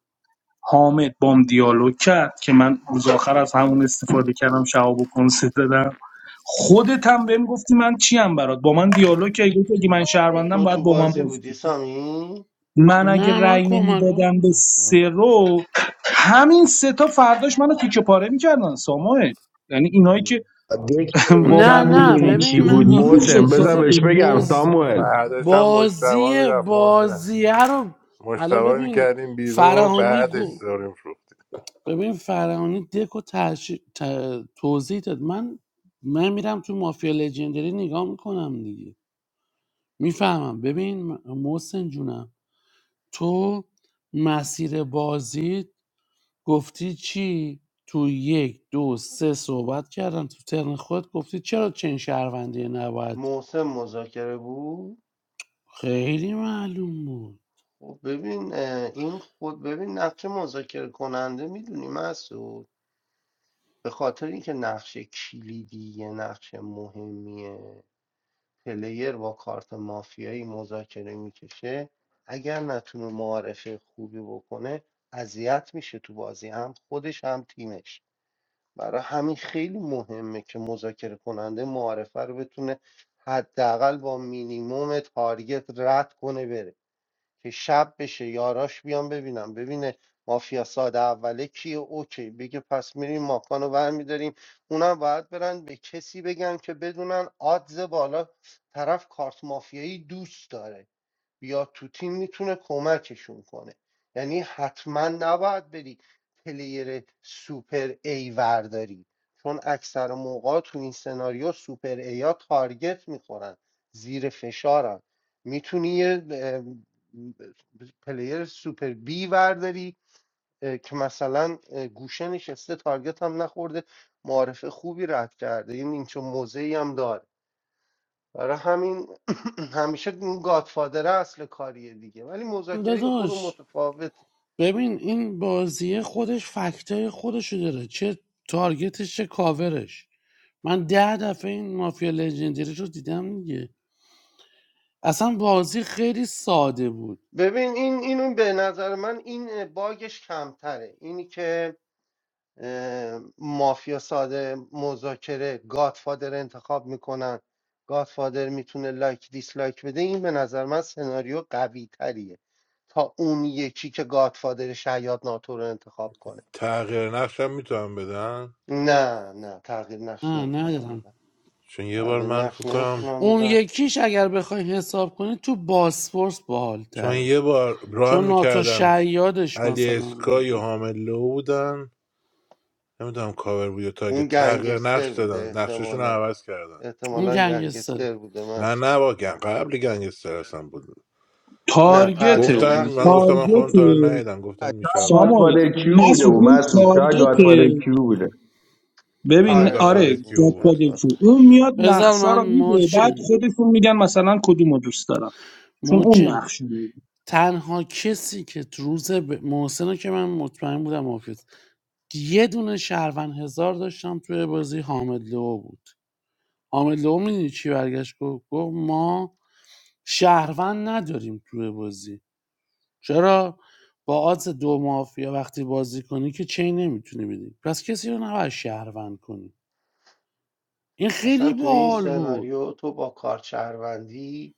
Speaker 7: حامد بام دیالوگ کرد که من روز آخر از همون استفاده کردم شهاب و کنسه دادم خودت هم بهم گفتی من چیم برات با من دیالوگ کردی گفتی اگه من شهروندم
Speaker 21: تو
Speaker 7: باید
Speaker 21: تو
Speaker 7: با من
Speaker 21: بازی
Speaker 7: بازی
Speaker 21: بودی
Speaker 7: کنی
Speaker 21: سامی
Speaker 7: من اگه
Speaker 10: نه من
Speaker 7: رأی
Speaker 10: کمکات
Speaker 7: نمیدادم به
Speaker 10: بودم
Speaker 21: هم.
Speaker 7: سرو همین سه تا فرداش منو تیکه پاره میکردن ساموئل یعنی اینایی که
Speaker 21: هم.
Speaker 23: دیگه
Speaker 7: با
Speaker 10: نه
Speaker 7: من
Speaker 23: امشب
Speaker 7: دیگه
Speaker 10: نه
Speaker 23: میبینی
Speaker 7: طرف
Speaker 23: چی
Speaker 10: ببین
Speaker 7: بودن
Speaker 10: من
Speaker 23: بود
Speaker 10: آخه یه
Speaker 23: محسن
Speaker 7: نمیشد
Speaker 23: بذار
Speaker 7: کاری
Speaker 10: چیزی
Speaker 23: بهش
Speaker 7: کنی
Speaker 23: بگم
Speaker 10: موز
Speaker 23: ساموئل
Speaker 15: بعدش هم مشتبه
Speaker 10: بازی
Speaker 15: میرفت محسن
Speaker 10: بازیه رو
Speaker 15: مشتبه
Speaker 10: الان
Speaker 15: رو
Speaker 10: ببین
Speaker 15: میکردیم بیرون
Speaker 10: فرهانی
Speaker 15: بعدش
Speaker 10: گو...
Speaker 15: داریم فروخت
Speaker 10: ببین فرهانی دکو تحش... ت- توضیح داد من من میرم تو مافیا لژندری نگاه میکنم دیگه میفهمم ببین م- محسن جونم تو مسیر بازی گفتی چی؟ تو یک دو سه صحبت کردم تو ترن خود گفتی چرا چنین شهروندی نباید
Speaker 21: محسن مذاکره بود
Speaker 10: خیلی معلوم بود
Speaker 21: خب ببین اه، این خود ببین نقش مذاکره کننده میدونی مسعود به خاطر اینکه نقش کلیدی نقش مهمیه پلیر با کارت مافیایی مذاکره میکشه اگر نتونه معارفه خوبی بکنه اذیت میشه تو بازی هم خودش هم تیمش برای همین خیلی مهمه که مذاکره کننده معارفه رو بتونه حداقل با مینیموم تارگت رد کنه بره که شب بشه یاراش بیان ببینم ببینه مافیا ساده اوله کیه اوکی بگه پس میریم ماکان رو برمیداریم اونم باید برن به کسی بگن که بدونن آدز بالا طرف کارت مافیایی دوست داره بیاد تو تیم میتونه کمکشون کنه یعنی حتما نباید بری پلیر سوپر ای ورداری چون اکثر موقع تو این سناریو سوپر ای ها تارگت میخورن زیر فشارن میتونی یه اه، پلیر سوپر بی ورداری که مثلا اه، گوشه نشسته تارگت هم نخورده معارفه خوبی رد کرده این چه موضعی هم داره برای همین همیشه این گادفادر اصل کاریه دیگه ولی مذاکره یه خورده
Speaker 10: داداش
Speaker 21: متفاوته
Speaker 10: ببین این بازی خودش فکتای خودشو داره چه تارگتش چه کاورش من ده دفعه این مافیا لژندری رو دیدم دیگه اصلا بازی خیلی ساده بود
Speaker 21: ببین این اینو به نظر من این باگش کمتره اینی که اه، مافیا ساده مذاکره گادفادر انتخاب میکنن گادفادر میتونه لایک دیسلایک بده این به نظر من سناریو قوی تریه تا اون یکی که گادفادر شیاد ناتو رو انتخاب کنه
Speaker 15: تغییر نقشم میتونم بدن
Speaker 21: نه نه تغییر نقش
Speaker 10: نه
Speaker 21: نمیتونم
Speaker 10: ندارم
Speaker 21: بدم
Speaker 15: چون یه بار
Speaker 21: تغییر
Speaker 15: من فکر
Speaker 21: نقش
Speaker 15: کنم
Speaker 21: نمیتونم
Speaker 10: اون
Speaker 21: بدم
Speaker 10: یکیش اگر بخوای حساب کنی تو باسپورس
Speaker 15: چون من
Speaker 10: باحالتره
Speaker 15: یه بار ران
Speaker 10: چون ناتو
Speaker 15: میکردم
Speaker 10: شیادش
Speaker 15: علی
Speaker 10: مثلا من
Speaker 15: اسکای و
Speaker 10: بود.
Speaker 15: حامد لو بودن نمیدونم کاور بود یا تا اگه
Speaker 21: اون
Speaker 15: تغییر نقش
Speaker 21: گنگستر بوده
Speaker 15: دادن نقششون رو
Speaker 21: احتمالا
Speaker 15: عوض کردن
Speaker 10: اون
Speaker 21: احتمالا
Speaker 10: گنگستر
Speaker 21: گنگستر بوده
Speaker 15: نه
Speaker 21: مسعود
Speaker 15: نه با گن قبل گنگستر اصلا بود
Speaker 21: نه
Speaker 22: Uh,
Speaker 7: تارگت
Speaker 21: تغییر
Speaker 15: گفتن
Speaker 7: اون
Speaker 21: نقش
Speaker 15: من گفتم من
Speaker 7: تارگت
Speaker 21: نمیتونم
Speaker 15: خودم تا رو ندیدم گفتن
Speaker 23: شاید
Speaker 15: میشه اول
Speaker 7: ساموئل
Speaker 23: گادفادر کیو بوده
Speaker 7: مسعود
Speaker 23: و
Speaker 7: اون
Speaker 23: مسعود شاید
Speaker 7: تارگت
Speaker 23: گادفادر کیو بوده
Speaker 15: آره
Speaker 7: ببین
Speaker 21: آره
Speaker 15: گافادر
Speaker 7: آره
Speaker 21: راست میگه
Speaker 15: کیو بود
Speaker 21: شاید
Speaker 7: گادفادر شو
Speaker 21: گاتفادر
Speaker 7: اون
Speaker 21: کیو
Speaker 7: میاد
Speaker 21: بود.
Speaker 10: بذار
Speaker 7: نقشا
Speaker 10: من
Speaker 7: رو میده بعد
Speaker 10: موچن
Speaker 7: خودشون میگن مثلا کدوم رو دوست دارم چون اون
Speaker 10: موچن
Speaker 7: نقش رو میده
Speaker 10: تنها کسی که تو روز ب... محسنه که من مطمئن بودم مافیوس یه دونه شهروند هزار داشتم توی بازی حامد لو بود حامد لو میدونی چی برگشت گفت گفت ما شهروند نداریم توی بازی چرا با آدز دو مافیا وقتی بازی کنی که چین نمیتونی بدی پس کسی رو نباید شهروند کنی این
Speaker 21: اصلا
Speaker 10: خیلی
Speaker 21: تو این
Speaker 10: باحال بود
Speaker 21: سناریو تو با کار شهروندی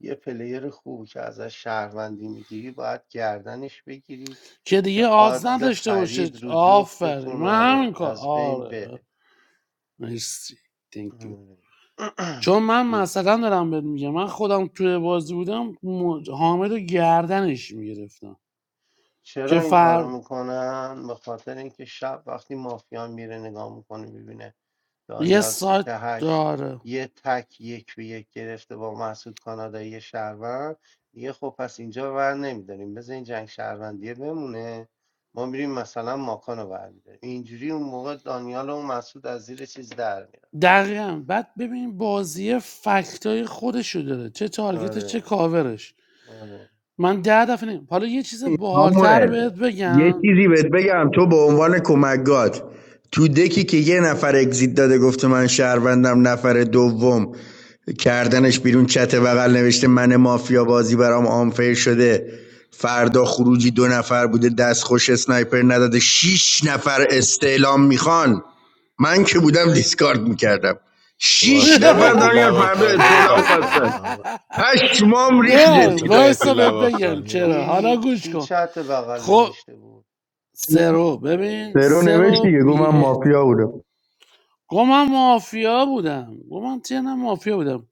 Speaker 21: یه پلیر خوبی که ازش شهروندی میگیری باید گردنش بگیری
Speaker 10: که
Speaker 21: که
Speaker 10: دیگه آدز
Speaker 21: آدز
Speaker 10: نداشته باشه
Speaker 21: خرید رو
Speaker 10: آفرین
Speaker 21: جفتتون
Speaker 10: من همین
Speaker 21: آره
Speaker 10: کار
Speaker 21: از بین
Speaker 10: آره
Speaker 21: بره
Speaker 10: مرسی thank you. چون من مثلا دارم بهت میگم من خودم توی بازی بودم م- حامد رو گردنش میگرفتم
Speaker 21: چرا
Speaker 10: که
Speaker 21: این کارو
Speaker 10: فر
Speaker 21: میکنن؟ به خاطر اینکه شب وقتی مافیا میره نگاه میکنه میبینه
Speaker 10: یه
Speaker 21: دانیال سیت
Speaker 10: سایت
Speaker 21: هشت
Speaker 10: داره
Speaker 21: یه تک یک به یک گرفته با محسود کانادایی شهروند دیگه خب پس اینجا ور نمیداریم بذار این جنگ شهروندیه بمونه ما میریم مثلا ماکان رو ور میداریم اینجوری اون موقع دانیال و اون از زیر چیز در میاد
Speaker 10: دقیقا بعد ببین بازی فکتای خودشو داره چه تارگتش چه
Speaker 21: آره
Speaker 10: کاورش
Speaker 21: آره
Speaker 10: من 10 دفعه نمی حالا یه چیز باحال‌تر
Speaker 23: ساموئل
Speaker 10: بهت
Speaker 23: یه
Speaker 10: بگم
Speaker 23: چیزی بهت بگم تو به عنوان کمکگات تو دکی که یه نفر اگزیت داده گفته من شهروندم نفر دوم کردنش بیرون چت بغل نوشته من مافیا بازی برام آنفیر شده فردا خروجی دو نفر بوده دست خوش اسنایپر نداده شیش نفر استعلام میخوان من که بودم دیسکارد میکردم شیش
Speaker 15: واسه
Speaker 23: نفر
Speaker 15: مهدی
Speaker 23: دانیال فردا
Speaker 15: لواسانی
Speaker 23: استعلام خواستن
Speaker 15: میخواستم
Speaker 23: پشمام ریخ
Speaker 21: م،
Speaker 10: نه
Speaker 15: واسه
Speaker 23: جدی
Speaker 15: مهدی
Speaker 10: وایسا بهت بگم
Speaker 15: لواسانی
Speaker 10: چرا حالا
Speaker 15: میخواستم
Speaker 21: کی
Speaker 10: گوش
Speaker 21: کی
Speaker 10: کن
Speaker 21: چت بغل
Speaker 10: خب
Speaker 21: نوشته بود
Speaker 10: سرو ببین
Speaker 23: سرو نوشت
Speaker 10: سرو
Speaker 23: دیگه گفت
Speaker 10: بی
Speaker 23: من
Speaker 10: احت...
Speaker 23: مافیا بودم
Speaker 10: گو من مافیا بودم گو من تنم مافیا بودم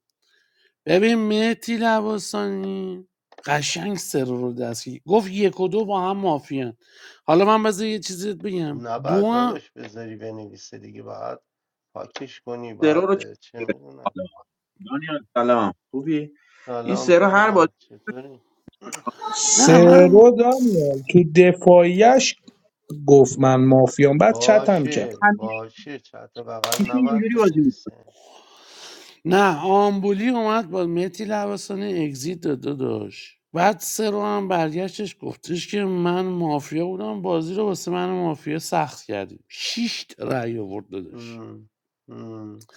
Speaker 10: ببین مهتی لباسانی قشنگ سرو رو دستگی گفت یک و دو با هم مافیان حالا من بذار یه چیزی بهت بگم دو
Speaker 21: نباید
Speaker 10: هم-
Speaker 21: داداش بذاری بنویسه دیگه باید پاکش کنی
Speaker 12: سرو
Speaker 21: باید
Speaker 12: رو چه-
Speaker 21: اه، چه میدونم
Speaker 12: حاله؟ دانیال سلام خوبی؟ این
Speaker 21: سلام
Speaker 12: سرا هر بازی
Speaker 21: پیرمرد چطوری
Speaker 10: نه من
Speaker 7: سرو دانیال تو دفاعیش گفت من مافیام بعد چتم کرد
Speaker 21: باشه باشه چت بغل نباید بنویسه
Speaker 10: نه آمبولی اومد با متی لباسانی اگزیت داده داشت بعد سرو هم برگشتش گفتش که من مافیا بودم بازی رو واسه من مافیا سخت کردیم شیش تا رأی آورد داداش
Speaker 21: هم، هم،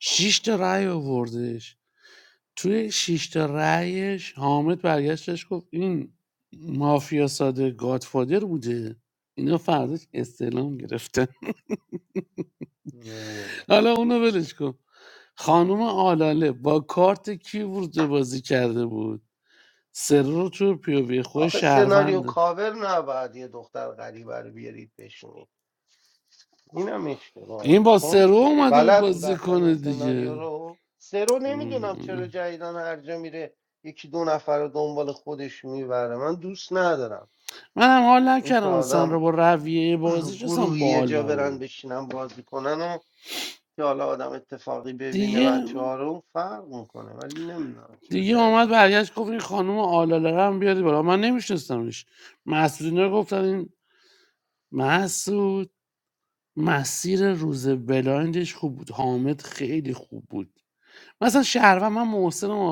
Speaker 10: شیش تا رأی آوردش توی شیش تا رأیش حامد برگشتش گفت این مافیا ساده گادفادر بوده اینا فرداش استعلام گرفتن
Speaker 21: هم.
Speaker 10: حالا اونو ولش کن خانوم آلاله با کارت کی ورود به بازی کرده بود سرو رو تو پی خود
Speaker 21: آخه سناریو
Speaker 10: شهرونده
Speaker 21: کاور نباید یه دختر غریبه رو بیارید بشونید اینم اشتباهه
Speaker 10: این با
Speaker 21: چون
Speaker 10: سرو اومده بود
Speaker 21: بلد بود
Speaker 10: بازی
Speaker 21: اصلا این
Speaker 10: کنه
Speaker 21: سناریو
Speaker 10: دیگه
Speaker 21: رو سه رو نمیدونم چرا
Speaker 10: مم.
Speaker 21: جدیدن هر جا میره یکی دو نفر رو دنبال خودش میبره من دوست ندارم
Speaker 10: منم حال
Speaker 21: این که
Speaker 10: نکردم اصلا رو
Speaker 21: آدم
Speaker 10: با رویه بازیش اصلا
Speaker 21: گروهی یه
Speaker 10: باحال
Speaker 21: جا برن
Speaker 10: نبود
Speaker 21: بشینن بازی کنن و که حالا آدم اتفاقی ببینه
Speaker 10: دیگه
Speaker 21: بچه ها رو فرق میکنه ولی نمیدونم چرا
Speaker 10: دیگه اومد
Speaker 21: جدیدم
Speaker 10: برگشت گفت این خانم آلاله رو هم بیاری بالا من نمیشنستمش مسعود اینا رو گفتن این مسعود مسیر روز بلایندش خوب بود حامد خیلی خوب بود مثلا شهروند من محسنم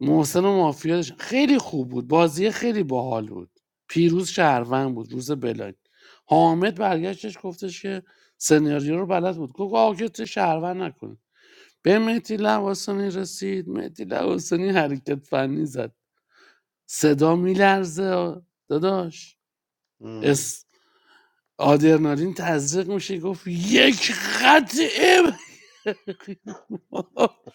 Speaker 10: محسن و مافیا داشتم. خیلی خوب بود بازی خیلی باحال بود پیروز شهروند بود روز بلاک حامد برگشتش گفتش که سناریو رو بلد بود گفت آقا که تو شهروند نکن به مهدی لواسانی رسید مهدی لواسانی حرکت فنی زد صدا میلرزه داداش اس آدرنالین تزریق میشه گفت یک خط ام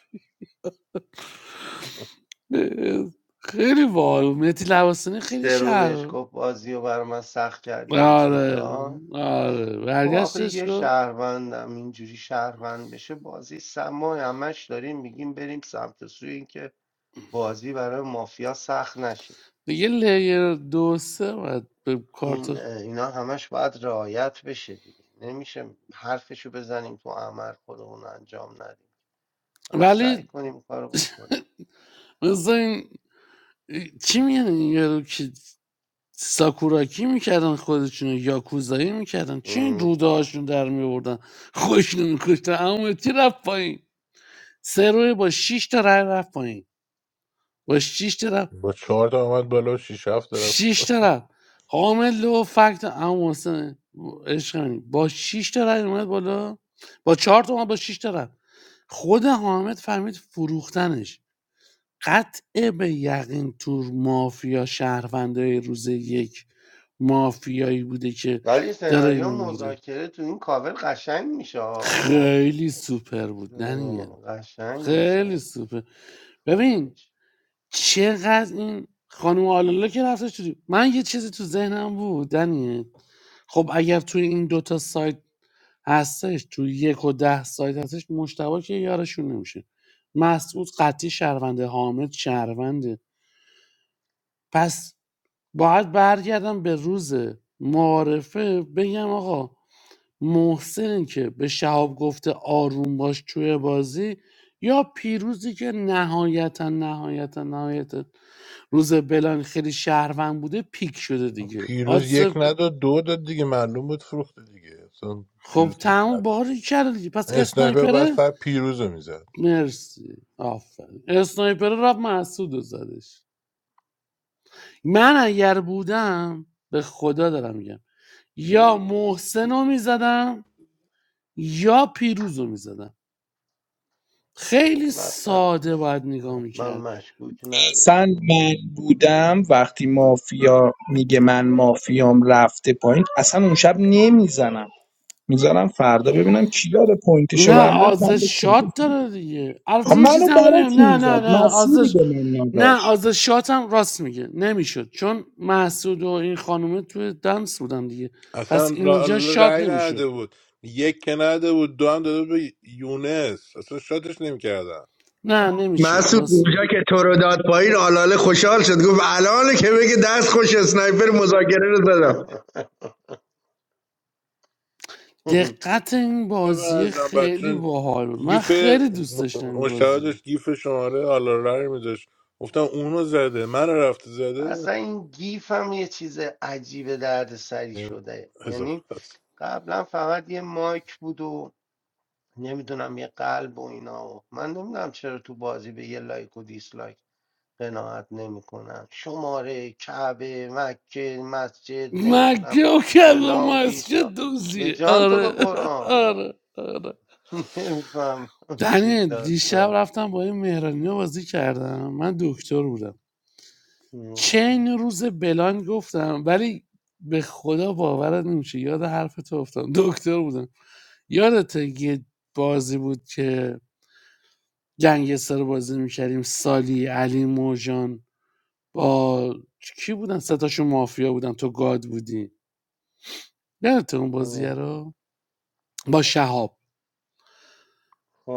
Speaker 10: خیلی باحال بود. مهدی لواسانی خیلی
Speaker 21: سترو بهش
Speaker 10: شهر
Speaker 21: گفت بازی رو برای من سخت کردی اگزیت
Speaker 10: آره
Speaker 21: داد
Speaker 10: آره
Speaker 21: خب آخه
Speaker 10: برگشتش
Speaker 21: یه
Speaker 10: کن
Speaker 21: شهروندم اینجوری شهروند بشه بازی سما همش داریم میگیم بریم سمت سوی اینکه بازی برای مافیا سخت نشه
Speaker 10: دیگه لیر دو سه باید به
Speaker 21: این
Speaker 10: کارت
Speaker 21: اینا همش باید رعایت بشه دیگه نمیشه حرفشو بزنیم تو عمل خودمون انجام ندیم باید سعی
Speaker 10: ولی
Speaker 21: کنیم کارو بکنیم
Speaker 10: مثل این چی میگن این یارو که ساکوراکی میکردن خودشون یاکوزایی میکردن چی
Speaker 21: مم.
Speaker 10: این روده هاشون در میوردن خوشون میکشتن اما چی رفت پایین سه روی با شیش تا رای رفت پایین با شیش تا رای.
Speaker 15: با چهار تا اومد بالا و شیش هفت طرف
Speaker 10: شیش تا حامد لو فکت عمو حسین عشق با شیش تا رفت اومد بالا با چهار تا اومد با شیش تا رفت خود حامد فهمید فروختنش قطع به یقین تور مافیا شهروندای روز یک مافیایی بوده که
Speaker 21: ولی
Speaker 10: داره
Speaker 21: سناریو
Speaker 10: اینو میره
Speaker 21: مذاکره تو این کاور قشنگ میشه آه.
Speaker 10: خیلی سوپر بود دنیل
Speaker 21: قشنگ
Speaker 10: خیلی
Speaker 21: میشه
Speaker 10: سوپر ببین
Speaker 21: خدایش
Speaker 10: چقدر این خانم آلاله که رفته شدی من یه چیزی تو ذهنم بود دنیه خب اگر توی این دوتا سایت هستش توی یک و ده سایت هستش مشتبه که یارشون نمیشه مسعود قطعی شهرونده حامد شهرونده پس باید برگردم به روز معارفه بگم آقا محسن که به شهاب گفته آروم باش توی بازی یا پیروزی که نهایتا نهایتا نهایتا روز بلان خیلی شهروند بوده پیک شده دیگه
Speaker 15: پیروز
Speaker 10: آدز
Speaker 15: یک نداد دو داد دیگه معلوم بود فروخته دیگه اصلا
Speaker 10: خب
Speaker 15: پیروز که
Speaker 10: تموم
Speaker 15: بد-
Speaker 10: باری کرده دیگه پس
Speaker 15: اسنایپر بعد
Speaker 10: اسنایپره
Speaker 15: فقط پیروز رو میزد
Speaker 10: مرسی آفرین اسنایپره رفت محسود رو زدش من اگر بودم به خدا دارم میگم یا محسن رو میزدم یا پیروز رو میزدم خیلی
Speaker 21: خب حتما
Speaker 10: ساده باید نگاه میکرد
Speaker 21: حتما مشکوک
Speaker 7: سن
Speaker 21: نداشته این دو
Speaker 7: من بودم وقتی مافیا میگه من مافیام رفته پایین اصلا اون شب نمیزنم میذارم فردا ببینم کی داره پوینتشو
Speaker 10: نه
Speaker 7: برم داره فردا
Speaker 10: آزش شات
Speaker 7: صحبت
Speaker 10: داره دیگه
Speaker 7: خب
Speaker 10: البته یه
Speaker 7: منو
Speaker 10: چیزی هم
Speaker 7: برا
Speaker 10: بدیم
Speaker 7: کی
Speaker 10: نه
Speaker 7: میزد
Speaker 10: نه نه
Speaker 7: مسیری
Speaker 10: آزش
Speaker 7: به من
Speaker 10: نه
Speaker 7: داشت
Speaker 10: آزش شات هم راست میگه نمیشد چون محسود و این خانومه توی دنس بودن دیگه پس
Speaker 15: اصلا
Speaker 10: اینجا
Speaker 15: را-
Speaker 10: شات
Speaker 15: رأی
Speaker 10: نمیشد
Speaker 15: نده بود یک که نده بود دو هم داده بود به یونس اصلا شاتش نمیکردن
Speaker 10: نه نمیشد
Speaker 23: مسعود
Speaker 10: راست میگه.
Speaker 23: اونجا که تو رو داد پایین آلاله خوشحال شد گفت الان که بگه دست خوش اسنایپر مذاکره رو زدم
Speaker 21: نفر
Speaker 10: دقت این
Speaker 15: به
Speaker 10: بازی
Speaker 15: نظرم
Speaker 10: خیلی
Speaker 15: بچون
Speaker 10: باحال بود من
Speaker 15: گیف
Speaker 10: خیلی دوست داشتم این
Speaker 15: مشتبه
Speaker 10: بازی رو
Speaker 15: داشت گیف شماره حالا رأی میداشت گفتم اونو زده من رفته زده
Speaker 21: اصلا این گیف هم یه چیز عجیب درد سری شده یعنی قبلا فقط یه مایک بود و نمیدونم یه قلب و اینا و من نمیدونم چرا تو بازی به یه لایک و دیسلایک قناعت نمیکنن شماره کعبه مکه مسجد نمیدونم
Speaker 10: مکه و کلام
Speaker 21: فلان
Speaker 10: مسجد
Speaker 21: بیسا به
Speaker 10: دوزیه
Speaker 21: جان تو به
Speaker 10: آره
Speaker 21: قرآن
Speaker 10: آره آره
Speaker 21: نمیفهم چی
Speaker 10: دنیل دیشب
Speaker 21: داستانی
Speaker 10: رفتم با این مهرانی بازی کردم من دکتر بودم چه این روز بلان گفتم ولی به خدا باورت نمیشه یاد حرف تو افتادم دکتر بودم یادت یه بازی بود که گنگستر بازی میکردیم سالی علی موجان با کی بودن ستاشون مافیا بودن تو گاد بودی یادت اون بازی
Speaker 21: خب،
Speaker 10: رو با شهاب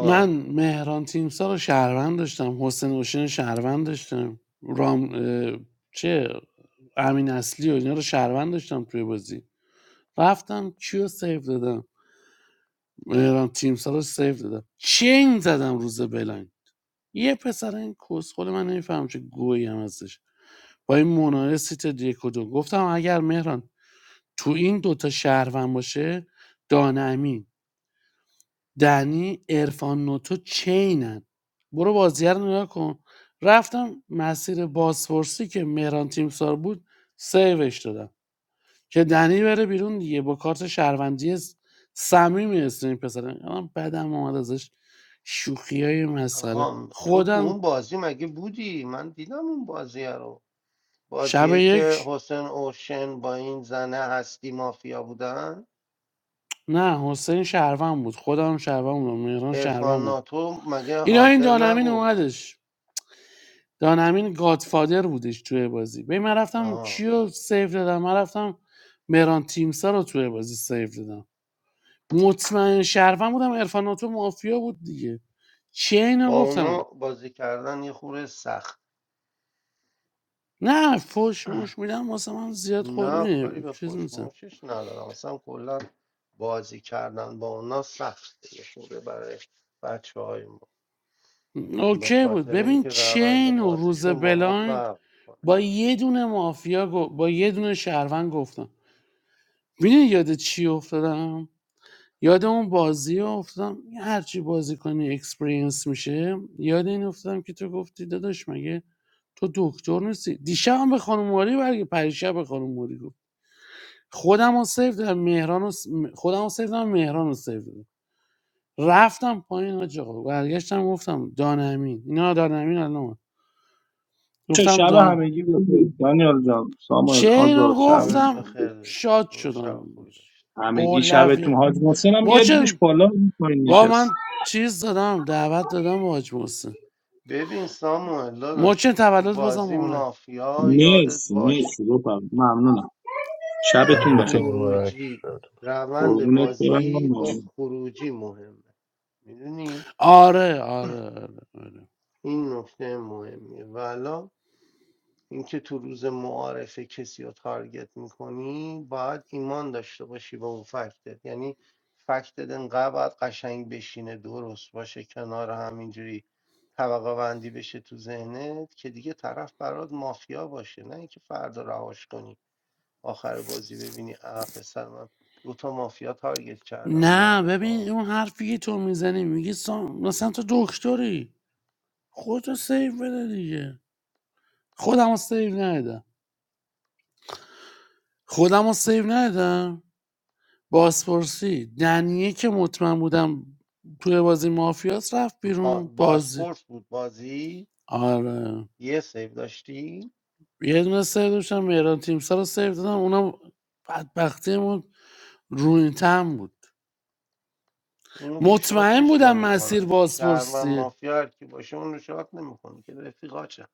Speaker 10: من مهران تیمسار رو شهروند داشتم حسین حسین شهروند داشتم رام اه، چه امین اصلی و اینا رو شهروند داشتم توی بازی رفتم کیو سیو دادم مهران تیم سالار سیو دادم چین زدم روز بلنگ یه پسر این کسخل من نمیفهم چه گویی هم ازش با این مناره سیت یک دو گفتم اگر مهران تو این دوتا شهروند باشه دانمین دنی ارفان نوتو چینن برو بازیه رو نگاه کن رفتم مسیر بازپرسی که مهران تیمسار بود سیوش دادم که دنی بره بیرون دیگه با کارت شهروندی صمیمی است این پسر الان بدم اومد ازش شوخی های مسخره
Speaker 21: آها تو تو
Speaker 10: خودم
Speaker 21: اون بازی مگه بودی من دیدم اون بازی رو
Speaker 10: شب
Speaker 21: بازیه که
Speaker 10: یک
Speaker 21: حسین اوشن با این زنه هستی مافیا بودن
Speaker 10: نه حسین شهروند بود خودم شهروند بودم مهران شهروند
Speaker 21: ارفان
Speaker 10: بود
Speaker 21: ناتو مگه
Speaker 10: اینا این
Speaker 21: هانتر
Speaker 10: دانمین
Speaker 21: نبود
Speaker 10: اومدش دانمین گادفادر بودش توی بازی به من رفتم
Speaker 21: آها
Speaker 10: کیو سیف دادم من رفتم مهران تیمسا رو توی بازی سیف دادم مطمئن شهروند بودم ارفاناتو مافیا بود دیگه چه اینو
Speaker 21: با اونا
Speaker 10: گفتم
Speaker 21: بازی کردن یه خورده سخت
Speaker 10: نه فوش موش میدم واسه من زیاد خود
Speaker 21: نه کاری
Speaker 10: میدیم
Speaker 21: به
Speaker 10: چیز نیستم
Speaker 21: فوشموشش ندارم اصلا کلا بازی کردن با اونا سخته یه خورده برای بچه های ما به
Speaker 10: اوکی بود
Speaker 21: خاطر
Speaker 10: ببین
Speaker 21: اینکه روند
Speaker 10: چین و روز
Speaker 21: بازیشون با ما
Speaker 10: بلایند
Speaker 21: فرق کنه
Speaker 10: با یه دونه مافیا با یه دونه شهروند گفتم میدونی یاد چی افتادم یاد اون بازی افتادم هرچی بازی کنی اکسپرینس میشه یاد این افتادم که تو گفتی داداش مگه تو دکتر نیستی دیشب هم به خانم موری برگه پریشب به خانم موری گفت خودم رو سیف دادم مهران رو س- خودم رو سیف دادم مهران رو سیف دادم. رفتم پایین حاج آقا برگشتم گفتم دانمین اینا دانمین الان اومد.
Speaker 7: چه
Speaker 10: گفتم
Speaker 7: شب
Speaker 10: دان
Speaker 7: همگی بخیر دانیال جان ساموئل
Speaker 10: چه اینو
Speaker 7: آزاد شب
Speaker 21: شبت
Speaker 10: گفتم
Speaker 21: بخیر داشت
Speaker 10: شاد
Speaker 21: برو
Speaker 10: شدم
Speaker 21: شب خوبی داشت
Speaker 7: همگی شبتون
Speaker 10: اولویه
Speaker 7: حاج محسن هم بیاریدش
Speaker 10: موچن
Speaker 7: بالا این پایین
Speaker 10: با
Speaker 7: نشست
Speaker 10: من چیز دادم دعوت دادم با حاج محسن
Speaker 21: ببین ساموئل داشت
Speaker 10: موچن
Speaker 21: تو
Speaker 10: تولد بازم
Speaker 21: بازی
Speaker 10: آره
Speaker 21: مافیا یادت
Speaker 7: مرسی
Speaker 21: باشه
Speaker 7: شبتون
Speaker 15: تنه تو
Speaker 7: بخیر
Speaker 15: مبارک
Speaker 21: خروجی روند
Speaker 7: قربونت
Speaker 21: بازی
Speaker 7: برم
Speaker 21: با خروجی مهمه میدونی
Speaker 10: آره آره, آره.
Speaker 21: این نکته مهمیه و اینکه تو روز معارفه کسی رو تارگت میکنی باید ایمان داشته باشی به اون فکتت یعنی فکتت انقدر باید قشنگ بشینه درست باشه کنار همینجوری اینجوری طبقه بندی بشه تو ذهنت که دیگه طرف برات مافیا باشه نه اینکه فردا رهاش کنی آخر بازی ببینی اه پسر من دو تا مافیا تارگت کردم
Speaker 10: نه
Speaker 21: معارفه
Speaker 10: ببین اون حرفی که تو میزنی میگی سام... مثلا تو دکتری خودتو سیو بده دیگه خودم رو سیو ندادم خودم رو سیو ندادم بازپرسی دنیه که مطمئن بودم توی بازی مافیاس رفت
Speaker 21: ها
Speaker 10: بیرون بازی
Speaker 21: باسپورس بود بازی
Speaker 10: آره
Speaker 21: یه سیو داشتی
Speaker 10: یه دونه سیو داشتم مهران تیمسا رو سیو دادم اونم بدبختیمون روینتم بود
Speaker 21: اونو که
Speaker 10: مطمئن
Speaker 21: شاتش
Speaker 10: بودم مسیر
Speaker 21: نمیکنن شهر و
Speaker 10: بازپرسی
Speaker 21: مافیا هر کی باشه اون رو شات نمیکنه که رفیقاچن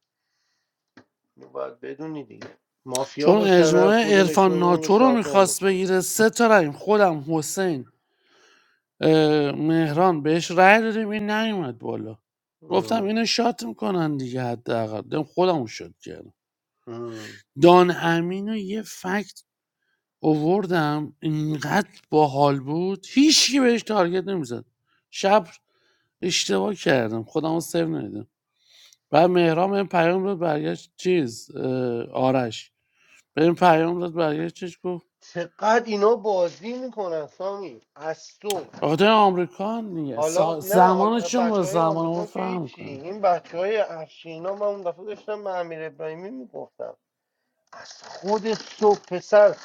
Speaker 21: اینو باید بدونی دیگه مافیا
Speaker 10: چون
Speaker 21: باشن هر
Speaker 10: اجماع
Speaker 21: کدومشون
Speaker 10: عرفان
Speaker 21: اونو
Speaker 10: ناتو رو
Speaker 21: شات
Speaker 10: میخواست
Speaker 21: نمیکنه
Speaker 10: بگیره سه تا رای خودم حسین اه، مهران بهش رای دادیم این نیومد بالا گفتم
Speaker 21: ام،
Speaker 10: اینو شات میکنن دیگه حداقل دم خودمون شد کردم.
Speaker 21: ام.
Speaker 10: دان امین رو یه فکت اووردم اینقدر باحال بود هیچکی بهش تارگت نمیزد شب اشتباه کردم خودم رو سیو ندیدم بعد مهرام این پیام رو برگشت چیز آرش به این پیام رو برگشت چیز گفت
Speaker 21: چقدر اینا بازی میکنن سامی از تو
Speaker 10: آقای آمریکان دیگه
Speaker 21: حالا
Speaker 10: سا-
Speaker 21: نه حال
Speaker 10: زمانشون با
Speaker 21: بچه های
Speaker 10: زمان ما
Speaker 21: آمریکا که
Speaker 10: فهم
Speaker 21: هیچی
Speaker 10: کنه
Speaker 21: این بچه های افشینا من اون دفعه داشتم به امیر ابراهیمی میگفتم از خود صبح پسر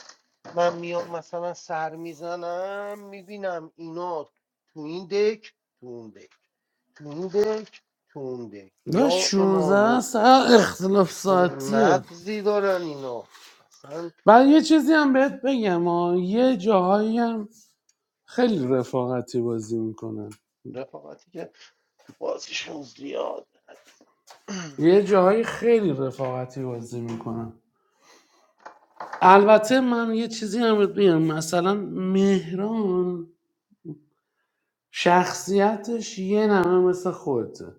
Speaker 21: من میام مثلا سر میزنم میبینم اینا تو این دک تو اون دک تو این دک تو اون دک
Speaker 10: نه
Speaker 21: یا امام
Speaker 10: 16
Speaker 21: حسین
Speaker 10: ساعت اختلاف
Speaker 21: چه
Speaker 10: ساعتیه
Speaker 21: مغزی دارن اینا اصلا
Speaker 10: بعد یه چیزی هم بهت بگم ها. یه جاهایی هم خیلی رفاقتی بازی میکنن
Speaker 21: رفاقتی که تو بازیشون زیاد
Speaker 10: یه جایی خیلی رفاقتی بازی میکنم البته من یه چیزی هم بهت بگم مثلا مهران شخصیتش یه نمه مثل خودته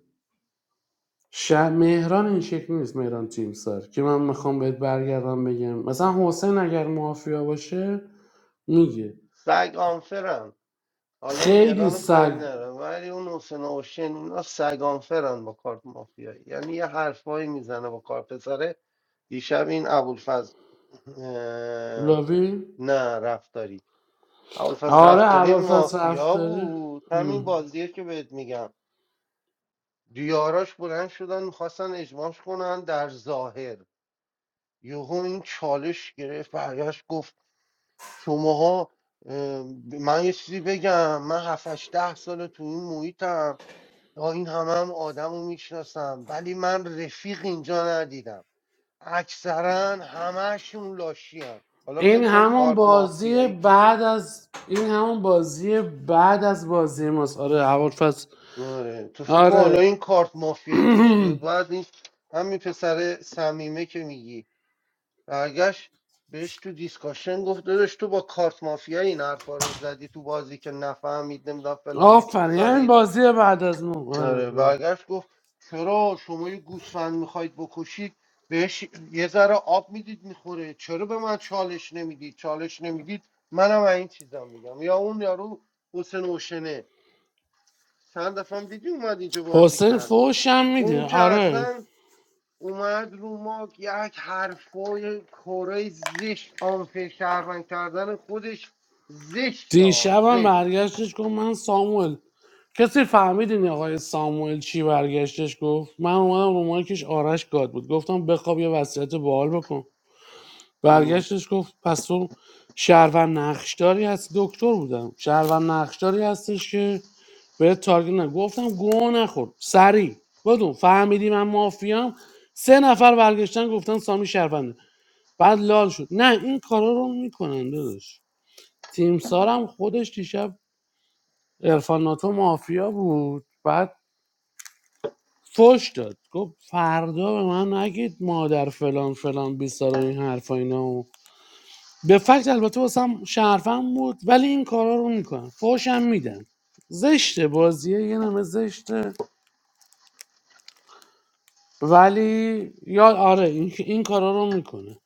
Speaker 10: ش... مهران این شکل نیست مهران تیمسار که من میخوام بهت برگردم بگم مثلا حسین اگر مافیا باشه میگه
Speaker 21: سگ آنفرن حالا
Speaker 10: خیلی
Speaker 21: مهران کاری
Speaker 10: سگ
Speaker 21: ندارم ولی اون حسین اوشن اینا سگ آنفرن با کارت مافیایی یعنی یه حرفایی میزنه با کارت پسره دیشب این ابوالفضل
Speaker 10: لاوی
Speaker 21: نه رفتاری ابوالفضل
Speaker 10: آره
Speaker 21: رفتاری
Speaker 10: حواس
Speaker 21: مافیا بود همین
Speaker 10: رفتاره
Speaker 21: بازیه که بهت میگم دیاراش بلند شدن میخواستن اجماعش کنن در ظاهر یهو این چالش گرفت برگشت گفت شماها اه، من یه چیزی بگم من هفتش ده سال تو این محیطم یا این همه هم آدم رو میشناسم ولی من رفیق اینجا ندیدم اکثرا همهشون لاشی هم. حالا فکر
Speaker 10: این
Speaker 21: کن
Speaker 10: همون
Speaker 21: کارت
Speaker 10: بازی
Speaker 21: مافیایی کشید
Speaker 10: بعد از این همون بازی بعد از بازی ماست آره هوافس
Speaker 21: آره تو فکر کن حالا
Speaker 10: آره
Speaker 21: این کارت مافیایی کشیده بود بعد این همین پسر صمیمه که میگی برگشت بهش تو دیسکاشن گفت داداش تو با کارت مافیایی این حرفا رو زدی تو بازی که نفهمید نمیدونم فلانید
Speaker 10: آفرین همین
Speaker 21: بیسارید
Speaker 10: بازی بعد از ما آره.
Speaker 21: آره برگشت گفت چرا شما یه گوسفند میخواید بکشید بهش یه ذره آب میدید میخوره چرا به من چالش نمیدید چالش نمیدید منم این چیزا میگم یا اون یارو حسین اوشنه چند دفعه هم دیدی اومد اینجا بازی
Speaker 10: حسین
Speaker 21: کرد
Speaker 10: فوشم میده
Speaker 21: اون که
Speaker 10: آره
Speaker 21: اصلا اومد رو ما یک حرفای کره زشت آنفه شهروند کردن خودش زشت ها
Speaker 10: دیشبم
Speaker 21: زشت
Speaker 10: برگشتش گفت من ساموئل کسی فهمید این آقای ساموئل چی برگشتش گفت من اومدم رو مایکش آرش گاد بود گفتم بخواب یه وصیت باحال بکن
Speaker 21: ام.
Speaker 10: برگشتش گفت پس تو شهروند نقشداری هست دکتر بودم شهروند نقشداری هستش که به تارگت نه گفتم گوه نخور سریع بدون فهمیدی من مافیام سه نفر برگشتن گفتن سامی شهرونده بعد لال شد نه این کارا رو میکنن داداش تیم سارم خودش دیشب ارفان ناتو مافیا بود بعد فش داد گفت فردا به من نگید مادر فلان فلان بیسار و این حرفا اینا و به فکت البته واسم شرفم بود ولی این کارا رو میکنن فوش هم میدن زشته بازیه یه نمه زشته ولی یا آره این, این کارا رو میکنه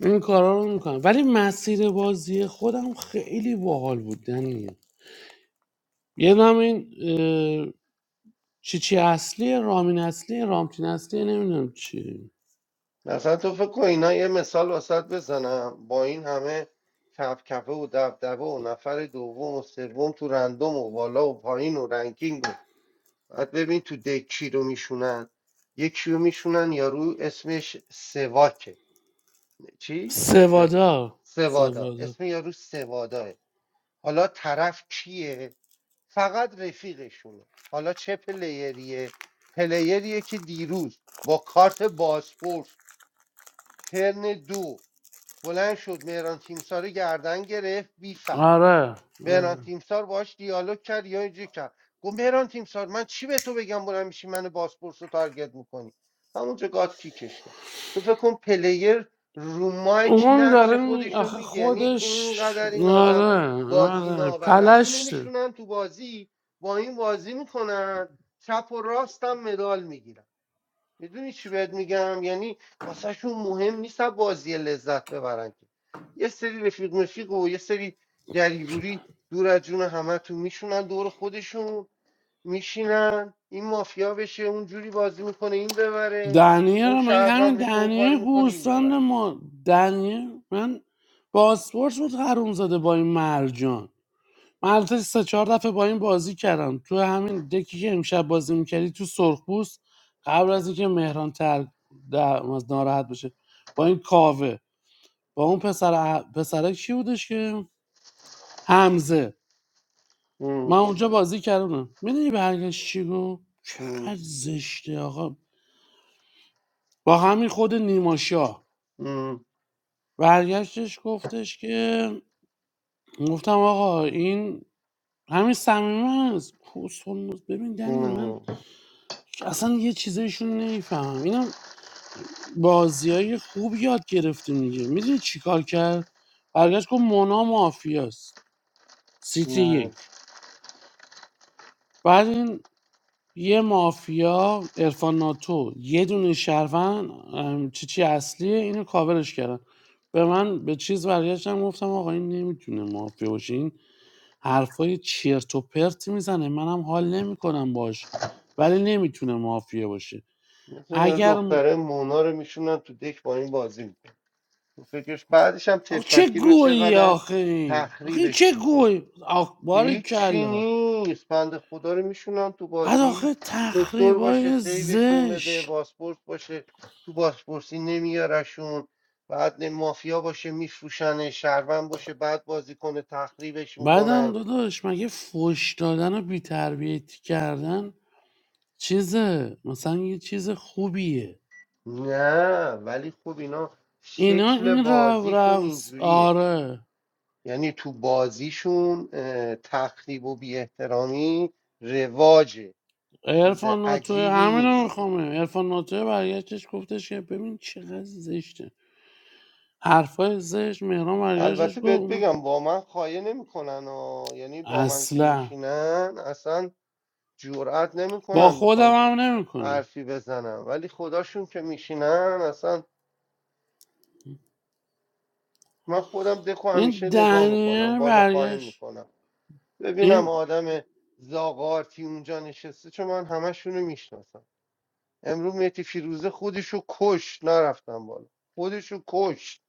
Speaker 10: این کارا رو میکنه ولی مسیر بازی خودم خیلی باحال بود دنیه یه نم این اه، چی چی اصلی رامین اصلی رامتین اصلی نمیدونم چی
Speaker 21: مثلا تو فکر کن اینا یه مثال واسط بزنم با این همه کف کفه و دبدبه و نفر دوم و سوم تو رندوم و بالا و پایین و رنکینگ و بعد ببین تو دک کی رو میشونن یکی رو میشونن یارو اسمش سواکه چی؟ سو-
Speaker 10: سوادا
Speaker 21: سوادا
Speaker 10: سوادا
Speaker 21: اسم یارو سواداه حالا طرف کیه فقط رفیقشونه حالا چه پلیریه پلیریه که دیروز با کارت بازپرس ترن دو بلند شد مهران تیمسار گردن گرفت بی فکت
Speaker 10: آره
Speaker 21: مهران
Speaker 10: آره
Speaker 21: تیمسار باهاش دیالوگ کرد یا اینجوری کرد گفت مهران تیمسار من چی به تو بگم بلند میشی من باسپورس رو تارگت میکنی همونجا گاد کیکش کرد تو فکر کن پلیر رو مایک
Speaker 10: اون
Speaker 21: نقش
Speaker 10: داره می
Speaker 21: خودش رو
Speaker 10: آخه
Speaker 21: میگه یعنی
Speaker 10: خودش
Speaker 21: اینقدر این آدم
Speaker 10: آره
Speaker 21: بازی
Speaker 10: آره
Speaker 21: نابلد اینو
Speaker 10: پلشته
Speaker 21: میشونن تو بازی با این بازی میکنن چپ و راست هم مدال میگیرن میدونی چی بهت میگم یعنی واسهشون مهم نیست از بازی لذت ببرن که یه سری رفیق مفیق و یه سری گریگوری دور از جون همتون میشونن دور خودشون میشینن این مافیا بشه اون جوری بازی میکنه این ببره
Speaker 10: دنیه
Speaker 21: اون
Speaker 10: رو من همین
Speaker 21: شهروند بشه اون کاری
Speaker 10: دنیه
Speaker 21: میکنه این
Speaker 10: گوسفند
Speaker 21: ببره
Speaker 10: ما دنیه من پاسپورت بود حروم زده با این مرجان من البته سه چهار دفعه با این بازی کردم تو همین دکی که امشب بازی میکردی تو سرخپوست قبل از اینکه مهران تر در- از ناراحت بشه با این کاوه با اون پسر ع- پسره کی بودش که حمزه من
Speaker 21: ام،
Speaker 10: اونجا بازی کردم میدونی برگشت چی گفت
Speaker 21: ام،
Speaker 10: چقدر زشته آقا با همین خود نیما شاه
Speaker 21: ام،
Speaker 10: برگشتش گفتش که گفتم آقا این همین صمیمه است کسخل ببین دنی من
Speaker 21: ام.
Speaker 10: اصلا یه چیزایشون نمیفهمم اینم بازی های خوب یاد گرفتیم دیگه میدونی چیکار کرد برگشت گفت مونا مافیاست سیتی
Speaker 21: نه
Speaker 10: یک بعد این یه مافیا ارفان ناتو یه دونه شهروند ام، چی چی اصلیه اینو کاورش کردن به من به چیز برگشتم گفتم آقا این نمیتونه مافیا باشه این حرفای چرت و پرت میزنه منم حال نمیکنم باش ولی نمیتونه مافیا باشه
Speaker 21: مثلا یه
Speaker 10: اگر م-
Speaker 21: دختره مونا رو میشونن تو دک با این بازی میکنه فکرش بعدش هم
Speaker 10: آخ چه
Speaker 21: تفلکی رو
Speaker 10: گویی
Speaker 21: چقدر
Speaker 10: آخه این آخه این چه
Speaker 21: تخریبش میکنه
Speaker 10: گویی آخ باری
Speaker 21: هیچی
Speaker 10: کلا
Speaker 21: نیست بنده خدا رو میشونن تو
Speaker 10: بعد
Speaker 21: بازی
Speaker 10: آخه
Speaker 21: دکتر باشه
Speaker 10: تخریبای
Speaker 21: سیوشون
Speaker 10: زشت
Speaker 21: بده باسپورس باشه تو باسپورسی نمیارشون بعد نه مافیا باشه میفروشن شهروند باشه بعد بازی کنه تخریبش
Speaker 10: بعدم
Speaker 21: میکنن
Speaker 10: داداش مگه فوش دادن و بیتربیتی کردن چیزه مثلا یه چیز خوبیه
Speaker 21: نه ولی خب اینا
Speaker 10: اینا
Speaker 21: شکل
Speaker 10: این رو
Speaker 21: بازیشون
Speaker 10: رو
Speaker 21: اینجوریه
Speaker 10: آره
Speaker 21: یعنی تو بازیشون اه، تخریب و بی احترامی رواجه چیز
Speaker 10: ارفان ناتوه
Speaker 21: عجیبی
Speaker 10: همینو
Speaker 21: نیست
Speaker 10: میخوامه ارفان ناتوه برگشتش گفتش که ببین چقدر زشته حرفای زشت مهران برگشتش
Speaker 21: البته بهت
Speaker 10: گفت من
Speaker 21: بگم با من خایه نمیکنن و یعنی با من که
Speaker 10: اصلا
Speaker 21: میشینن اصلا جرأت
Speaker 10: با
Speaker 21: نمیکنن
Speaker 10: خودم
Speaker 21: بخوان
Speaker 10: هم نمیکنه
Speaker 21: حرفی بزنم ولی خداشون که میشینن اصلا من خودم دکو
Speaker 10: این
Speaker 21: همیشه نگاه میکنم
Speaker 10: دنیه
Speaker 21: بالا پایین
Speaker 10: برگشت
Speaker 21: میکنم ببینم
Speaker 10: این
Speaker 21: آدم زاغارتی اونجا نشسته چون من همشونو میشناسم امروز مهدی فیروزه خودشو کش نرفتم بالا خودشو کش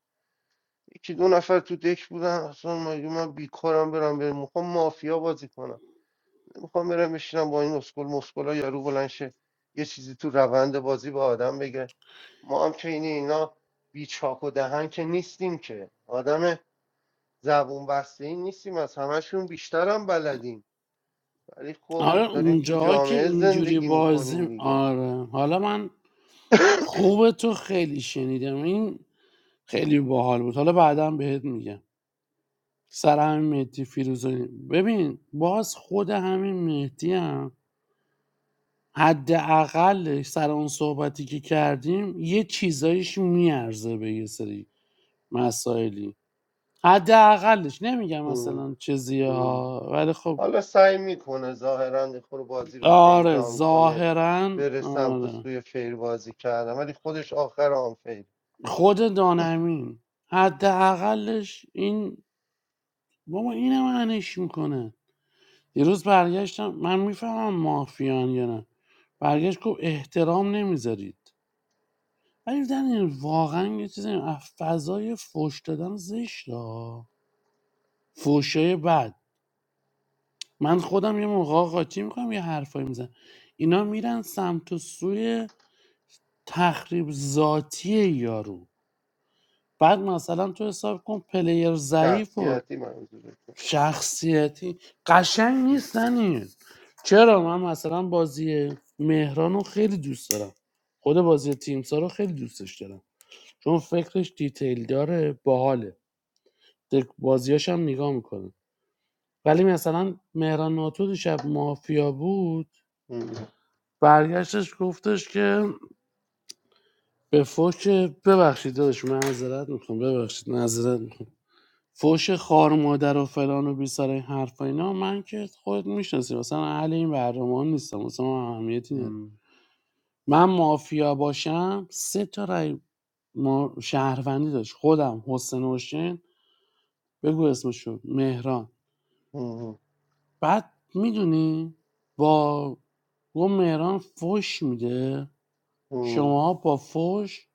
Speaker 21: یکی دو نفر تو دک بودن اصلا مگه من بیکارم برم بریم میخوام مافیا بازی کنم میخوام برم بشینم با این اسکل مسکلا یارو بلند شه یه چیزی تو روند بازی به آدم بگه ما هم که اینه اینا بی چاک و دهن که نیستیم که آدم زبون بسته این نیستیم از همشون بیشتر هم بلدیم ولی خب
Speaker 10: آره
Speaker 21: داریم تو
Speaker 10: اونجاها که
Speaker 21: جامعه
Speaker 10: اینجوری
Speaker 21: زندگی میکنیم
Speaker 10: بازی
Speaker 21: دیگه
Speaker 10: آره حالا من خوبه تو خیلی شنیدم این خیلی باحال بود حالا بعدا بهت میگم سر همین مهدی فیروزانی ببین باز خود همین مهدی هم حد اقلش سر اون صحبتی که کردیم یه چیزایش میارزه به یه سری مسائلی حد اقلش نمیگم
Speaker 21: هم،
Speaker 10: مثلا چیزیه
Speaker 21: هم.
Speaker 10: ها ولی خب
Speaker 21: حالا سعی میکنه ظاهرا خور بازی رو
Speaker 10: آره
Speaker 21: فیران کنه
Speaker 10: ظاهرا
Speaker 21: بره سمت
Speaker 10: آره
Speaker 21: سوی فیر بازی کردن ولی خودش آخر آن فیر
Speaker 10: خود دانمین حد اقلش این بابا اینم انش میکنه دیروز برگشتم من میفهمم مافیان یا نه برگشت گفت احترام نمیذارید ولی دیدن این واقعا یه چیزی از فضای فوش دادن زشت ها فوشای بد من خودم یه موقع قاطی میکنم یه حرفایی میزنم اینا میرن سمت و سوی تخریب ذاتی یارو بعد مثلا تو حساب کن پلیر ضعیف و
Speaker 21: شخصیتی منظورشه
Speaker 10: شخصیتی قشنگ نیستن این چرا من مثلا بازی مهران رو خیلی دوست دارم خود بازی تیمسا رو خیلی دوستش دارم چون فکرش دیتیل داره باحاله دک- بازیاش هم نگاه میکنه ولی مثلا مهران ناتو دیشب مافیا بود
Speaker 21: مم.
Speaker 10: برگشتش گفتش که به فوش ببخشید داداش معذرت میخوام ببخشید معذرت میخوام فوش خار مادر و فلان و بیسار این حرف و اینا من که خودت میشناسی مثلا اهل این برنامه ها نیستم مثلا من اهمیتی نداره
Speaker 21: مم.
Speaker 10: من مافیا باشم سه تا رای ما شهروندی داشت خودم حسن حسین بگو اسمشو مهران
Speaker 21: مم.
Speaker 10: بعد میدونی با گو مهران فوش میده
Speaker 21: مم.
Speaker 10: شما با فوش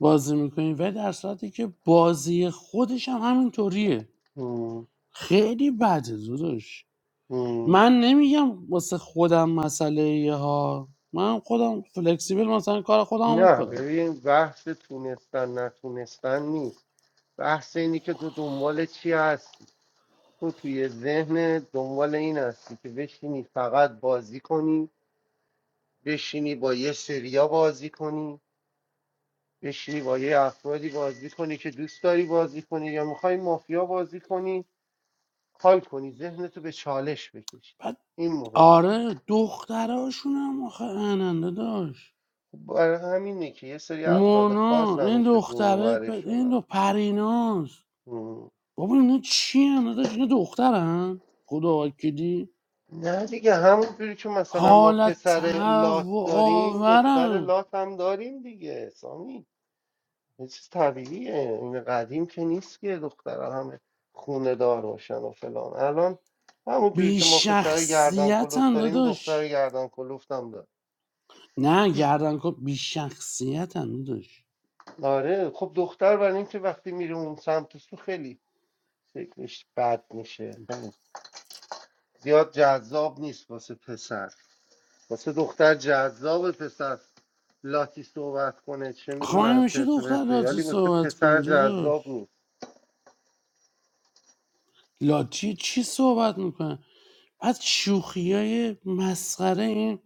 Speaker 10: بازی میکنین و در صورتی که بازی خودش هم همینطوریه
Speaker 21: مم.
Speaker 10: خیلی بده داداش
Speaker 21: مم.
Speaker 10: من نمیگم واسه خودم مسئله ها من خودم فلکسیبل مثلا کار خودم
Speaker 21: نه
Speaker 10: میکنم
Speaker 21: ببین بحث تونستن نتونستن نیست بحث اینی که تو دنبال چی هستی تو توی ذهن دنبال این هستی که بشینی فقط بازی کنی بشینی با یه سریا بازی کنی بشینی با یه افرادی بازی کنی که دوست داری بازی کنی یا میخوای مافیا بازی کنی حال کنی ذهنتو به چالش بکشی
Speaker 10: بعد
Speaker 21: این مهمه
Speaker 10: آره دختراشونم آخه اننده داشت
Speaker 21: خب برای همینه که یه سری افراد خاص
Speaker 10: مونا این
Speaker 21: همیشه دور و
Speaker 10: دختره پ- این
Speaker 21: برشونن
Speaker 10: دو پریناست
Speaker 21: مم.
Speaker 10: بابا اینا چی هم داشت اینا دخترن خدا وکیدی
Speaker 21: نه دیگه همونجوری که مثلا ما
Speaker 10: حالت
Speaker 21: پسر لات
Speaker 10: تهوع
Speaker 21: داریم دختر
Speaker 10: آورن
Speaker 21: لات هم داریم دیگه سامی یه چیز طبیعیه این قدیم که نیست که دخترها همه خونه دار باشن و فلان الان همونجوری
Speaker 10: بی
Speaker 21: که ما پسر گردن کلوف
Speaker 10: شخصیتن
Speaker 21: داریم دختر
Speaker 10: داداش
Speaker 21: گردن کلوف هم داریم
Speaker 10: نه گردن کن بی شخصیتن داداش
Speaker 21: آره خب دختر برای اینکه وقتی میره اون سمت سو خیلی شکلش بد میشه زیاد جذاب نیست واسه پسر واسه دختر جذاب پسر لاتی صحبت کنه چه
Speaker 10: خواهی
Speaker 21: میدونم
Speaker 10: همیشه
Speaker 21: چرت و
Speaker 10: دختر
Speaker 21: پرته
Speaker 10: لاتی
Speaker 21: ولی واسه
Speaker 10: صحبت
Speaker 21: پسر
Speaker 10: کنه
Speaker 21: جذاب
Speaker 10: داداش
Speaker 21: نیست
Speaker 10: لاتی چی صحبت میکنه بعد شوخی های مسخره این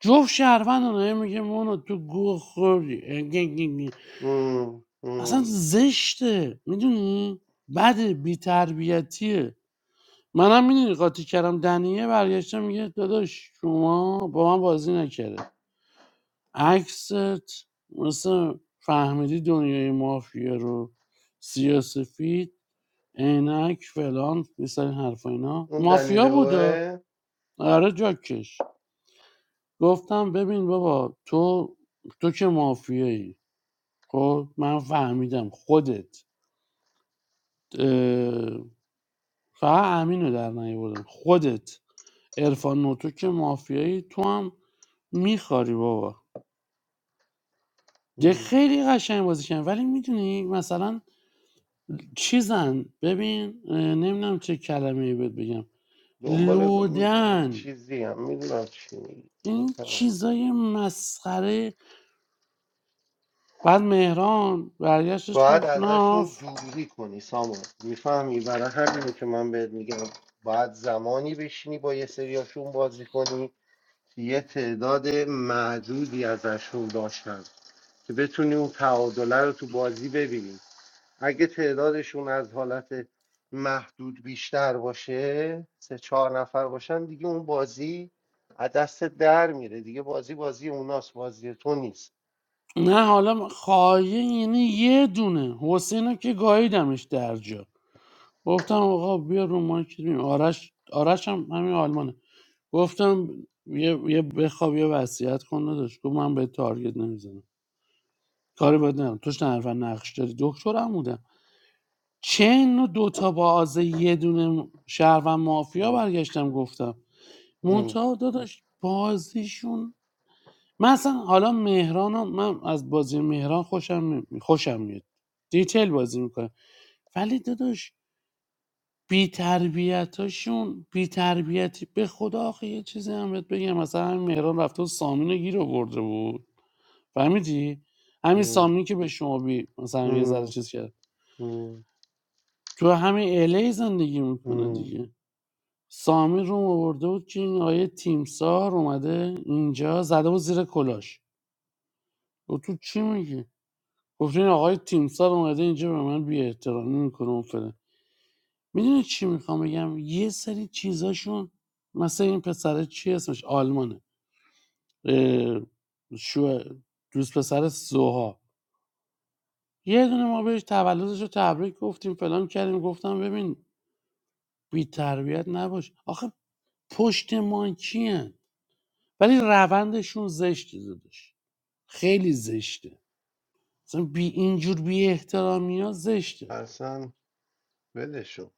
Speaker 10: جفت شهروند اونه میگه مونو تو گو خوردی اه، گه، گه، گه.
Speaker 21: مم،
Speaker 10: اصلا
Speaker 21: مم.
Speaker 10: زشته میدونی بده بیتربیتیه منم میدونی قاطی کردم دنیه برگشته میگه داداش شما با من بازی نکرده عکست مثل فهمیدی دنیای مافیا رو سیاسفید عینک فلان یه سری حرفا اینا
Speaker 21: اون دنیل
Speaker 10: مافیا بوده
Speaker 21: اوه
Speaker 10: آره جاکش گفتم ببین بابا تو تو که مافیایی خب من فهمیدم خودت اه، فقط امین رو در نیاوردم خودت عرفان نوتو که مافیایی تو هم میخاری بابا یه خیلی قشنگ بازی کردن ولی میدونی مثلا چیزن ببین نمیدونم چه کلمه ای بهت بگم
Speaker 21: دنبال
Speaker 10: لودن
Speaker 21: چیزی هم میدونم چی می‌گی.
Speaker 10: این چیزای مسخره بعد مهران برگشتش
Speaker 21: باید
Speaker 10: گفت
Speaker 21: ازشون
Speaker 10: ناف
Speaker 21: دوری کنی سامان میفهمی برای همینه که من بهت میگم باید زمانی بشینی با یه سریاشون بازی کنی که یه تعداد محدودی ازشون داشت که بتونی اون تعادله رو تو بازی ببینی اگه تعدادشون از حالت محدود بیشتر باشه سه چهار نفر باشن دیگه اون بازی از دست در میره دیگه بازی بازی اوناست بازی تو نیست
Speaker 10: نه حالا خایه یعنی یه دونه حسین رو که گاییدمش در جا گفتم آقا بیا رو مایک ببین. آرش آرش هم همین آلمانه گفتم یه, یه بخواب یه وصیت کن داشت گفت من به تارگت نمیزنم کاری بد ندارم توش نرفا نقش داری دکترم بودم چه اینو دوتا با یه دونه شهروند مافیا
Speaker 21: ام،
Speaker 10: برگشتم گفتم
Speaker 21: ام،
Speaker 10: منتها داداش بازیشون من اصلا حالا مهران و من از بازی مهران خوشم می- خوشم میاد دیتیل بازی میکنه ولی داداش بی تربیتاشون بی تربیتی به خدا آخه یه چیزی هم بهت بگم مثلا همین مهران رفته و سامین رو گیر آورده بود فهمیدی همین
Speaker 21: ام،
Speaker 10: سامین که به شما بی مثلا یه ذره
Speaker 21: ام،
Speaker 10: چیز کرد
Speaker 21: ام،
Speaker 10: تو همین الی زندگی میکنه
Speaker 21: ام.
Speaker 10: دیگه سامین رو آورده بود که این آیه تیمسار اومده اینجا زده بود زیر کلاش و تو چی میگی گفتین آقای تیمسار اومده اینجا به من بی احترامی میکنه و فلان میدونی چی میخوام بگم یه سری چیزاشون مثلا این پسره چی اسمش آلمانه شو دوست پسر سوها یه دونه ما بهش تولدش رو تبریک گفتیم فلان کردیم گفتم ببین بی تربیت نباش آخه پشت ما کیه ولی روندشون زشته دادش خیلی زشته مثلا بی اینجور بی احترامی ها زشته
Speaker 21: اصلا ولشون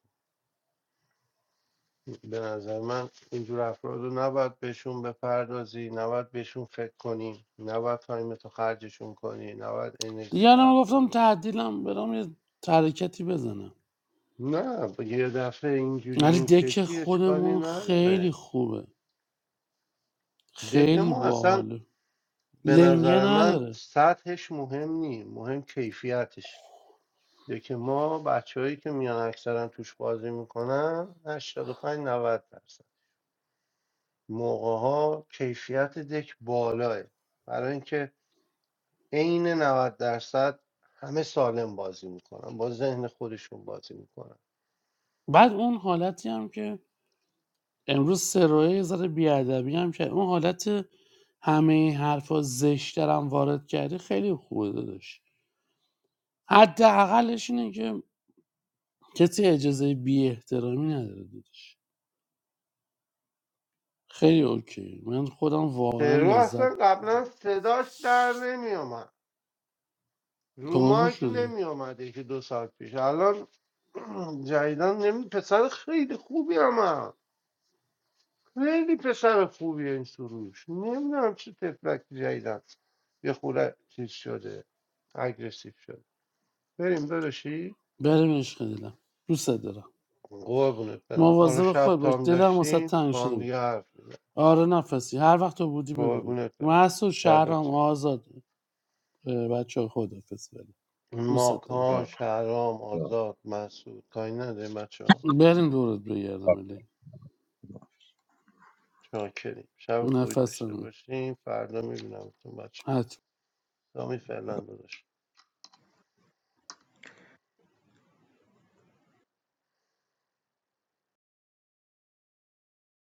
Speaker 21: به نظر من اینجور افراد رو نباید بهشون بپردازی نباید بهشون فکر کنی نباید تایم تو خرجشون کنی نباید انرژی
Speaker 10: دیگه الان
Speaker 21: صرف
Speaker 10: گفتم
Speaker 21: کنی
Speaker 10: تعدیلم برام یه ترکتی بزنم
Speaker 21: نه با یه دفعه اینجوری
Speaker 10: ولی
Speaker 21: این
Speaker 10: دک
Speaker 21: شکلی اشکالی
Speaker 10: خودمون
Speaker 21: نداره
Speaker 10: خیلی خوبه
Speaker 21: دک
Speaker 10: خیلی
Speaker 21: ما اصلا
Speaker 10: باحاله
Speaker 21: به
Speaker 10: لنگه
Speaker 21: نظر من
Speaker 10: نداره
Speaker 21: سطحش مهم نی مهم کیفیتش دک ما بچههایی که میان اکثرا توش بازی میکنن 85 90 درصد موقع ها کیفیت دک بالاه برای اینکه عین 90 درصد همه سالم بازی میکنن با ذهن خودشون بازی میکنن
Speaker 10: بعد اون حالتی هم که امروز سرایه یه ذره بیادبی هم که اون حالت همه این حرفا زشتر هم وارد کردی خیلی خوبه داداش حداقلش اینه که کسی اجازه بی احترامی نداره داداش خیلی اوکی من خودم واقعا
Speaker 21: سرو
Speaker 10: لذت
Speaker 21: اصلا
Speaker 10: بردم
Speaker 21: قبلا صداش در نمیومد رو
Speaker 10: پررو
Speaker 21: مایک
Speaker 10: شده
Speaker 21: نمی آمده که دو ساعت پیش الان جدیدن نمی پسر خیلی خوبی هم, هم. خیلی پسر خوبیه این سروش نمیدونم چه تفلک جدیدن یه خورده چیز شده اگرسیو شده بریم داداشی
Speaker 10: بریم عشق دلم دوست دارم
Speaker 21: قربونت برم ما رو
Speaker 10: مواظب
Speaker 21: شب
Speaker 10: خود باش
Speaker 21: تام
Speaker 10: دلم واسه
Speaker 21: داشتیم
Speaker 10: تنگ
Speaker 21: با هم
Speaker 10: شده بود
Speaker 21: دیگه حرف میزن
Speaker 10: آره نفسی هر وقت تو بودی بگو بریم
Speaker 21: قربونت برم
Speaker 10: محسود
Speaker 21: فدات
Speaker 10: شهرام
Speaker 21: شم
Speaker 10: آزاد بچه خود حافظ بریم دوست دارم
Speaker 21: ماکان
Speaker 12: آه.
Speaker 21: شهرام آزاد مسعود کاری نداریم بچه ها.
Speaker 10: بریم دورت بگردم علی
Speaker 21: چاکریم شب خوبی داشته
Speaker 10: نفسم
Speaker 21: باشیم فردا میبینمتون بچه
Speaker 10: حتما.
Speaker 21: دامی فعلا داداش